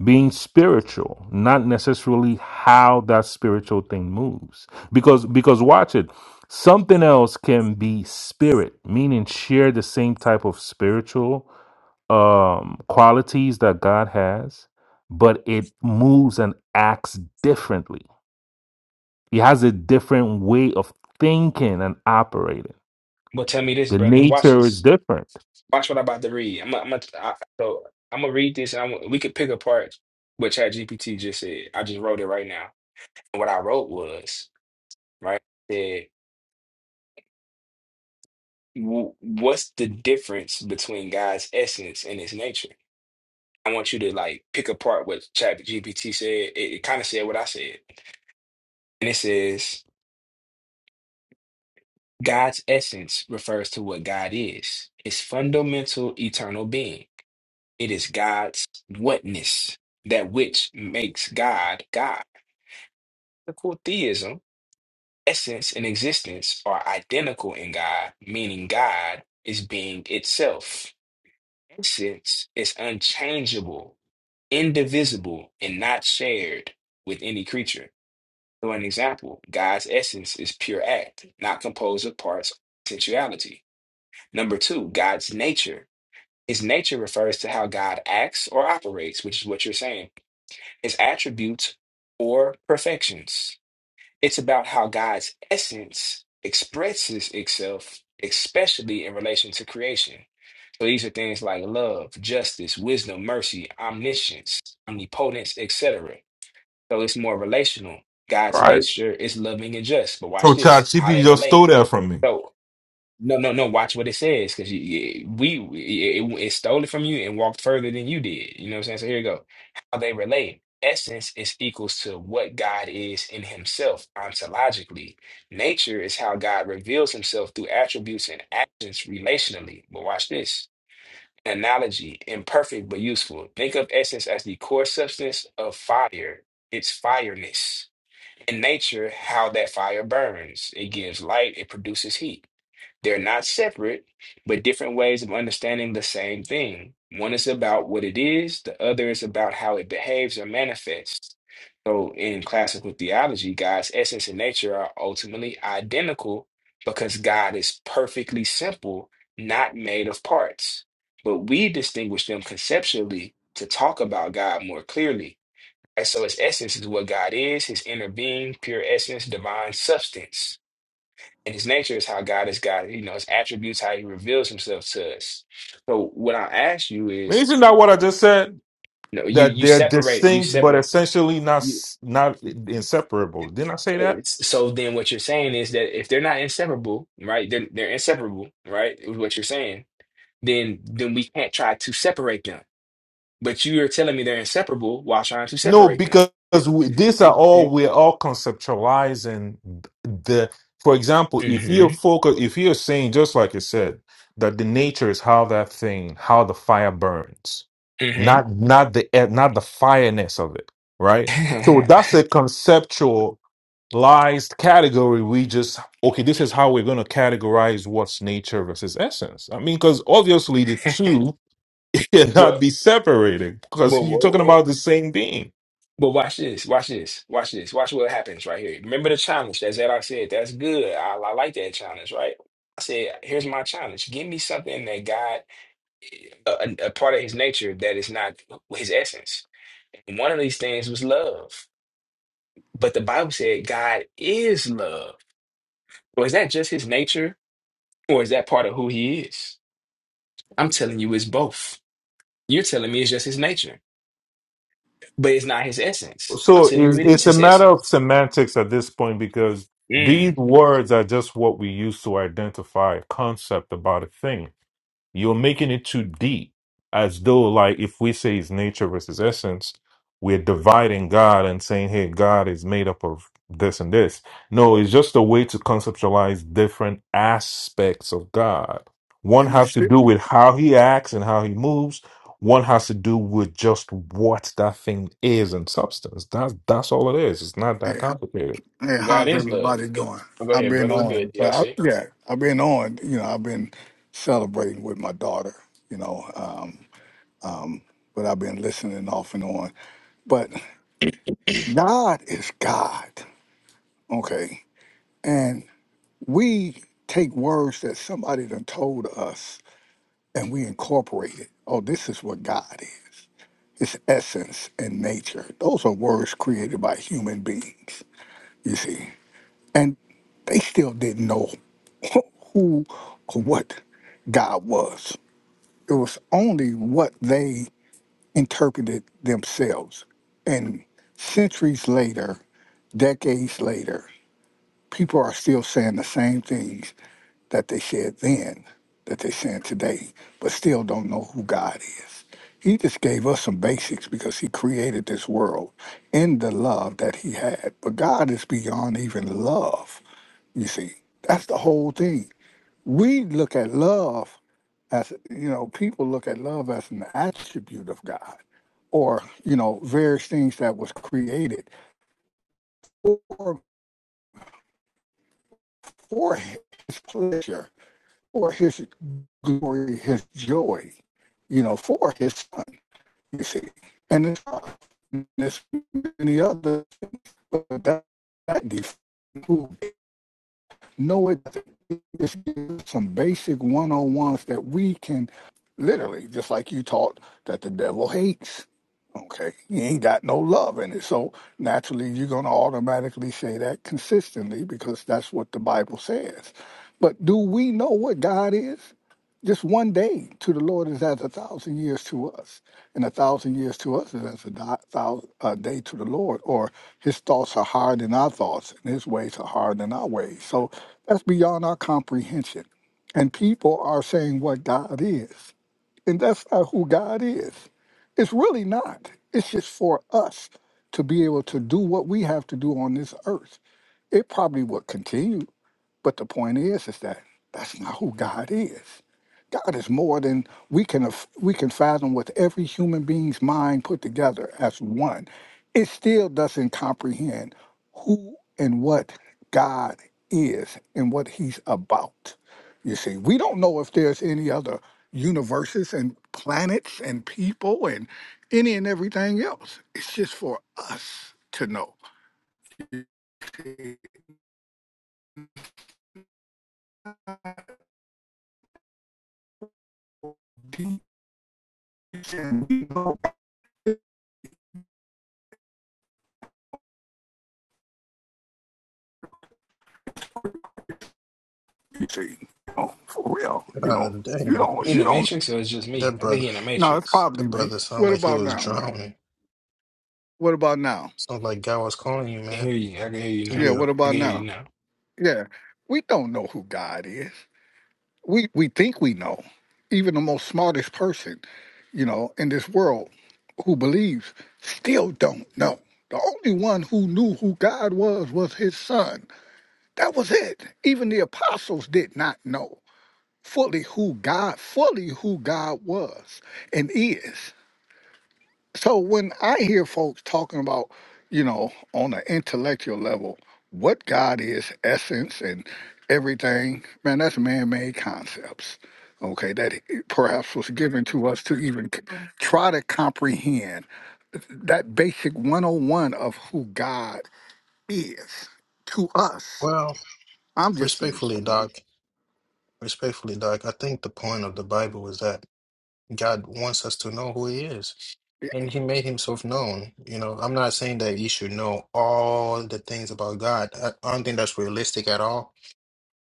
[SPEAKER 17] being spiritual, not necessarily how that spiritual thing moves. Because, because watch it. Something else can be spirit, meaning share the same type of spiritual um qualities that God has, but it moves and acts differently. He has a different way of thinking and operating.
[SPEAKER 8] Well, tell me this,
[SPEAKER 17] The
[SPEAKER 8] brother. Watch
[SPEAKER 17] nature is
[SPEAKER 8] this.
[SPEAKER 17] different.
[SPEAKER 8] Watch what I'm about to read. I'm, I'm, I, so I'm gonna read this, and I'm, we could pick apart what ChatGPT just said. I just wrote it right now. And what I wrote was right. Said, "W- what's the difference between God's essence and His nature? I want you to like pick apart what ChatGPT said. It, it kind of said what I said, and it says God's essence refers to what God is, His fundamental eternal being. It is God's whatness, that which makes God God. Biblical theism, essence and existence are identical in God, meaning God is being itself. Essence is unchangeable, indivisible, and not shared with any creature. So, an example God's essence is pure act, not composed of parts, sensuality. Number two, God's nature. His nature refers to how God acts or operates, which is what you're saying his attributes or perfections. It's about how God's essence expresses itself, especially in relation to creation. So these are things like love, justice, wisdom, mercy, omniscience, omnipotence, etc. So it's more relational. God's
[SPEAKER 17] Right.
[SPEAKER 8] nature is loving and just. But
[SPEAKER 17] So
[SPEAKER 8] watch this, how
[SPEAKER 17] ChatGPT
[SPEAKER 8] they
[SPEAKER 17] just
[SPEAKER 8] relate.
[SPEAKER 17] stole that from me.
[SPEAKER 8] So. No, no, no. Watch what it says, because we we- it, it stole it from you and walked further than you did. You know what I'm saying? So here you go. How they relate. Essence is equals to what God is in Himself ontologically. Nature is how God reveals Himself through attributes and actions relationally. But watch this. Analogy, imperfect but useful. Think of essence as the core substance of fire, its fireness. In nature, how that fire burns. It gives light, it produces heat. They're not separate, but different ways of understanding the same thing. One is about what it is, the other is about how it behaves or manifests. So in classical theology, God's essence and nature are ultimately identical because God is perfectly simple, not made of parts. But we distinguish them conceptually to talk about God more clearly. And so his essence is what God is, his inner being, pure essence, divine substance and his nature is how God is God, you know, his attributes, how he reveals himself to us. So what I ask you is,
[SPEAKER 17] Isn't that what I just said?
[SPEAKER 8] you know, you
[SPEAKER 17] That
[SPEAKER 8] you
[SPEAKER 17] they're
[SPEAKER 8] separate, you
[SPEAKER 17] distinct, but
[SPEAKER 8] separate.
[SPEAKER 17] essentially not
[SPEAKER 8] You,
[SPEAKER 17] s- not inseparable. Didn't I say that?
[SPEAKER 8] it's, so then what you're saying is that if they're not inseparable, right? They're they're inseparable, right? Is what you're saying. Then then we can't try to separate them. But you are telling me they're inseparable while trying to
[SPEAKER 17] No,
[SPEAKER 8] separate them.
[SPEAKER 17] because we, these are
[SPEAKER 8] It,
[SPEAKER 17] all
[SPEAKER 8] it,
[SPEAKER 17] we're all conceptualizing the. For example, if you're
[SPEAKER 8] mm-hmm.
[SPEAKER 17] focus, if you're saying just like you said that the nature is how that thing, how the fire burns, not not the e- not the fireness of it, right? So
[SPEAKER 8] Mm-hmm.
[SPEAKER 17] that's a conceptualized category. We just okay, this is how we're going to categorize what's nature versus essence. I mean, because obviously the two cannot
[SPEAKER 8] well,
[SPEAKER 17] be separated because
[SPEAKER 8] well,
[SPEAKER 17] you're
[SPEAKER 8] well,
[SPEAKER 17] talking
[SPEAKER 8] well,
[SPEAKER 17] about the same being
[SPEAKER 8] But watch this, watch this, watch this, watch what happens right here. Remember the challenge that's that I said, that's good. I, I like that challenge, right? I said, here's my challenge. Give me something that God, a, a a part of his nature that is not his essence. And one of these things was love. But the Bible said God is love. Or is that just his nature? Or is that part of who he is? I'm telling you, it's both. You're telling me it's just his nature, but it's not his essence. I'm
[SPEAKER 17] So
[SPEAKER 8] telling you,
[SPEAKER 17] it's,
[SPEAKER 8] it is
[SPEAKER 17] it's a
[SPEAKER 8] his
[SPEAKER 17] matter of
[SPEAKER 8] essence.
[SPEAKER 17] semantics at this point because
[SPEAKER 8] Mm.
[SPEAKER 17] these words are just what we use to identify a concept about a thing. You're making it too deep, as though like if we say it's nature versus essence, we're dividing God and saying, "Hey, God is made up of this and this." No, it's just a way to conceptualize different aspects of God. One
[SPEAKER 13] and it's
[SPEAKER 17] has to
[SPEAKER 13] still,
[SPEAKER 17] do with how He acts and how He moves. One has to do with just what that thing is in substance. That's that's all it is. It's not that
[SPEAKER 13] hey,
[SPEAKER 17] complicated.
[SPEAKER 13] hey,
[SPEAKER 8] Well, God
[SPEAKER 13] how's
[SPEAKER 8] is love.
[SPEAKER 13] everybody doing?
[SPEAKER 8] Well, go
[SPEAKER 13] I've
[SPEAKER 8] ahead,
[SPEAKER 13] been
[SPEAKER 8] brother. It's
[SPEAKER 13] on,
[SPEAKER 8] good,
[SPEAKER 13] but I,
[SPEAKER 8] DLC.
[SPEAKER 13] yeah, I've been on. You know, I've been celebrating with my daughter. You know, um, um, but I've been listening off and on. But God is God, okay, and we take words that somebody done told us and we incorporate it. Oh, this is what God is. its essence and nature. Those are words created by human beings, you see. And they still didn't know who or what God was. It was only what they interpreted themselves. And centuries later, decades later, people are still saying the same things that they said then that they're saying today, but still don't know who God is. He just gave us some basics because he created this world in the love that he had. But God is beyond even love. You see, that's the whole thing. We look at love as, you know, people look at love as an attribute of God or, you know, various things that was created or for his pleasure for his glory, his joy, you know, for his son, you see. And it's this many others, but that, that defines who know it. It's some basic one on ones that we can literally, just like you taught, that the devil hates. Okay, he ain't got no love in it. So naturally, you're going to automatically say that consistently because that's what the Bible says. But do we know what God is? Just one day to the Lord is as a thousand years to us. And a thousand years to us is as a, di- thousand, a day to the Lord, or his thoughts are higher than our thoughts, and his ways are higher than our ways. So that's beyond our comprehension. And people are saying what God is, and that's not who God is. It's really not. It's just for us to be able to do what we have to do on this earth. It probably will continue but the point is, is that that's not who God is. God is more than we can af- we can fathom with every human being's mind put together as one. It still doesn't comprehend who and what God is and what He's about. You see, we don't know if there's any other universes and planets and people and any and everything else. It's just for us to know you cheating. Oh, for real. You
[SPEAKER 16] uh,
[SPEAKER 13] know, you
[SPEAKER 16] damn,
[SPEAKER 8] You
[SPEAKER 13] don't,
[SPEAKER 8] in
[SPEAKER 13] you
[SPEAKER 8] the
[SPEAKER 13] don't.
[SPEAKER 8] Matrix or it's just me?
[SPEAKER 16] that
[SPEAKER 8] I think
[SPEAKER 16] brother,
[SPEAKER 8] he in the
[SPEAKER 13] No, it's
[SPEAKER 8] Matrix.
[SPEAKER 16] that
[SPEAKER 13] probably me.
[SPEAKER 16] brother sounded
[SPEAKER 13] What
[SPEAKER 16] like he
[SPEAKER 13] about
[SPEAKER 16] was
[SPEAKER 13] now, man?
[SPEAKER 16] drowning.
[SPEAKER 13] What about now?
[SPEAKER 16] Sounds like God was calling you,
[SPEAKER 8] I can
[SPEAKER 16] man.
[SPEAKER 8] hear you. I can hear you now.
[SPEAKER 13] Yeah,
[SPEAKER 16] Yeah.
[SPEAKER 13] what
[SPEAKER 8] I can
[SPEAKER 13] about
[SPEAKER 8] hear you
[SPEAKER 13] now?
[SPEAKER 8] now.
[SPEAKER 13] Yeah, we don't know who God is. We we think we know. Even the most smartest person, you know, in this world who believes still don't know. The only one who knew who God was was his son. That was it. Even the apostles did not know fully who God, fully who God was and is. So when I hear folks talking about, you know, on an intellectual level, what God is, essence, and everything, man, that's man-made concepts. Okay, that it perhaps was given to us to even c- Mhm. try to comprehend that basic 101 of who God is to us.
[SPEAKER 16] Well,
[SPEAKER 13] I'm just saying,
[SPEAKER 16] respectfully, Doc, respectfully, Doc, I think the point of the Bible is that God wants us to know who He is.
[SPEAKER 13] Yeah,
[SPEAKER 16] And He made Himself known. You know, I'm not saying that you should know all the things about God. I I don't think that's realistic at all.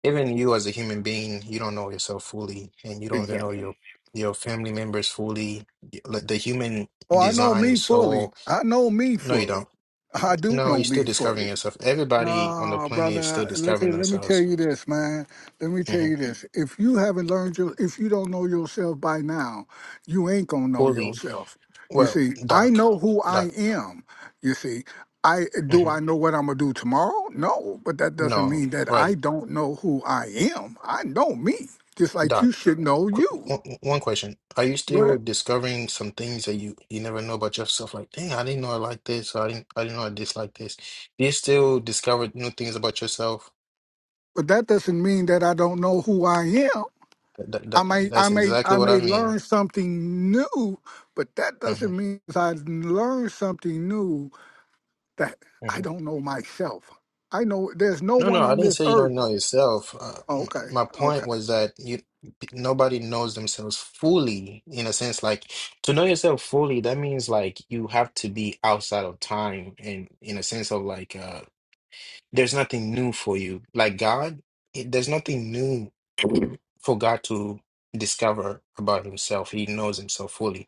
[SPEAKER 16] even you as a human being, you don't know yourself fully, and you don't even know
[SPEAKER 13] exactly.
[SPEAKER 16] your your family members fully. Like the human
[SPEAKER 13] Well, I know
[SPEAKER 16] design
[SPEAKER 13] me
[SPEAKER 16] is
[SPEAKER 13] fully.
[SPEAKER 16] so
[SPEAKER 13] I know me
[SPEAKER 16] no, you don't.
[SPEAKER 13] fully. I do
[SPEAKER 16] No,
[SPEAKER 13] know
[SPEAKER 16] you're still
[SPEAKER 13] me fully.
[SPEAKER 16] discovering yourself. Everybody on the
[SPEAKER 13] No,
[SPEAKER 16] planet is
[SPEAKER 13] brother.
[SPEAKER 16] still
[SPEAKER 13] Let's
[SPEAKER 16] discovering
[SPEAKER 13] Listen, let me tell
[SPEAKER 16] themselves
[SPEAKER 13] you this, man. Let me tell
[SPEAKER 16] hmm
[SPEAKER 13] you this. If you haven't learned your, if you don't know yourself by now, you ain't gonna know
[SPEAKER 16] fully.
[SPEAKER 13] yourself. You
[SPEAKER 16] Well,
[SPEAKER 13] see, I
[SPEAKER 16] Doc,
[SPEAKER 13] know who I
[SPEAKER 16] Doc,
[SPEAKER 13] am. You see, I do.
[SPEAKER 16] hmm
[SPEAKER 13] I know what I'm gonna do tomorrow. No, but that doesn't
[SPEAKER 16] no,
[SPEAKER 13] mean that I
[SPEAKER 16] right,
[SPEAKER 13] don't know who I am. I know me, just like you
[SPEAKER 16] Doc.
[SPEAKER 13] should know
[SPEAKER 16] Qu-
[SPEAKER 13] you.
[SPEAKER 16] One one question: Are you still
[SPEAKER 13] Right.
[SPEAKER 16] discovering some things that you you never know about yourself? Like, dang, I didn't know I like this. Or I didn't. I didn't know I disliked this. Do you still discover new things about yourself?
[SPEAKER 13] But that doesn't mean that I don't know who I am.
[SPEAKER 16] That, that,
[SPEAKER 13] I may, I
[SPEAKER 16] that's
[SPEAKER 13] may,
[SPEAKER 16] exactly
[SPEAKER 13] I
[SPEAKER 16] what I
[SPEAKER 13] may
[SPEAKER 16] mean.
[SPEAKER 13] learn something new, but that
[SPEAKER 16] hmm
[SPEAKER 13] doesn't mean if I learn something new that I
[SPEAKER 16] hmm
[SPEAKER 13] don't know myself. I know there's no
[SPEAKER 16] No, no,
[SPEAKER 13] one
[SPEAKER 16] I
[SPEAKER 13] on
[SPEAKER 16] didn't
[SPEAKER 13] this
[SPEAKER 16] say you don't
[SPEAKER 13] earth.
[SPEAKER 16] know yourself. Uh,
[SPEAKER 13] Oh,
[SPEAKER 16] m-
[SPEAKER 13] okay,
[SPEAKER 16] my
[SPEAKER 13] okay.
[SPEAKER 16] point was that you p- nobody knows themselves fully in a sense like to know yourself fully, that means like you have to be outside of time and in a sense of like uh there's nothing new for you. Like God, it, there's nothing new for God to discover about himself. He knows himself fully.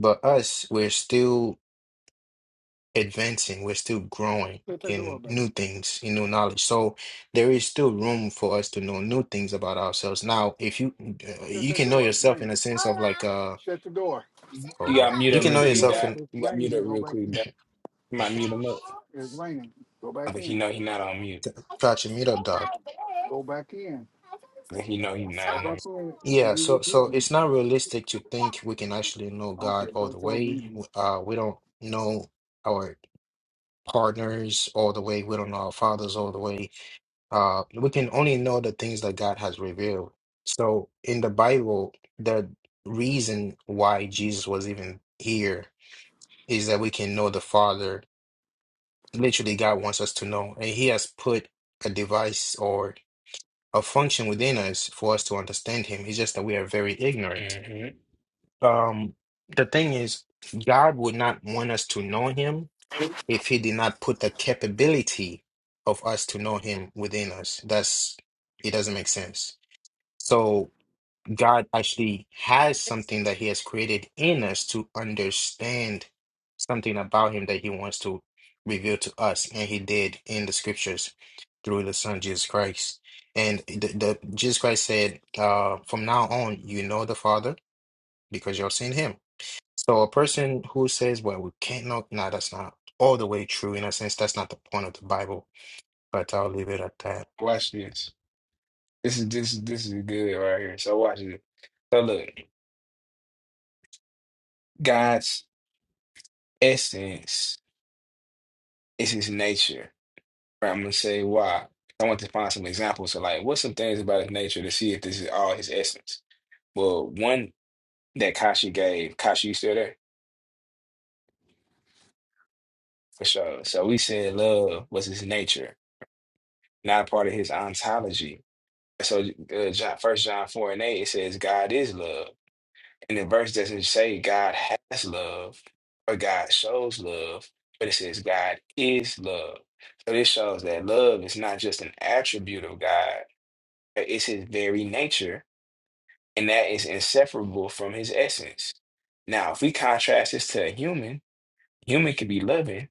[SPEAKER 16] But us, we're still advancing, we're still growing
[SPEAKER 13] Shut the door,
[SPEAKER 16] in new
[SPEAKER 13] baby.
[SPEAKER 16] things, in new knowledge. So there is still room for us to know new things about ourselves. Now, if you uh,
[SPEAKER 13] Shut
[SPEAKER 16] you
[SPEAKER 13] the
[SPEAKER 16] can know
[SPEAKER 13] door. It's
[SPEAKER 16] yourself in a
[SPEAKER 13] raining.
[SPEAKER 16] sense of
[SPEAKER 13] Hola.
[SPEAKER 16] like uh
[SPEAKER 13] Shut the door. Said
[SPEAKER 16] oh
[SPEAKER 8] You
[SPEAKER 16] Lord,
[SPEAKER 8] got
[SPEAKER 13] Hola.
[SPEAKER 8] mute
[SPEAKER 16] you
[SPEAKER 8] up
[SPEAKER 16] can
[SPEAKER 13] Shut
[SPEAKER 8] real
[SPEAKER 16] know
[SPEAKER 13] the
[SPEAKER 8] quick,
[SPEAKER 13] door.
[SPEAKER 16] yourself
[SPEAKER 8] Doc.
[SPEAKER 16] in
[SPEAKER 13] It's
[SPEAKER 8] You got mute
[SPEAKER 13] raining.
[SPEAKER 8] up
[SPEAKER 13] Go
[SPEAKER 8] real
[SPEAKER 13] back
[SPEAKER 8] quick,
[SPEAKER 13] in.
[SPEAKER 8] Doc. You might
[SPEAKER 13] uh
[SPEAKER 8] mute him up.
[SPEAKER 13] It's raining. Go
[SPEAKER 8] I
[SPEAKER 13] back
[SPEAKER 8] think he
[SPEAKER 13] in.
[SPEAKER 8] know he not on mute.
[SPEAKER 13] I
[SPEAKER 16] catch
[SPEAKER 13] don't
[SPEAKER 16] a
[SPEAKER 13] stay
[SPEAKER 16] meetup dog.
[SPEAKER 13] by this. Go back in. I don't
[SPEAKER 8] I
[SPEAKER 13] stay
[SPEAKER 8] think he
[SPEAKER 13] by
[SPEAKER 8] know he
[SPEAKER 13] this.
[SPEAKER 8] not
[SPEAKER 13] Go
[SPEAKER 8] on
[SPEAKER 13] back in and
[SPEAKER 16] Yeah,
[SPEAKER 13] be
[SPEAKER 16] so
[SPEAKER 13] with
[SPEAKER 16] so
[SPEAKER 13] Gigi.
[SPEAKER 16] it's not realistic to think we can actually know God
[SPEAKER 13] Okay,
[SPEAKER 16] all
[SPEAKER 13] go
[SPEAKER 16] the
[SPEAKER 13] tell
[SPEAKER 16] way.
[SPEAKER 13] Didi.
[SPEAKER 16] W- Uh, we don't know our partners all the way. We don't know our fathers all the way Uh, we can only know the things that God has revealed. So in the Bible, the reason why Jesus was even here is that we can know the Father. Literally, God wants us to know, and He has put a device or a function within us for us to understand Him. It's just that we are very ignorant.
[SPEAKER 8] mute. hmm
[SPEAKER 16] Um, the thing is, God would not want us to know Him if He did not put the capability of us to know Him within us. That's it. Doesn't make sense So God actually has something that He has created in us to understand something about Him that He wants to reveal to us, and He did in the scriptures through the Son Jesus Christ. And the, the Jesus Christ said, uh, "From now on, you know the Father because you have seen Him." So a person who says, "Well, we can't know," no, that's not all the way true. In a sense, that's not the point of the Bible. But I'll leave it at that.
[SPEAKER 8] Watch this. This is this is this is good right here. So watch this. So look, God's essence is his nature. Right, I'm gonna say why. I want to find some examples of like what's some things about his nature to see if this is all his essence. Well, one that Kashi gave, Kashi, you still there? For sure. So we said love was his nature, not a part of his ontology. So uh, John, First John 4 and 8, it says God is love. And the verse doesn't say God has love or God shows love, but it says God is love. So this shows that love is not just an attribute of God, but it's his very nature, and that is inseparable from his essence. Now, if we contrast this to a human, human can be loving,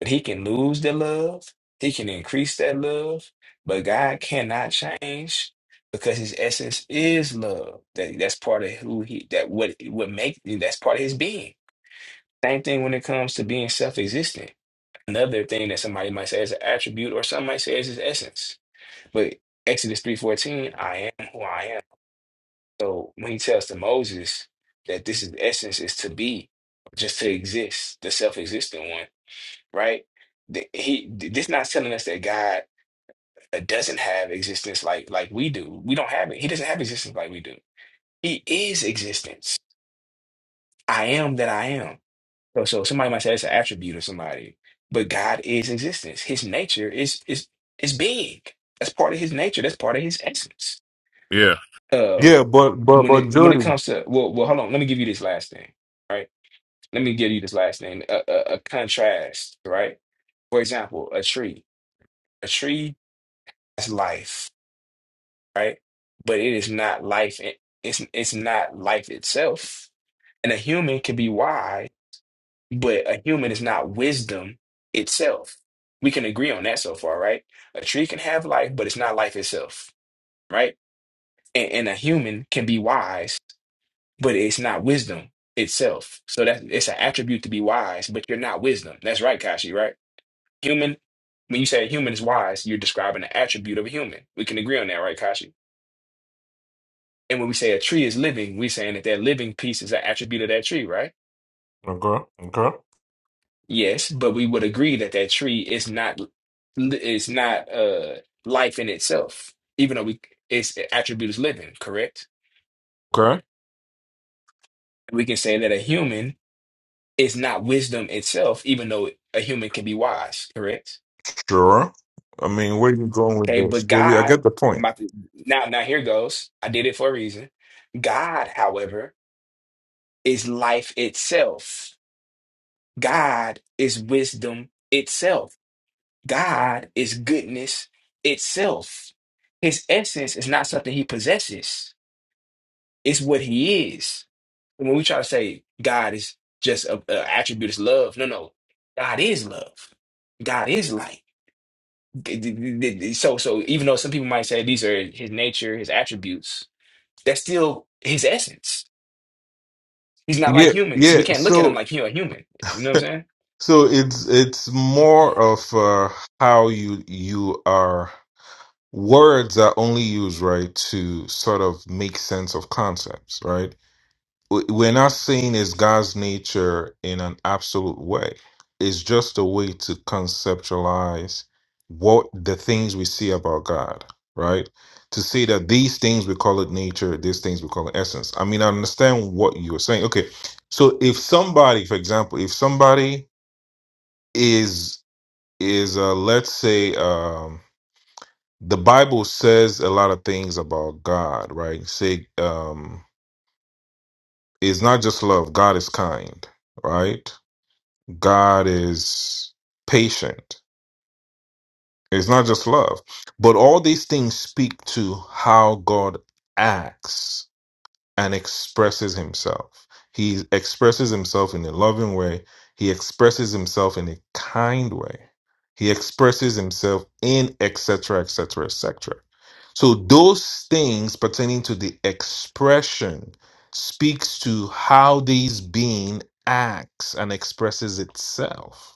[SPEAKER 8] But he can lose the love, he can increase that love, but God cannot change because his essence is love. That that's part of who he that what what make that's part of his being. Same thing when it comes to being self-existent. Another thing that somebody might say is an attribute or some might say is his essence. But Exodus 3:14, I am who I am. So when he tells to Moses that this is essence is to be, just to exist, the self-existent one right? Th- He th- this not telling us that God uh, doesn't have existence like like we do. We don't have it. He doesn't have existence like we do. He is existence. I am that I am. So so somebody might say it's an attribute of somebody, but God is existence. His nature is is is being. That's part of his nature. That's part of his essence.
[SPEAKER 17] Yeah.
[SPEAKER 8] Uh,
[SPEAKER 17] Yeah, but but
[SPEAKER 8] when
[SPEAKER 17] but
[SPEAKER 8] it when it
[SPEAKER 17] Jody.
[SPEAKER 8] comes to well well hold on. Let me give you this last thing. Right. Let me give you this last thing. A, a, a contrast. Right. For example, a tree. A tree. that's life, right? But it is not life. it- It's it's not life itself. And a human can be wise, but a human is not wisdom itself. We can agree on that so far, right? A tree can have life, but it's not life itself, right? And, and a human can be wise, but it's not wisdom itself. So that it's an attribute to be wise, but you're not wisdom. That's right, Kashi, right? Human, when you say a human is wise, you're describing the attribute of a human. We can agree on that, right, Kashi? And when we say a tree is living, we're saying that that living piece is an attribute of that tree, right?
[SPEAKER 17] Okay, okay,
[SPEAKER 8] Yes, but we would agree that that tree is not is not uh life in itself, even though we its attribute is living, correct?
[SPEAKER 17] okay.
[SPEAKER 8] We can say that a human is not wisdom itself, even though a human can be wise, correct?
[SPEAKER 17] Sure. I mean, where you going with
[SPEAKER 8] Okay,
[SPEAKER 17] this?
[SPEAKER 8] but
[SPEAKER 17] Well, we, I
[SPEAKER 8] God,
[SPEAKER 17] get the point.
[SPEAKER 8] my now now here goes. I did it for a reason. God, however, is life itself. God is wisdom itself. God is goodness itself. His essence is not something he possesses, it's what he is. And when we try to say God is just a, a attribute is love, no, no, God is love. God is light. D- d- d- d- So, so even though some people might say these are his nature, his attributes, that's still his essence. He's not like
[SPEAKER 17] Yeah,
[SPEAKER 8] humans. We
[SPEAKER 17] yeah.
[SPEAKER 8] can't look at him
[SPEAKER 17] So,
[SPEAKER 8] like you're a human. You know what I'm saying?
[SPEAKER 17] so it's it's more of uh, how you you are. Words are only used right to sort of make sense of concepts, right? we- are not saying it's God's nature in an absolute way. It's just a way to conceptualize what the things we see about God, right? To say that these things we call it nature, these things we call it essence. I mean, I understand what you're saying. Okay, so if somebody, for example, if somebody is is uh, let's say um, the Bible says a lot of things about God, right? Say um, it's not just love. God is kind, right? God is patient. It's not just love. But all these things speak to how God acts and expresses himself. He expresses himself in a loving way, he expresses himself in a kind way, he expresses himself in etc., etc., etc. So those things pertaining to the expression speaks to how these being acts and expresses itself.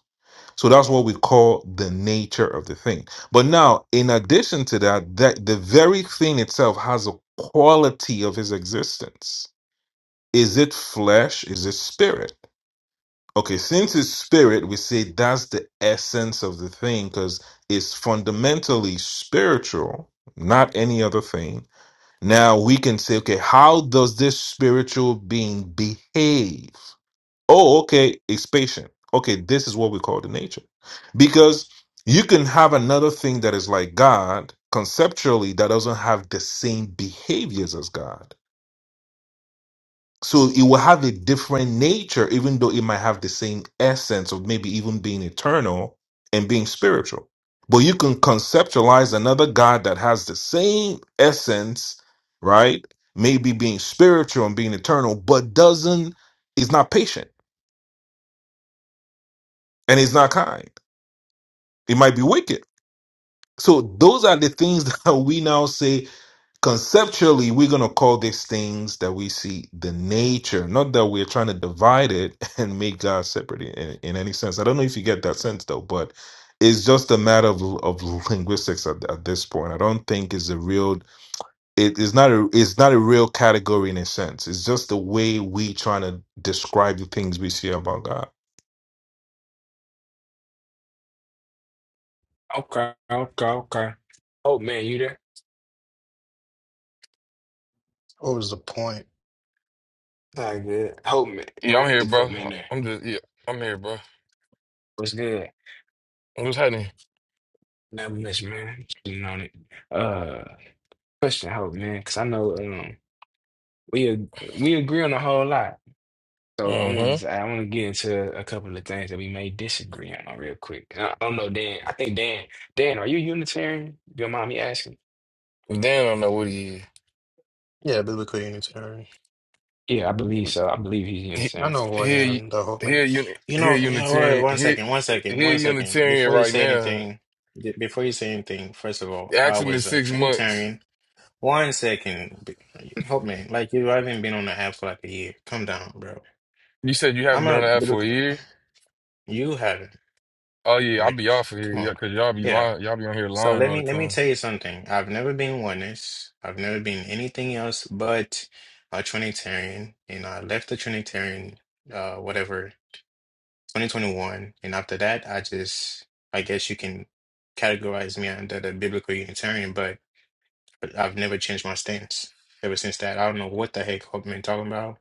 [SPEAKER 17] So that's what we call the nature of the thing. But now, in addition to that, that the very thing itself has a quality of his existence. Is it flesh? Is it spirit? Okay, since it's spirit, we say that's the essence of the thing because it's fundamentally spiritual, not any other thing. Now we can say, okay, how does this spiritual being behave? oh, okay, it's patient. Okay, this is what we call the nature. Because you can have another thing that is like God conceptually that doesn't have the same behaviors as God. So it will have a different nature, even though it might have the same essence of maybe even being eternal and being spiritual. But you can conceptualize another God that has the same essence, right? Maybe being spiritual and being eternal, but doesn't, is not patient and is not kind It might be wicked. So those are the things that we now say conceptually we're going to call these things that we see the nature not that we're trying to divide it and make god separate in, in any sense i don't know if you get that sense though but it's just a matter of, of linguistics at, at this point i don't think it's a real it is not a it's not a real category in a sense. It's just the way we trying to describe the things we see about God.
[SPEAKER 8] Okay, okay, okay. Hope man, you there?
[SPEAKER 16] What was the point?
[SPEAKER 8] All good. Hope man, I
[SPEAKER 14] Yeah,
[SPEAKER 8] want
[SPEAKER 14] I'm here,
[SPEAKER 8] to see
[SPEAKER 14] bro.
[SPEAKER 8] Hope man there.
[SPEAKER 14] I'm just yeah, I'm here, bro.
[SPEAKER 8] What's good?
[SPEAKER 14] What's happening?
[SPEAKER 8] Not much, man. Sitting on it. Uh, question, hope, man, because I know um we ag- we agree on a whole lot. So I wanted
[SPEAKER 14] Mm-hmm.
[SPEAKER 8] to, I want to get into a couple of things that we may disagree on real quick. I I don't know, Dan. I think Dan, Dan, are you Unitarian? If you don't mind me asking?
[SPEAKER 14] Dan don't know what he is.
[SPEAKER 16] Yeah, biblical unitary.
[SPEAKER 8] Yeah, I believe so. I believe he's
[SPEAKER 14] He
[SPEAKER 16] I
[SPEAKER 8] Unitarian.
[SPEAKER 16] know who I
[SPEAKER 14] he
[SPEAKER 16] am, the Hope
[SPEAKER 14] he
[SPEAKER 16] Man.
[SPEAKER 14] a uni
[SPEAKER 16] You
[SPEAKER 14] he a
[SPEAKER 16] know, you know, wait,
[SPEAKER 14] Unitarian
[SPEAKER 16] one
[SPEAKER 14] he
[SPEAKER 16] second, one second,
[SPEAKER 14] he a
[SPEAKER 16] one second.
[SPEAKER 14] Unitarian
[SPEAKER 16] Before you
[SPEAKER 14] right
[SPEAKER 16] say
[SPEAKER 14] now.
[SPEAKER 16] anything, d- before you say anything, first of all, I
[SPEAKER 14] Ask him in
[SPEAKER 16] was a
[SPEAKER 14] six months.
[SPEAKER 16] Trinitarian. One second, b- Hope Man. Like you haven't been on the app for like a year. Come down, bro.
[SPEAKER 14] You said you haven't
[SPEAKER 16] I'm
[SPEAKER 14] been on
[SPEAKER 16] a
[SPEAKER 14] the app for a
[SPEAKER 16] biblical.
[SPEAKER 14] year.
[SPEAKER 16] You haven't.
[SPEAKER 14] Oh yeah, I'll be
[SPEAKER 16] Like,
[SPEAKER 14] off of here,
[SPEAKER 16] come
[SPEAKER 14] yeah,
[SPEAKER 16] on.
[SPEAKER 14] cause y'all be
[SPEAKER 16] Yeah.
[SPEAKER 14] lying, y'all be on here
[SPEAKER 16] So
[SPEAKER 14] lying
[SPEAKER 16] let
[SPEAKER 14] all the
[SPEAKER 16] me let me
[SPEAKER 14] time.
[SPEAKER 16] tell you something. I've never been oneness. I've never been anything else but a Trinitarian, and I left the Trinitarian, uh, whatever 2021. And after that, I just, I guess you can categorize me under the biblical Unitarian, but but I've never changed my stance ever since that. I don't know what the heck Hope been talking about.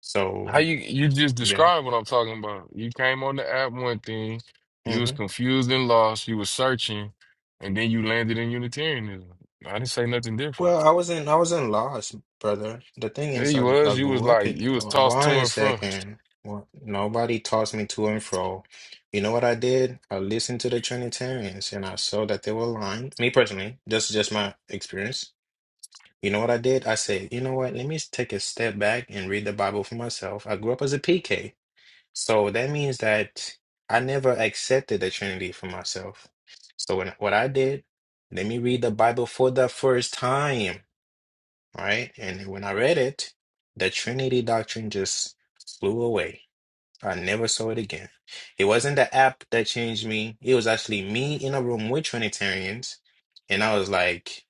[SPEAKER 16] So,
[SPEAKER 14] How you you just
[SPEAKER 16] yeah.
[SPEAKER 14] described what I'm talking about. You came on the app one thing, you was
[SPEAKER 16] hmm
[SPEAKER 14] confused and lost, you was searching, and then you landed in Unitarianism. I didn't say nothing different.
[SPEAKER 16] Well, I wasn't, I wasn't lost, brother. The thing
[SPEAKER 14] Yeah,
[SPEAKER 16] is,
[SPEAKER 14] you
[SPEAKER 16] I, I
[SPEAKER 14] was. You was
[SPEAKER 16] grew up
[SPEAKER 14] like
[SPEAKER 16] in,
[SPEAKER 14] you
[SPEAKER 16] uh,
[SPEAKER 14] was tossed to
[SPEAKER 16] one
[SPEAKER 14] and fro.
[SPEAKER 16] second. Well, nobody tossed me to and fro. You know what I did? I listened to the Trinitarians and I saw that they were lying. Me personally, that's just my experience. You know what I did? I said, you know what? Let me s- take a step back and read the Bible for myself. I grew up as a PK. So that means that I never accepted the Trinity for myself. So when, what I did, let me read the Bible for the first time, right? And when I read it, the Trinity doctrine just flew away. I never saw it again. It wasn't the app that changed me. It was actually me in a room with Trinitarians. And I was like,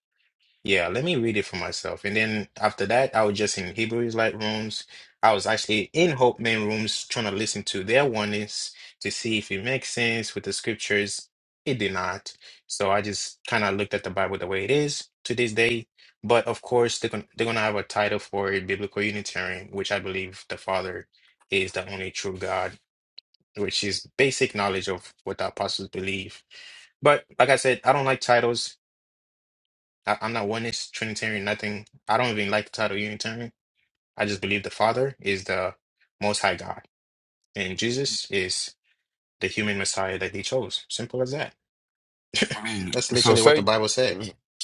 [SPEAKER 16] yeah, let me read it for myself. And then after that, I was just in Hebrew Israelite rooms. I was actually in Hope Men rooms trying to listen to their oneness to see if it makes sense with the scriptures. It did not. So I just kind of looked at the Bible the way it is to this day. But of course, they're gonna, they're gonna have a title for it, Biblical Unitarian, which I believe the Father is the only true God, which is basic knowledge of what the apostles believe. But like I said, I don't like titles. I, I'm not oneness, Trinitarian, nothing. I don't even like the title Unitarian. I just believe the Father is the Most High God, and Jesus is the human Messiah that He chose. Simple as that.
[SPEAKER 14] I mean,
[SPEAKER 16] That's
[SPEAKER 14] so
[SPEAKER 16] literally what the
[SPEAKER 14] say
[SPEAKER 16] Bible said.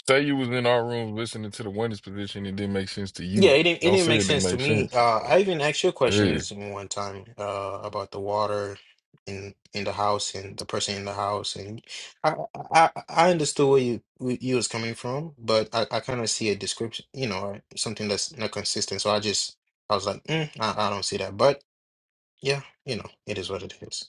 [SPEAKER 14] say you was in our room listening to the oneness position, it didn't make sense to
[SPEAKER 16] Yeah,
[SPEAKER 14] you.
[SPEAKER 16] it didn't, it
[SPEAKER 14] Don't
[SPEAKER 16] didn't
[SPEAKER 14] say
[SPEAKER 16] make
[SPEAKER 14] it didn't
[SPEAKER 16] sense to
[SPEAKER 14] make
[SPEAKER 16] me.
[SPEAKER 14] sense.
[SPEAKER 16] Uh, I even asked you
[SPEAKER 14] Yeah,
[SPEAKER 16] questions one time uh, about the water in in the house and the person in the house, and I I, I understood where you where you was coming from, but I, I kind of see a description, you know, something that's not consistent. So I just I was like, mm, I, I don't see that, but yeah, you know, it is what it is.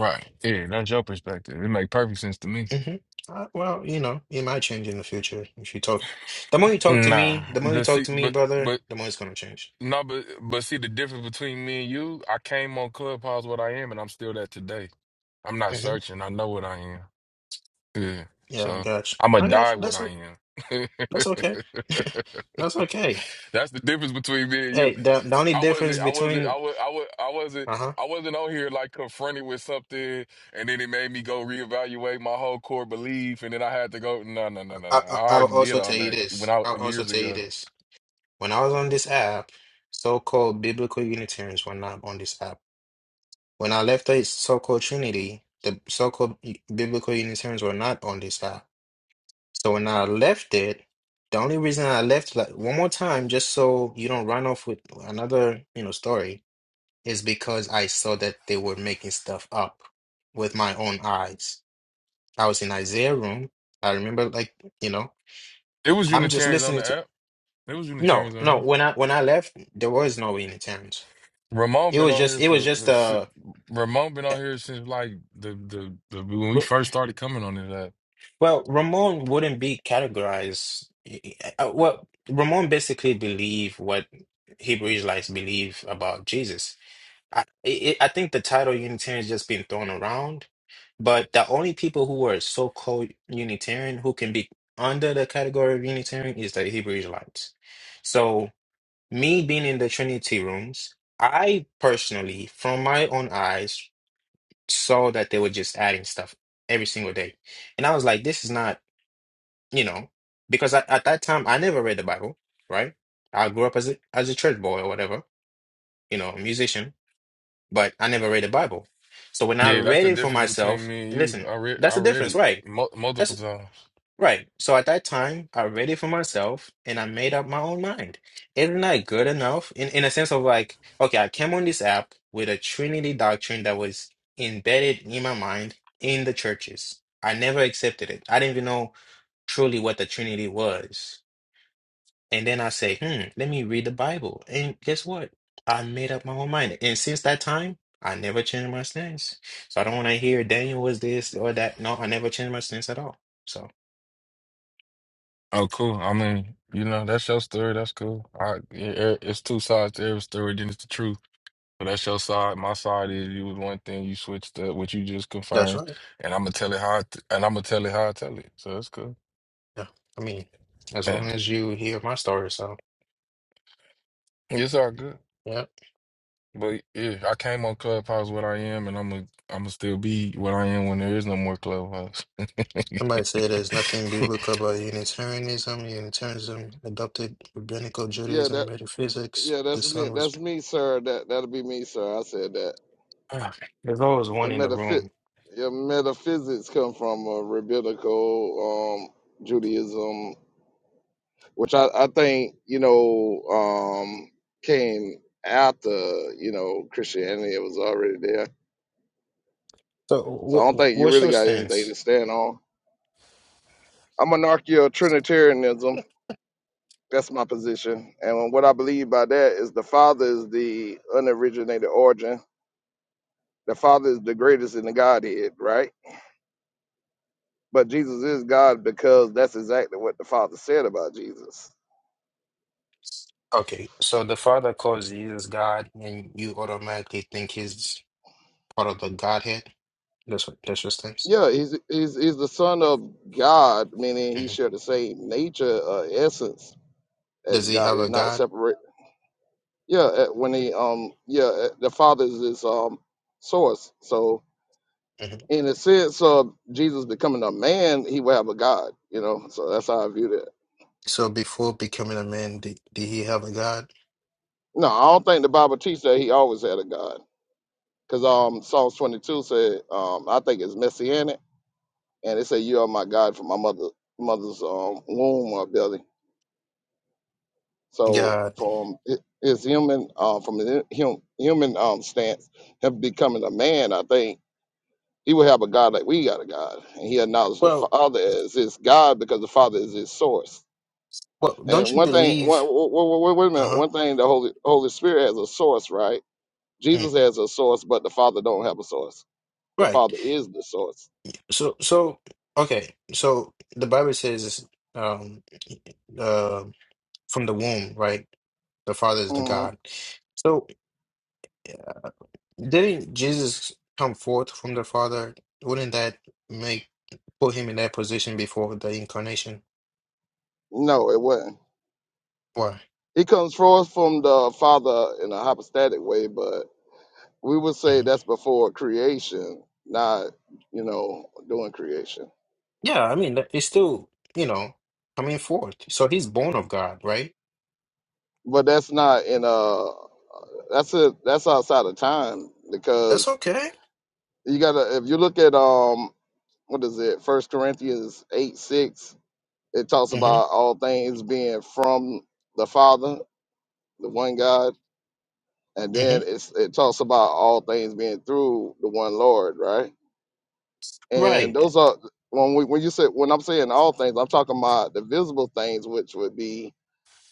[SPEAKER 14] right. Yeah, that's your perspective. It make perfect sense to me.
[SPEAKER 16] Mm-hmm. Uh, well, you know, it might change in the future if you talk. The more you talk to
[SPEAKER 14] Nah,
[SPEAKER 16] me, the more you
[SPEAKER 14] the
[SPEAKER 16] talk
[SPEAKER 14] see,
[SPEAKER 16] to me,
[SPEAKER 14] but but
[SPEAKER 16] brother, the more it's gonna change.
[SPEAKER 14] No, but but see the difference between me and you, I came on Clubhouse what I am and I'm still that today. I'm not
[SPEAKER 16] Mm-hmm.
[SPEAKER 14] searching. I know what I am. Yeah.
[SPEAKER 16] Yeah, I
[SPEAKER 14] So
[SPEAKER 16] got you.
[SPEAKER 14] I'ma
[SPEAKER 16] I got
[SPEAKER 14] die
[SPEAKER 16] you.
[SPEAKER 14] what
[SPEAKER 16] That's
[SPEAKER 14] I
[SPEAKER 16] o-
[SPEAKER 14] am.
[SPEAKER 16] that's okay. That's okay.
[SPEAKER 14] That's the difference between me and you.
[SPEAKER 16] Hey, the the only
[SPEAKER 14] I
[SPEAKER 16] difference
[SPEAKER 14] wasn't, I wasn't, I
[SPEAKER 16] between
[SPEAKER 14] was, I was, I wasn't,
[SPEAKER 16] uh-huh.
[SPEAKER 14] I wasn't on here like confronted with something, and then it made me go reevaluate my whole core belief, and then I had to go, no, no, no, no,
[SPEAKER 16] I,
[SPEAKER 14] no.
[SPEAKER 16] I
[SPEAKER 14] I
[SPEAKER 16] I'll
[SPEAKER 14] already did
[SPEAKER 16] also
[SPEAKER 14] all
[SPEAKER 16] tell you
[SPEAKER 14] that when
[SPEAKER 16] this.
[SPEAKER 14] I
[SPEAKER 16] I'll also
[SPEAKER 14] years
[SPEAKER 16] tell you
[SPEAKER 14] ago.
[SPEAKER 16] this. When I was on this app, so-called biblical Unitarians were not on this app. When I left the so-called Trinity, the so-called u- biblical Unitarians were not on this app. So when I left it, the only reason I left like one more time, just so you don't run off with another, you know, story. is because I saw that they were making stuff up with my own eyes. I was in Isaiah room. I remember like, you know,
[SPEAKER 14] It was
[SPEAKER 16] I'm just
[SPEAKER 14] Unitarians on
[SPEAKER 16] listening
[SPEAKER 14] the
[SPEAKER 16] to
[SPEAKER 14] app. There was
[SPEAKER 16] No,
[SPEAKER 14] Unitarians on
[SPEAKER 16] no,
[SPEAKER 14] here.
[SPEAKER 16] when I when I left, there was no Unitarians.
[SPEAKER 14] Ramon
[SPEAKER 16] It
[SPEAKER 14] been
[SPEAKER 16] was
[SPEAKER 14] on
[SPEAKER 16] just
[SPEAKER 14] here
[SPEAKER 16] it was
[SPEAKER 14] for
[SPEAKER 16] just
[SPEAKER 14] si-
[SPEAKER 16] uh
[SPEAKER 14] Ramon been on here since like the the, the when we
[SPEAKER 16] Ra-
[SPEAKER 14] first started coming on this app.
[SPEAKER 16] well, Ramon wouldn't be categorized. uh, uh, Well, Ramon basically believed what Hebrew Israelites believe about Jesus. I, it, I think the title Unitarian has just been thrown around But the only people who are so-called Unitarian who can be under the category of Unitarian is the Hebrew Israelites. So, me being in the Trinity rooms, I personally, from my own eyes, saw that they were just adding stuff every single day. And I was like, this is not, you know, because at, at that time I never read the Bible, right? I grew up as a as a church boy or whatever, you know, a musician but I never read the Bible. So when I
[SPEAKER 14] Yeah, that's
[SPEAKER 16] read
[SPEAKER 14] the
[SPEAKER 16] it for
[SPEAKER 14] difference between
[SPEAKER 16] myself,
[SPEAKER 14] me and you.
[SPEAKER 16] listen,
[SPEAKER 14] I read
[SPEAKER 16] that's
[SPEAKER 14] I
[SPEAKER 16] the
[SPEAKER 14] read
[SPEAKER 16] difference,
[SPEAKER 14] it
[SPEAKER 16] right?
[SPEAKER 14] mul multiple
[SPEAKER 16] That's
[SPEAKER 14] times.
[SPEAKER 16] right. So at that time, I read it for myself and I made up my own mind. Isn't that good enough? In in a sense of like, okay, I came on this app with a Trinity doctrine that was embedded in my mind in the churches. I never accepted it. I didn't even know truly what the Trinity was. And then I say, hmm, let me read the Bible. And guess what? I made up my own mind. And since that time, I never changed my stance. So I don't want to hear Daniel was this or that. No, I never changed my stance at all. So,
[SPEAKER 14] Oh, cool. I mean, you know, that's your story. That's cool. I it, it- it's two sides to every story. Then it's the truth. So that's your side. My side is you was one thing. You switched up what you just
[SPEAKER 16] That's
[SPEAKER 14] confirmed,
[SPEAKER 16] right.
[SPEAKER 14] and I'm gonna tell it how. I t- and I'm gonna tell it how I tell it. So that's cool.
[SPEAKER 16] yeah, I mean, as long
[SPEAKER 14] Yeah,
[SPEAKER 16] as you hear my story. So,
[SPEAKER 14] it's all good.
[SPEAKER 16] yeah.
[SPEAKER 14] But yeah, I came on Clubhouse what I am, and I'm a, I'm gonna still be what I am when there is no more Clubhouse.
[SPEAKER 16] Somebody say there's nothing biblical about Unitarianism. Unitarianism adopted rabbinical
[SPEAKER 18] Yeah,
[SPEAKER 16] Judaism,
[SPEAKER 18] that
[SPEAKER 16] metaphysics.
[SPEAKER 18] yeah,
[SPEAKER 16] The
[SPEAKER 18] that's me.
[SPEAKER 16] sun was.
[SPEAKER 18] That's me, sir. That that'll be me, sir. I said that.
[SPEAKER 16] Ah, There's always one
[SPEAKER 18] It
[SPEAKER 16] in the
[SPEAKER 18] metaphy-
[SPEAKER 16] room.
[SPEAKER 18] yeah, metaphysics come from a rabbinical um Judaism, which I, I think, you know, um came after, you know, Christianity. It was already there.
[SPEAKER 16] So,
[SPEAKER 18] So I don't
[SPEAKER 16] Wh- wh-
[SPEAKER 18] think you
[SPEAKER 16] what's
[SPEAKER 18] really
[SPEAKER 16] your
[SPEAKER 18] got
[SPEAKER 16] stance?
[SPEAKER 18] anything to stand on. I'm monarchical Trinitarianism. That's my position. And what I believe by that is the Father is the unoriginated origin The Father is the greatest in the Godhead, right? But Jesus is God because that's exactly what the Father said about Jesus.
[SPEAKER 16] Okay, so the Father calls Jesus God, and you automatically think he's part of the Godhead. That's what that's your stance.
[SPEAKER 18] Yeah, he's he's, he's the Son of God, meaning he
[SPEAKER 16] hmm
[SPEAKER 18] shared the same nature, uh, essence
[SPEAKER 16] Does
[SPEAKER 18] as
[SPEAKER 16] he
[SPEAKER 18] God.
[SPEAKER 16] have
[SPEAKER 18] Is
[SPEAKER 16] a
[SPEAKER 18] not
[SPEAKER 16] God?
[SPEAKER 18] separate. Yeah, uh, when he um yeah, uh, the Father is his um source. So
[SPEAKER 16] hmm
[SPEAKER 18] in the sense of Jesus becoming a man, he will have a God. You know, so that's how I view that.
[SPEAKER 16] So before becoming a man, did, did he have a God?
[SPEAKER 18] No, I don't think the Bible teaches that he always had a God. Because um, Psalms 22 said, um, I think it's messianic, and it said, "You are my God from my mother mother's um, womb or belly." So
[SPEAKER 16] God.
[SPEAKER 18] from hi- his human, uh, from his hum, human um, stance, him becoming a man, I think he would have a God like we got a God, and he acknowledged the
[SPEAKER 16] Well,
[SPEAKER 18] Father as his God because the Father is his source.
[SPEAKER 16] well,
[SPEAKER 18] And
[SPEAKER 16] don't you
[SPEAKER 18] one thing, one,
[SPEAKER 16] believe?
[SPEAKER 18] wait, wait, wait a minute,
[SPEAKER 16] Uh-huh.
[SPEAKER 18] one thing, the Holy Holy Spirit has a source, right?
[SPEAKER 16] Mm.
[SPEAKER 18] Jesus has a source, but the Father don't have a source. The
[SPEAKER 16] Right.
[SPEAKER 18] Father is the source.
[SPEAKER 16] So, so okay. So the Bible says, um, uh, from the womb, right? The Father is the
[SPEAKER 18] Mm-hmm.
[SPEAKER 16] God. So. Didn't Jesus come forth from the Father? Wouldn't that make put him in that position before the incarnation?
[SPEAKER 18] No, it wasn't.
[SPEAKER 16] Why?
[SPEAKER 18] He comes forth from the Father in a hypostatic way, but we would say
[SPEAKER 16] hmm
[SPEAKER 18] that's before creation, not you know doing creation.
[SPEAKER 16] Yeah, I mean, that- it's still, you know, coming forth. So he's born of God, right?
[SPEAKER 18] But that's not in uh that's it that's outside of time
[SPEAKER 16] That's
[SPEAKER 18] because
[SPEAKER 16] okay.
[SPEAKER 18] you gotta if you look at um what is it First Corinthians eight six it talks
[SPEAKER 16] hmm
[SPEAKER 18] about all things being from the Father, the one God, and
[SPEAKER 16] hmm
[SPEAKER 18] then it's it talks about all things being through the one Lord, right? And
[SPEAKER 16] Right,
[SPEAKER 18] those are when we when you said when I'm saying all things, I'm talking about the visible things, which would be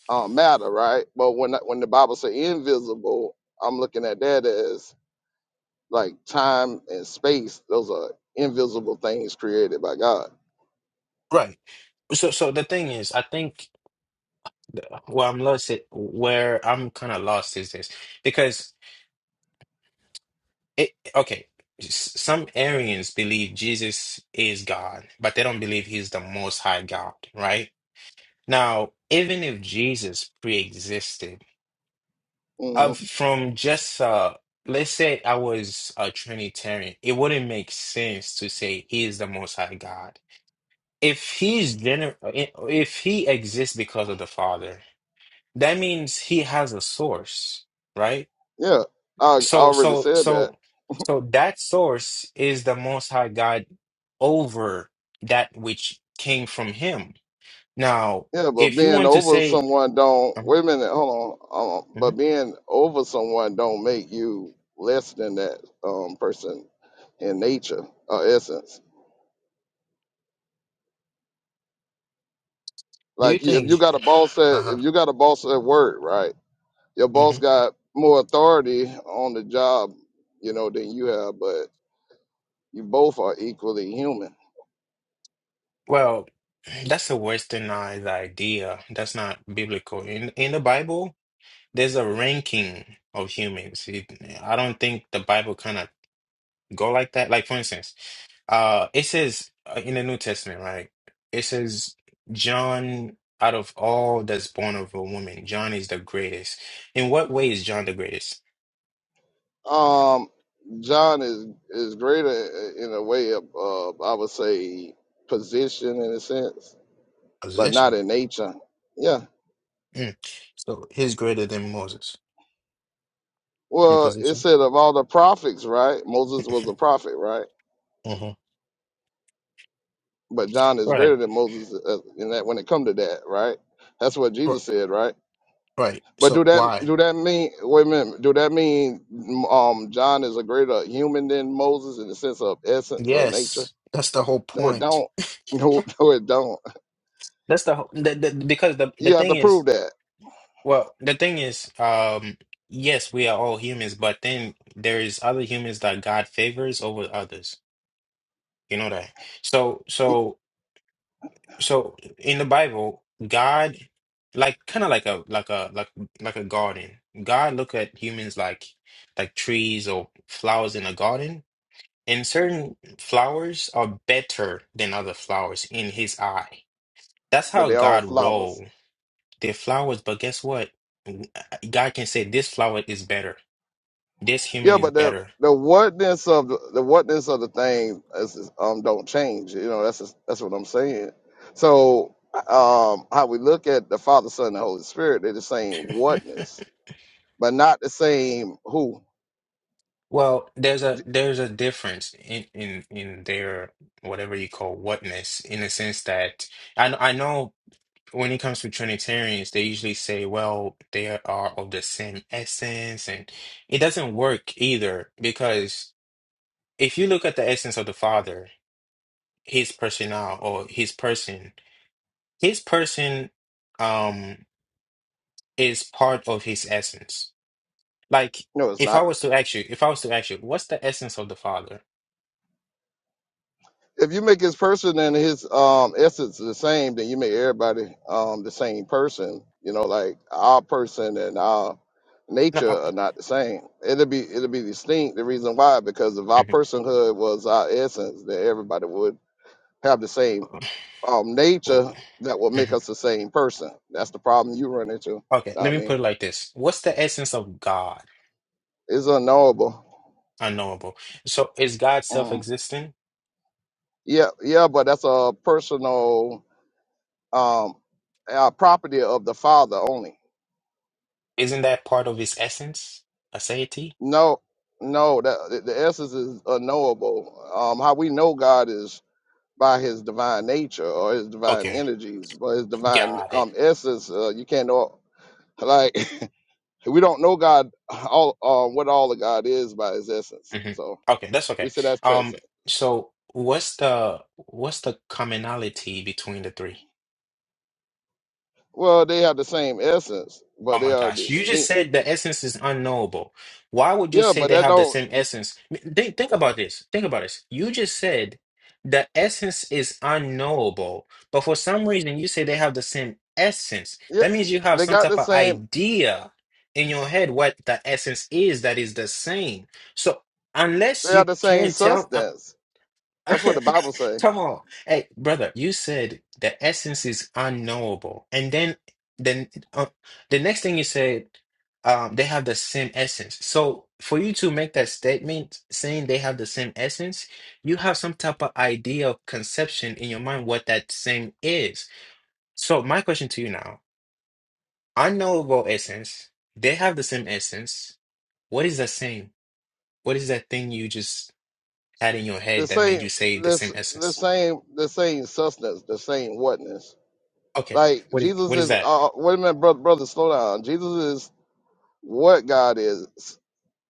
[SPEAKER 18] um, matter, right? But when when the Bible says invisible, I'm looking at that as like time and space. Those are invisible things created by God.
[SPEAKER 16] right. So, so the thing is, I think where I'm lost, it, where I'm kind of lost is this because it. Okay, s- some Arians believe Jesus is God, but they don't believe he's the Most High God, right? Now, even if Jesus pre-existed, uh,
[SPEAKER 18] hmm
[SPEAKER 16] from just uh, let's say I was a Trinitarian, it wouldn't make sense to say he is the Most High God. If he's gener eh, if he exists because of the Father, that means he has a source, right?
[SPEAKER 18] Yeah, I, I
[SPEAKER 16] So,
[SPEAKER 18] already
[SPEAKER 16] so,
[SPEAKER 18] said that.
[SPEAKER 16] so, so that source is the Most High God over that which came from him. Now,
[SPEAKER 18] Yeah, but
[SPEAKER 16] if you
[SPEAKER 18] being
[SPEAKER 16] want to
[SPEAKER 18] over
[SPEAKER 16] say,
[SPEAKER 18] someone don't
[SPEAKER 16] Mhm,
[SPEAKER 18] wait a minute, hold on. Um,
[SPEAKER 16] mhm.
[SPEAKER 18] but being over someone don't make you less than that um, person in nature or essence.
[SPEAKER 16] Do you
[SPEAKER 18] Like you- if you
[SPEAKER 16] think?
[SPEAKER 18] got a boss at
[SPEAKER 16] Uh-huh.
[SPEAKER 18] if you got a boss at work, right? Your
[SPEAKER 16] hmm
[SPEAKER 18] boss got more authority on the job, you know, than you have, but you both are equally human.
[SPEAKER 16] Well, that's a westernized idea. That's not biblical. In in the Bible, there's a ranking of humans. It, I don't think the Bible kind of go like that. Like for instance, uh, it says uh, in the New Testament, right? It says John, out of all that's born of a woman, John is the greatest. In what way is John the greatest?
[SPEAKER 18] Um, John is is greater i- in a way of uh, I would say position in a sense, but not
[SPEAKER 16] Position.
[SPEAKER 18] in nature. Yeah.
[SPEAKER 16] Mm. So he's greater than Moses in
[SPEAKER 18] Well, it
[SPEAKER 16] position.
[SPEAKER 18] said of all the prophets, right? Moses was a prophet, right?
[SPEAKER 16] hmm
[SPEAKER 18] But John is
[SPEAKER 16] Right.
[SPEAKER 18] greater than Moses uh, in that when it come to that, right? That's what Jesus said, right?
[SPEAKER 16] Right.
[SPEAKER 18] But do
[SPEAKER 16] So
[SPEAKER 18] that
[SPEAKER 16] why?
[SPEAKER 18] do that mean wait a minute? Do that mean um John is a greater human than Moses in the sense of essence or nature?
[SPEAKER 16] Yes, that's the whole
[SPEAKER 18] No, it
[SPEAKER 16] point.
[SPEAKER 18] don't. No, no, it don't.
[SPEAKER 16] That's the, whole- the, the because the the
[SPEAKER 18] You have to
[SPEAKER 16] thing is,
[SPEAKER 18] prove that.
[SPEAKER 16] well, the thing is, um, yes, we are all humans, but then there is other humans that God favors over others. You know that. So so so in the Bible, God like kind of like a like a like like a garden. God look at humans like like trees or flowers in a garden. And certain flowers are better than other flowers in his eye. That's
[SPEAKER 18] But
[SPEAKER 16] how
[SPEAKER 18] they're all
[SPEAKER 16] God
[SPEAKER 18] flowers.
[SPEAKER 16] roll the flowers. But guess what? God can say this flower is better. This human
[SPEAKER 18] Yeah,
[SPEAKER 16] is
[SPEAKER 18] but the
[SPEAKER 16] better.
[SPEAKER 18] the whatness of the, the whatness of the thing is, um don't change. You know that's just, that's what I'm saying. So um how we look at the Father, Son, and Holy Spirit, they're the same whatness, but not the same who.
[SPEAKER 16] Well, there's a there's a difference in in in their whatever you call whatness in the sense that I kn- I know when it comes to Trinitarians, they usually say, well, they are of the same essence, and it doesn't work either because. if you look at the essence of the father his personnel or his person his person um is part of his essence like
[SPEAKER 18] No, it's
[SPEAKER 16] if
[SPEAKER 18] not.
[SPEAKER 16] i was to ask you if i was to ask you what's the essence of the father
[SPEAKER 18] if you make his person and his um essence the same, then you make everybody um the same person. You know, like our person and our
[SPEAKER 16] no,
[SPEAKER 18] nature
[SPEAKER 16] uh,
[SPEAKER 18] are not the same. It'll be it'll be distinct. The reason why because if our
[SPEAKER 16] mhm.
[SPEAKER 18] personhood was our essence, then everybody would have the same um
[SPEAKER 16] Oh,
[SPEAKER 18] nature that will make
[SPEAKER 16] mhm.
[SPEAKER 18] us the same person. That's the problem you run into.
[SPEAKER 16] okay let
[SPEAKER 18] Not
[SPEAKER 16] me put
[SPEAKER 18] me.
[SPEAKER 16] it like this what's the essence of god
[SPEAKER 18] It's unknowable.
[SPEAKER 16] unknowable so is god
[SPEAKER 18] Um,
[SPEAKER 16] self-existent
[SPEAKER 18] yeah, yeah, but that's a personal um uh, property of the father only.
[SPEAKER 16] isn't that part of his essence aseity
[SPEAKER 18] No, no, that the the essence is unknowable. Um, how we know God is by his divine nature or his divine
[SPEAKER 16] okay
[SPEAKER 18] energies, but his divine
[SPEAKER 16] got it
[SPEAKER 18] um essence, uh, you can't know like we don't know God all um what all of God is by his essence.
[SPEAKER 16] hmm
[SPEAKER 18] So
[SPEAKER 16] Okay, that's
[SPEAKER 18] we
[SPEAKER 16] okay.
[SPEAKER 18] say that's
[SPEAKER 16] Um,
[SPEAKER 18] transcendent.
[SPEAKER 16] so what's the what's the commonality between the three?
[SPEAKER 18] Well, they have the same essence, but
[SPEAKER 16] Oh
[SPEAKER 18] they
[SPEAKER 16] my
[SPEAKER 18] are
[SPEAKER 16] gosh, you just
[SPEAKER 18] distinct.
[SPEAKER 16] said the essence is unknowable. Why would you
[SPEAKER 18] Yeah,
[SPEAKER 16] say
[SPEAKER 18] but
[SPEAKER 16] they
[SPEAKER 18] that
[SPEAKER 16] have the
[SPEAKER 18] don't
[SPEAKER 16] same essence? Think think about this. Think about this. You just said the essence is unknowable, but for some reason you say they have the same essence.
[SPEAKER 18] yeah,
[SPEAKER 16] That means you have
[SPEAKER 18] they
[SPEAKER 16] some
[SPEAKER 18] got
[SPEAKER 16] type
[SPEAKER 18] the
[SPEAKER 16] of
[SPEAKER 18] same
[SPEAKER 16] idea in your head what the essence is that is the same. So unless
[SPEAKER 18] they
[SPEAKER 16] you
[SPEAKER 18] have the same
[SPEAKER 16] can tell. uh,
[SPEAKER 18] substance. That's what the Bible say.
[SPEAKER 16] Come on. Hey, brother, you said the essence is unknowable. And then then uh, the next thing you said, um, they have the same essence. So for you to make that statement saying they have the same essence, you have some type of idea of conception in your mind what that same is. So my question to you now, unknowable essence, they have the same essence. What is the same? What is that thing you just had in your
[SPEAKER 18] the
[SPEAKER 16] head that made
[SPEAKER 18] same
[SPEAKER 16] you say the
[SPEAKER 18] this
[SPEAKER 16] same
[SPEAKER 18] the
[SPEAKER 16] essence?
[SPEAKER 18] same the same substance, the same whatness.
[SPEAKER 16] Okay.
[SPEAKER 18] Like
[SPEAKER 16] What is
[SPEAKER 18] Jesus
[SPEAKER 16] what is
[SPEAKER 18] is
[SPEAKER 16] that?
[SPEAKER 18] uh, wait a minute, brother brother, slow down. Jesus is what God is,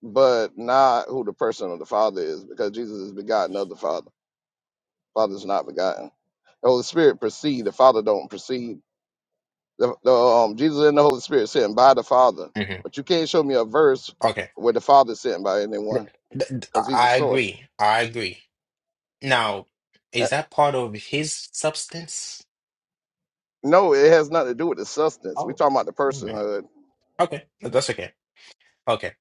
[SPEAKER 18] but not who the person of the Father is, because Jesus is begotten of the Father. Father is not begotten. The Holy Spirit proceed, the Father don't proceed. The, the um Jesus and the Holy Spirit sent by the Father.
[SPEAKER 16] hmm
[SPEAKER 18] But you can't show me a verse
[SPEAKER 16] Okay.
[SPEAKER 18] where the Father is sent by
[SPEAKER 16] Th-
[SPEAKER 18] anyone,
[SPEAKER 16] th- th-
[SPEAKER 18] because he's the
[SPEAKER 16] I
[SPEAKER 18] source.
[SPEAKER 16] agree. I agree. Now,
[SPEAKER 18] Uh,
[SPEAKER 16] is that part of his substance?
[SPEAKER 18] No, it has nothing to do with the substance. we
[SPEAKER 16] Oh.
[SPEAKER 18] talking about the
[SPEAKER 16] Hmm.
[SPEAKER 18] personhood.
[SPEAKER 16] Okay. Th- That's okay. Okay.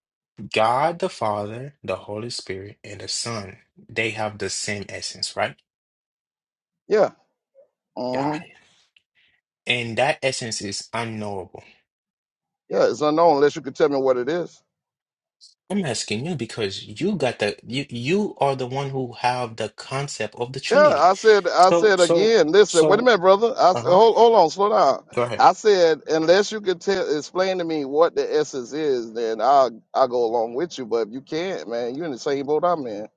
[SPEAKER 16] God the Father, the Holy Spirit, and the Son, they have the same essence, right?
[SPEAKER 18] Yeah,
[SPEAKER 16] Got
[SPEAKER 18] hmm
[SPEAKER 16] it. And that essence is unknowable.
[SPEAKER 18] Yeah, it's unknown unless you can tell me what it is.
[SPEAKER 16] I'm asking you because you got the you you are the one who have the concept of the
[SPEAKER 18] Yeah,
[SPEAKER 16] Trinity.
[SPEAKER 18] I said, I
[SPEAKER 16] So
[SPEAKER 18] said
[SPEAKER 16] so
[SPEAKER 18] again. Listen, wait a
[SPEAKER 16] so
[SPEAKER 18] minute, brother. I said,
[SPEAKER 16] uh-huh.
[SPEAKER 18] hold, hold on, slow down.
[SPEAKER 16] Go ahead.
[SPEAKER 18] I said, unless you can tell, explain to me what the essence is, then I'll, I'll go along with you. But if you can't, man, you're in the same boat I'm in.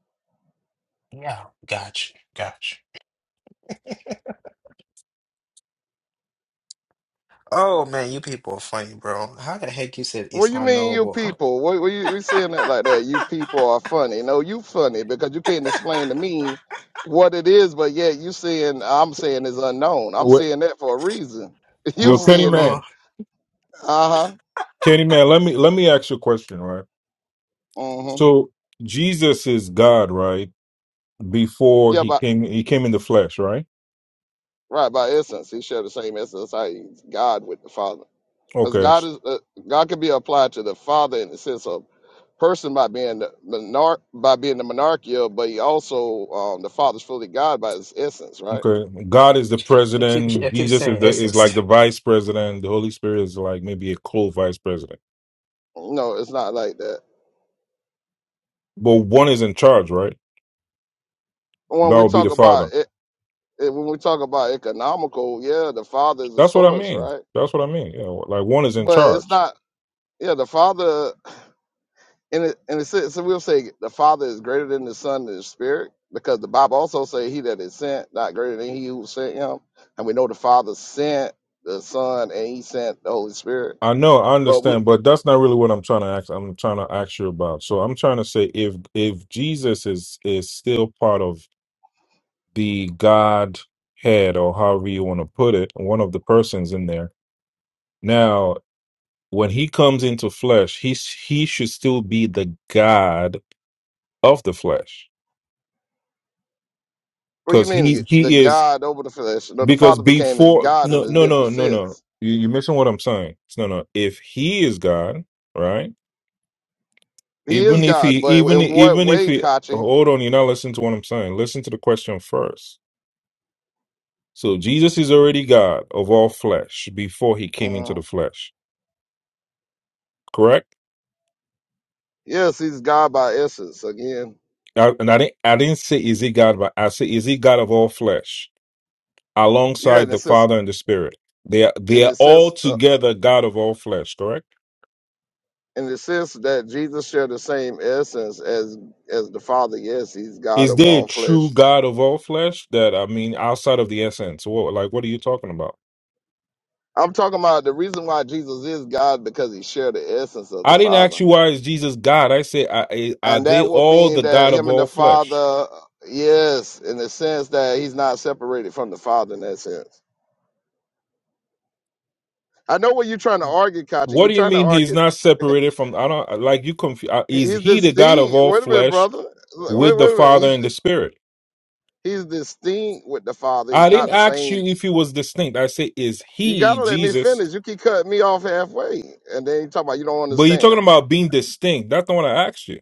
[SPEAKER 16] Yeah, gotcha, gotcha. Oh man, you people are funny, bro. How the heck you said it's
[SPEAKER 18] What you mean, you
[SPEAKER 16] unknowable?
[SPEAKER 18] people? What, what you we saying that like that? You people are funny. No, you funny because you can't explain to me what it is. But yet you saying I'm saying it's unknown. I'm
[SPEAKER 17] What
[SPEAKER 18] saying that for a reason. You
[SPEAKER 17] yo, Kenny
[SPEAKER 18] saying it?
[SPEAKER 16] oh,
[SPEAKER 17] man,
[SPEAKER 18] Uh
[SPEAKER 17] Kenny man, let me let me ask you a question, right?
[SPEAKER 18] huh.
[SPEAKER 17] So Jesus is God, right? Before
[SPEAKER 18] Yeah,
[SPEAKER 17] he
[SPEAKER 18] but
[SPEAKER 17] came, he came in the flesh, right?
[SPEAKER 18] right by essence, he shared the same essence as God with the Father, because
[SPEAKER 17] Okay,
[SPEAKER 18] God is uh, God can be applied to the Father in the sense of person by being the monarch by being the monarchia, but he also um, the Father's fully God by his essence, right?
[SPEAKER 17] okay. God is the
[SPEAKER 16] I keep I
[SPEAKER 17] president.
[SPEAKER 16] keep
[SPEAKER 17] Jesus is
[SPEAKER 16] saying
[SPEAKER 17] the is
[SPEAKER 16] essence.
[SPEAKER 17] like the vice president. The Holy Spirit is like maybe a co-vice president.
[SPEAKER 18] No, it's not like that.
[SPEAKER 17] But one is in charge, right?
[SPEAKER 18] When
[SPEAKER 17] God
[SPEAKER 18] we
[SPEAKER 17] will be
[SPEAKER 18] talk
[SPEAKER 17] the
[SPEAKER 18] about
[SPEAKER 17] father.
[SPEAKER 18] it, it- when we talk about economical, yeah, the Father is the
[SPEAKER 17] That's what I
[SPEAKER 18] source,
[SPEAKER 17] mean.
[SPEAKER 18] right?
[SPEAKER 17] That's what I mean. You know, like one is in
[SPEAKER 18] But it's
[SPEAKER 17] charge.
[SPEAKER 18] not. Yeah, the Father. and it, and it says, so we'll say the Father is greater than the Son and the Spirit, because the Bible also say He that is sent, not greater than He who sent Him. And we know the Father sent the Son, and He sent the Holy Spirit.
[SPEAKER 17] I know, I
[SPEAKER 18] But we,
[SPEAKER 17] understand, but that's not really what I'm trying to ask. I'm trying to ask you about. So I'm trying to say if if Jesus is is still part of the God head or however you want to put it, one of the persons in there. Now, when he comes into flesh, he's he should still be the God of the flesh
[SPEAKER 18] what do you
[SPEAKER 17] because
[SPEAKER 18] mean
[SPEAKER 17] he
[SPEAKER 18] the
[SPEAKER 17] he is
[SPEAKER 18] God over the flesh? No, the
[SPEAKER 17] Because
[SPEAKER 18] Father became His
[SPEAKER 17] before,
[SPEAKER 18] God in
[SPEAKER 17] no,
[SPEAKER 18] a
[SPEAKER 17] no,
[SPEAKER 18] different
[SPEAKER 17] no, no, no.
[SPEAKER 18] sense.
[SPEAKER 17] You, you're missing what I'm saying. No, no. If he is God, right?
[SPEAKER 18] He is
[SPEAKER 17] Even if
[SPEAKER 18] God,
[SPEAKER 17] he,
[SPEAKER 18] but
[SPEAKER 17] even
[SPEAKER 18] in what
[SPEAKER 17] even if
[SPEAKER 18] way,
[SPEAKER 17] he,
[SPEAKER 18] Kachi?
[SPEAKER 17] hold on, you're not listening to what I'm saying. Listen to the question first. So Jesus is already God of all flesh before he came into the
[SPEAKER 18] Mm,
[SPEAKER 17] flesh, correct?
[SPEAKER 18] Yes, He's God by essence again.
[SPEAKER 17] I, and I didn't, I didn't say is he God, but I say is he God of all flesh
[SPEAKER 18] Yeah, in
[SPEAKER 17] alongside
[SPEAKER 18] the
[SPEAKER 17] the
[SPEAKER 18] sense,
[SPEAKER 17] Father and the Spirit. They are,
[SPEAKER 18] in
[SPEAKER 17] they are
[SPEAKER 18] the
[SPEAKER 17] all
[SPEAKER 18] sense uh,
[SPEAKER 17] together God of all flesh, correct?
[SPEAKER 18] in the sense that Jesus shared the same essence as as the Father. Yes, he's God
[SPEAKER 17] Is
[SPEAKER 18] of
[SPEAKER 17] there a
[SPEAKER 18] all
[SPEAKER 17] true
[SPEAKER 18] flesh.
[SPEAKER 17] God of all flesh? That I mean, outside of the essence. What, like, what are you talking about?
[SPEAKER 18] I'm talking about the reason why Jesus is God because he shared the essence of the
[SPEAKER 17] I didn't ask
[SPEAKER 18] Father.
[SPEAKER 17] you why is Jesus God. I say, I- I- are
[SPEAKER 18] And
[SPEAKER 17] they
[SPEAKER 18] that would
[SPEAKER 17] all
[SPEAKER 18] mean
[SPEAKER 17] the
[SPEAKER 18] that
[SPEAKER 17] God of
[SPEAKER 18] him and the
[SPEAKER 17] all flesh?
[SPEAKER 18] Father, yes, in the sense that he's not separated from the Father in that sense. I know what you're trying to argue, Kachi.
[SPEAKER 17] What
[SPEAKER 18] You're
[SPEAKER 17] do you
[SPEAKER 18] trying to
[SPEAKER 17] mean he's
[SPEAKER 18] argue.
[SPEAKER 17] not separated from? I don't like you. Confu- uh, is
[SPEAKER 18] He's
[SPEAKER 17] he the God of
[SPEAKER 18] distinct.
[SPEAKER 17] all
[SPEAKER 18] Wait a minute,
[SPEAKER 17] flesh
[SPEAKER 18] brother.
[SPEAKER 17] with
[SPEAKER 18] Wait,
[SPEAKER 17] the
[SPEAKER 18] wait a minute.
[SPEAKER 17] Father
[SPEAKER 18] He's
[SPEAKER 17] and the Spirit?
[SPEAKER 18] he's distinct with the Father. He's
[SPEAKER 17] I
[SPEAKER 18] not
[SPEAKER 17] didn't
[SPEAKER 18] the
[SPEAKER 17] ask
[SPEAKER 18] same
[SPEAKER 17] you if he was distinct. I say, is
[SPEAKER 18] You
[SPEAKER 17] he
[SPEAKER 18] gotta let me
[SPEAKER 17] Jesus?
[SPEAKER 18] finish. You keep cutting me off halfway, and then you talk about you don't
[SPEAKER 17] But you're
[SPEAKER 18] understand.
[SPEAKER 17] talking about being distinct. That's not what I asked you.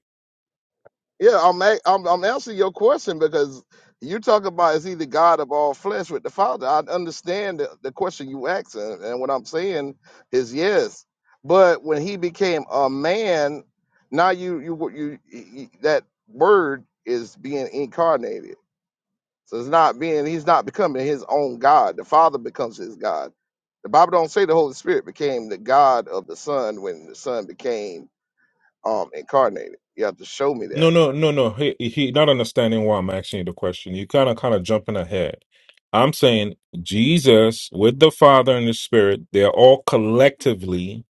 [SPEAKER 18] Yeah, I'm a- I'm, I'm answering your question because you talk about is he the God of all flesh with the Father. I understand the, the question you asked, and, and what I'm saying is yes. But when he became a man, now you you you, you that word is being incarnated. So it's not being he's not becoming his own God. The Father becomes his God. The Bible don't say the Holy Spirit became the God of the Son when the Son became um incarnated. You have to show me
[SPEAKER 17] No,
[SPEAKER 18] that.
[SPEAKER 17] no, no, no. He he not understanding why I'm asking you the question. You kind of kind of jumping ahead. I'm saying Jesus with the Father and the Spirit, they're all collectively,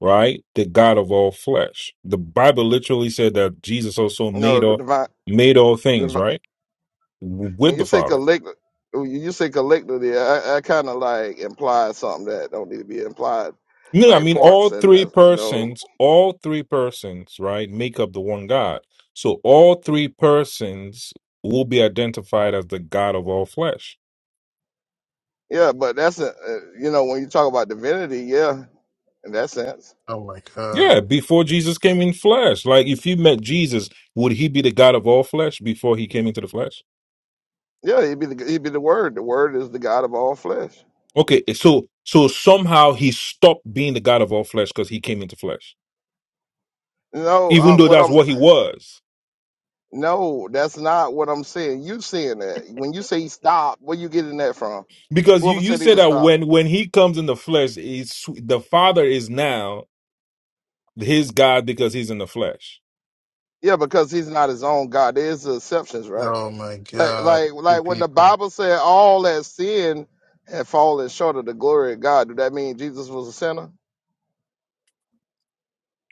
[SPEAKER 17] right? The God of all flesh. The Bible literally said that Jesus also
[SPEAKER 18] No,
[SPEAKER 17] made
[SPEAKER 18] the
[SPEAKER 17] all
[SPEAKER 18] divine,
[SPEAKER 17] made all things,
[SPEAKER 18] divi-
[SPEAKER 17] right?
[SPEAKER 18] when
[SPEAKER 17] With
[SPEAKER 18] you
[SPEAKER 17] the
[SPEAKER 18] say
[SPEAKER 17] Father.
[SPEAKER 18] collect when you say collectively, I, I kind of like imply something that don't need to be implied,
[SPEAKER 17] No, I
[SPEAKER 18] like
[SPEAKER 17] mean
[SPEAKER 18] parts
[SPEAKER 17] all
[SPEAKER 18] and
[SPEAKER 17] three
[SPEAKER 18] that's, you know,
[SPEAKER 17] persons, all three persons, right, make up the one God. So all three persons will be identified as the God of all flesh.
[SPEAKER 18] yeah. But that's a, uh, you know when you talk about divinity, yeah, in that sense,
[SPEAKER 16] Oh my
[SPEAKER 17] Yeah,
[SPEAKER 16] god.
[SPEAKER 17] before Jesus came in flesh. Like if you met Jesus, would he be the God of all flesh before he came into the flesh?
[SPEAKER 18] yeah, he'd be the, he'd be the Word. The Word is the God of all flesh.
[SPEAKER 17] Okay, so so somehow he stopped being the God of all flesh because he came into flesh.
[SPEAKER 18] No,
[SPEAKER 17] Even
[SPEAKER 18] uh,
[SPEAKER 17] though
[SPEAKER 18] what
[SPEAKER 17] that's
[SPEAKER 18] I'm
[SPEAKER 17] what he was.
[SPEAKER 18] no, that's not what I'm saying. You saying that when you say stop, where you getting that from?
[SPEAKER 17] Because you
[SPEAKER 18] Whoever
[SPEAKER 17] you
[SPEAKER 18] said he
[SPEAKER 17] said
[SPEAKER 18] was
[SPEAKER 17] that
[SPEAKER 18] stopped?
[SPEAKER 17] when when he comes in the flesh, is the Father is now his God because he's in the flesh.
[SPEAKER 18] Yeah, because he's not his own God. There's exceptions, right?
[SPEAKER 16] Oh my
[SPEAKER 18] Like,
[SPEAKER 16] god.
[SPEAKER 18] like,
[SPEAKER 16] You
[SPEAKER 18] like when the
[SPEAKER 16] people.
[SPEAKER 18] Bible said all that sin had fallen short of the glory of God. Do that mean Jesus was a sinner?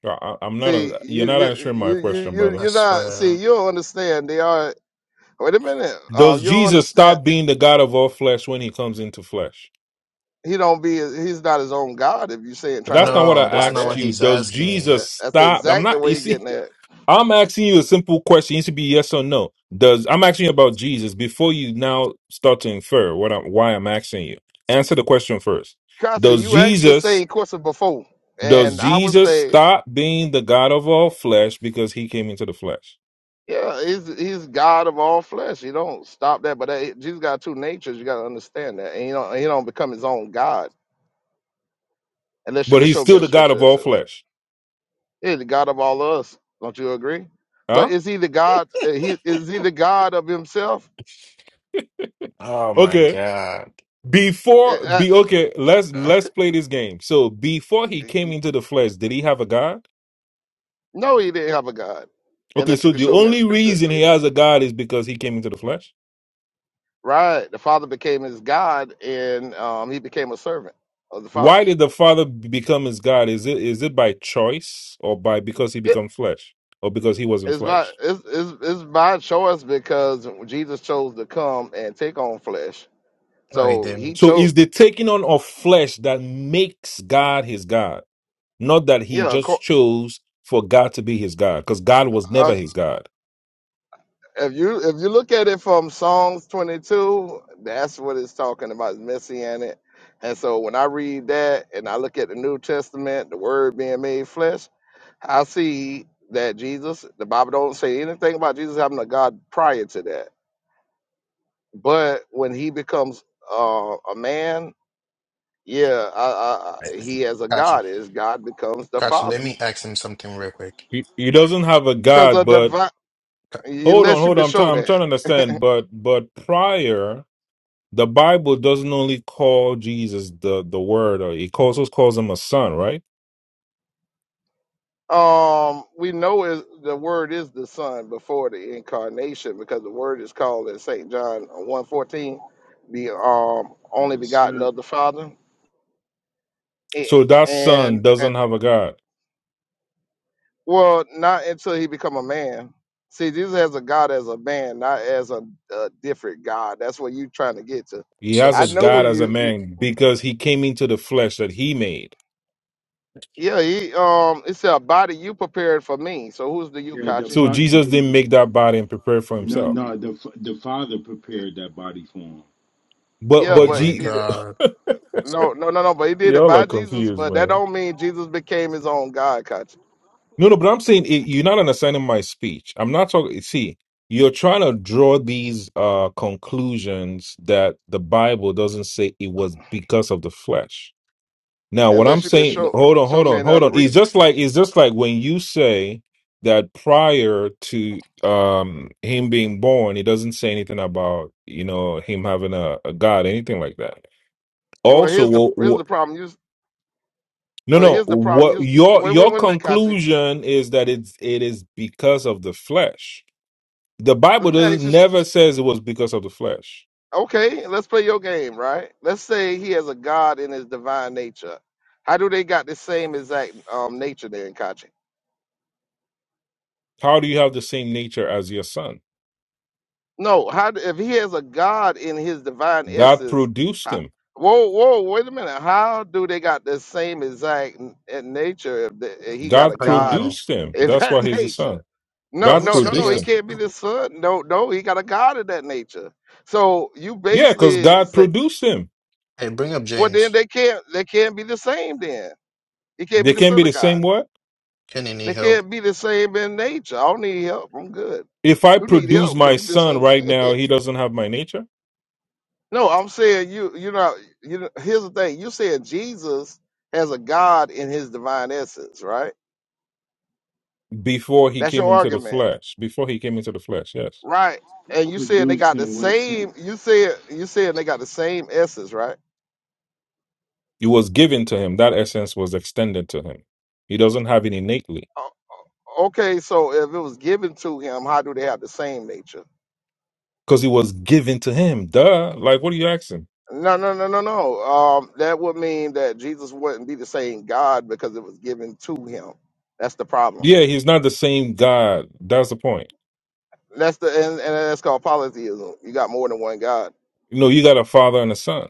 [SPEAKER 17] I, I- am not.
[SPEAKER 18] See,
[SPEAKER 17] you're
[SPEAKER 18] you,
[SPEAKER 17] not
[SPEAKER 18] you,
[SPEAKER 17] answering my
[SPEAKER 18] you, you,
[SPEAKER 17] question,
[SPEAKER 18] you-
[SPEAKER 17] brother.
[SPEAKER 16] I
[SPEAKER 18] you're not. See,
[SPEAKER 16] swear.
[SPEAKER 18] you don't understand. They are. Wait a minute. Uh,
[SPEAKER 17] Does
[SPEAKER 18] you don't
[SPEAKER 17] Jesus
[SPEAKER 18] understand.
[SPEAKER 17] stop being the God of all flesh when He comes into flesh?
[SPEAKER 18] He don't be. He's not his own God. If you're saying trying
[SPEAKER 17] That's
[SPEAKER 18] to
[SPEAKER 17] not what I
[SPEAKER 16] No, that's
[SPEAKER 18] imply
[SPEAKER 16] not
[SPEAKER 18] that.
[SPEAKER 17] asked
[SPEAKER 16] what
[SPEAKER 17] you.
[SPEAKER 16] he's
[SPEAKER 17] Does
[SPEAKER 18] Uh,
[SPEAKER 16] asking.
[SPEAKER 17] Jesus
[SPEAKER 18] That's
[SPEAKER 17] stop? I'm
[SPEAKER 18] exactly
[SPEAKER 17] not.
[SPEAKER 18] where
[SPEAKER 17] You
[SPEAKER 18] you're
[SPEAKER 17] see,
[SPEAKER 18] getting at.
[SPEAKER 17] I'm asking you a simple question. It needs to be yes or no. Does I'm asking you about Jesus before you now start to infer what I'm why I'm asking you. Answer the question first.
[SPEAKER 18] Katsu,
[SPEAKER 17] Does
[SPEAKER 18] you asked the
[SPEAKER 17] Jesus
[SPEAKER 18] same question before,
[SPEAKER 17] does
[SPEAKER 18] and I would
[SPEAKER 17] Jesus
[SPEAKER 18] say,
[SPEAKER 17] stop being the God of all flesh because He came into the flesh?
[SPEAKER 18] yeah, he's he's God of all flesh. You don't stop that, but that, Jesus got two natures. You got to understand that, and you don't he don't become his own God unless you
[SPEAKER 17] But
[SPEAKER 18] can
[SPEAKER 17] He's
[SPEAKER 18] show me
[SPEAKER 17] still
[SPEAKER 18] a
[SPEAKER 17] the God
[SPEAKER 18] scripture
[SPEAKER 17] of
[SPEAKER 18] that
[SPEAKER 17] all
[SPEAKER 18] says that.
[SPEAKER 17] flesh,
[SPEAKER 18] He's the God of all of us. Don't you agree? But
[SPEAKER 17] huh?
[SPEAKER 18] is he the God? uh, He is he the God of himself?
[SPEAKER 16] Oh my
[SPEAKER 17] Okay.
[SPEAKER 16] god.
[SPEAKER 17] Before
[SPEAKER 18] Uh,
[SPEAKER 17] be okay, let's let's play this game. So before he
[SPEAKER 18] uh,
[SPEAKER 17] came into the flesh, did he have a God?
[SPEAKER 18] No, he didn't have a God
[SPEAKER 17] Okay,
[SPEAKER 18] unless you
[SPEAKER 17] so
[SPEAKER 18] can
[SPEAKER 17] the
[SPEAKER 18] show me a
[SPEAKER 17] only
[SPEAKER 18] scripture that
[SPEAKER 17] reason
[SPEAKER 18] say
[SPEAKER 17] he
[SPEAKER 18] that.
[SPEAKER 17] has a God is because he came into the flesh.
[SPEAKER 18] Right. The Father became his God, and um, he became a servant of the Father.
[SPEAKER 17] Why did the Father be- become his God? Is it is it by choice or by because he
[SPEAKER 18] Yeah,
[SPEAKER 17] become flesh or because he wasn't
[SPEAKER 18] it's by
[SPEAKER 17] flesh?
[SPEAKER 18] it's, it's it's by choice because Jesus chose to come and take on flesh.
[SPEAKER 16] No, he
[SPEAKER 18] So
[SPEAKER 16] didn't.
[SPEAKER 18] he
[SPEAKER 17] So
[SPEAKER 18] chose.
[SPEAKER 17] is the taking on of flesh that makes God his God, not that he
[SPEAKER 18] Yeah.
[SPEAKER 17] just
[SPEAKER 18] acco-
[SPEAKER 17] chose for God to be his God, because God was
[SPEAKER 18] Uh,
[SPEAKER 17] never his God.
[SPEAKER 18] if you if you look at it from Psalms 22, that's what it's talking about. It's messianic. And so when I read that and I look at the New Testament, the Word being made flesh, I see that Jesus. The Bible don't say anything about Jesus having a God prior to that But when he becomes uh, a man, yeah, I,
[SPEAKER 16] I-
[SPEAKER 18] I, I-
[SPEAKER 16] I-
[SPEAKER 18] he as a
[SPEAKER 16] Gotcha.
[SPEAKER 18] god is God becomes the
[SPEAKER 19] Hey,
[SPEAKER 16] Gotcha. Let
[SPEAKER 18] father
[SPEAKER 19] Kenny.
[SPEAKER 16] me ask him something real quick.
[SPEAKER 17] He, he doesn't have a
[SPEAKER 18] because
[SPEAKER 17] God,
[SPEAKER 18] of
[SPEAKER 17] but
[SPEAKER 18] divine.
[SPEAKER 16] Ca-
[SPEAKER 17] Hold on,
[SPEAKER 18] Unless you
[SPEAKER 17] hold
[SPEAKER 18] could
[SPEAKER 17] on. I'm trying.
[SPEAKER 18] show
[SPEAKER 17] I'm trying to
[SPEAKER 18] that,
[SPEAKER 17] understand. But but prior, the Bible doesn't only call Jesus the the Word, or it calls also calls him a son, right?
[SPEAKER 18] um, we know is the word is the son before the incarnation because the word is called in Saint John one fourteen, the um only
[SPEAKER 19] Yes,
[SPEAKER 18] begotten
[SPEAKER 19] sir.
[SPEAKER 18] of the Father, Eh,
[SPEAKER 17] So that
[SPEAKER 18] and,
[SPEAKER 17] son
[SPEAKER 18] and
[SPEAKER 17] doesn't have a God.
[SPEAKER 18] Well, not until he become a man. See, Jesus has a God as a man, not as a, a different God. That's what you trying to get to.
[SPEAKER 17] He has
[SPEAKER 16] So,
[SPEAKER 18] I
[SPEAKER 17] a
[SPEAKER 18] know what
[SPEAKER 17] God
[SPEAKER 16] so.
[SPEAKER 17] as a
[SPEAKER 18] you, you.
[SPEAKER 17] man because he came into the flesh that he made.
[SPEAKER 18] Yeah, he. Um, it's a body you prepared for me. So who's the you,
[SPEAKER 19] Yeah, the
[SPEAKER 18] Kachi?
[SPEAKER 17] So
[SPEAKER 19] father.
[SPEAKER 17] Jesus
[SPEAKER 19] Yeah,
[SPEAKER 17] didn't
[SPEAKER 19] yeah.
[SPEAKER 17] make that body and prepare for
[SPEAKER 19] No,
[SPEAKER 17] himself.
[SPEAKER 19] no. The fa- the father prepared that body for him.
[SPEAKER 17] But
[SPEAKER 18] Yeah,
[SPEAKER 16] Oh
[SPEAKER 17] but
[SPEAKER 18] but he
[SPEAKER 16] my
[SPEAKER 18] did
[SPEAKER 17] G,
[SPEAKER 18] it.
[SPEAKER 16] god.
[SPEAKER 18] No, no, no, no. But he did it
[SPEAKER 17] y'all are
[SPEAKER 18] by Jesus.
[SPEAKER 17] confused,
[SPEAKER 18] But that
[SPEAKER 17] man.
[SPEAKER 18] don't mean Jesus became his own God, Kachi.
[SPEAKER 17] No, no, but I'm saying it, you're not understanding my speech. I'm not talking. See, you're trying to draw these uh conclusions that the Bible doesn't say it was because of the flesh. Now, what I'm
[SPEAKER 18] Unless you could
[SPEAKER 17] saying,
[SPEAKER 18] show
[SPEAKER 17] hold on,
[SPEAKER 18] show
[SPEAKER 17] hold
[SPEAKER 18] me
[SPEAKER 17] on, hold
[SPEAKER 18] another
[SPEAKER 17] on. It's just
[SPEAKER 18] reasons.
[SPEAKER 17] like it's just like when you say that prior to um him being born, it doesn't say anything about you know him having a, a God, anything like that.
[SPEAKER 18] Well, here's the
[SPEAKER 17] Also,
[SPEAKER 18] here's
[SPEAKER 17] well,
[SPEAKER 18] the problem. You s-
[SPEAKER 17] no,
[SPEAKER 18] well,
[SPEAKER 17] no.
[SPEAKER 18] here's the problem.
[SPEAKER 17] What
[SPEAKER 18] You s-
[SPEAKER 17] your
[SPEAKER 18] wait, wait,
[SPEAKER 17] your
[SPEAKER 18] wait a minute, Kachi.
[SPEAKER 17] conclusion is that it's it is because of the flesh. The Bible
[SPEAKER 18] Let me
[SPEAKER 17] does
[SPEAKER 18] ask you.
[SPEAKER 17] never says it was because of the flesh.
[SPEAKER 18] Okay, let's play your game, right? Let's say he has a God in his divine nature. How do they got the same exact um, nature there in Kachi?
[SPEAKER 17] How do you have the same nature as your son?
[SPEAKER 18] No, how do, if he has a God in his divine
[SPEAKER 17] God
[SPEAKER 18] essence?
[SPEAKER 17] produced
[SPEAKER 18] How,
[SPEAKER 17] him.
[SPEAKER 18] whoa, whoa, wait a minute. How do they got the same exact n- in nature if, the, if he got a
[SPEAKER 17] God
[SPEAKER 16] How you
[SPEAKER 18] God
[SPEAKER 16] know?
[SPEAKER 17] produced him.
[SPEAKER 18] in
[SPEAKER 17] That's why
[SPEAKER 18] that
[SPEAKER 17] he's the
[SPEAKER 18] nature?
[SPEAKER 17] son.
[SPEAKER 18] No,
[SPEAKER 17] God
[SPEAKER 16] Who
[SPEAKER 18] no, no,
[SPEAKER 16] said they
[SPEAKER 18] no.
[SPEAKER 17] produced
[SPEAKER 18] He
[SPEAKER 16] got?
[SPEAKER 17] him.
[SPEAKER 18] can't be the
[SPEAKER 16] who-
[SPEAKER 18] son. No, no, he got a God in that nature. So you
[SPEAKER 17] Yeah, because
[SPEAKER 18] basically
[SPEAKER 17] God
[SPEAKER 18] say,
[SPEAKER 17] produced him.
[SPEAKER 16] Hey, bring up
[SPEAKER 18] well, then
[SPEAKER 16] James.
[SPEAKER 18] they can't. They can't be the same then It can't be
[SPEAKER 17] They
[SPEAKER 18] the
[SPEAKER 17] can be
[SPEAKER 18] Son of
[SPEAKER 17] the
[SPEAKER 18] God.
[SPEAKER 17] same word.
[SPEAKER 16] Kenny need
[SPEAKER 18] They
[SPEAKER 16] help.
[SPEAKER 18] can't be the same in nature. I don't need help. I'm good.
[SPEAKER 17] If I
[SPEAKER 18] You need
[SPEAKER 17] produce
[SPEAKER 18] help because
[SPEAKER 17] my
[SPEAKER 18] you
[SPEAKER 17] son right
[SPEAKER 18] misunderstand.
[SPEAKER 17] now, he doesn't have my nature
[SPEAKER 18] no, I'm saying you. You know. You know. Here's the thing. You said Jesus has a God in His divine essence, right?
[SPEAKER 17] before he
[SPEAKER 18] That's
[SPEAKER 17] came
[SPEAKER 18] your
[SPEAKER 17] into the
[SPEAKER 18] argument,
[SPEAKER 17] flesh. Before he came into the flesh, yes.
[SPEAKER 18] right? And you said they
[SPEAKER 19] Produced
[SPEAKER 18] got the
[SPEAKER 19] in what
[SPEAKER 18] same.
[SPEAKER 19] sense?
[SPEAKER 18] You said you said they got the same essence, right?
[SPEAKER 17] It was given to him. That essence was extended to him. He doesn't have it innately
[SPEAKER 18] O- Okay, so if it was given to him, how do they have the same nature?
[SPEAKER 17] because it was given to him. Duh. Like, what are you asking?
[SPEAKER 18] No, no, no, no, no. Um, that would mean that Jesus wouldn't be the same God because it was given to him. That's the problem.
[SPEAKER 17] Yeah, he's not the same God. That's the point.
[SPEAKER 18] That's the and, and that's called polytheism. You got more than one God.
[SPEAKER 17] You know, you got a father and a son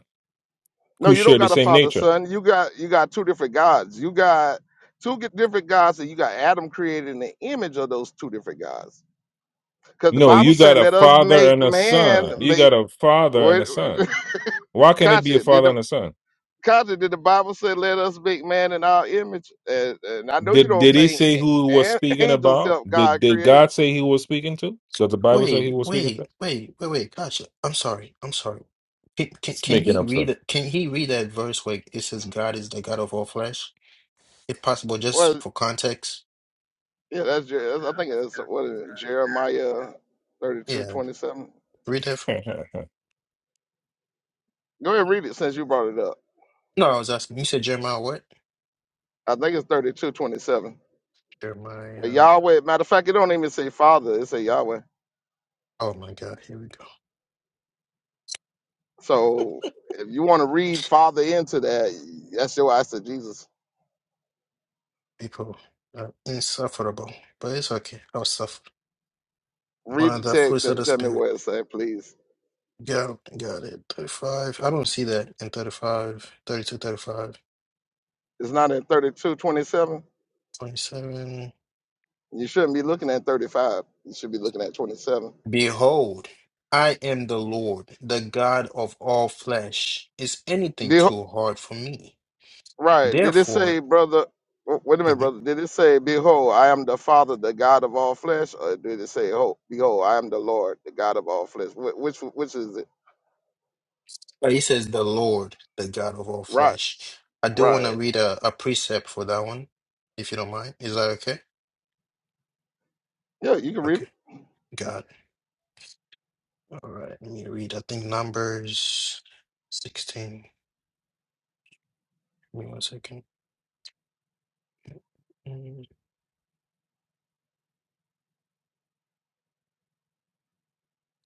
[SPEAKER 18] No,
[SPEAKER 17] who
[SPEAKER 18] you don't
[SPEAKER 17] share the
[SPEAKER 18] got a
[SPEAKER 17] same
[SPEAKER 18] father
[SPEAKER 17] nature.
[SPEAKER 18] son. You got you got two different gods. You got two g- different gods, and you got Adam created in the image of those two different gods. Because the
[SPEAKER 17] No,
[SPEAKER 18] Bible
[SPEAKER 17] you got
[SPEAKER 18] said,
[SPEAKER 17] a
[SPEAKER 18] "Let us
[SPEAKER 17] father
[SPEAKER 18] make
[SPEAKER 17] and a son.
[SPEAKER 18] man
[SPEAKER 17] You
[SPEAKER 18] make."
[SPEAKER 17] got a father and
[SPEAKER 18] Wait,
[SPEAKER 17] a son. Why can't it be a
[SPEAKER 18] Katya, did
[SPEAKER 17] father
[SPEAKER 18] the
[SPEAKER 17] and a son?
[SPEAKER 18] Kaja, did the Bible say, "Let us make man in our image"? And, and I know you
[SPEAKER 17] Did
[SPEAKER 18] don't
[SPEAKER 17] did he
[SPEAKER 18] think
[SPEAKER 17] say who he was
[SPEAKER 18] an-
[SPEAKER 17] speaking
[SPEAKER 18] angels
[SPEAKER 17] about?
[SPEAKER 18] help
[SPEAKER 17] Did
[SPEAKER 18] God
[SPEAKER 17] did
[SPEAKER 18] create.
[SPEAKER 17] God say he was speaking to? Does the Bible say he
[SPEAKER 16] Wait,
[SPEAKER 17] was speaking
[SPEAKER 16] wait,
[SPEAKER 17] to?
[SPEAKER 16] wait, wait, wait. Gosh, I'm sorry. I'm sorry. Can, can,
[SPEAKER 17] It's
[SPEAKER 16] can
[SPEAKER 17] making
[SPEAKER 16] he
[SPEAKER 17] up
[SPEAKER 16] read
[SPEAKER 17] stuff.
[SPEAKER 16] it? Can he read that verse where it says God is the God of all flesh? If possible,
[SPEAKER 18] Well,
[SPEAKER 16] just for context.
[SPEAKER 18] yeah, that's Jer- that's- I think it's what is it, Jeremiah thirty-two
[SPEAKER 16] Yeah,
[SPEAKER 18] twenty-seven.
[SPEAKER 16] read that from.
[SPEAKER 18] Go ahead and read it since you brought it up.
[SPEAKER 16] No, I was asking. You said Jeremiah what?
[SPEAKER 18] I think it's thirty-two twenty-seven. But
[SPEAKER 16] Jeremiah.
[SPEAKER 18] Yahweh, matter of fact, it don't even say Father; it say Yahweh.
[SPEAKER 16] Oh my God, here we go.
[SPEAKER 18] So if you want to read Father into that, that's your answer, Jesus.
[SPEAKER 16] People are insufferable, but it's okay. I'll suffer. One
[SPEAKER 18] Read
[SPEAKER 16] of
[SPEAKER 18] the
[SPEAKER 16] the
[SPEAKER 18] text
[SPEAKER 16] fruits of
[SPEAKER 18] and
[SPEAKER 16] the
[SPEAKER 18] tell me
[SPEAKER 16] Spirit.
[SPEAKER 18] where it said, please.
[SPEAKER 16] Got, got it. 35. I don't see that in 35, 32, 35,
[SPEAKER 18] It's not in thirty-two twenty-seven.
[SPEAKER 16] 27.
[SPEAKER 18] You shouldn't be looking at 35. You should be looking at 27.
[SPEAKER 16] Behold, I am the Lord, the God of all flesh. Is anything
[SPEAKER 18] Beho
[SPEAKER 16] too hard for me?
[SPEAKER 18] right. Did it say,
[SPEAKER 16] Therefore,
[SPEAKER 18] brother? w- Wait a minute,
[SPEAKER 16] Mhm.
[SPEAKER 18] brother. Did it say, Behold, I am the Father, the God of all flesh? Or did it say, oh, Behold, I am the Lord, the God of all flesh? Wh- Which which is it?
[SPEAKER 16] But he says, the Lord, the God of all
[SPEAKER 18] Right,
[SPEAKER 16] flesh. I do want to
[SPEAKER 18] right.
[SPEAKER 16] read a, a precept for that one, if you don't mind. Is that okay?
[SPEAKER 18] Yeah, you can read
[SPEAKER 16] Okay,
[SPEAKER 18] it.
[SPEAKER 16] God. All right, let me read, I think, Numbers 16. Give me one second. Mm.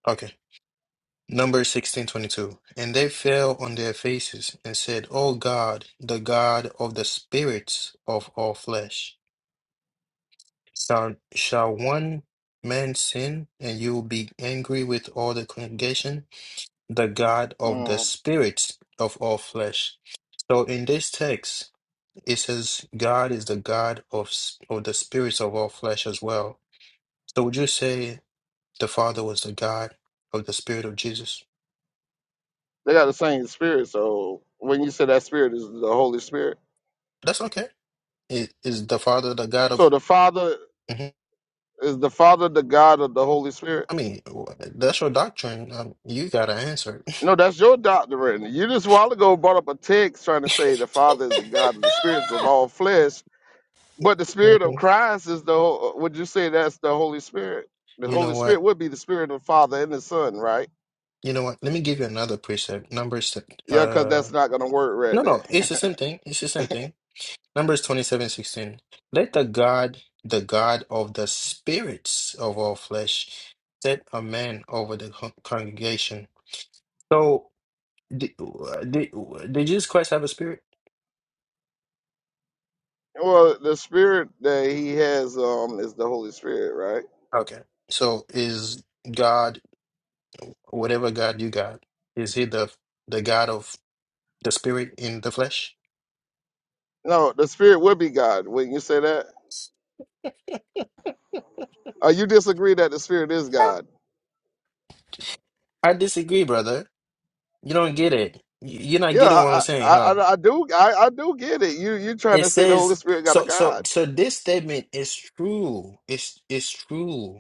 [SPEAKER 16] Okay. Numbers 16:22 And they fell on their faces and said, O God, the God of the spirits of all flesh, shall, shall one man sin and you will be angry with all the congregation? The God of the
[SPEAKER 18] Mm.
[SPEAKER 16] spirits of all flesh. So in this text, it says God is the God of, s- of the spirits of all flesh as well. So would you say the Father was the God of the spirit of Jesus?
[SPEAKER 18] They got the same spirit. So when you say that spirit is the Holy Spirit,
[SPEAKER 16] That's okay. Is, is the Father the God of?
[SPEAKER 18] so the Father
[SPEAKER 16] Mhm.
[SPEAKER 18] is the Father, the God of the Holy Spirit?
[SPEAKER 16] I mean, wh- that's your doctrine. Um, you gotta answer. it.
[SPEAKER 18] No, that's your doctrine. You just a while ago brought up a text trying to say the Father is the God of the spirits of all flesh, but the Spirit of
[SPEAKER 16] Mhm.
[SPEAKER 18] Christ is the. ho- uh, Would you say that's the Holy Spirit? The
[SPEAKER 16] You know
[SPEAKER 18] Holy
[SPEAKER 16] what?
[SPEAKER 18] Spirit would be the Spirit of the Father and the Son, right?
[SPEAKER 16] You know what? Let me give you another precept. Numbers.
[SPEAKER 18] Yeah, because that's
[SPEAKER 16] Uh,
[SPEAKER 18] not gonna work right
[SPEAKER 16] no, no.
[SPEAKER 18] there.
[SPEAKER 16] It's the same thing. It's the same thing. Numbers twenty-seven sixteen. Let the God, the God of the spirits of all flesh, set a man over the con- congregation. So, did, did, did Jesus Christ have a spirit?
[SPEAKER 18] well, the Spirit that He has um is the Holy Spirit, right?
[SPEAKER 16] Okay. So is God? Whatever God you got, is he the the God of the spirit in the flesh?
[SPEAKER 18] No, the Spirit would be God. Wouldn't you say that? Uh, you disagree that the Spirit is God?
[SPEAKER 16] I disagree, brother. You don't get it. You- You're not
[SPEAKER 18] Yeah,
[SPEAKER 16] getting what I'm
[SPEAKER 18] I I,
[SPEAKER 16] saying,
[SPEAKER 18] I,
[SPEAKER 16] huh?
[SPEAKER 18] I I do I, I do get it. You you trying
[SPEAKER 16] It
[SPEAKER 18] to say the Holy
[SPEAKER 16] says
[SPEAKER 18] Spirit got a
[SPEAKER 16] so so
[SPEAKER 18] God?
[SPEAKER 16] so this statement is true. It's it's true.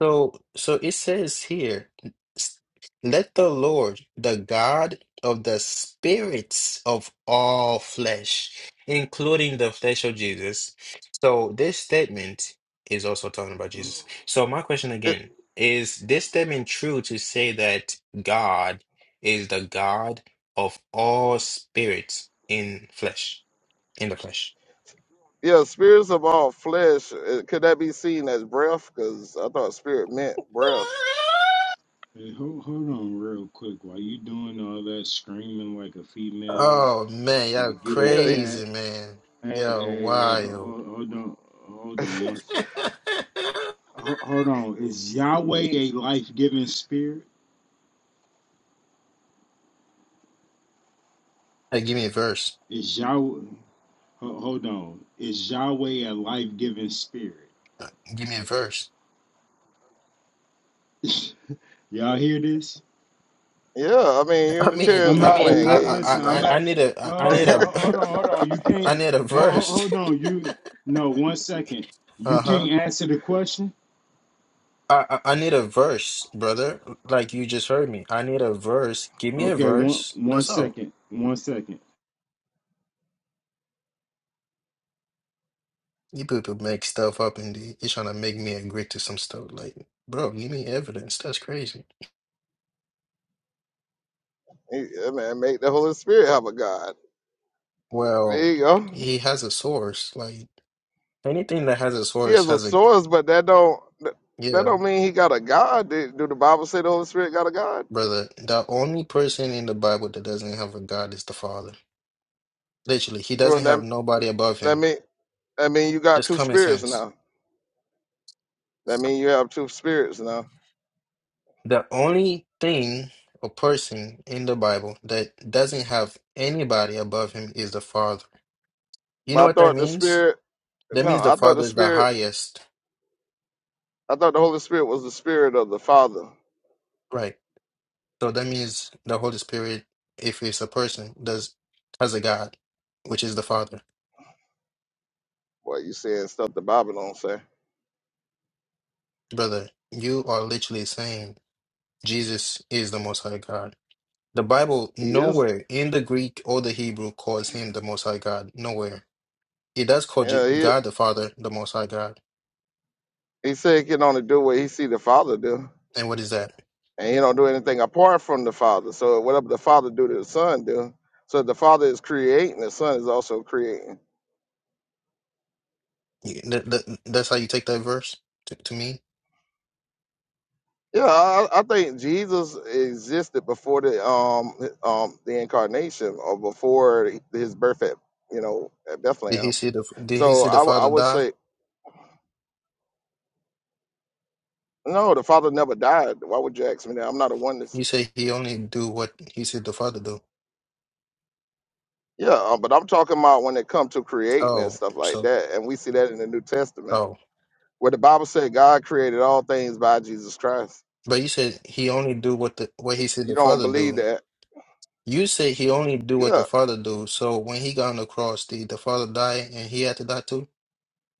[SPEAKER 16] So, so it says here, s- let the Lord, the God of the spirits of all flesh, including the flesh of Jesus. So this statement is also talking about Jesus. So my question again, is this statement true to say that God is the God of all spirits in flesh, in the flesh?
[SPEAKER 18] Yeah, spirits of all flesh. uh, Could that be seen as breath? Because I thought spirit meant breath.
[SPEAKER 19] Hey, hold hold on real quick. While you doing all that screaming like a female,
[SPEAKER 16] Oh man, y'all
[SPEAKER 19] like you a
[SPEAKER 18] Yeah, it-
[SPEAKER 19] cat.
[SPEAKER 16] crazy man.
[SPEAKER 19] Hey,
[SPEAKER 16] Y'all
[SPEAKER 19] hey, hey
[SPEAKER 16] wild.
[SPEAKER 19] hold, hold on, hold on one
[SPEAKER 16] hey,
[SPEAKER 19] second. Ho- Hold on. Is Yahweh a life-giving spirit?
[SPEAKER 16] give me a verse.
[SPEAKER 19] Is Yahweh? ho- Hold on. Is Yahweh a life-giving spirit?
[SPEAKER 16] Give me a verse.
[SPEAKER 19] Y'all hear this?
[SPEAKER 18] yeah. I mean,
[SPEAKER 16] I mean,
[SPEAKER 18] Unitarians
[SPEAKER 19] I'm
[SPEAKER 16] I
[SPEAKER 18] be
[SPEAKER 19] not.
[SPEAKER 16] mean,
[SPEAKER 18] playing
[SPEAKER 16] I,
[SPEAKER 19] li-
[SPEAKER 18] games,
[SPEAKER 16] I,
[SPEAKER 19] Listen,
[SPEAKER 16] I,
[SPEAKER 19] I'm
[SPEAKER 18] man.
[SPEAKER 16] I
[SPEAKER 19] asking.
[SPEAKER 16] need a, I need
[SPEAKER 19] Hold,
[SPEAKER 16] a,
[SPEAKER 19] hold on, hold on. You
[SPEAKER 16] I
[SPEAKER 19] can't.
[SPEAKER 16] need a
[SPEAKER 19] Hold,
[SPEAKER 16] verse.
[SPEAKER 19] hold on. You no. One second. You
[SPEAKER 16] Uh huh.
[SPEAKER 19] can't answer the question.
[SPEAKER 16] I, I I need a verse, brother. Like you just heard me. I need a verse. Give me a
[SPEAKER 19] Okay. One.
[SPEAKER 16] verse.
[SPEAKER 19] One
[SPEAKER 16] That's all.
[SPEAKER 19] second. One second.
[SPEAKER 16] You people make stuff up and you- you're trying to make me agree to some stuff. Like, bro, give me evidence. That's crazy.
[SPEAKER 18] Yeah, man, make the Holy Spirit have a god.
[SPEAKER 16] Well,
[SPEAKER 18] There you go.
[SPEAKER 16] he has a source. Like. Anything that has its
[SPEAKER 18] He
[SPEAKER 16] source
[SPEAKER 18] has a
[SPEAKER 16] has a
[SPEAKER 18] source, but that don't that that
[SPEAKER 16] yeah,
[SPEAKER 18] don't mean he got a god. Do do the Bible say the Holy Spirit got a god?
[SPEAKER 16] brother. The only person in the Bible that doesn't have a God is the Father. Literally, he
[SPEAKER 18] Well,
[SPEAKER 16] doesn't have
[SPEAKER 18] that
[SPEAKER 16] nobody above
[SPEAKER 18] that
[SPEAKER 16] him.
[SPEAKER 18] mean that mean you got
[SPEAKER 16] Just
[SPEAKER 18] two
[SPEAKER 16] common
[SPEAKER 18] spirits
[SPEAKER 16] sense.
[SPEAKER 18] now. That mean you have two spirits now.
[SPEAKER 16] The only thing or person in the Bible that doesn't have anybody above him is the Father. You know
[SPEAKER 18] But I
[SPEAKER 16] what that
[SPEAKER 18] thought the
[SPEAKER 16] means?
[SPEAKER 18] spirit.
[SPEAKER 16] That
[SPEAKER 18] No,
[SPEAKER 16] means the
[SPEAKER 18] I thought the
[SPEAKER 16] Father is the
[SPEAKER 18] spirit
[SPEAKER 16] highest,
[SPEAKER 18] I thought the Holy Spirit was the spirit of the Father.
[SPEAKER 16] right? So that means the Holy Spirit, if it's a person, does has a God, which is the Father.
[SPEAKER 18] Boy, you saying stuff the Bible don't say.
[SPEAKER 16] Brother, you are literally saying. Jesus is the Most High God. The Bible
[SPEAKER 18] He is.
[SPEAKER 16] nowhere in the Greek or the Hebrew calls him the Most High God. Nowhere. It does call Je-
[SPEAKER 18] Yeah, he
[SPEAKER 16] God the Father the Most High God.
[SPEAKER 18] he said he can only do what he see the Father do,
[SPEAKER 16] And what is that?
[SPEAKER 18] and he don't do anything apart from the Father. So whatever the Father do, the Son do. So if the Father is creating, the Son is also creating.
[SPEAKER 16] You- th- th- That's how you take that verse to, to me.
[SPEAKER 18] Yeah, I, I think Jesus existed before the um um the incarnation or before his birth at you know at
[SPEAKER 16] Did he
[SPEAKER 18] Bethlehem.
[SPEAKER 16] see the Did he
[SPEAKER 18] So
[SPEAKER 16] see
[SPEAKER 18] I,
[SPEAKER 16] the
[SPEAKER 18] w- I
[SPEAKER 16] Father
[SPEAKER 18] would
[SPEAKER 16] die?
[SPEAKER 18] say no, the Father never died. Why would you ask me that? I'm not a oneness.
[SPEAKER 16] You say he only do what he said the Father do.
[SPEAKER 18] Yeah, uh, but I'm talking about when it comes to creating and
[SPEAKER 16] Oh,
[SPEAKER 18] stuff like
[SPEAKER 16] so
[SPEAKER 18] that, and we see that in the New Testament,
[SPEAKER 16] oh,
[SPEAKER 18] where the Bible said God created all things by Jesus Christ.
[SPEAKER 16] but you said he only do what the what he said
[SPEAKER 18] You
[SPEAKER 16] the
[SPEAKER 18] don't
[SPEAKER 16] Father
[SPEAKER 18] believe
[SPEAKER 16] do.
[SPEAKER 18] that?
[SPEAKER 16] You say he only do what
[SPEAKER 18] Yeah.
[SPEAKER 16] the Father do. So when he got on the cross, did the Father die and he had to die too?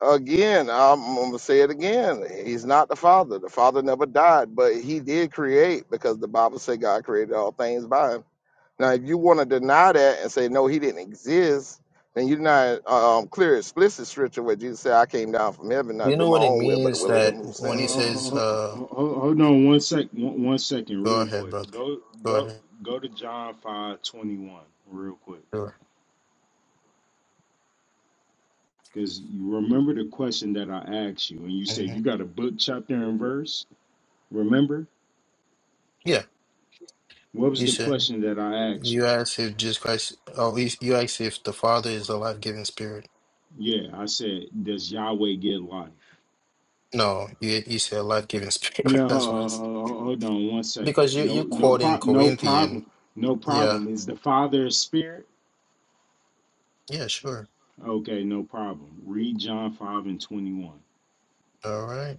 [SPEAKER 18] Again, I'm, I'm gonna say it again. He's not the Father. The Father never died, but He did create because the Bible said God created all things by Him. Now, if you want to deny that and say no, He didn't exist, then you're not um, clear, explicit scripture where Jesus said, "I came down from heaven not
[SPEAKER 16] You
[SPEAKER 18] to do
[SPEAKER 16] know
[SPEAKER 18] my
[SPEAKER 16] what it
[SPEAKER 18] own will, but the
[SPEAKER 16] means
[SPEAKER 18] will
[SPEAKER 19] Oh,
[SPEAKER 18] of Him
[SPEAKER 16] that
[SPEAKER 19] oh,
[SPEAKER 18] who
[SPEAKER 16] when
[SPEAKER 19] oh,
[SPEAKER 18] sent
[SPEAKER 16] he
[SPEAKER 18] me."
[SPEAKER 16] says,
[SPEAKER 19] oh,
[SPEAKER 16] uh,
[SPEAKER 19] oh, oh, hold on. One sec. One, one second.
[SPEAKER 16] go
[SPEAKER 19] Real
[SPEAKER 16] ahead,
[SPEAKER 19] quick.
[SPEAKER 16] brother.
[SPEAKER 19] Go.
[SPEAKER 16] Go
[SPEAKER 19] Go.
[SPEAKER 16] ahead.
[SPEAKER 19] Go to John five twenty one. Real quick.
[SPEAKER 16] Sure.
[SPEAKER 19] Because you remember the question that I asked you, and you said
[SPEAKER 16] hmm
[SPEAKER 19] you got a book, chapter, and verse. Remember
[SPEAKER 16] Yeah,
[SPEAKER 19] what was
[SPEAKER 16] you
[SPEAKER 19] the
[SPEAKER 16] said.
[SPEAKER 19] question that I asked you?
[SPEAKER 16] You asked if Jesus Christ, oh, you you asked if the Father is a life-giving spirit.
[SPEAKER 19] Yeah, I said, does Yahweh get life?
[SPEAKER 16] No, you, you said life-giving spirit.
[SPEAKER 19] No,
[SPEAKER 16] That's why.
[SPEAKER 19] uh,
[SPEAKER 16] it's-
[SPEAKER 19] hold on one second.
[SPEAKER 16] Because you, you're
[SPEAKER 19] No, no
[SPEAKER 16] quoting
[SPEAKER 19] prob, no
[SPEAKER 16] Corinthian.
[SPEAKER 19] problem, no
[SPEAKER 16] Yeah.
[SPEAKER 19] problem. Is the Father a spirit?
[SPEAKER 16] Yeah, sure.
[SPEAKER 19] Okay, no problem. Read John five and twenty one.
[SPEAKER 16] All right.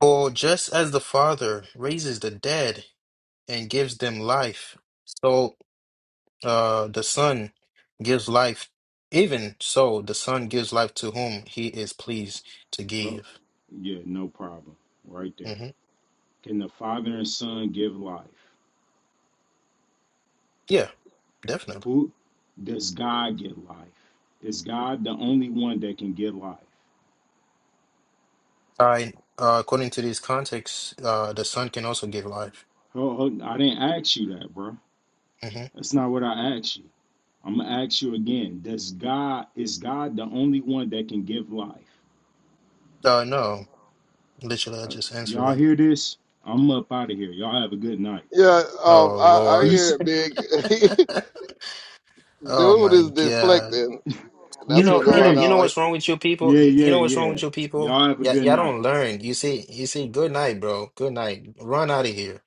[SPEAKER 16] For just as the Father raises the dead and gives them life, so. Uh, the Son gives life. Even so, the Son gives life to whom he is pleased to
[SPEAKER 19] Oh,
[SPEAKER 16] give.
[SPEAKER 19] yeah, no problem. Right there.
[SPEAKER 16] hmm
[SPEAKER 19] Can the Father and Son give life?
[SPEAKER 16] Yeah, definitely.
[SPEAKER 19] Who does God get life? Is God the only one that can get life?
[SPEAKER 16] I, uh, according to these contexts, uh, the Son can also give life.
[SPEAKER 19] Oh, hold, I didn't ask you that, bro.
[SPEAKER 16] hmm
[SPEAKER 19] That's not what I asked you. I'm gonna ask you again. Does God is God the only one that can give life?
[SPEAKER 16] Uh, no, literally, I
[SPEAKER 19] Uh,
[SPEAKER 16] just answered
[SPEAKER 19] y'all
[SPEAKER 16] it.
[SPEAKER 19] hear this? I'm up out of here. Y'all have a good night.
[SPEAKER 18] Yeah, um,
[SPEAKER 16] Oh
[SPEAKER 18] I, I
[SPEAKER 19] He
[SPEAKER 16] Lord.
[SPEAKER 18] hear
[SPEAKER 19] said,
[SPEAKER 18] it big.
[SPEAKER 16] Oh
[SPEAKER 18] Dude
[SPEAKER 16] my
[SPEAKER 18] is
[SPEAKER 16] God.
[SPEAKER 18] deflecting.
[SPEAKER 16] You
[SPEAKER 18] That's
[SPEAKER 19] "You
[SPEAKER 18] what's
[SPEAKER 16] know, you know,
[SPEAKER 18] going
[SPEAKER 16] you know
[SPEAKER 19] crazy?
[SPEAKER 18] on.
[SPEAKER 16] what's wrong with you people?
[SPEAKER 19] Yeah,
[SPEAKER 16] You, you
[SPEAKER 19] yeah,
[SPEAKER 16] know what's wrong
[SPEAKER 19] yeah.
[SPEAKER 16] with you people?
[SPEAKER 19] Y'all have a
[SPEAKER 16] Yeah, y'all
[SPEAKER 19] good
[SPEAKER 16] y'all
[SPEAKER 19] night."
[SPEAKER 16] don't learn. You see, you see, good night, bro. Good night. Run out of here.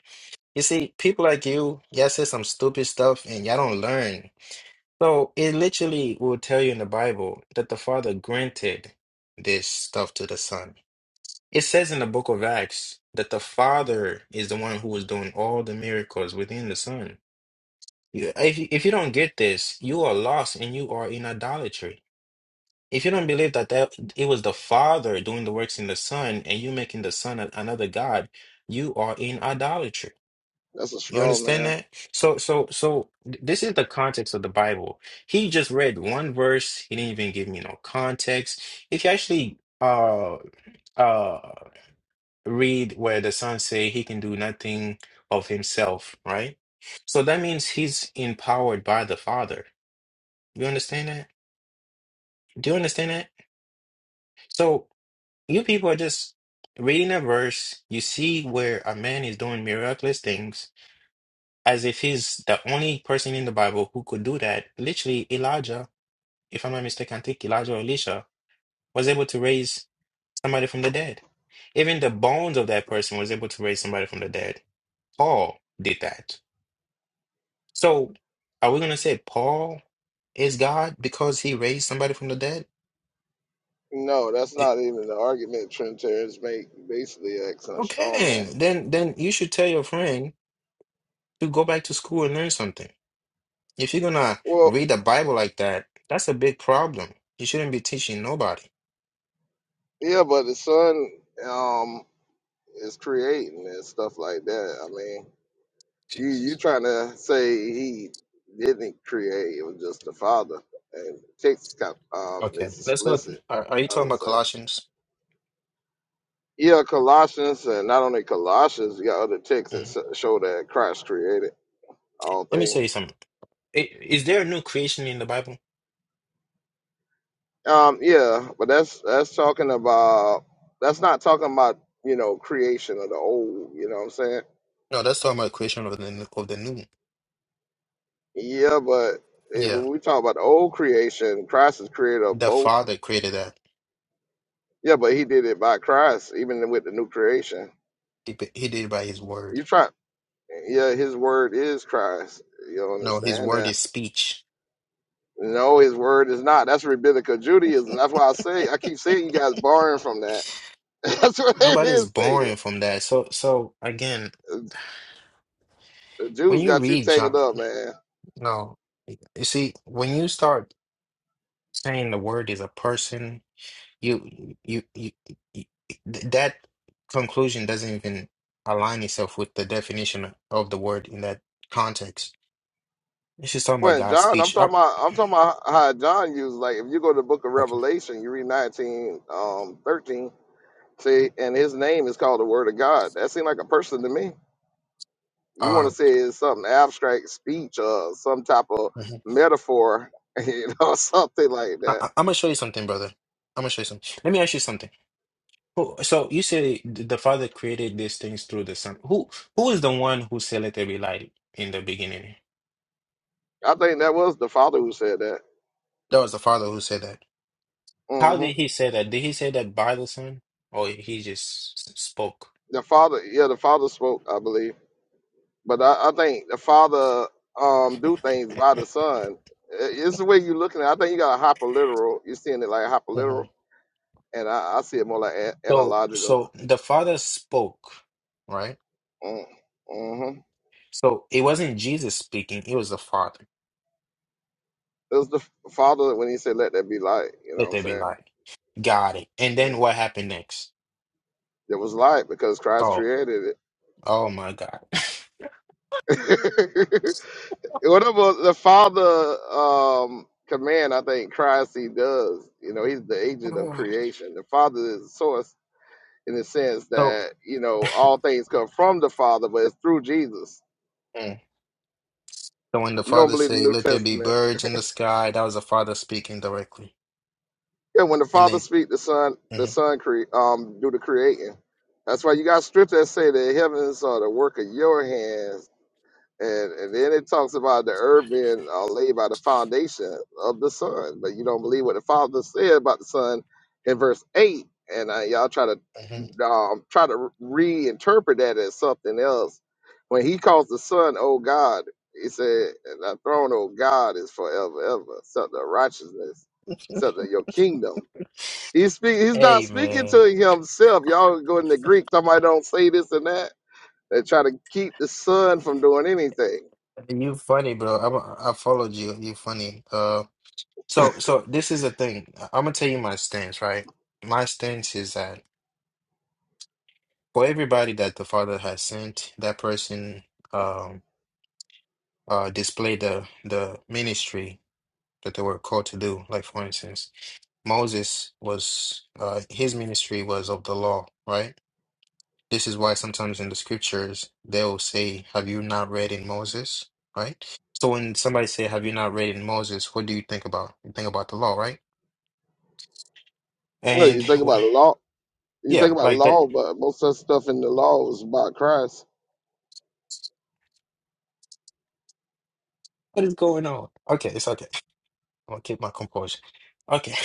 [SPEAKER 16] You see, people like you, y'all say some stupid stuff and y'all don't learn. So it literally will tell you in the Bible that the Father granted this stuff to the Son. It says in the book of Acts that the Father is the one who was doing all the miracles within the Son. You- If you- if you don't get this, you are lost and you are in idolatry. If you don't believe that, that it was the Father doing the works in the Son and you making the Son a- another God, you are in idolatry.
[SPEAKER 18] That's a
[SPEAKER 16] You
[SPEAKER 18] strong
[SPEAKER 16] understand
[SPEAKER 18] man.
[SPEAKER 16] that? So, so, so th- this is the context of the Bible. He just read one verse. He didn't even give me no context. If you actually uh uh read where the son say he can do nothing of himself, right? So that means he's empowered by the Father. You understand that? Do you understand that? So you people are just reading a verse. You see where a man is doing miraculous things as if he's the only person in the Bible who could do that. Literally, Elijah, if I'm not mistaken, I think Elijah or Elisha was able to raise somebody from the dead. Even the bones of that person was able to raise somebody from the dead. Paul did that. So, are we going to say Paul is God because he raised somebody from the dead?
[SPEAKER 18] No, that's
[SPEAKER 16] It-
[SPEAKER 18] not even the argument Trinitarians make. Basically, asking a strong man.
[SPEAKER 16] okay, then then you should tell your friend to go back to school and learn something. If you're going to
[SPEAKER 18] Well,
[SPEAKER 16] read the Bible like that, that's a big problem. You shouldn't be teaching nobody.
[SPEAKER 18] yeah, but the sun um, is creating and stuff like that. You
[SPEAKER 16] Jesus
[SPEAKER 18] you
[SPEAKER 16] Christ.
[SPEAKER 18] trying to say he didn't create? It was just the father. And text got um
[SPEAKER 16] Okay,
[SPEAKER 18] is
[SPEAKER 16] let's go.
[SPEAKER 18] explicit.
[SPEAKER 16] Are, are you
[SPEAKER 18] I
[SPEAKER 16] talking
[SPEAKER 18] would
[SPEAKER 16] about
[SPEAKER 18] say.
[SPEAKER 16] Colossians?
[SPEAKER 18] Yeah, Colossians, and not only Colossians, you got other texts that
[SPEAKER 16] hmm
[SPEAKER 18] s- show that Christ created all
[SPEAKER 16] Let me tell you
[SPEAKER 18] things.
[SPEAKER 16] something. I- Is there a new creation in the Bible?
[SPEAKER 18] Um, yeah, but that's that's talking about that's not talking about you know creation of the old. You know what I'm saying?
[SPEAKER 16] No, that's talking about creation of the of the new.
[SPEAKER 18] Yeah, but eh,
[SPEAKER 16] Yeah,
[SPEAKER 18] when we talk about the old creation, Christ is creator of
[SPEAKER 16] the
[SPEAKER 18] both.
[SPEAKER 16] Father created that.
[SPEAKER 18] Yeah, but he did it by Christ, even with the new creation.
[SPEAKER 16] He, he did it by His word.
[SPEAKER 18] You try. Yeah, his word is Christ. You
[SPEAKER 16] No, His
[SPEAKER 18] understand
[SPEAKER 16] word
[SPEAKER 18] that?
[SPEAKER 16] is speech.
[SPEAKER 18] No, his word is not. That's rabbinical Judaism. That's why I say I keep saying you guys borrowing from that. That's what they've been
[SPEAKER 16] Nobody's
[SPEAKER 18] saying.
[SPEAKER 16] born from that. So, so again,
[SPEAKER 18] The
[SPEAKER 16] when
[SPEAKER 18] Jews
[SPEAKER 16] you
[SPEAKER 18] got you
[SPEAKER 16] read
[SPEAKER 18] tangled
[SPEAKER 16] John,
[SPEAKER 18] up, man.
[SPEAKER 16] no, you see, when you start saying the word is a person. you you you, you th- that conclusion doesn't even align itself with the definition of the word in that context. It's just talking about
[SPEAKER 18] When
[SPEAKER 16] God's
[SPEAKER 18] John, I'm
[SPEAKER 16] speech. I,
[SPEAKER 18] talking about, I'm talking about how John used. Like, if you go to the Book of
[SPEAKER 16] okay.
[SPEAKER 18] Revelation, you read 19, um, 13. See, and his name is called the Word of God. That seemed like a person to me. you want
[SPEAKER 16] Uh,
[SPEAKER 18] to say it's something abstract speech or some type of
[SPEAKER 16] mhm.
[SPEAKER 18] metaphor, you know, something like
[SPEAKER 16] I,
[SPEAKER 18] that.
[SPEAKER 16] I, I'm gonna show you something, brother. I'm gonna show you something. Let me ask you something. Who- So you say th- the Father created these things through the Son. Who who is the one who said let there be light in the beginning?
[SPEAKER 18] I think that was the father who said that.
[SPEAKER 16] That was the Father who said that. How
[SPEAKER 18] hmm
[SPEAKER 16] did he say that? Did he say that by the Son, or he just s- spoke?
[SPEAKER 18] The father, yeah, the father spoke, I believe. But I, I think the father um do things by the son. I- It's the way you're looking at. it. I think you got a hyperliteral. You're seeing it like hyperliteral, and I, I see it more like a-
[SPEAKER 16] So,
[SPEAKER 18] analogical.
[SPEAKER 16] so the Father spoke, right?
[SPEAKER 18] Mm, Mm-hmm.
[SPEAKER 16] So it wasn't Jesus speaking, it was the Father.
[SPEAKER 18] It was the f- father when he said, "Let there be light." You know what
[SPEAKER 16] Let
[SPEAKER 18] I'm
[SPEAKER 16] there be
[SPEAKER 18] saying?
[SPEAKER 16] light. Got it. And then
[SPEAKER 18] Mm.
[SPEAKER 16] what happened next?
[SPEAKER 18] There was light because Christ
[SPEAKER 16] Oh,
[SPEAKER 18] created it.
[SPEAKER 16] oh my God.
[SPEAKER 18] Whatever the father um, command, I think Christ he does. You know, he's the agent of creation. The father is the source in the sense
[SPEAKER 16] So,
[SPEAKER 18] that you know all things come from the father, but it's through Jesus.
[SPEAKER 16] mm, so when the
[SPEAKER 18] You don't
[SPEAKER 16] Father
[SPEAKER 18] believe the
[SPEAKER 16] said,
[SPEAKER 18] New
[SPEAKER 16] Let there be
[SPEAKER 18] Testament?
[SPEAKER 16] birds in the sky, that was the Father speaking directly.
[SPEAKER 18] Yeah, when the
[SPEAKER 16] And
[SPEAKER 18] father
[SPEAKER 16] then,
[SPEAKER 18] speak, the son, the
[SPEAKER 16] mhm,
[SPEAKER 18] son cre- um, do the creating. That's why you got scripture that say the heavens are the work of your hands And, and then it talks about the earth being uh, laid by the foundation of the sun. But you don't believe what the Father said about the sun in verse 8. And uh, y'all try to
[SPEAKER 16] mhm.
[SPEAKER 18] um, try to reinterpret that as something else. When he calls the sun, oh God, he said, and thy throne, oh God, is forever, ever, except the righteousness, except the- your kingdom. He's, speak, he's not
[SPEAKER 16] Hey
[SPEAKER 18] speaking to
[SPEAKER 16] man,
[SPEAKER 18] himself. Y'all go in the Greek, somebody don't say this and that. They try to keep the sun from doing anything
[SPEAKER 16] you funny, bro. I, I followed you. You funny. uh. So, so this is the thing. I'm gonna tell you my stance, right? My stance is that for everybody that the Father has sent, that person um uh displayed the the ministry that they were called to do. Like for instance, Moses was uh his ministry was of the law, right? This is why sometimes in the scriptures they'll say, "Have you not read in Moses?" Right? So when somebody say, "Have you not read in Moses?" What do you think about? You think about the law, right?
[SPEAKER 18] No,
[SPEAKER 16] And
[SPEAKER 18] you think
[SPEAKER 16] wh-
[SPEAKER 18] about law. You think
[SPEAKER 16] yeah,
[SPEAKER 18] about
[SPEAKER 16] like that
[SPEAKER 18] law, but most of the stuff in the law is about Christ.
[SPEAKER 16] What is going on? Okay, it's okay. I'm gonna keep my composure. Okay.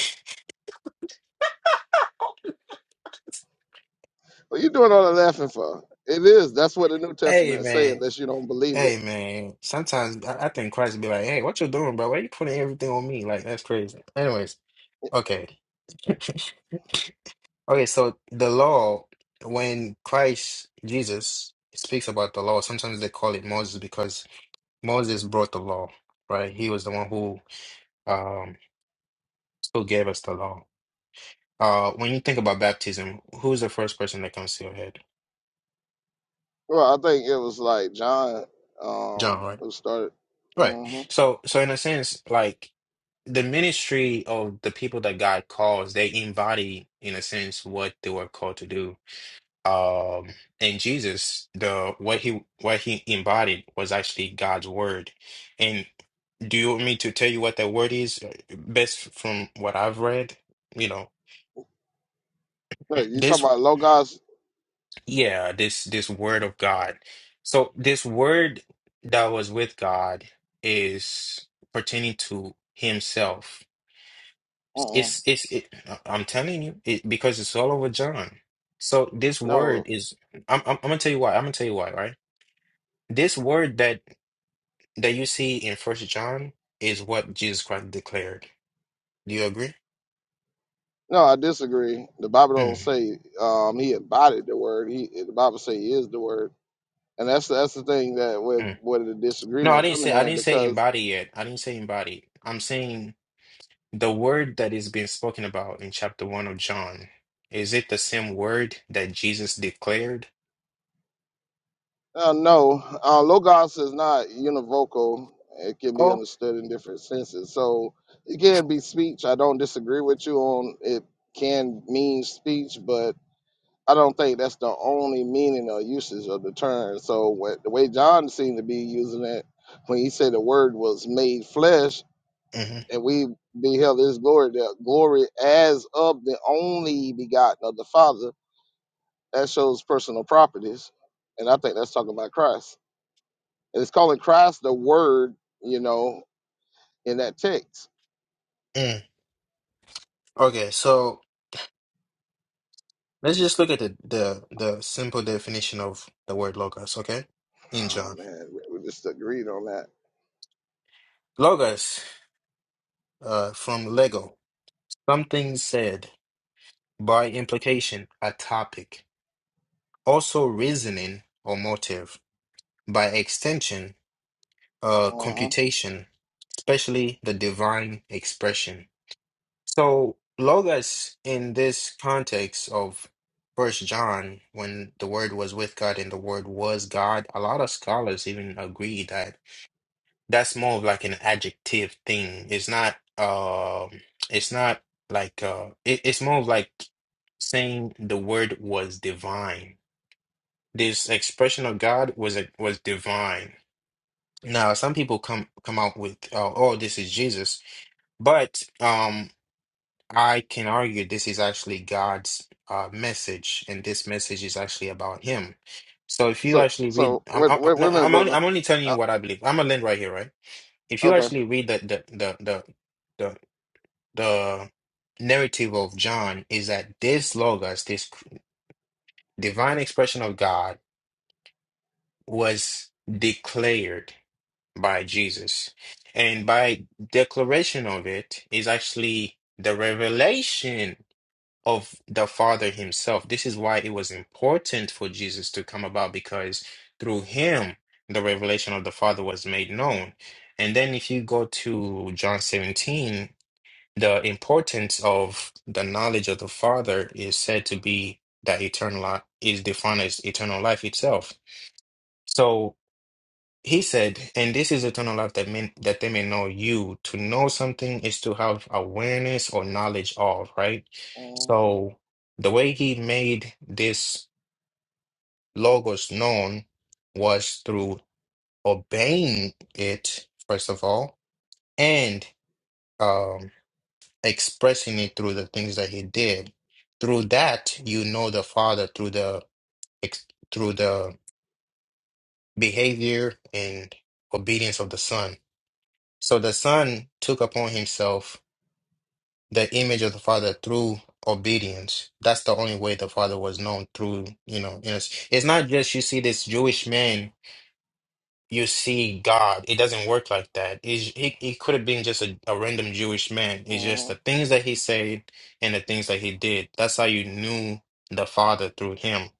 [SPEAKER 18] What you doing all the laughing for? It is. That's what the New
[SPEAKER 16] Hey
[SPEAKER 18] Testament is saying,
[SPEAKER 16] man.
[SPEAKER 18] unless you don't believe it.
[SPEAKER 16] Hey man. Sometimes I, I think Christ be like, hey, what you doing, bro? Why you putting everything on me? Like that's crazy. Anyways, okay. Okay, so the law, when Christ Jesus speaks about the law, sometimes they call it Moses because Moses brought the law, right? He was the one who um who gave us the law. Uh when you think about baptism, who's the first person that comes to your head?
[SPEAKER 18] Well, I think it was like John
[SPEAKER 16] John,
[SPEAKER 18] um,
[SPEAKER 16] right?
[SPEAKER 18] who started.
[SPEAKER 16] Right.
[SPEAKER 18] Mm-hmm.
[SPEAKER 16] So, so in a sense, like the ministry of the people that God calls, they embody, in a sense, what they were called to do. Um, and Jesus, the what he what he embodied was actually God's word. And do you want me to tell you what that word is, uh, best from what I've read? You know,
[SPEAKER 18] No, you talking
[SPEAKER 16] this,
[SPEAKER 18] about Logos?
[SPEAKER 16] yeah, this this word of God. So this word that was with God is pertaining to himself
[SPEAKER 18] Uh-uh.
[SPEAKER 16] It's it's it, I- I'm telling you it, because it's all over John. So this word
[SPEAKER 18] No,
[SPEAKER 16] is I'm, I'm I'm gonna tell you why. I'm gonna tell you why, right? This word that that you see in First John is what Jesus Christ declared. Do you agree?
[SPEAKER 18] no, I disagree. The Bible don't
[SPEAKER 16] Mm,
[SPEAKER 18] say um, he embodied the word. He the Bible say he is the word, and that's that's the thing that where
[SPEAKER 16] mm.
[SPEAKER 18] where the
[SPEAKER 16] No, I
[SPEAKER 18] disagreement
[SPEAKER 16] didn't
[SPEAKER 18] coming
[SPEAKER 16] say I
[SPEAKER 18] in
[SPEAKER 16] didn't say embody
[SPEAKER 18] because
[SPEAKER 16] yet. I didn't say embody. I'm saying the word that is being spoken about in chapter one of John. Is it the same word that Jesus declared?
[SPEAKER 18] Uh, no, uh, logos is not univocal. It can be
[SPEAKER 16] Oh.
[SPEAKER 18] understood in different senses. So it can be speech. I don't disagree with you on it can mean speech, but I don't think that's the only meaning or usage of the term. So what, the way John seemed to be using it when he said the word was made flesh
[SPEAKER 16] hmm
[SPEAKER 18] and we beheld his glory, the glory as of the only begotten of the Father, that shows personal properties. And I think that's talking about Christ. And it's calling Christ the Word, you know, in that text.
[SPEAKER 16] Mm. Okay, so. Let's just look at the, the, the simple definition of the word logos, okay? In
[SPEAKER 18] Oh
[SPEAKER 16] John.
[SPEAKER 18] man, we, we just agreed on that.
[SPEAKER 16] Logos, uh, from Lego, something said by implication, a topic, also reasoning or motive, by extension, uh,
[SPEAKER 18] Uh-huh.
[SPEAKER 16] computation, especially the divine expression. So, logos in this context of First John, when the Word was with God and the Word was God, a lot of scholars even agree that. That's more of like an adjective thing. It's not um it's not like uh it, it's more of like saying the word was divine. This expression of God was a, was divine. Now, some people come come out with uh, oh this is Jesus, but um I can argue this is actually God's uh message and this message is actually about him. So if you
[SPEAKER 18] So,
[SPEAKER 16] actually read
[SPEAKER 18] so
[SPEAKER 16] I'm
[SPEAKER 18] wait,
[SPEAKER 16] I'm,
[SPEAKER 18] wait, wait a minute,
[SPEAKER 16] I'm only
[SPEAKER 18] brother.
[SPEAKER 16] I'm only telling
[SPEAKER 18] Uh,
[SPEAKER 16] you what I believe. I'm a land right here, right? if you
[SPEAKER 18] okay.
[SPEAKER 16] actually read the the the the the, the narrative of John is that this logos, this divine expression of God, was declared by Jesus, and by declaration of it is actually the revelation of the Father Himself. This is why it was important for Jesus to come about because through Him the revelation of the Father was made known. And then if you go to John 17 the importance of the knowledge of the Father is said to be that eternal life is defined as eternal life itself. So he said, and this is eternal life that mean that they may know you. To know something is to have awareness or knowledge of, right?
[SPEAKER 18] Uh-huh.
[SPEAKER 16] So the way he made this logos known was through obeying it, first of all, and um. expressing it through the things that he did. Through that, you know the Father through the ex- through the behavior and obedience of the Son. So the Son took upon himself the image of the Father through obedience. That's the only way the Father was known through, you know, you know, it's it's not just you see this Jewish man you see God. It doesn't work like that. He's, he he could have been just a, a random Jewish man. It's just
[SPEAKER 18] uh-huh.
[SPEAKER 16] the things that he said and the things that he did. That's how you knew the Father through him.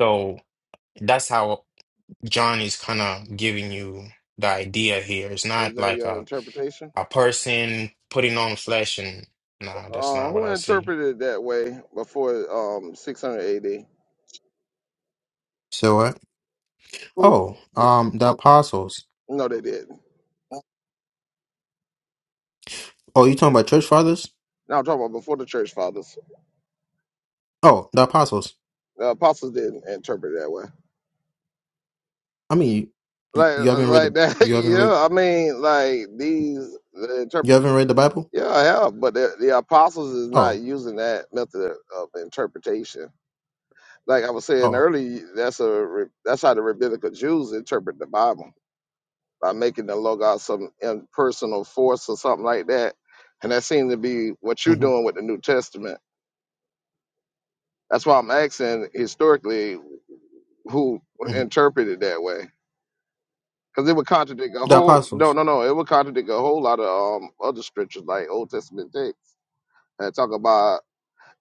[SPEAKER 16] So that's how John is kind of giving you the idea here. It's
[SPEAKER 18] Is
[SPEAKER 16] not
[SPEAKER 18] that
[SPEAKER 16] like
[SPEAKER 18] your
[SPEAKER 16] a
[SPEAKER 18] interpretation?
[SPEAKER 16] a person putting on flesh and nah, that's
[SPEAKER 18] Uh,
[SPEAKER 16] not what
[SPEAKER 18] who
[SPEAKER 16] I see.
[SPEAKER 18] interpreted it that way before um 600 AD?
[SPEAKER 16] So what?
[SPEAKER 18] Who?
[SPEAKER 16] Oh, um, the apostles.
[SPEAKER 18] No, they didn't.
[SPEAKER 16] Oh, you talking about church fathers?
[SPEAKER 18] Now I'm talking about before the church fathers.
[SPEAKER 16] Oh, the apostles.
[SPEAKER 18] The apostles didn't interpret it that way.
[SPEAKER 16] I mean, you,
[SPEAKER 18] Like,
[SPEAKER 16] you haven't read
[SPEAKER 18] like
[SPEAKER 16] the
[SPEAKER 18] that.
[SPEAKER 16] you haven't read.
[SPEAKER 18] Yeah, I mean, like these. the interpretations
[SPEAKER 16] You haven't read the Bible?
[SPEAKER 18] Yeah, I have, but the, the apostles is not
[SPEAKER 16] Oh,
[SPEAKER 18] using that method of interpretation. Like I was saying
[SPEAKER 16] oh,
[SPEAKER 18] earlier, that's a re- that's how the rabbinical Jews interpret the Bible by making the logos some impersonal force or something like that, and that seems to be what you're
[SPEAKER 16] hmm
[SPEAKER 18] doing with the New Testament. That's why I'm asking historically who
[SPEAKER 16] hmm
[SPEAKER 18] interpreted that way, because it would contradict a
[SPEAKER 16] the
[SPEAKER 18] whole no
[SPEAKER 16] apostles.
[SPEAKER 18] no no it would contradict a whole lot of um other scriptures like Old Testament texts that talk about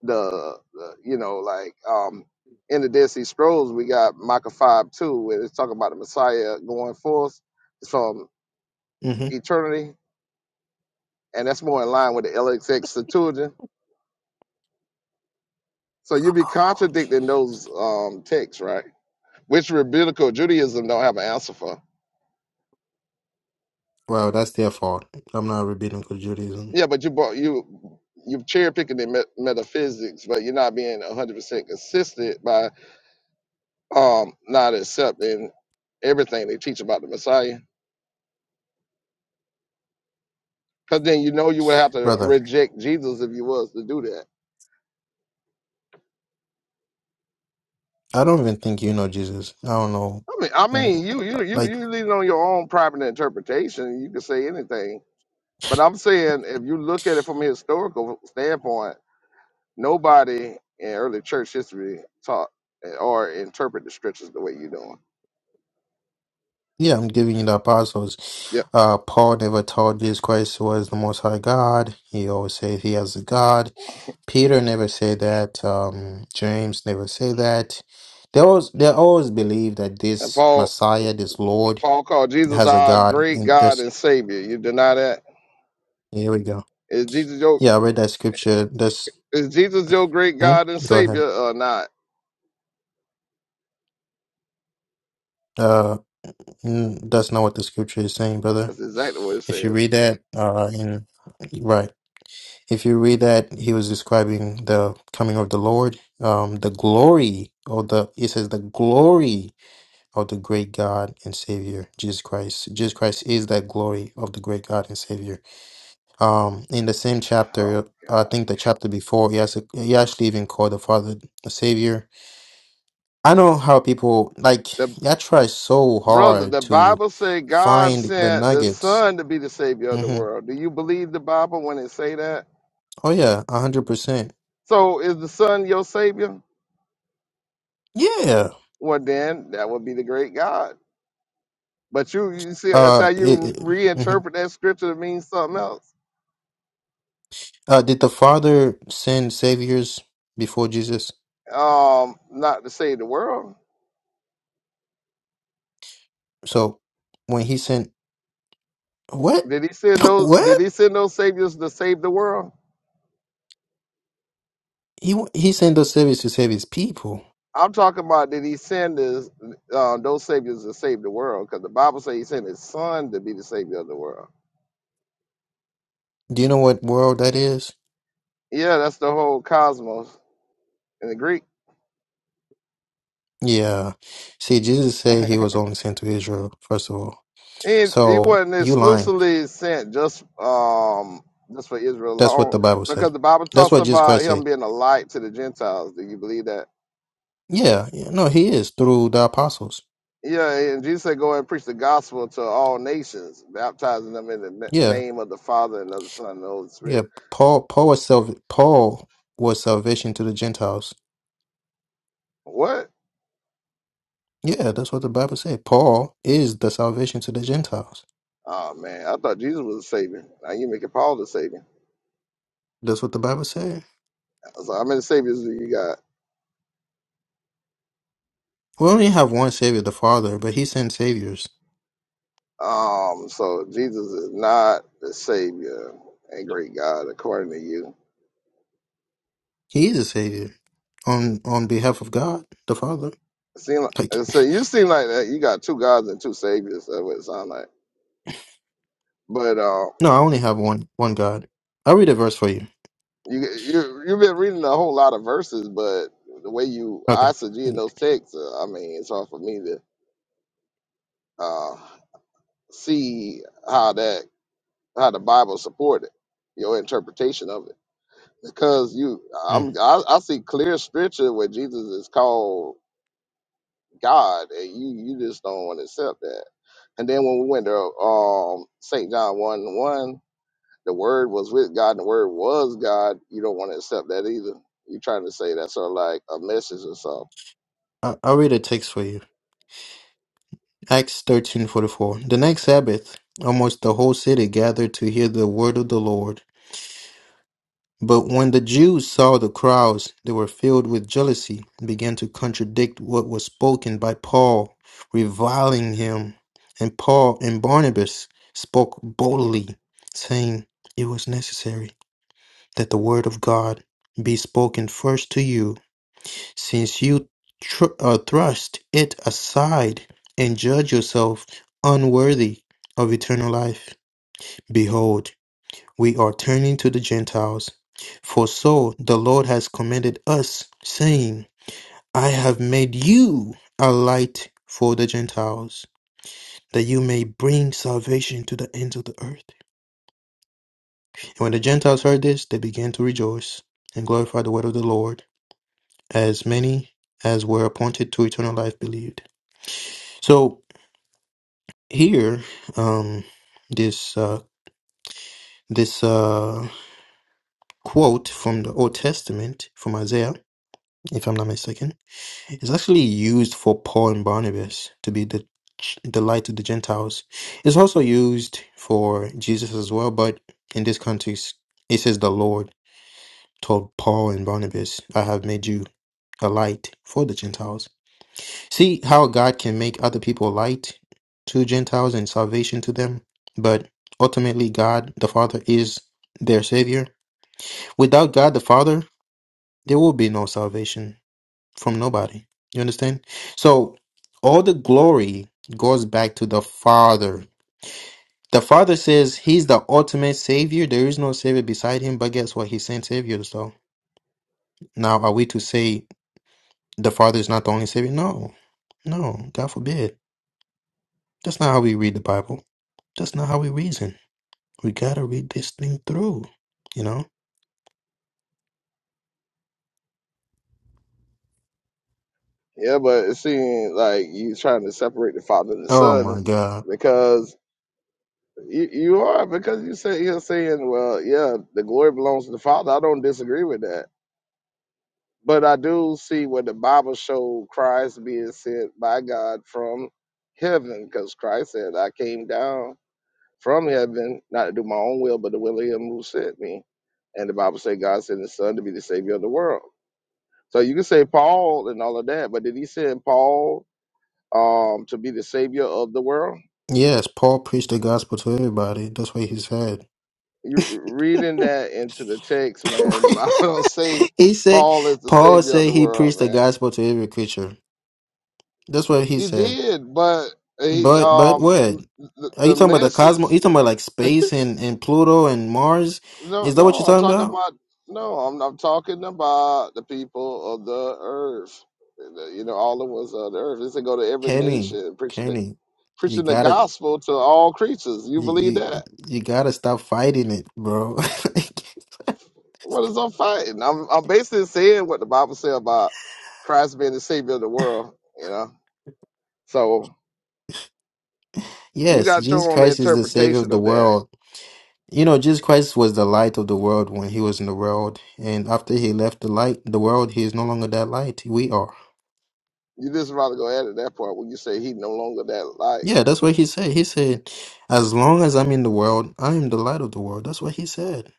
[SPEAKER 18] the, the you know like um in the Dead Sea Scrolls we got Micah five two where it's talking about the Messiah going forth from
[SPEAKER 16] hmm
[SPEAKER 18] eternity, and that's more in line with the LXX Septuagint. So you'd be contradicting those um texts, right? Which rabbinical Judaism don't have an answer for.
[SPEAKER 16] Well, that's their fault. I'm not rabbinical Judaism,
[SPEAKER 18] Yeah, but you brought you you're cherry picking the met- metaphysics, but you're not being 100 percent consistent by um not accepting everything they teach about the Messiah. Cause then you know you would have to
[SPEAKER 16] brother.
[SPEAKER 18] reject Jesus if you was to do that.
[SPEAKER 16] I don't even think you know Jesus. I don't know.
[SPEAKER 18] I mean, I
[SPEAKER 16] w-
[SPEAKER 18] mean, you you you
[SPEAKER 16] Like,
[SPEAKER 18] you leave it on your own private interpretation. You can say anything, but I'm saying if you look at it from a historical standpoint, nobody in early church history taught or interpret the scriptures the way you're doing.
[SPEAKER 16] yeah, I'm giving you the apostles.
[SPEAKER 18] Yep.
[SPEAKER 16] Uh, Paul never taught Jesus Christ was the Most High God. He always said he has a God. Peter never said that. Um, James never said that. They always they always believe that
[SPEAKER 18] And
[SPEAKER 16] this
[SPEAKER 18] Paul
[SPEAKER 16] Messiah, this Lord,
[SPEAKER 18] Paul called Jesus
[SPEAKER 16] has a
[SPEAKER 18] our
[SPEAKER 16] God,
[SPEAKER 18] great
[SPEAKER 16] and that's
[SPEAKER 18] God and Savior. You deny that?
[SPEAKER 16] Here we go.
[SPEAKER 18] Is Jesus your
[SPEAKER 16] Yeah, I read that scripture. That's
[SPEAKER 18] is Jesus your great
[SPEAKER 16] hmm?
[SPEAKER 18] God and
[SPEAKER 16] go ahead.
[SPEAKER 18] Savior or not?
[SPEAKER 16] Uh, mm, that's not what the scripture is saying, brother.
[SPEAKER 18] That's exactly what it
[SPEAKER 16] If you
[SPEAKER 18] says.
[SPEAKER 16] read that, uh, in right, if you read that, he was describing the coming of the Lord, um, the glory of the it says the glory of the great God and Savior Jesus Christ. Jesus Christ is that glory of the great God and Savior. Um, in the same
[SPEAKER 18] Oh
[SPEAKER 16] chapter, I
[SPEAKER 18] God
[SPEAKER 16] think the chapter before, he has a, he actually even called the Father the Savior I know how people like y'all try so
[SPEAKER 18] Brother,
[SPEAKER 16] hard
[SPEAKER 18] the
[SPEAKER 16] to
[SPEAKER 18] Bible said God
[SPEAKER 16] find the
[SPEAKER 18] sent the
[SPEAKER 16] nuggets.
[SPEAKER 18] Son to be the Savior of the
[SPEAKER 16] hmm
[SPEAKER 18] world. Do you believe the Bible when it say that?
[SPEAKER 16] Oh yeah, a hundred percent.
[SPEAKER 18] So is the Son your Savior?
[SPEAKER 16] Yeah.
[SPEAKER 18] Well, then that would be the great God. But you, you see, that's
[SPEAKER 16] Uh,
[SPEAKER 18] how
[SPEAKER 16] it,
[SPEAKER 18] you
[SPEAKER 16] it, mhm.
[SPEAKER 18] reinterpret that scripture to mean something else.
[SPEAKER 16] uh, did the Father send saviors before Jesus?
[SPEAKER 18] Um, not to save the world.
[SPEAKER 16] So when he sent what
[SPEAKER 18] Did he send those? Did
[SPEAKER 16] what
[SPEAKER 18] he send those saviors to save the world?
[SPEAKER 16] he he sent those saviors to save his people.
[SPEAKER 18] I'm talking about did he send his, uh, those saviors to save the world? Because the Bible says he sent his Son to be the Savior of the world.
[SPEAKER 16] Do you know what world that is?
[SPEAKER 18] Yeah, that's the whole cosmos. in the Greek.
[SPEAKER 16] Yeah. See, Jesus said he was only sent to Israel first of all.
[SPEAKER 18] And he
[SPEAKER 16] So
[SPEAKER 18] wasn't
[SPEAKER 16] you lying.
[SPEAKER 18] exclusively sent just um just for Israel
[SPEAKER 16] That's what
[SPEAKER 18] alone,
[SPEAKER 16] the Bible said.
[SPEAKER 18] because the Bible
[SPEAKER 16] That's
[SPEAKER 18] talks
[SPEAKER 16] what Jesus
[SPEAKER 18] about
[SPEAKER 16] Christ
[SPEAKER 18] him
[SPEAKER 16] said.
[SPEAKER 18] being a light to the Gentiles. Do you believe that?
[SPEAKER 16] Yeah, yeah, no, he is through the apostles.
[SPEAKER 18] Yeah, and Jesus said, "Go and preach the gospel to all nations, baptizing them in the na-
[SPEAKER 16] Yeah,
[SPEAKER 18] name of the Father and of the Son and the Holy
[SPEAKER 16] yeah.
[SPEAKER 18] Spirit."
[SPEAKER 16] Paul, Paul was salv Paul was salvation to the Gentiles.
[SPEAKER 18] What?
[SPEAKER 16] Yeah, that's what the Bible said. Paul is the salvation to the Gentiles.
[SPEAKER 18] Oh man, I thought Jesus was a savior. Now you making Paul the savior.
[SPEAKER 16] That's what the Bible said.
[SPEAKER 18] So how many saviors do you got?
[SPEAKER 16] We only have one Savior, the Father, but He sent saviors.
[SPEAKER 18] Um, so Jesus is not the savior and great God according to you.
[SPEAKER 16] He is a savior on on behalf of God, the Father.
[SPEAKER 18] Seem like,
[SPEAKER 16] Like,
[SPEAKER 18] uh, so you seem like that you got two gods and two saviors. That's what it sounds like. But uh,
[SPEAKER 16] no, I only have one one God. I'll read a verse for you.
[SPEAKER 18] you you you've been reading a whole lot of verses, but the way you
[SPEAKER 16] Okay,
[SPEAKER 18] eisegete in those texts, uh, I mean, it's hard for me to uh, see how that how the Bible supported your interpretation of it because you
[SPEAKER 16] Mm.
[SPEAKER 18] I'm I, I see clear scripture where Jesus is called God, and you you just don't want to accept that. And then when we went to um, St. John 1 1, the word was with God and the word was God, you don't want to accept that either. You're trying to say that's sort of like a message or something.
[SPEAKER 16] I, I'll read a text for you. Acts 13:44 The next Sabbath almost the whole city gathered to hear the word of the Lord. But when the Jews saw the crowds, they were filled with jealousy, and began to contradict what was spoken by Paul, reviling him. And Paul and Barnabas spoke boldly, saying, It was necessary that the word of God be spoken first to you, since you tr- uh, thrust it aside and judge yourself unworthy of eternal life, behold, we are turning to the Gentiles. For so the Lord has commanded us, saying, I have made you a light for the Gentiles, that you may bring salvation to the ends of the earth. And when the Gentiles heard this, they began to rejoice and glorify the word of the Lord, as many as were appointed to eternal life believed. So here um this uh this uh quote from the old testament from isaiah if i'm not mistaken is actually used for paul and barnabas to be the ch- the light to the gentiles it's also used for jesus as well but in this context it says the lord told paul and barnabas i have made you a light for the gentiles See how God can make other people light to Gentiles and salvation to them, but ultimately God the Father is their Savior. Without God the Father, there will be no salvation from nobody. You understand? So all the glory goes back to the Father. The Father says He's the ultimate Savior. There is no Savior beside Him, but guess what? He sent Saviors, though. Now, are we to say the Father is not the only Savior? No, no, God forbid. That's not how we read the Bible. That's not how we reason. We gotta read this thing through, you know?
[SPEAKER 18] Yeah, but it seems like you're trying to separate the father and the
[SPEAKER 16] Oh my
[SPEAKER 18] son
[SPEAKER 16] God.
[SPEAKER 18] because you, you are, because you say you're saying, well, yeah, the glory belongs to the father. I don't disagree with that. But I do see what the Bible showed Christ being sent by God from heaven because Christ said, I came down from heaven, not to do my own will, but the will of him who sent me. And the Bible says God sent his son to be the savior of the world. So you can say Paul and all of that, but did he send Paul um, to be the savior of the world?
[SPEAKER 16] Yes, Paul preached the gospel to everybody. That's what he said.
[SPEAKER 18] You are reading that into the text, man, And the Bible don't say
[SPEAKER 16] he said,
[SPEAKER 18] Paul is the
[SPEAKER 16] Paul
[SPEAKER 18] savior of the
[SPEAKER 16] said he
[SPEAKER 18] world,
[SPEAKER 16] preached the
[SPEAKER 18] man.
[SPEAKER 16] gospel to every creature. That's what he
[SPEAKER 18] He
[SPEAKER 16] said.
[SPEAKER 18] did, but he
[SPEAKER 16] But, but
[SPEAKER 18] um
[SPEAKER 16] what?
[SPEAKER 18] the, the,
[SPEAKER 16] Are you
[SPEAKER 18] the
[SPEAKER 16] talking about the
[SPEAKER 18] message
[SPEAKER 16] cosmos? You talking about like space and, and Pluto and Mars?
[SPEAKER 18] No,
[SPEAKER 16] Is that what
[SPEAKER 18] no,
[SPEAKER 16] you're
[SPEAKER 18] I'm
[SPEAKER 16] talking
[SPEAKER 18] talking
[SPEAKER 16] about?
[SPEAKER 18] about no, I'm I'm talking about the people of the earth. You know, all the ones of the earth. It's to go to every
[SPEAKER 16] Kenny,
[SPEAKER 18] nation preaching the
[SPEAKER 16] Kenny, you
[SPEAKER 18] preaching the
[SPEAKER 16] gotta,
[SPEAKER 18] gospel to all creatures. You
[SPEAKER 16] you,
[SPEAKER 18] believe
[SPEAKER 16] you,
[SPEAKER 18] that?
[SPEAKER 16] you gotta stop fighting it, bro.
[SPEAKER 18] What is I'm fighting? I'm I'm basically saying what the Bible says about Christ being the savior of the world, you know. So you
[SPEAKER 16] Yes,
[SPEAKER 18] got
[SPEAKER 16] Jesus
[SPEAKER 18] your own
[SPEAKER 16] Christ is the Savior of
[SPEAKER 18] interpretation
[SPEAKER 16] the
[SPEAKER 18] of that.
[SPEAKER 16] world. You know, Jesus Christ was the light of the world when he was in the world, and after he left the light, the world, he is no longer that light. We are.
[SPEAKER 18] You just rather go ahead at it that part when you say he no longer that light.
[SPEAKER 16] Yeah, that's what he said. He said, "As long as I'm in the world, I am the light of the world." That's what he said,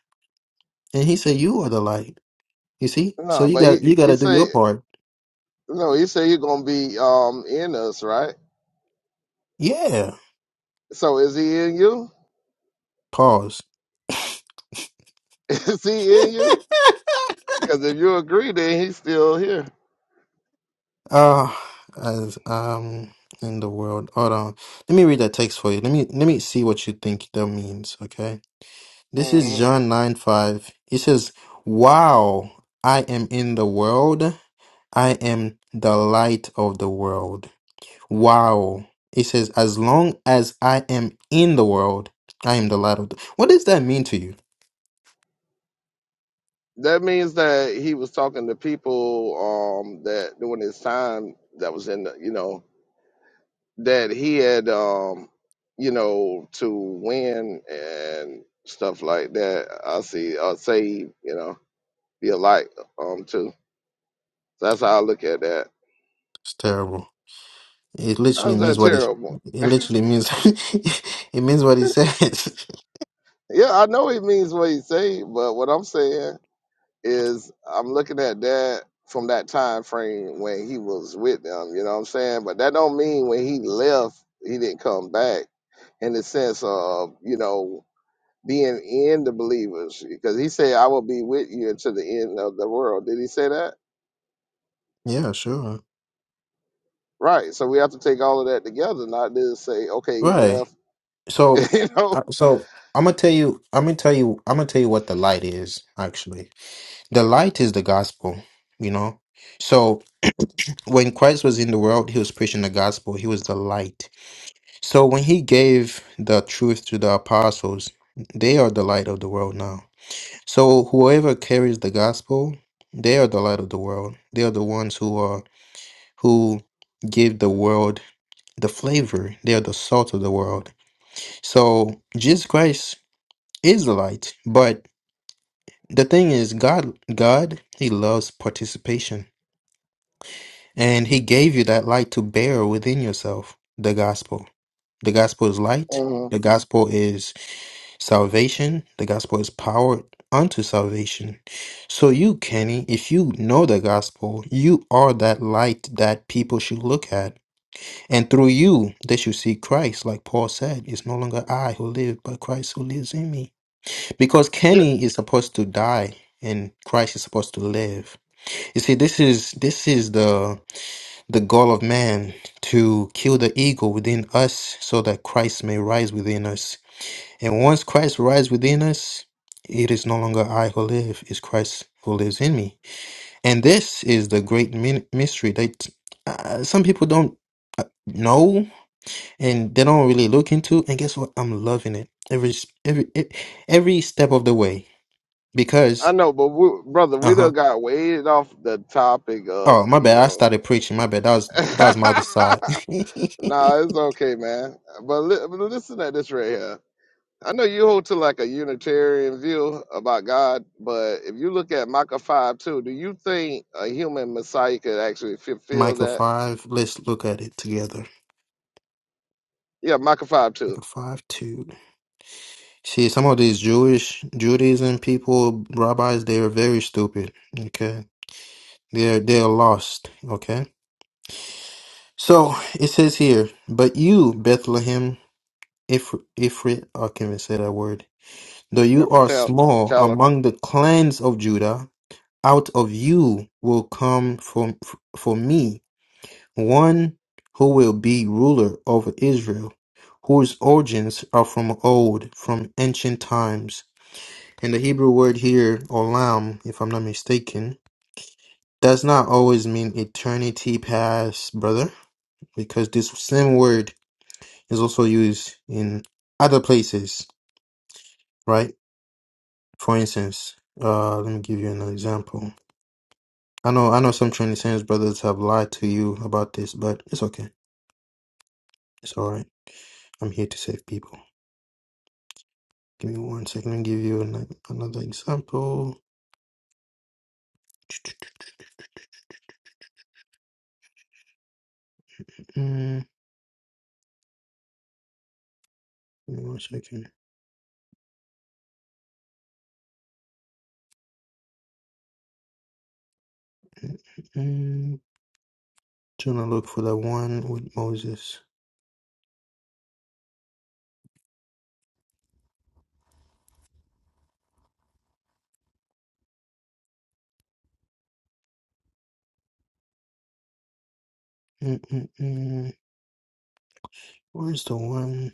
[SPEAKER 16] and he said, "You are the light." You see, so
[SPEAKER 18] No,
[SPEAKER 16] you
[SPEAKER 18] but he
[SPEAKER 16] got you got
[SPEAKER 18] he
[SPEAKER 16] to do
[SPEAKER 18] say
[SPEAKER 16] your part.
[SPEAKER 18] no, he say he gonna be um in us, right?
[SPEAKER 16] Yeah.
[SPEAKER 18] So is he in you?
[SPEAKER 16] Pause.
[SPEAKER 18] Is he in you? Because if you agree, then he's still here.
[SPEAKER 16] Uh as um in the world. Hold on. Let me read that text for you. Let me let me see what you think that means. Okay. This is
[SPEAKER 18] hmm
[SPEAKER 16] John 9 5. It says, Wow, I am in the world. I am the light of the world. Wow. It says, As long as I am in the world, I am the light of the What does that mean to you?
[SPEAKER 18] That means that he was talking to people um, that during his time that was in, the, you know, that he had, um, you know, to win and stuff like that. I see, I say, you know, be a light um, too. So that's how I look at that.
[SPEAKER 16] It's terrible. It literally
[SPEAKER 18] How's
[SPEAKER 16] means
[SPEAKER 18] that
[SPEAKER 16] what it,
[SPEAKER 18] terrible?
[SPEAKER 16] it literally means. it means what it says.
[SPEAKER 18] Yeah, I know he means what he say, but what I'm saying. is I'm looking at that from that time frame when he was with them, you know what I'm saying? But that don't mean when he left he didn't come back in the sense of, you know, being in the believers. Because he said, I will be with you until the end of the world. Did he say that?
[SPEAKER 16] yeah, sure.
[SPEAKER 18] Right. So we have to take all of that together, not just say, okay, he
[SPEAKER 16] Right.
[SPEAKER 18] left,
[SPEAKER 16] So,
[SPEAKER 18] you know.
[SPEAKER 16] uh, so I'm gonna tell you, I'm gonna tell you, I'm gonna tell you what the light is, actually. The light is the gospel, you know. So when Christ was in the world, he was preaching the gospel. He was the light. So when he gave the truth to the apostles, they are the light of the world now. So whoever carries the gospel, they are the light of the world. They are the ones who are who give the world the flavor. They are the salt of the world. So Jesus Christ is the light, but the thing is God God, he loves participation And he gave you that light to bear within yourself the gospel. The gospel is light.
[SPEAKER 18] Mhm.
[SPEAKER 16] The gospel is salvation. The gospel is power unto salvation. So you, Kenny, if you know the gospel, you are that light that people should look at. And through you, they should see Christ. Like Paul said, it's no longer I who live, but Christ who lives in me. Because
[SPEAKER 18] Yeah,
[SPEAKER 16] Kenny is supposed to die and Christ is supposed to live. You see, this is this is the the goal of man to kill the ego within us so that Christ may rise within us. And once Christ rises within us, it is no longer I who live, it's Christ who lives in me. And this is the great min- mystery that uh, some people don't know and they don't really look into. And guess what? I'm loving it every s- every e- every step of the way
[SPEAKER 18] I
[SPEAKER 16] because
[SPEAKER 18] know, but we, brother, we
[SPEAKER 16] uh huh.
[SPEAKER 18] done got way off the topic of,
[SPEAKER 16] Oh my
[SPEAKER 18] you
[SPEAKER 16] bad, I
[SPEAKER 18] know.
[SPEAKER 16] started preaching. My bad, that was that was my other side.
[SPEAKER 18] Nah, it's okay, man. But, li- but listen at this right here. I know you hold to like a Unitarian view about God, but if you look at Micah 5 2, do you think a human Messiah could actually fulfill
[SPEAKER 16] Micah
[SPEAKER 18] that?
[SPEAKER 16] 5. Let's look at it together.
[SPEAKER 18] Yeah, Micah 5
[SPEAKER 16] Micah
[SPEAKER 18] 2.
[SPEAKER 16] 5 2. See, some of these Jewish Judaism people, rabbis, they are very stupid. Okay. They're they're lost. Okay. So it says here, but you, Bethlehem, if if I can't even say that word. Though
[SPEAKER 18] Yeah,
[SPEAKER 16] you are small
[SPEAKER 18] for
[SPEAKER 16] among the clans of Judah, out of you will come for for me one who will be ruler over Israel, whose origins are from old, from ancient times. And the Hebrew word here, olam, if I'm not mistaken, does not always mean eternity past, brother, because this same word is also used in other places, right? For instance, uh, let me give you an example. I know, I know some Trinitarians brothers have lied to you about this, but it's okay. It's all right. I'm here to save people. Give me one second. I'll give you an, another example. Mm, give me one second. Mm, mm, mm. Trying to look for the one with Moses. Mm, mm, mm. Where's the one?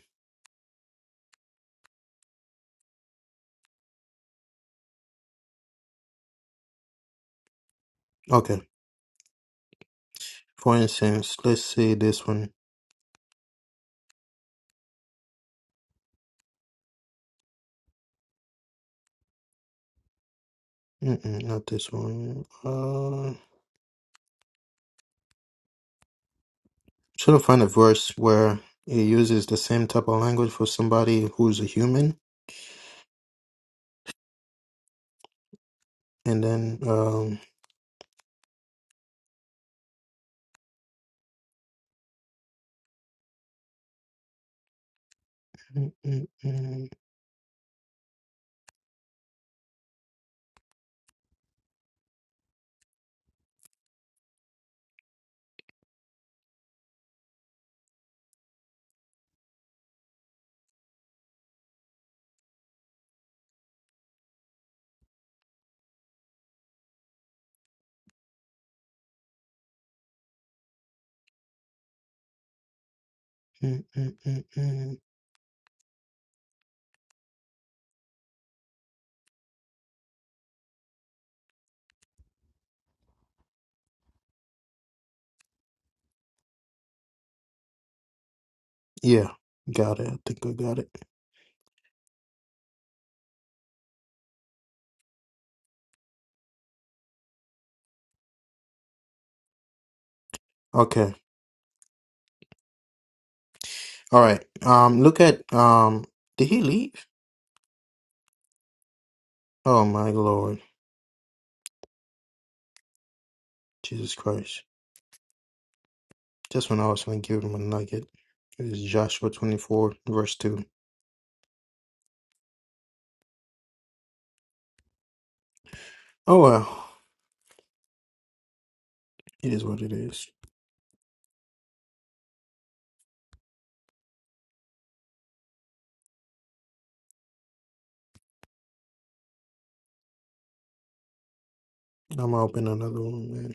[SPEAKER 16] Okay. For instance, let's say this one. Mm-mm, not this one. Uh, trying to find a verse where it uses the same type of language for somebody who's a human, and then um, mm, mm, mm, mm, mm, mm, mm. yeah, got it. I think I got it. Okay. All right. Um, look at um. Did he leave? Oh my Lord, Jesus Christ! Just when I was going to give him a nugget, it is Joshua twenty-four verse two. Oh well, it is what it is. I'm gonna open another one, man.